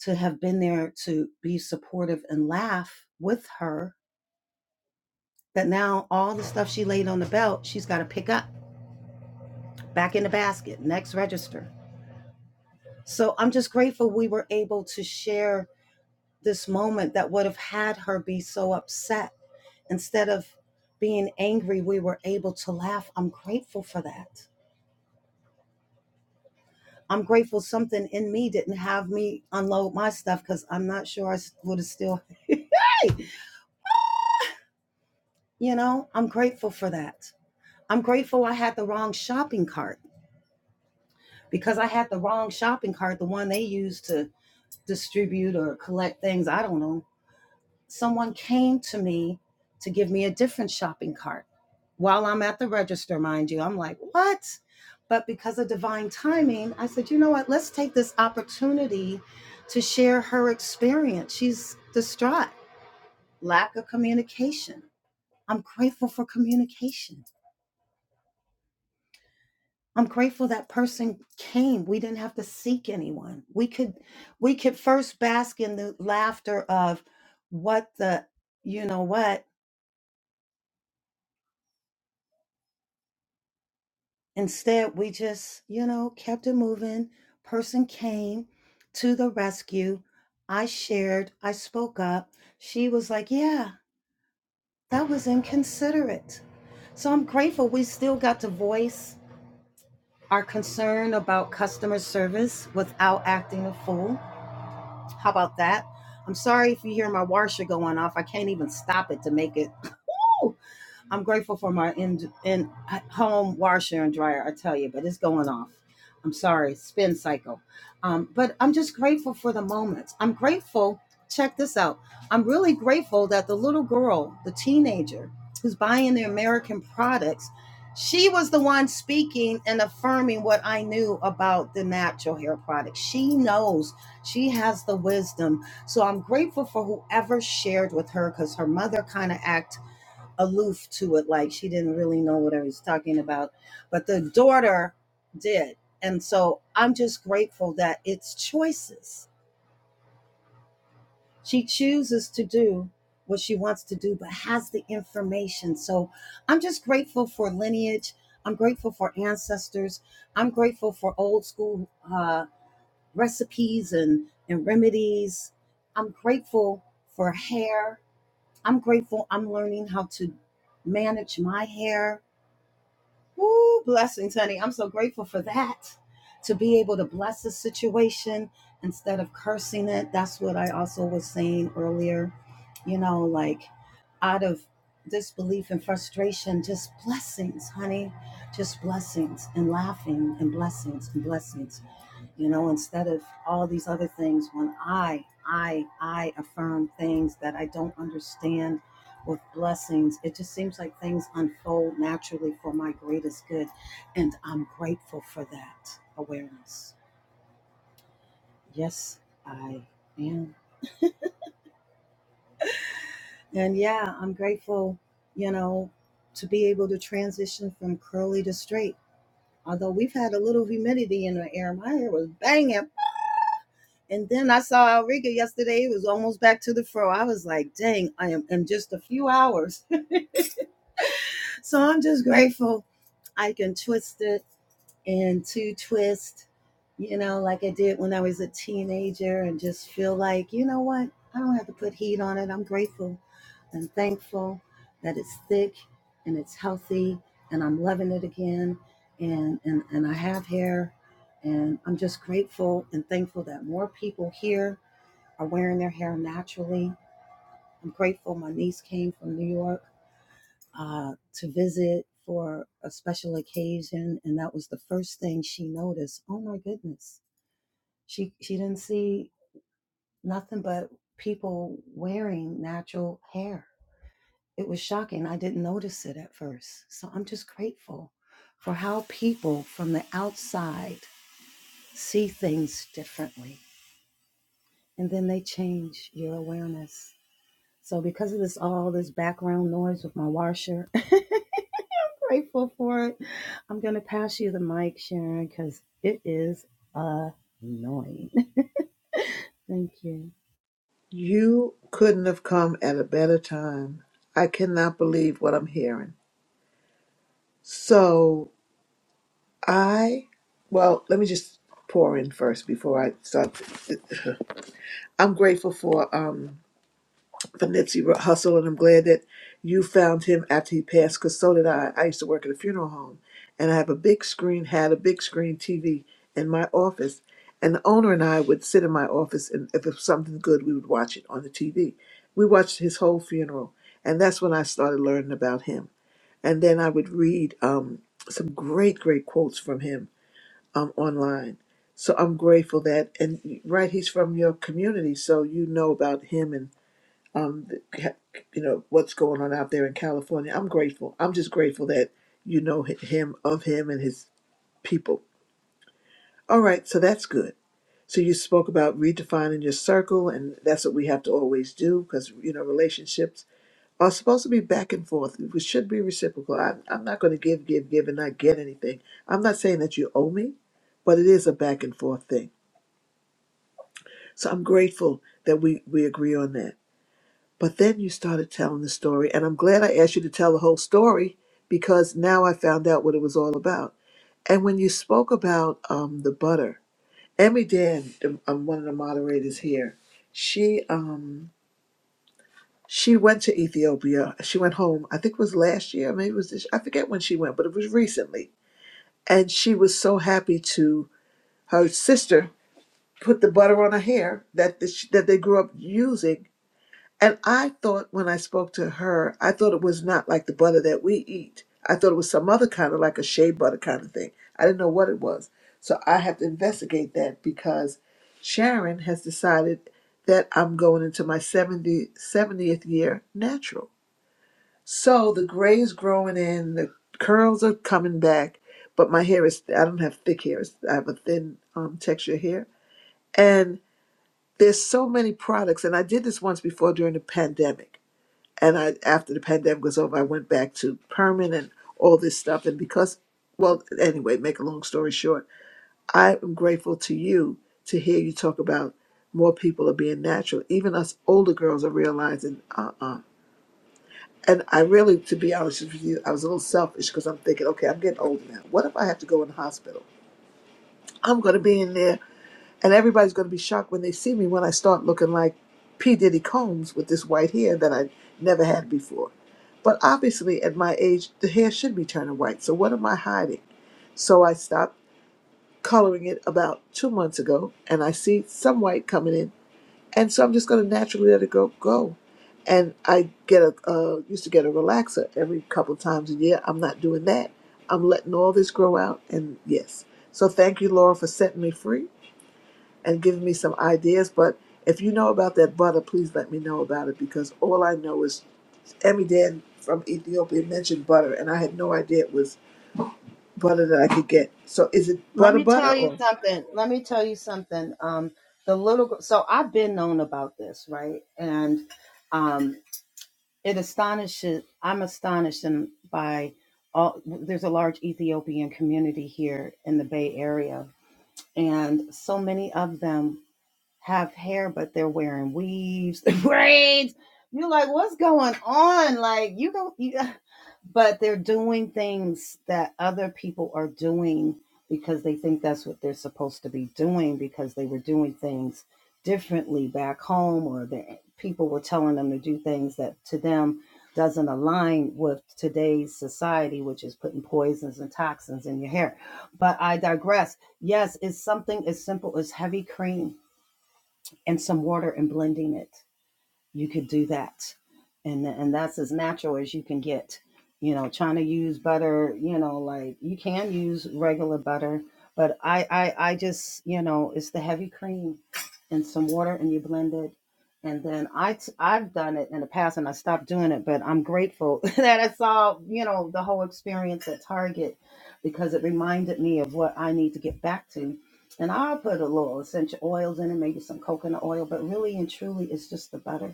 Speaker 1: to have been there to be supportive and laugh with her. That now all the stuff she laid on the belt, she's got to pick up back in the basket, next register. So I'm just grateful we were able to share this moment that would have had her be so upset Instead of being angry, we were able to laugh. I'm grateful for that. I'm grateful something in me didn't have me unload my stuff because I'm not sure I would have still, (laughs) you know, I'm grateful for that. I'm grateful I had the wrong shopping cart because I had the wrong shopping cart, the one they use to distribute or collect things. I don't know someone came to me to give me a different shopping cart while I'm at the register, mind you. I'm like, what? But because of divine timing, I said, you know what? Let's take this opportunity to share her experience. She's distraught, lack of communication. I'm grateful for communication. I'm grateful that person came. We didn't have to seek anyone. We could we could first bask in the laughter of what the you know what Instead, we just, you know, kept it moving. Person came to the rescue. I shared, I spoke up. She was like, yeah, that was inconsiderate. So I'm grateful we still got to voice our concern about customer service without acting a fool. How about that? I'm sorry if you hear my washer going off. I can't even stop it to make it. I'm grateful for my in in home washer and dryer. I tell you, but it's going off. I'm sorry, spin cycle. Um, but I'm just grateful for the moments. I'm grateful. Check this out. I'm really grateful that the little girl, the teenager who's buying the American products, she was the one speaking and affirming what I knew about the natural hair product. She knows. She has the wisdom. So I'm grateful for whoever shared with her because her mother kind of act aloof to it, like she didn't really know what I was talking about. But the daughter did. And so I'm just grateful that it's choices. She chooses to do what she wants to do, but has the information. So I'm just grateful for lineage. I'm grateful for ancestors. I'm grateful for old school uh, recipes and, and remedies. I'm grateful for hair. I'm grateful I'm learning how to manage my hair Woo, blessings, honey. I'm so grateful for that. To be able to bless the situation instead of cursing it. That's what I also was saying earlier. You know, like out of disbelief and frustration, just blessings, honey. Just blessings and laughing and blessings and blessings you know instead of all these other things when i i i affirm things that i don't understand with blessings it just seems like things unfold naturally for my greatest good and i'm grateful for that awareness yes i am and yeah i'm grateful you know to be able to transition from curly to straight although we've had a little humidity in the air my hair was banging And then I saw Elrica yesterday. It was almost back to the fro. I was like, dang, I am in just a few hours. (laughs) So I'm just grateful I can twist it and to twist, you know, like I did when I was a teenager and just feel like, you know what? I don't have to put heat on it. I'm grateful and thankful that it's thick and it's healthy and I'm loving it again. And, and, and I have hair and I'm just grateful and thankful that more people hear are wearing their hair naturally. I'm grateful my niece came from New York uh, to visit for a special occasion, and that was the first thing she noticed. Oh my goodness, she she didn't see nothing but people wearing natural hair. It was shocking. I didn't notice it at first, so I'm just grateful for how people from the outside see things differently, and then they change your awareness. So because of this all this background noise with my washer, (laughs) I'm grateful for it. I'm gonna pass you the mic, Sharon, because it is annoying. (laughs) Thank you.
Speaker 17: You couldn't have come at a better time. I cannot believe what I'm hearing. So I, well, let me just pour in first before I start. (laughs) I'm grateful for. Um, for Nipsey Ru- Hussle, and I'm glad that you found him after he passed. Because so did I. I used to work at a funeral home, and I have a big screen, had a big screen TV in my office, and the owner and I would sit in my office, and if it was something good, we would watch it on the TV. We watched his whole funeral, and that's when I started learning about him. And then I would read um, some great, great quotes from him um, online. So I'm grateful that, and right, he's from your community, so you know about him and um, the- you know what's going on out there in California. I'm grateful. I'm just grateful that you know hi- him of him and his people. All right, so that's good. So you spoke about redefining your circle, and that's what we have to always do because you know relationships are supposed to be back and forth. It should be reciprocal. I, I'm not going to give, give, give, and not get anything. I'm not saying that you owe me, but it is a back and forth thing. So I'm grateful that we we agree on that. But then you started telling the story, and I'm glad I asked you to tell the whole story because now I found out what it was all about. And when you spoke about um, the butter, Emmy Dan, the- um, one of the moderators here, she um, she went to Ethiopia. She went home. I think it was last year, maybe it was this. I forget when she went, but it was recently. And she was so happy to her sister put the butter on her hair that the, that they grew up using And I thought when I spoke to her, I thought it was not like the butter that we eat. I thought it was some other kind of like a shea butter kind of thing. I didn't know what it was. So I have to investigate that because Sharon has decided that I'm going into my 70 seventieth year natural. So the gray is growing in, the curls are coming back, but my hair is, I don't have thick hair. It's- I have a thin um, texture hair. And there's so many products. And I did this once before during the pandemic and I after the pandemic was over, I went back to permanent and all this stuff. And because, well, anyway, make a long story short, I am grateful to you to hear you talk about more people are being natural. Even us older girls are realizing, uh, uh And I really, to be honest with you, I was a little selfish because I'm thinking, okay, I'm getting older now. What if I have to go in the hospital? I'm going to be in there and everybody's going to be shocked when they see me when I start looking like P. Diddy Combs with this white hair that I never had before. But obviously, at my age, the hair should be turning white. So, what am I hiding? So, I stopped coloring it about two months ago, and I see some white coming in. And so, I'm just going to naturally let it go. go. And I get a uh, used to get a relaxer every couple times a year. I'm not doing that. I'm letting all this grow out. And yes, so thank you, Laura, for setting me free and giving me some ideas. But if you know about that butter, please let me know about it because all I know is Emmy Dan from Ethiopia mentioned butter, and I had no idea it was butter that I could get. So is it
Speaker 1: Let
Speaker 17: butter
Speaker 1: me
Speaker 17: butter
Speaker 1: tell you
Speaker 17: or
Speaker 1: something. Let me tell you something. Um, the little girl. So I've been known about this, right? And um, it astonishes. I'm astonished and by all. There's a large Ethiopian community here in the Bay Area, and so many of them. have hair, but they're wearing weaves, (laughs) braids. You're like, what's going on? Like, you don't, you, (sighs) but they're doing things that other people are doing because they think that's what they're supposed to be doing because they were doing things differently back home or the people were telling them to do things that to them doesn't align with today's society which is putting poisons and toxins in your hair but i digress yes it's something as simple as heavy cream and some water and blending it you could do that and and that's as natural as you can get you know trying to use butter you know like you can use regular butter but i i, I just you know it's the heavy cream and some water and you blend it and then i t- i've done it in the past and i stopped doing it but i'm grateful (laughs) that i saw you know the whole experience at target because it reminded me of what i need to get back to and i'll put a little essential oils in it maybe some coconut oil but really and truly it's just the butter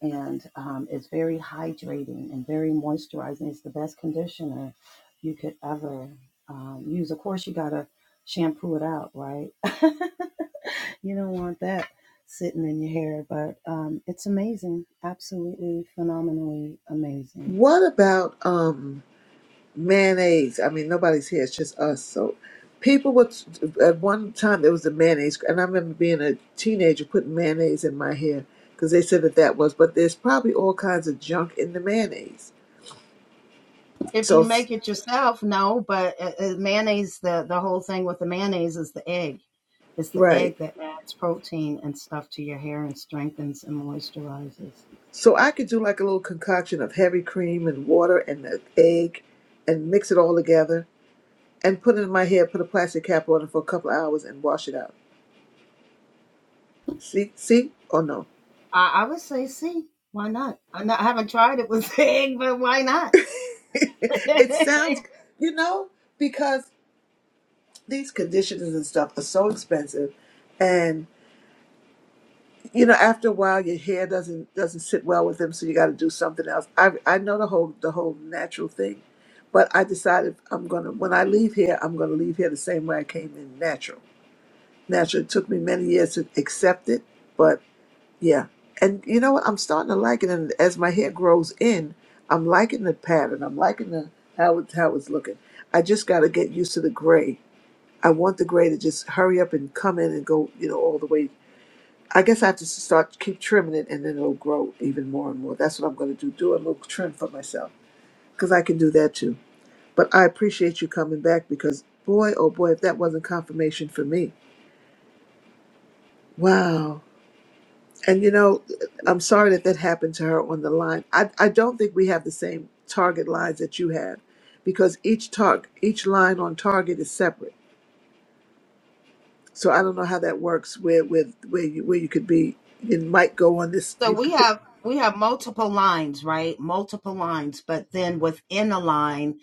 Speaker 1: and um, it's very hydrating and very moisturizing. It's the best conditioner you could ever um, use. Of course, you gotta shampoo it out, right? (laughs) you don't want that sitting in your hair, but um, it's amazing, absolutely phenomenally amazing.
Speaker 17: what about um mayonnaise? I mean, nobody's here; it's just us. So people would at one time there was the mayonnaise, and I remember being a teenager putting mayonnaise in my hair because they said that that was. But there's probably all kinds of junk in the mayonnaise.
Speaker 1: If you
Speaker 17: So
Speaker 1: make it yourself, no, but uh, uh, mayonnaise, the the whole thing with the mayonnaise is the egg. It's the
Speaker 17: right.
Speaker 1: egg that adds protein and stuff to your hair and strengthens and moisturizes.
Speaker 17: So I could do like a little concoction of heavy cream and water and an egg and mix it all together and put it in my hair, put a plastic cap on it for a couple of hours and wash it out. See, see or no?
Speaker 1: I, I would say C. Why not? I'm not, I haven't tried it with (laughs) egg, but why not?
Speaker 17: (laughs)
Speaker 1: (laughs)
Speaker 17: it sounds, you know, because these conditioners and stuff are so expensive and you know after a while your hair doesn't doesn't sit well with them so you got to do something else i i know the whole the whole natural thing but i decided i'm gonna when i leave here i'm gonna leave here the same way i came in natural natural. It took me many years to accept it, but yeah. And you know what? I'm starting to like it, and as my hair grows in, I'm liking the pattern. I'm liking the how it's how it's looking. I just got to get used to the gray. I want the gray to just hurry up and come in and go, you know, all the way. I guess I have to s- start keep trimming it, and then it'll grow even more and more. That's what I'm going to do. Do a little trim for myself because I can do that too. But I appreciate you coming back because boy, oh boy, if that wasn't confirmation for me, wow And you know, I'm sorry that that happened to her on the line. I, I don't think we have the same target lines that you have because each target, each line on target is separate. So I don't know how that works where with where you where you could be it might go on this
Speaker 1: so
Speaker 17: you
Speaker 1: we
Speaker 17: could put
Speaker 1: have we have multiple lines, right? Multiple lines, but then within a line,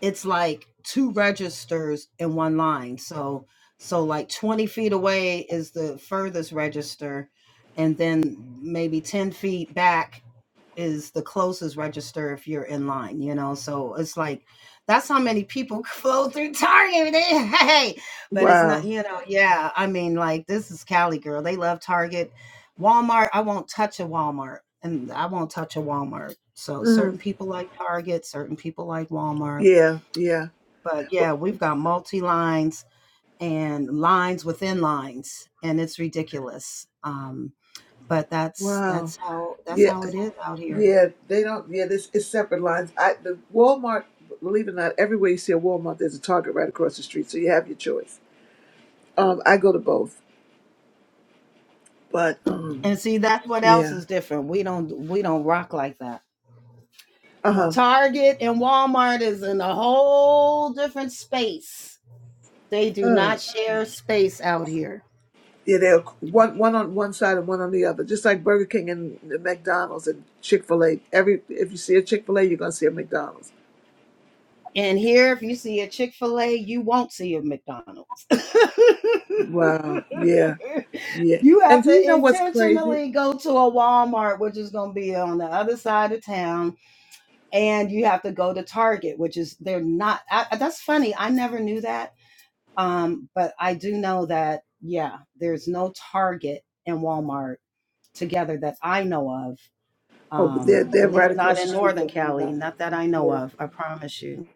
Speaker 1: it's like two registers in one line. So so like 20 feet away is the furthest register, and then maybe 10 feet back is the closest register if you're in line, you know. So it's like that's how many people (laughs) flow through Target. (laughs) Hey, but it's not,
Speaker 17: wow.
Speaker 1: you know, yeah. I mean, like this is Cali girl. They love Target. Walmart, I won't touch a Walmart. And I won't touch a Walmart. So
Speaker 17: hmm
Speaker 1: certain people like Target, certain people like Walmart.
Speaker 17: Yeah, yeah.
Speaker 1: But
Speaker 17: Wa-
Speaker 1: yeah, we've got multi lines and lines within lines, and it's ridiculous. Um, but that's
Speaker 17: Wow.
Speaker 1: that's how that's
Speaker 17: Yeah,
Speaker 1: how it is out here.
Speaker 17: yeah, they don't yeah, this it's separate lines. I the Walmart believe it or not, everywhere you see a Walmart there's a target right across the street. So you have your choice. Um I go to both. But um
Speaker 1: And see, that's what else
Speaker 17: yeah.
Speaker 1: is different. We don't we don't rock like that.
Speaker 17: Uh
Speaker 1: No.
Speaker 17: huh.
Speaker 1: Target and Walmart is in a whole different space. They do
Speaker 17: Mm.
Speaker 1: not share space out here.
Speaker 17: Yeah, they're one one on one side and one on the other, just like Burger King and the McDonald's and Chick Fil A. Every if you see a Chick Fil A, you're gonna see a McDonald's.
Speaker 1: And here, if you see a Chick fil A, you won't see a McDonald's. (laughs)
Speaker 17: Wow. Yeah. Yeah.
Speaker 1: you
Speaker 17: And
Speaker 1: have
Speaker 17: do you
Speaker 1: to
Speaker 17: know what's crazy?
Speaker 1: intentionally go to a Walmart, which is going to be on the other side of town. And you have to go to Target, which is, they're not. I, that's funny. I never knew that Um, but I do know that, yeah, there's no Target and Walmart together that I know of,
Speaker 17: Oh, but
Speaker 1: um,
Speaker 17: they're they're
Speaker 1: at
Speaker 17: right
Speaker 1: least not
Speaker 17: across the
Speaker 1: in
Speaker 17: street
Speaker 1: Northern
Speaker 17: from one
Speaker 1: Cali,
Speaker 17: another.
Speaker 1: not that I know
Speaker 17: Yeah.
Speaker 1: of, I promise you.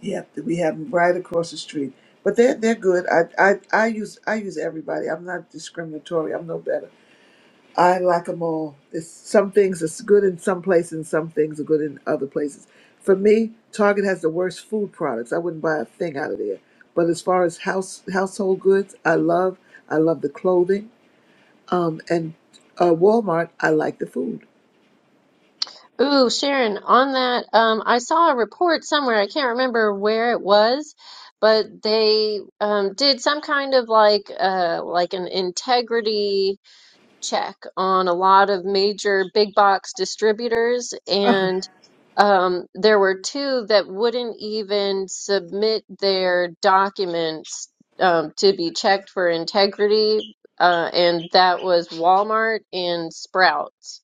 Speaker 17: Yeah. We have them right across the street, but they're they're good. I I I use I use everybody. I'm not discriminatory. I'm no better. I like them all. It's, some things are good in some places, and some things are good in other places. For me, Target has the worst food products. I wouldn't buy a thing out of there. But as far as house household goods, I love. I love the clothing. Um, and uh, Walmart, I like the food.
Speaker 20: Ooh, Sharon, on that, um, I saw a report somewhere. I can't remember where it was, but they um, did some kind of like uh, like an integrity. check on a lot of major big box distributors,
Speaker 17: Uh,
Speaker 20: and um, there were two that wouldn't even submit their documents um, to be checked for integrity, uh, and that was Walmart and Sprouts.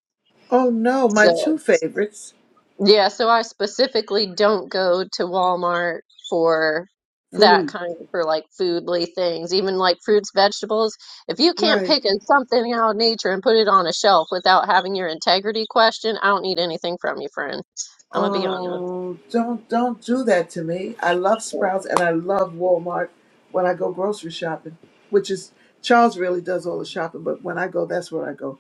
Speaker 17: oh no, my
Speaker 20: So.
Speaker 17: two favorites,
Speaker 20: Yeah, so I specifically don't go to Walmart for that
Speaker 17: food.
Speaker 20: kind for like foodly things, even like fruits, vegetables. If you can't
Speaker 17: Right.
Speaker 20: pick a- something out of nature and put it on a shelf without having your integrity questioned, I don't need anything from you, friend. I'm gonna be honest.
Speaker 17: Oh, don't don't do that to me. I love Sprouts and I love Walmart when I go grocery shopping, which is Charles really does all the shopping, but when I go, that's where I go.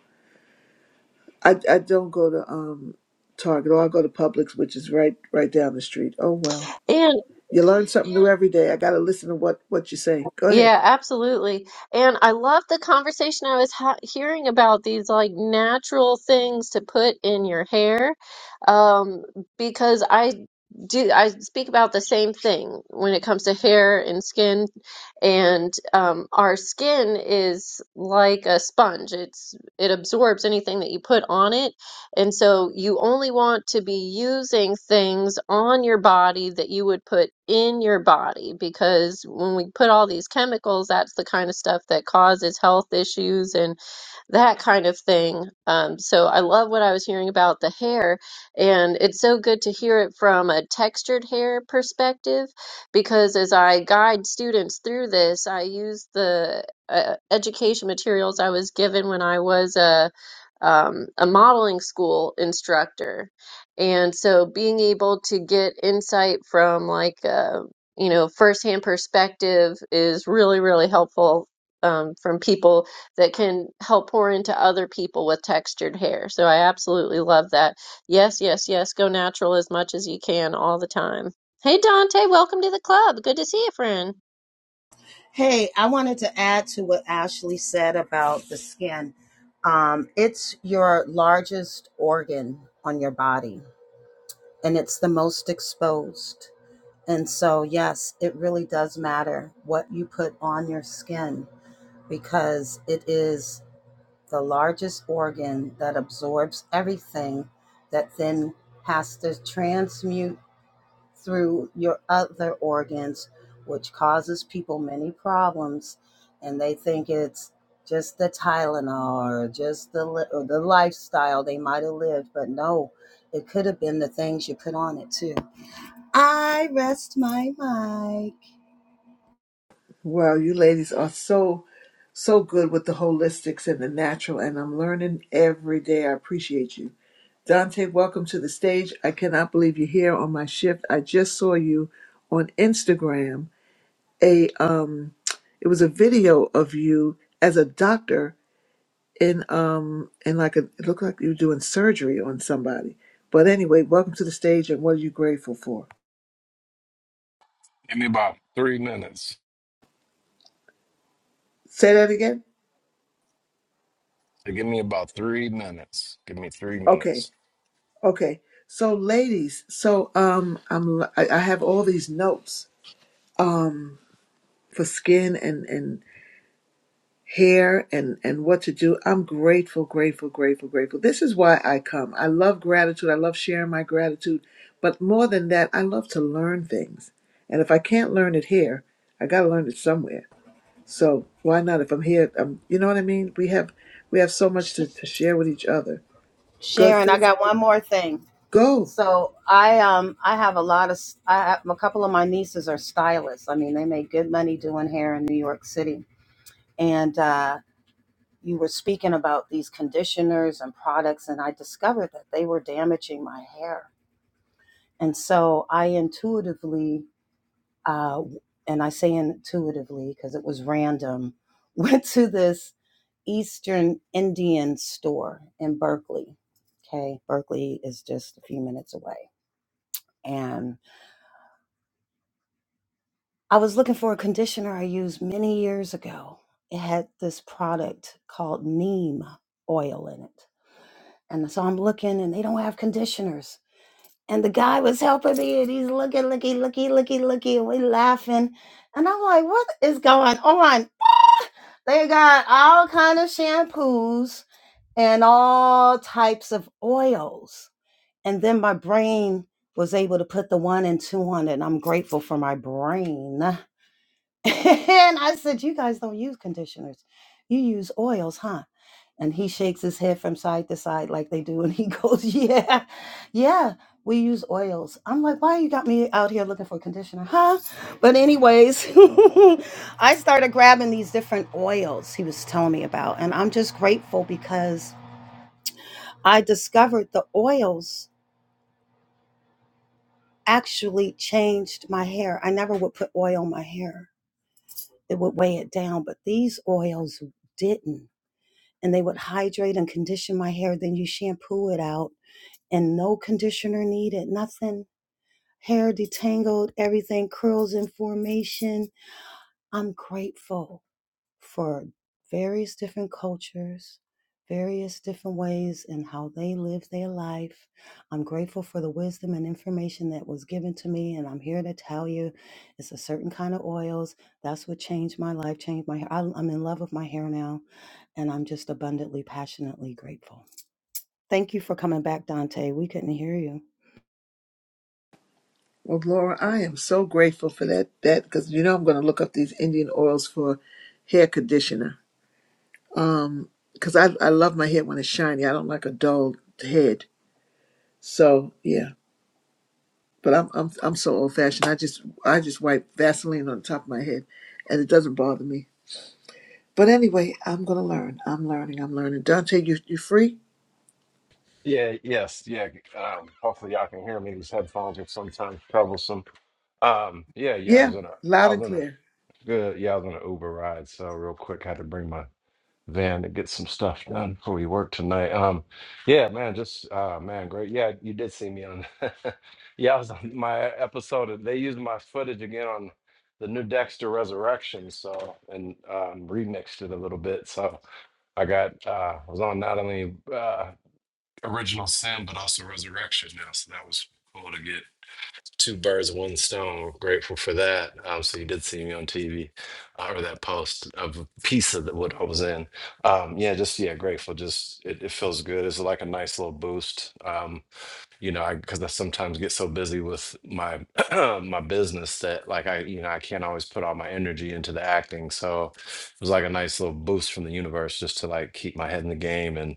Speaker 17: I, I don't go to um Target or I go to Publix, which is right right down the street. Oh well.
Speaker 20: And
Speaker 17: You learn something new every day. I gotta listen to what what you say. Go ahead.
Speaker 20: Yeah, absolutely. And I love the conversation I was ha hearing about these like natural things to put in your hair. Um, because I do, I speak about the same thing when it comes to hair and skin. And um, our skin is like a sponge. It's it absorbs anything that you put on it. And so you only want to be using things on your body that you would put in your body because when we put all these chemicals, that's the kind of stuff that causes health issues and that kind of thing. Um, so I love what I was hearing about the hair, and it's so good to hear it from a textured hair perspective because as I guide students through this, I use the uh, education materials I was given when I was a um, a modeling school instructor. And so being able to get insight from like a, you know, firsthand perspective is really, really helpful um, from people that can help pour into other people with textured hair. So I absolutely love that. Yes, yes, yes. Go natural as much as you can all the time. Hey, Dante, welcome to the club. Good to see you, friend.
Speaker 1: Hey, I wanted to add to what Ashley said about the skin. Um, it's your largest organ on your body and it's the most exposed. And so, yes, it really does matter what you put on your skin. because it is the largest organ that absorbs everything that then has to transmute through your other organs, which causes people many problems. And they think it's just the Tylenol or just the, li- or the lifestyle they might have lived, but no, it could have been the things you put on it too. I rest my mic.
Speaker 17: Wow, you ladies are so so good with the holistics and the natural and I'm learning every day. I appreciate you. Dante, welcome to the stage. I cannot believe you're here on my shift. I just saw you on Instagram. A um it was a video of you as a doctor in um in like a it looked like you were doing surgery on somebody. But anyway, welcome to the stage and what are you grateful for?
Speaker 24: Give me about three minutes.
Speaker 17: Say that again?
Speaker 24: So give me about three minutes. Give me three
Speaker 17: Okay.
Speaker 24: minutes.
Speaker 17: Okay. So ladies, so um I'm I, I have all these notes um for skin and and Hair and and what to do i'm grateful grateful grateful grateful this is why i come i love gratitude i love sharing my gratitude but more than that i love to learn things and if i can't learn it here i got to learn it somewhere so why not if i'm here um you know what i mean we have we have so much to, to share with each other go
Speaker 1: Sharon,
Speaker 17: say
Speaker 1: I got
Speaker 17: something
Speaker 1: one more thing.
Speaker 17: go
Speaker 1: So I um I have a lot of I have, a couple of my nieces are stylists. I mean, they make good money doing hair in New York City. And uh, you were speaking about these conditioners and products, and I discovered that they were damaging my hair. And so I intuitively, uh, and I say intuitively because it was random, (laughs) went to this Eastern Indian store in Berkeley. Okay, Berkeley is just a few minutes away, and I was looking for a conditioner I used many years ago. It had this product called neem oil in it. And so I'm looking and they don't have conditioners. And the guy was helping me and he's looking, looking, looking, looking, looking, and we laughing. And I'm like, what is going on? They got all kind of shampoos and all types of oils. And then my brain was able to put the one and two on it. And I'm grateful for my brain (laughs) and I said, You guys don't use conditioners. You use oils, huh? And he shakes his head from side to side like they do. And he (laughs) goes, Yeah, yeah, we use oils. I'm like, Why you got me out here looking for conditioner, huh? But, anyways, (laughs) I started grabbing these different oils he was telling me about. And I'm just grateful because I discovered the oils actually changed my hair. I never would put oil on my hair, it would weigh it down. But these oils didn't. and they would hydrate and condition my hair. Then you shampoo it out and no conditioner needed, nothing. Hair detangled, everything curls in formation. I'm grateful for various different cultures, various different ways and how they live their life. I'm grateful for the wisdom and information that was given to me, and I'm here to tell you it's a certain kind of oils. That's what changed my life, changed my hair. I- I'm in love with my hair now, and I'm just abundantly, passionately grateful. Thank you for coming back, Dante. We couldn't hear you.
Speaker 17: well laura i am so grateful for that that because you know i'm going to look up these indian oils for hair conditioner Um, because I I love my head when it's shiny. I don't like a dull head. So yeah, but I'm I'm I'm so old fashioned. I just I just wipe Vaseline on the top of my head, and it doesn't bother me. But anyway, I'm gonna learn. I'm learning. I'm learning. Dante, you you free?
Speaker 24: Yeah, yes, yeah. Um, hopefully y'all can hear me. These headphones are sometimes troublesome. Um, yeah, yeah. I
Speaker 17: Yeah,
Speaker 24: was in a,
Speaker 17: loud
Speaker 24: I was
Speaker 17: and
Speaker 24: in a
Speaker 17: clear.
Speaker 24: good, yeah, I was in an Uber ride. So real quick, had to bring my van to get some stuff done before we work tonight. Um, yeah, man, just uh, man, great. Yeah, you did see me on. (laughs) yeah, I was on my episode. of- They used my footage again on the new Dexter Resurrection, so and um, remixed it a little bit. So I got uh, I was on not only uh, Original Sin but also Resurrection now, so that was cool to get two birds, one stone. Grateful for that. Um, so you did see me on TV uh, or that post of a piece of the, what I was in. Um, yeah, just yeah, grateful. Just it, it feels good. It's like a nice little boost. Um, you know, I because I sometimes get so busy with my (clears throat) my business that like I, you know, I can't always put all my energy into the acting. So it was like a nice little boost from the universe just to like keep my head in the game and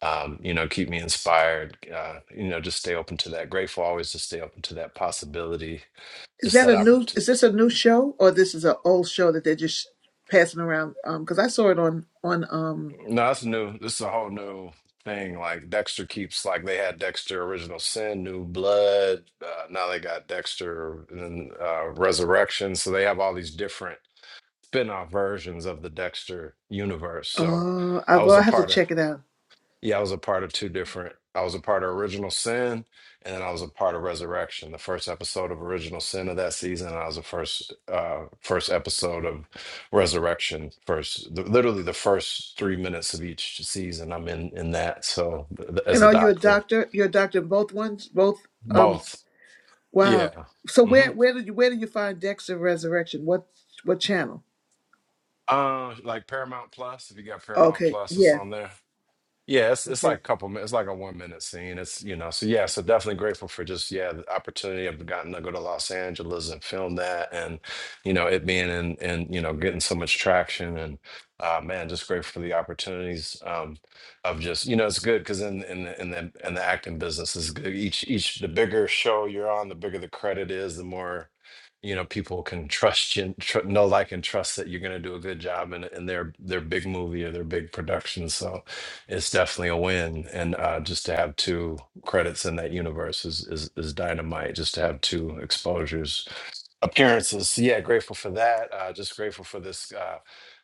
Speaker 24: um, you know, keep me inspired. Uh, you know, just stay open to that. Grateful always to stay open to that possibility,
Speaker 17: Is
Speaker 24: just
Speaker 17: that
Speaker 24: that
Speaker 17: a new?
Speaker 24: opportunity.
Speaker 17: Is this a new show or this is an old show that they're just passing around? Um, because I saw it on on um
Speaker 24: No, that's new. This is a whole new thing. Like Dexter keeps like they had Dexter Original Sin, New Blood. Uh, now they got Dexter and then uh, Resurrection. So they have all these different spin-off versions of the Dexter universe. So
Speaker 17: uh I
Speaker 24: I
Speaker 17: well
Speaker 24: was
Speaker 17: I
Speaker 24: a
Speaker 17: have to
Speaker 24: part of.
Speaker 17: check it out.
Speaker 24: Yeah, I was a part of two different. I was a part of Original Sin, and then I was a part of Resurrection. The first episode of Original Sin of that season, and I was the first uh, first episode of Resurrection. First, the, literally the first three minutes of each season, I'm in in that. So th- th- as
Speaker 17: And
Speaker 24: a
Speaker 17: are you a
Speaker 24: doctor,
Speaker 17: doctor? You're a doctor in both ones, both um
Speaker 24: both.
Speaker 17: Wow.
Speaker 24: Yeah.
Speaker 17: So
Speaker 24: hmm
Speaker 17: where where did you where did you find Dexter Resurrection? What what channel?
Speaker 24: Uh, like Paramount Plus. If you got Paramount
Speaker 17: Okay.
Speaker 24: Plus, it's
Speaker 17: Yeah.
Speaker 24: on there. Yeah, it's it's like
Speaker 17: Okay.
Speaker 24: a couple minutes, it's like a one minute scene. It's you know, so yeah, so definitely grateful for just yeah, the opportunity of gotten to go to Los Angeles and film that and you know, it being in and you know, getting so much traction and uh man, just grateful for the opportunities um of just you know, it's good because in in the in the in the acting business is good. Each each the bigger show you're on, the bigger the credit is, the more you know people can trust you tr- know like and trust that you're going to do a good job in, in their their big movie or their big production so it's definitely a win. And uh, just to have two credits in that universe is, is is dynamite. Just to have two exposures, appearances. So, yeah, grateful for that. Uh, just grateful for this. Uh,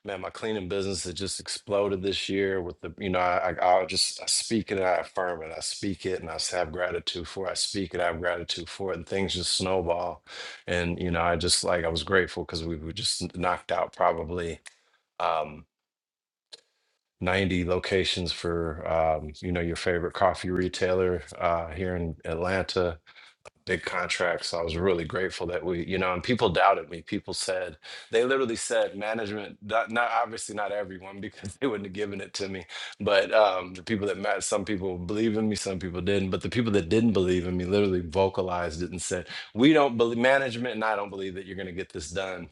Speaker 24: man, my cleaning business that just exploded this year with the, you know, I, I, I'll just I speak it and I affirm it. I speak it and I s- have gratitude for it. I speak it, I have gratitude for it. And things just snowball. And, you know, I just like, I was grateful because we were just knocked out probably. Um, 90 locations for um, you know your favorite coffee retailer uh, here in Atlanta. Big contracts. I was really grateful that we, you know, and people doubted me. People said they literally said management. Not, not obviously not everyone because (laughs) they wouldn't have given it to me, but um, the people that met, some people believe in me, some people didn't. But the people that didn't believe in me literally vocalized it and said, "We don't believe management, and I don't believe that you're going to get this done."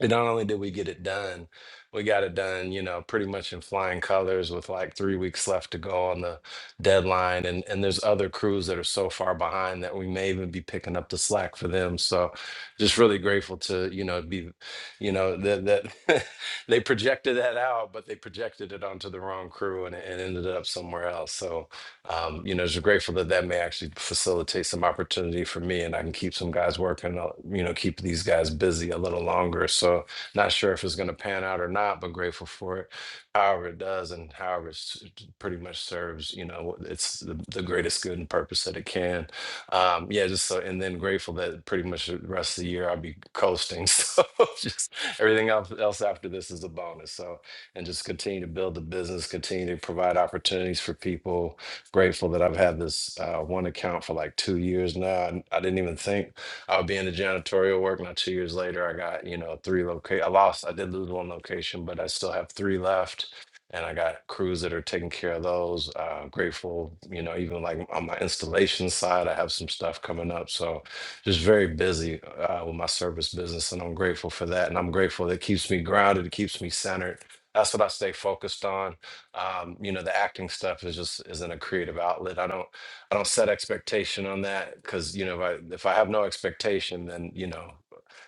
Speaker 24: And not only did we get it done, we got it done, you know, pretty much in flying colors with like three weeks left to go on the deadline. And and there's other crews that are so far behind that we may even be picking up the slack for them. So just really grateful to, you know, be, you know, that that (laughs) they projected that out, but they projected it onto the wrong crew and it, it ended up somewhere else. So um, you know, just grateful that that may actually facilitate some opportunity for me, and I can keep some guys working. uh, You know, keep these guys busy a little longer. So, not sure if it's going to pan out or not, but grateful for it. However, it does, and however it's pretty much serves. You know, it's the, the greatest good and purpose that it can. Um, yeah, just so, and then grateful that pretty much the rest of the year I'll be coasting. (laughs) So, just everything else else after this is a bonus. So, and just continue to build the business, continue to provide opportunities for people grateful that I've had this uh, one account for like two years now. And I didn't even think I would be in the janitorial work. Now two years later, I got you know three locate. I lost. I did lose one location, but I still have three left. And I got crews that are taking care of those. Uh, grateful, you know, even like on my installation side, I have some stuff coming up. So just very busy uh, with my service business, and I'm grateful for that. And I'm grateful that it keeps me grounded, it keeps me centered. That's what I stay focused on um, you know the acting stuff is just isn't a creative outlet i don't i don't set expectation on that because you know if i if i have no expectation then you know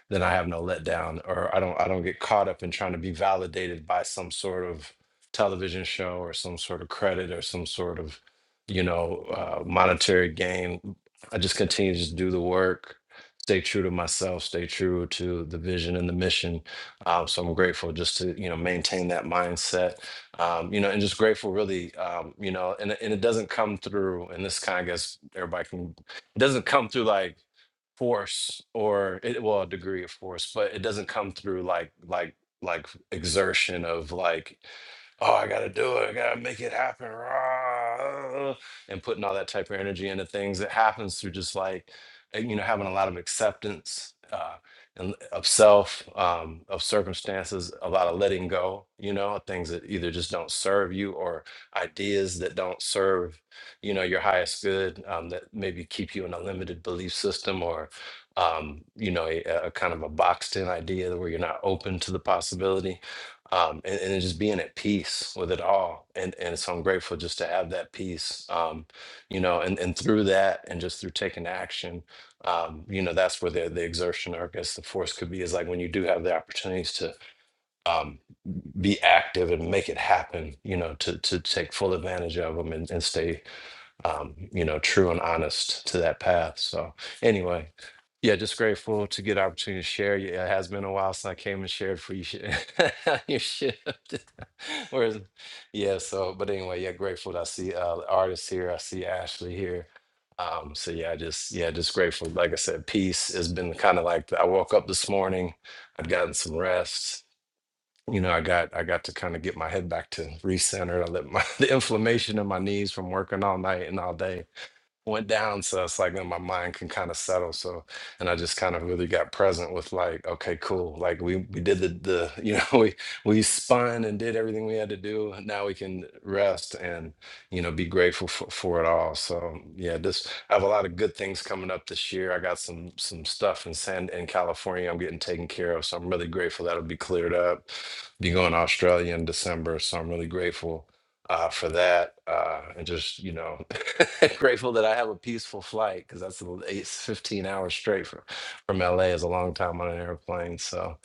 Speaker 24: then I have no letdown or I don't I don't get caught up in trying to be validated by some sort of television show or some sort of credit or some sort of you know uh, monetary gain. I just continue to just do the work, stay true to myself, stay true to the vision and the mission. Um, so I'm grateful just to you know maintain that mindset, um, you know, and just grateful really, um, you know, and and it doesn't come through. And this kind of gets everybody can. It doesn't come through like force or it, well a degree of force but it doesn't come through like like like exertion of like oh i gotta do it i gotta make it happen rah," and putting all that type of energy into things it happens through just like uh, you know having a lot of acceptance uh and of self um of circumstances a lot of letting go you know of things that either just don't serve you or ideas that don't serve you know your highest good um, that maybe keep you in a limited belief system or um, you know a, a kind of a boxed in idea where you're not open to the possibility um, and, and just being at peace with it all and and so i'm grateful just to have that peace um, you know and, and through that and just through taking action um, you know that's where the, the exertion or i guess the force could be is like when you do have the opportunities to um, be active and make it happen you know to to take full advantage of them and, and stay um, you know, true and honest to that path. So anyway, yeah, just grateful to get the opportunity to share. Yeah, it has been a while since I came and shared for you sh- (laughs) your shift. (laughs) Whereas, yeah, so but anyway, yeah, grateful that I see uh the artists here, I see Ashley here. Um, so yeah, I just yeah, just grateful. Like I said, peace has been kind of like I woke up this morning, I've gotten some rest. You know, I got I got to kind of get my head back to recenter. I let my (laughs) the inflammation in my knees from working all night and all day went down so it's like then my mind can kind of settle so and i just kind of really got present with like okay cool like we we did the the you know (laughs) we we spun and did everything we had to do and now we can rest and you know be grateful for, for it all so yeah this i have a lot of good things coming up this year i got some some stuff in san in california i'm getting taken care of so i'm really grateful that'll be cleared up be going to australia in december so i'm really grateful uh, for that. Uh, and just, you know, (laughs) grateful that I have a peaceful flight because that's a eight, 15 hours straight from, from LA is a long time on an airplane. So,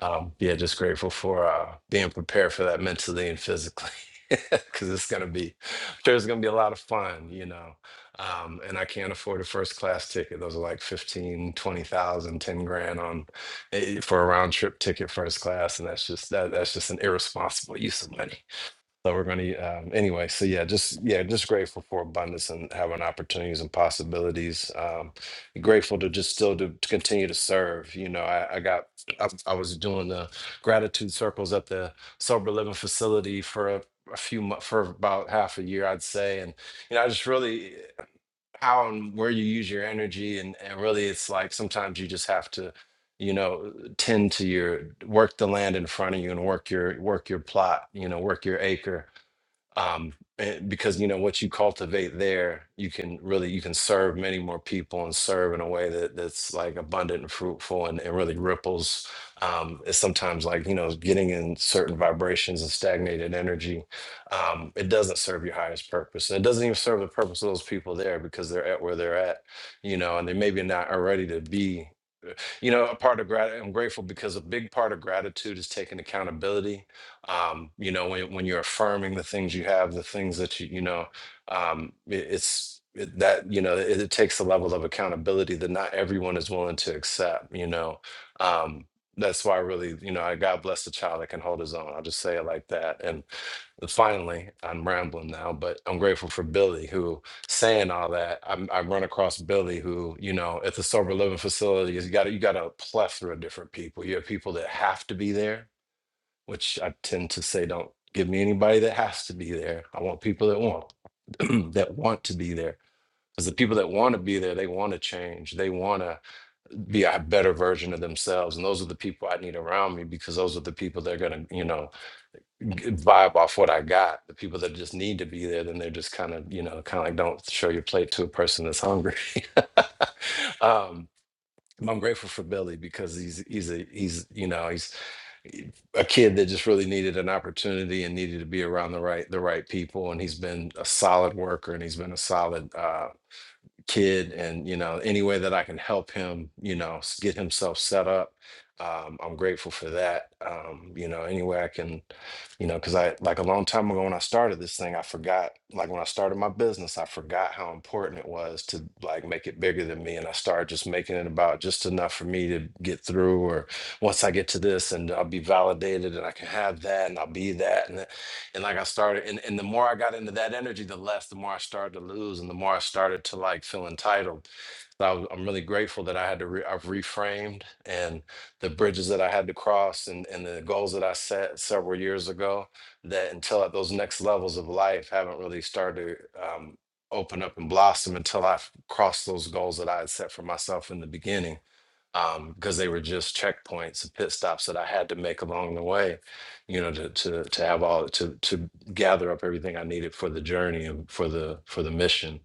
Speaker 24: um, yeah, just grateful for uh, being prepared for that mentally and physically. (laughs) Because it's gonna be, I'm sure it's gonna be a lot of fun, you know. Um, and I can't afford a first class ticket. Those are like 15, 20,000, 10 grand on eh, for a round trip ticket first class. And that's just that that's just an irresponsible use of money. So we're going to, um, anyway. So yeah, just yeah, just grateful for abundance and having opportunities and possibilities. Um, grateful to just still to, to continue to serve. You know, I, I got, I, I was doing the gratitude circles at the sober living facility for a, a few months, for about half a year, I'd say, and you know, I just really how and where you use your energy, and and really, it's like sometimes you just have to you know tend to your work the land in front of you and work your work your plot you know work your acre um, eh, because you know what you cultivate there you can really you can serve many more people and serve in a way that that's like abundant and fruitful and, and really ripples um, it's sometimes like you know getting in certain vibrations and stagnated energy um, it doesn't serve your highest purpose and it doesn't even serve the purpose of those people there because they're at where they're at you know and they maybe not are ready to be you know a part of gratitude i'm grateful because a big part of gratitude is taking accountability um you know when, when you're affirming the things you have the things that you you know um it- it's it, that you know it, it takes a level of accountability that not everyone is willing to accept you know um that's why I really you know i god bless the child that can hold his own i'll just say it like that and finally i'm rambling now but i'm grateful for billy who saying all that, I'm, I run across Billy, who you know, at the sober living facility, is you got you got a plethora of different people. You have people that have to be there, which I tend to say, don't give me anybody that has to be there. I want people that want (clears throat) that want to be there. Because the people that want to be there, they want to change. They want to be a better version of themselves. And those are the people I need around me because those are the people that are going to, you know, g- vibe off what I got. The people that just need to be there, then they're just kind of, you know, kind of like don't show your plate to a person that's hungry. (laughs) um, I'm grateful for Billy because he's he's a he's you know he's a kid that just really needed an opportunity and needed to be around the right the right people and he's been a solid worker and he's been a solid uh, kid and you know any way that i can help him you know s- get himself set up um, i'm grateful for that um, you know any way i can you know because i like a long time ago when i started this thing i forgot like when i started my business i forgot how important it was to like make it bigger than me and i started just making it about just enough for me to get through or once i get to this and i'll be validated and i can have that and i'll be that and and like I started, and, and the more I got into that energy, the less, the more I started to lose, and the more I started to like feel entitled. So I was, I'm really grateful that I had to, re, I've reframed and the bridges that I had to cross and, and the goals that I set several years ago that until at those next levels of life haven't really started to um, open up and blossom until I've crossed those goals that I had set for myself in the beginning um, because they were just checkpoints and pit stops that I had to make along the way, you know, to to to have all to to gather up everything I needed for the journey and for the for the mission.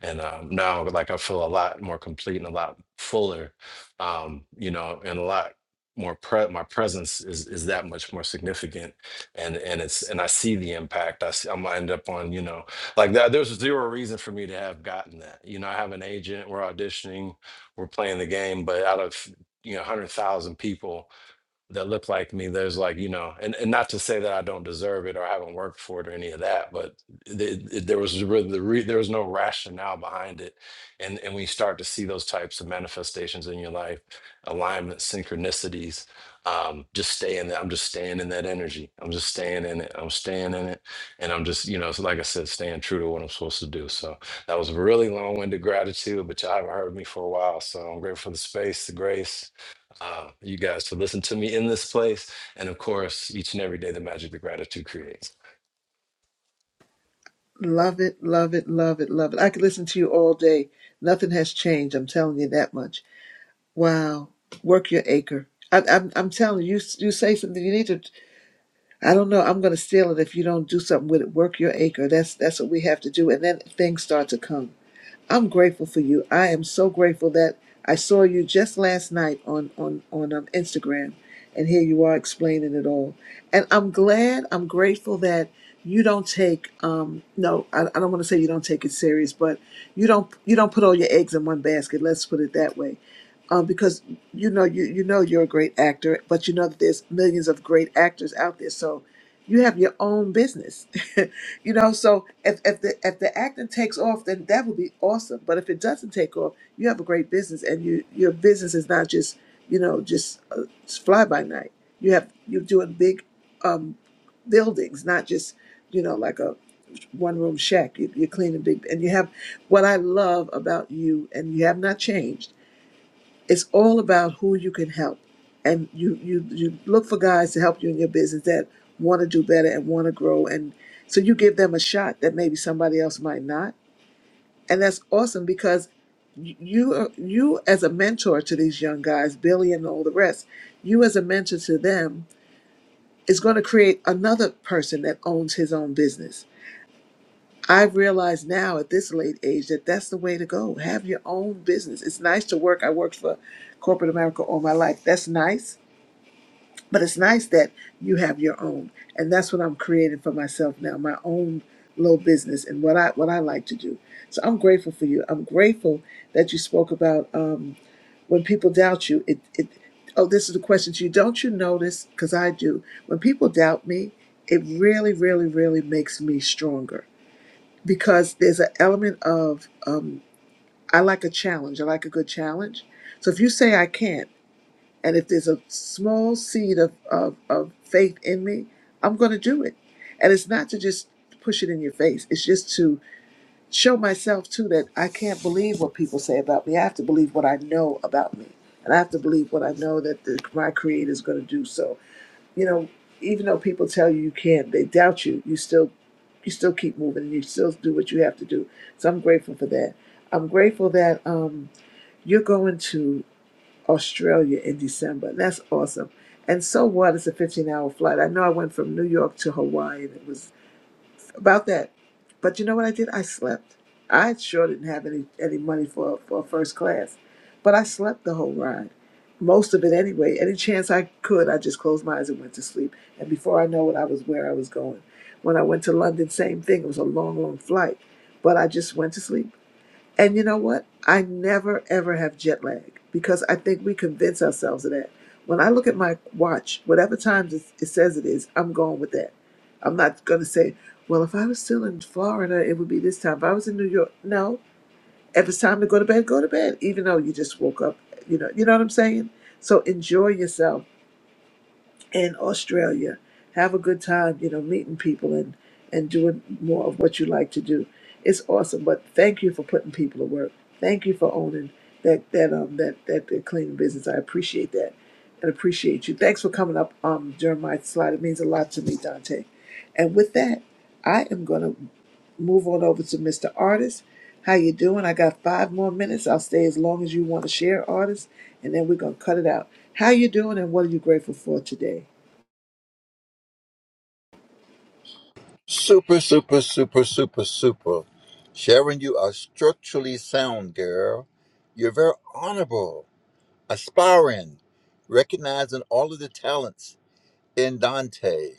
Speaker 24: And um, now, like I feel a lot more complete and a lot fuller, um, you know, and a lot more pre- my presence is is that much more significant and and it's and i see the impact i see i'm gonna end up on you know like that there's zero reason for me to have gotten that you know i have an agent we're auditioning were playing the game, but out of you know one hundred thousand people, that look like me there's like you know and, and not to say that i don't deserve it or i haven't worked for it or any of that but th- th- there was really the re- there was no rationale behind it and and we start to see those types of manifestations in your life alignment synchronicities um just staying in that i'm just staying in that energy i'm just staying in it i'm staying in it and i'm just you know so like i said staying true to what i'm supposed to do so that was really long-winded gratitude but y'all haven't heard me for a while so i'm grateful for the space the grace um, you guys to listen to me in this place. And of course, each and every day, the magic that gratitude creates.
Speaker 17: Love it, love it, love it, love it. I could listen to you all day. Nothing has changed. I'm telling you that much. Wow. Work your acre. I, I'm I'm telling you, you you say something you need to. I don't know. I'm going to steal it if you don't do something with it. Work your acre. That's that's what we have to do, and then things start to come. I'm grateful for you. I am so grateful that I saw you just last night on on on um, Instagram, and here you are explaining it all. And I'm glad. I'm grateful that you don't take um no I, I don't want to say you don't take it serious but you don't you don't put all your eggs in one basket let's put it that way um, because you know you you know you're a great actor, but you know that there's millions of great actors out there. So you have your own business, (laughs) You know, so if, if the if the acting takes off, then that would be awesome. But if it doesn't take off, you have a great business, and you your business is not just you know just uh, fly by night. You have you're doing big um, buildings, not just you know like a one room shack. You, you're cleaning big, and you have what I love about you, and you have not changed it's all about who you can help and you you you look for guys to help you in your business that want to do better and want to grow and so you give them a shot that maybe somebody else might not and that's awesome because y- you are- you as a mentor to these young guys billy and all the rest you as a mentor to them is going to create another person that owns his own business i've realized now at this late age that that's the way to go have your own business it's nice to work i worked for corporate america all my life that's nice But it's nice that you have your own, and that's what I'm creating for myself now, my own little business and what I what I like to do. So I'm grateful for you. I'm grateful that you spoke about um, when people doubt you. It, it oh, this is the question to you. Don't you notice? Because I do. When people doubt me, it really, really, really makes me stronger because there's an element of um, I like a challenge. I like a good challenge. So if you say I can't. And if there's a small seed of, of, of faith in me, I'm going to do it. And it's not to just push it in your face, it's just to show myself, too, that I can't believe what people say about me. I have to believe what I know about me. And I have to believe what I know that the, my Creator is going to do. So, you know, even though people tell you you can't, they doubt you, you still. You still keep moving and you still do what you have to do. So I'm grateful for that. I'm grateful that um, you're going to. Australia in December. That's awesome. And so what? It's a 15 hour flight. I know I went from New York to Hawaii and it was about that. But you know what I did? I slept. I sure didn't have any, any money for, for first class, but I slept the whole ride. Most of it anyway. Any chance I could, I just closed my eyes and went to sleep. And before I know it, I was where I was going. When I went to London, same thing. It was a long, long flight, but I just went to sleep and you know what? I never ever have jet lag because I think we convince ourselves of that. When I look at my watch, whatever time it it says it is, I'm going with that. I'm not going to say, well, if I was still in Florida, it would be this time. If I was in New York, no. If it's time to go to bed, go to bed, even though you just woke up. You know, you know what I'm saying? So enjoy yourself in Australia. Have a good time, you know, meeting people and and doing more of what you like to do. It's awesome. But thank you for putting people to work. Thank you for owning that that um that that, that cleaning business. I appreciate that and appreciate you. Thanks for coming up, um, during my slide. It means a lot to me, Dante. And with that, I am gonna move on over to Mr. Artist. How you doing? I got five more minutes. I'll stay as long as you want to share, artist, and then we're gonna cut it out. How you doing, and what are you grateful for today?
Speaker 25: Super, super, super, super, super. Sharon, you are structurally sound, girl. You're very honorable, aspiring, recognizing all of the talents in Dante,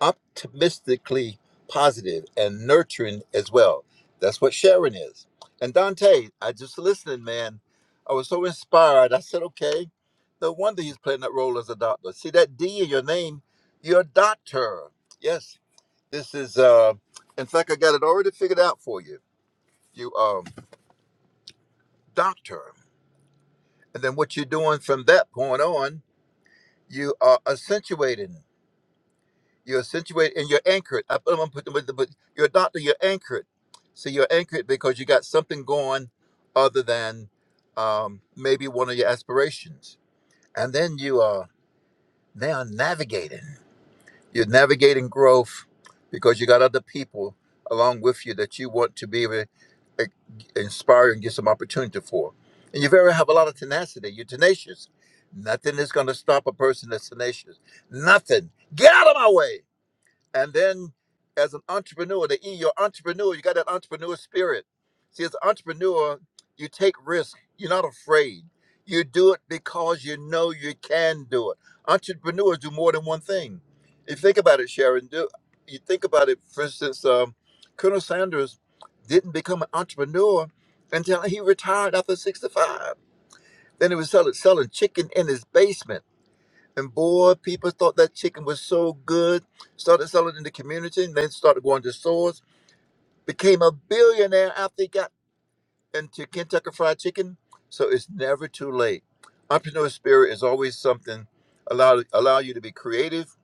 Speaker 25: optimistically positive and nurturing as well. That's what Sharon is. And Dante, I just listening, man. I was so inspired. I said, okay, no wonder he's playing that role as a doctor. See that D in your name? You're a doctor. Yes, this is, uh, in fact, I got it already figured out for you. You um, doctor, and then what you're doing from that point on, you are accentuating. You're accentuating, and you're anchored. I, I'm gonna put the, but you're a doctor. You're anchored. So you're anchored because you got something going other than um, maybe one of your aspirations, and then you are now navigating. You're navigating growth because you got other people along with you that you want to be able to uh, inspire and get some opportunity for. And you very have a lot of tenacity. You're tenacious. Nothing is going to stop a person that's tenacious. Nothing. Get out of my way. And then as an entrepreneur, the E, you're entrepreneur, you got that entrepreneur spirit. See, as an entrepreneur, you take risk. You're not afraid. You do it because you know you can do it. Entrepreneurs do more than one thing. If you think about it, Sharon, do you think about it, for instance, um, Colonel Sanders didn't become an entrepreneur until he retired after 65. Then he was selling, selling chicken in his basement and boy, people thought that chicken was so good, started selling it in the community, and then started going to stores. Became a billionaire after he got into Kentucky Fried Chicken. So it's never too late. Entrepreneur spirit is always something allow allow you to be creative,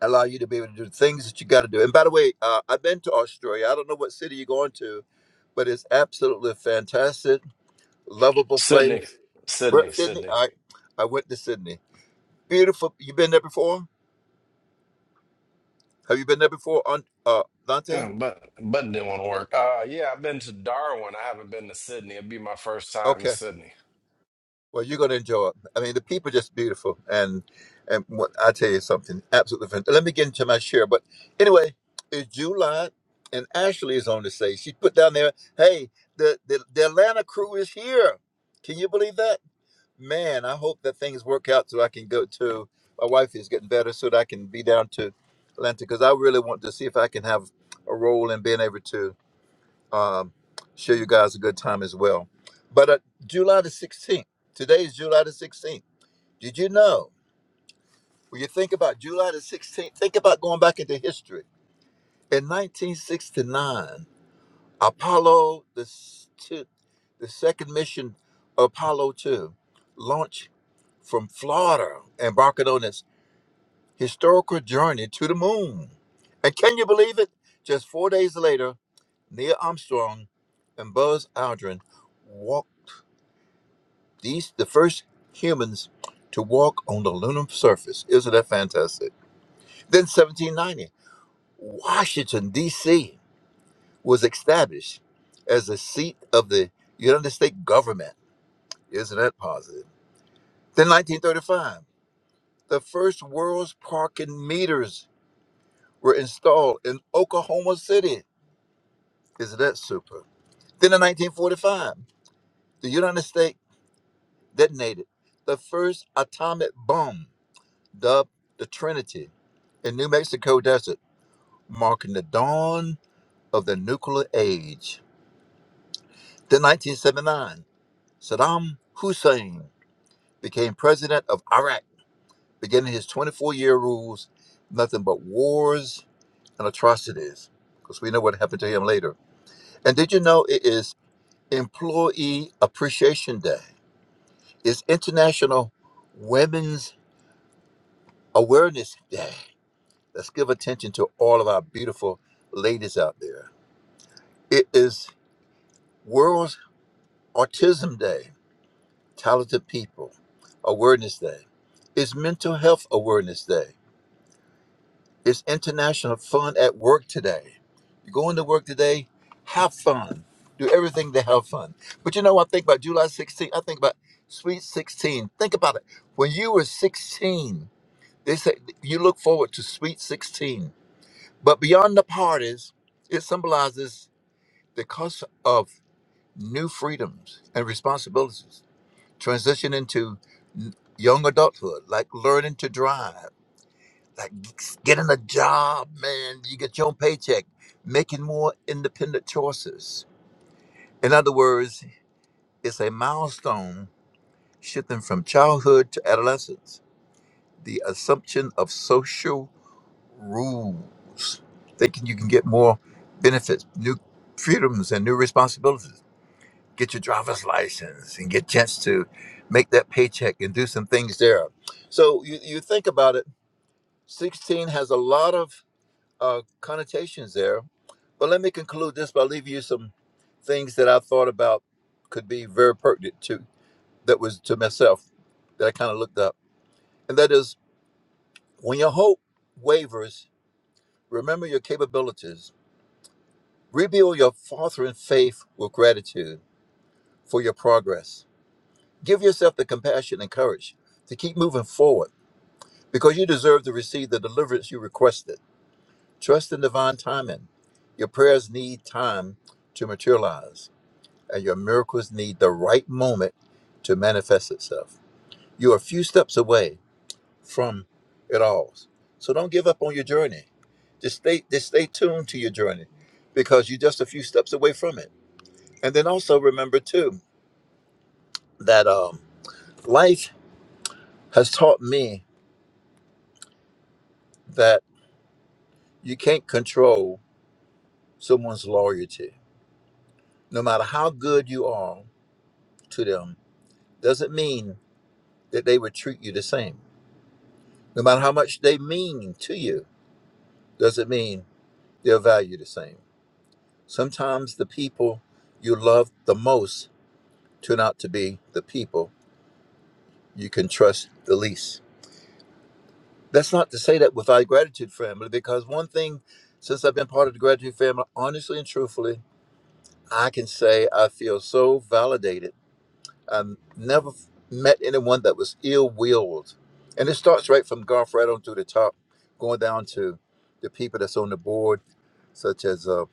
Speaker 25: allow you to be able to do the things that you got to do. And by the way, uh, I've been to Australia. I don't know what city you're going to, but it's absolutely fantastic, lovable
Speaker 24: Sydney,
Speaker 25: place.
Speaker 24: Sydney,
Speaker 25: Where- Sydney.
Speaker 24: Sydney.
Speaker 25: I I went to Sydney. Beautiful. You been there before? Have you been there before, on uh, Dante?
Speaker 24: Uh, but button didn't want to work. Uh, yeah, I've been to Darwin. I haven't been to Sydney. It'd be my first time in
Speaker 25: Okay.
Speaker 24: Sydney.
Speaker 25: Well, you're gonna enjoy it. I mean, the people are just beautiful, and and what, I tell you something, absolutely fantastic. Let me get into my share, but anyway, it's July, and Ashley is on the stage. She put down there, "Hey, the the, the Atlanta crew is here." Can you believe that? Man, I hope that things work out so I can go to. My wife is getting better, so that I can be down to Atlanta because I really want to see if I can have a role in being able to. um, show you guys a good time as well. But uh, July the 16th, today is July the 16th. Did you know? When you think about July the 16th, think about going back into history. In 1969, Apollo, the, s- two, the second mission, Apollo 2, launched from Florida, embarking on its historical journey to the moon. And can you believe it? Just four days later, Neil Armstrong and Buzz Aldrin These the first humans to walk on the lunar surface. Isn't that fantastic? Then 1790, Washington D.C. was established as the seat of the United States government. Isn't that positive? Then 1935, the first world's parking meters were installed in Oklahoma City. Isn't that super? Then in 1945, the United States detonated the first atomic bomb dubbed the Trinity, in New Mexico desert, marking the dawn of the nuclear age. Then 1979, Saddam Hussein became president of Iraq, beginning his 24-year rules, nothing but wars and atrocities, because we know what happened to him later. And did you know it is Employee Appreciation Day? It's International Women's Awareness Day. Let's give attention to all of our beautiful ladies out there. It is World Autism Day, Talented People Awareness Day. It's Mental Health Awareness Day. It's International Fun at Work today. You go into work today, have fun. Do everything to have fun. But you know, I think about July sixteenth. I think about Sweet 16. Think about it. When you were 16, they say you look forward to Sweet 16. But beyond the parties, it symbolizes the cost of new freedoms and responsibilities transition into young adulthood, like learning to drive, like getting a job, man. You get your own paycheck, making more independent choices. In other words, it's a milestone shifting from childhood to adolescence. The assumption of social rules, thinking you can get more benefits, new freedoms, and new responsibilities. get your driver's license and get a chance to make that paycheck and do some things there. So you, you think about it, 16 has a lot of uh, connotations there. But let me conclude this by leaving you some things that I thought about could be very pertinent to that was to myself that I kind of looked up. And that is when your hope wavers, remember your capabilities. Rebuild your faltering faith with gratitude for your progress Give yourself the compassion and courage to keep moving forward because you deserve to receive the deliverance you requested. Trust in divine timing. Your prayers need time to materialize, and your miracles need the right moment to manifest itself. You are a few steps away from it all. So don't give up on your journey. Just stay just stay tuned to your journey because you're just a few steps away from it. And then also remember too that um, life has taught me that You can't control someone's loyalty. No matter how good you are to them, doesn't mean that they would treat you the same. No matter how much they mean to you, doesn't mean they'll value you the same. Sometimes the people you love the most turn out to be the people you can trust the least. That's not to say that without gratitude family, because one thing since I've been part of the gratitude family, honestly and truthfully, I can say I feel so validated um, never f- met anyone that was ill-willed. And it starts right from Garth right on through the top, going down to the people that's on the board, such as uh,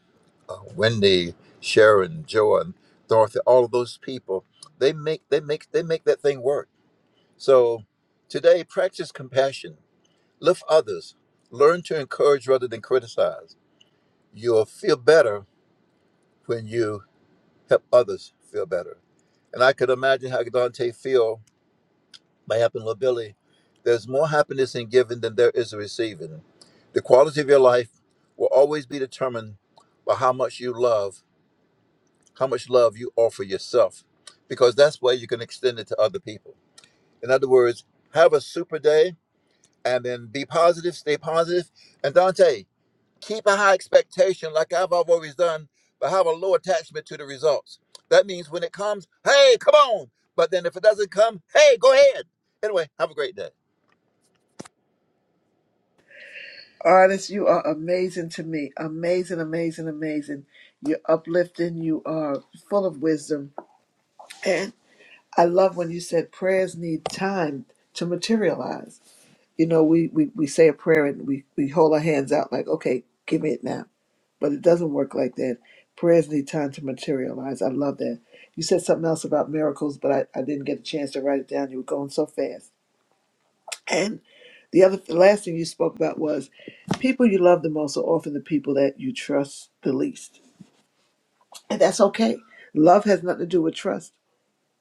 Speaker 25: uh, Wendy, Sharon, Joan, Dorothy, all of those people. They make they make they make that thing work. So today, practice compassion, lift others, learn to encourage rather than criticize. You'll feel better when you help others feel better. And I could imagine how Dante feel by helping little Billy. There's more happiness in giving than there is in receiving. The quality of your life will always be determined by how much you love, how much love you offer yourself, because that's where you can extend it to other people. In other words, have a super day and then be positive, stay positive. And Dante, keep a high expectation like I've I've always done, but have a low attachment to the results. That means when it comes, hey, come on. But then if it doesn't come, hey, go ahead. Anyway, have a great day.
Speaker 17: Artist, you are amazing to me. Amazing, amazing, amazing. You're uplifting. You are full of wisdom. And I love when you said prayers need time to materialize. You know, we, we, we say a prayer and we, we hold our hands out like, okay, give me it now. But it doesn't work like that. Prayers need time to materialize. I love that. You said something else about miracles, but I, I didn't get a chance to write it down. You were going so fast. The other, the last thing you spoke about was people you love the most are often the people that you trust the least, and that's okay. Love has nothing to do with trust.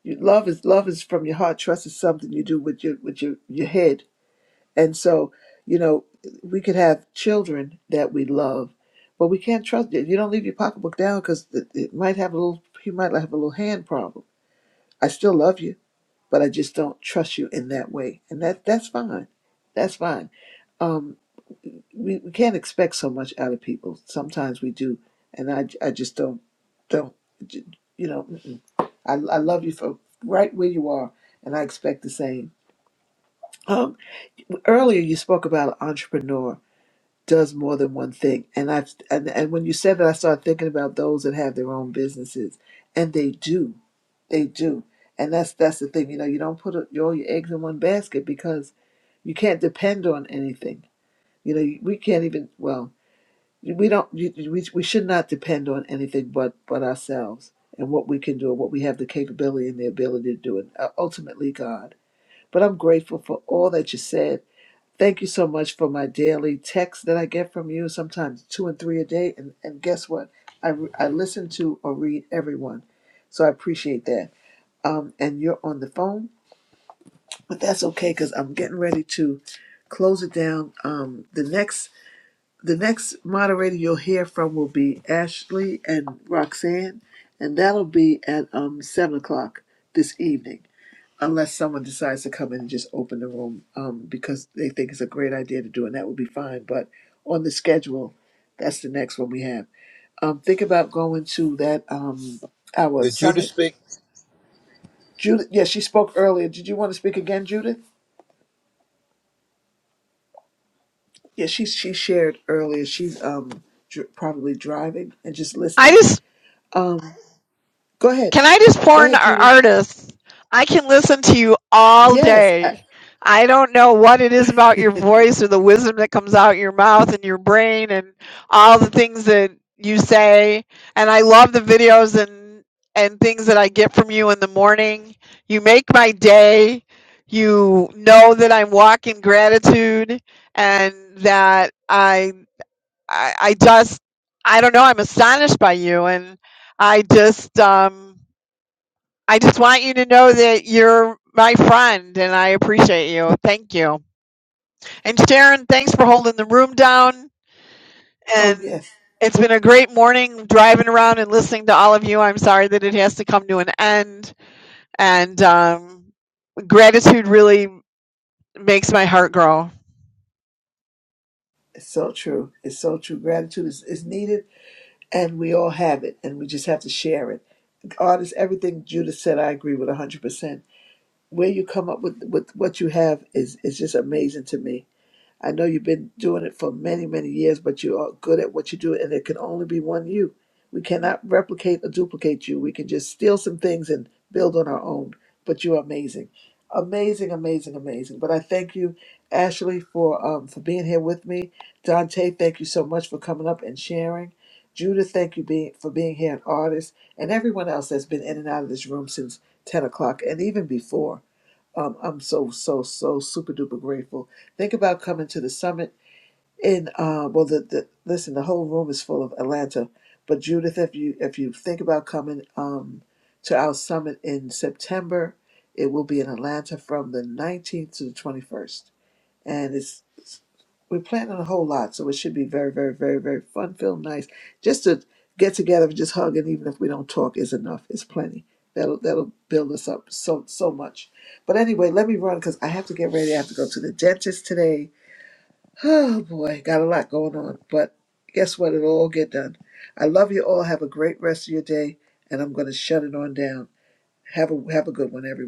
Speaker 17: You, love is love is from your heart. Trust is something you do with your with your your head. And so, you know, we could have children that we love, but we can't trust you. You don't leave your pocketbook down because it, it might have a little. He might have a little hand problem. I still love you, but I just don't trust you in that way, and that that's fine. That's fine Um. we, we can't expect so much out of people. Sometimes we do, and I, I just don't don't you know. mm-mm. I I love you for right where you are, and I expect the same. Um, earlier you spoke about an entrepreneur does more than one thing, and I and and when you said that, I started thinking about those that have their own businesses, and they do, they do, and that's that's the thing. You know, you don't put a, all your eggs in one basket because you can't depend on anything. You know, we can't even well. we don't you- we, we should not depend on anything but but ourselves and what we can do and what we have the capability and the ability to do and uh, ultimately god but i'm grateful for all that you said thank you so much for my daily texts that i get from you sometimes two and three a day and and guess what i, re- I listen to or read everyone so i appreciate that um and you're on the phone but that's okay because i'm getting ready to close it down um the next the next moderator you'll hear from will be Ashley and Roxanne, and that'll be at um, 7 o'clock this evening, unless someone decides to come in and just open the room um, because they think it's a great idea to do, and that would be fine. But on the schedule, that's the next one we have. Um, think about going to that um, our
Speaker 25: Did Judas
Speaker 17: summit.
Speaker 25: speak?
Speaker 17: Judith, yeah, she spoke earlier. Did you want to speak again, Judith? Yeah, she she shared earlier. She's um, dr- probably driving and just
Speaker 2: I
Speaker 17: listening.
Speaker 2: just
Speaker 17: Um, Go ahead.
Speaker 2: Can I just
Speaker 17: Go
Speaker 2: porn
Speaker 17: ahead,
Speaker 2: our
Speaker 17: Judith.
Speaker 2: artists? I can listen to you all
Speaker 17: Yes. I-
Speaker 2: day. I don't know what it is about your voice or the wisdom that comes out your mouth and your brain and all the things that you say. And I love the videos and and things that I get from you in the morning. You make my day. You know that I'm walking gratitude and that I I, I just I don't know. I'm astonished by you and I just um I just want you to know that you're my friend and I appreciate you. Thank you. And Sharon, thanks for holding the room down.
Speaker 17: oh,
Speaker 2: And
Speaker 17: yes.
Speaker 2: it's been a great morning driving around and listening to all of you. I'm sorry that it has to come to an end. And um, gratitude really makes my heart grow.
Speaker 17: It's so true. It's so true. Gratitude is, is needed, and we all have it, and we just have to share it. Artists, everything Judith said, I agree with 100%. Where you come up with, with what you have is, is just amazing to me. I know you've been doing it for many, many years, but you are good at what you do, and there can only be one you. We cannot replicate or duplicate you. We can just steal some things and build on our own. But you are amazing, amazing, amazing, amazing. But I thank you, Ashley, for um, for being here with me. Dante, thank you so much for coming up and sharing. Judith, thank you being, for being here, an artist, and everyone else that's been in and out of this room since ten o'clock and even before um, I'm so so so super duper grateful. Think about coming to the summit in uh, well the, the listen the whole room is full of Atlanta, but Judith if you if you think about coming um, to our summit in September, it will be in Atlanta from the 19th to the 21st and it's we're planning a whole lot, so it should be very, very, very, very fun, Feel nice. Just to get together, and just hug, and even if we don't talk, is enough. It's plenty. That'll that'll build us up so so much. But anyway, let me run because I have to get ready. I have to go to the dentist today. Oh boy, got a lot going on. But guess what? It'll all get done. I love you all. Have a great rest of your day, and I'm going to shut it on down. Have a have a good one, everyone.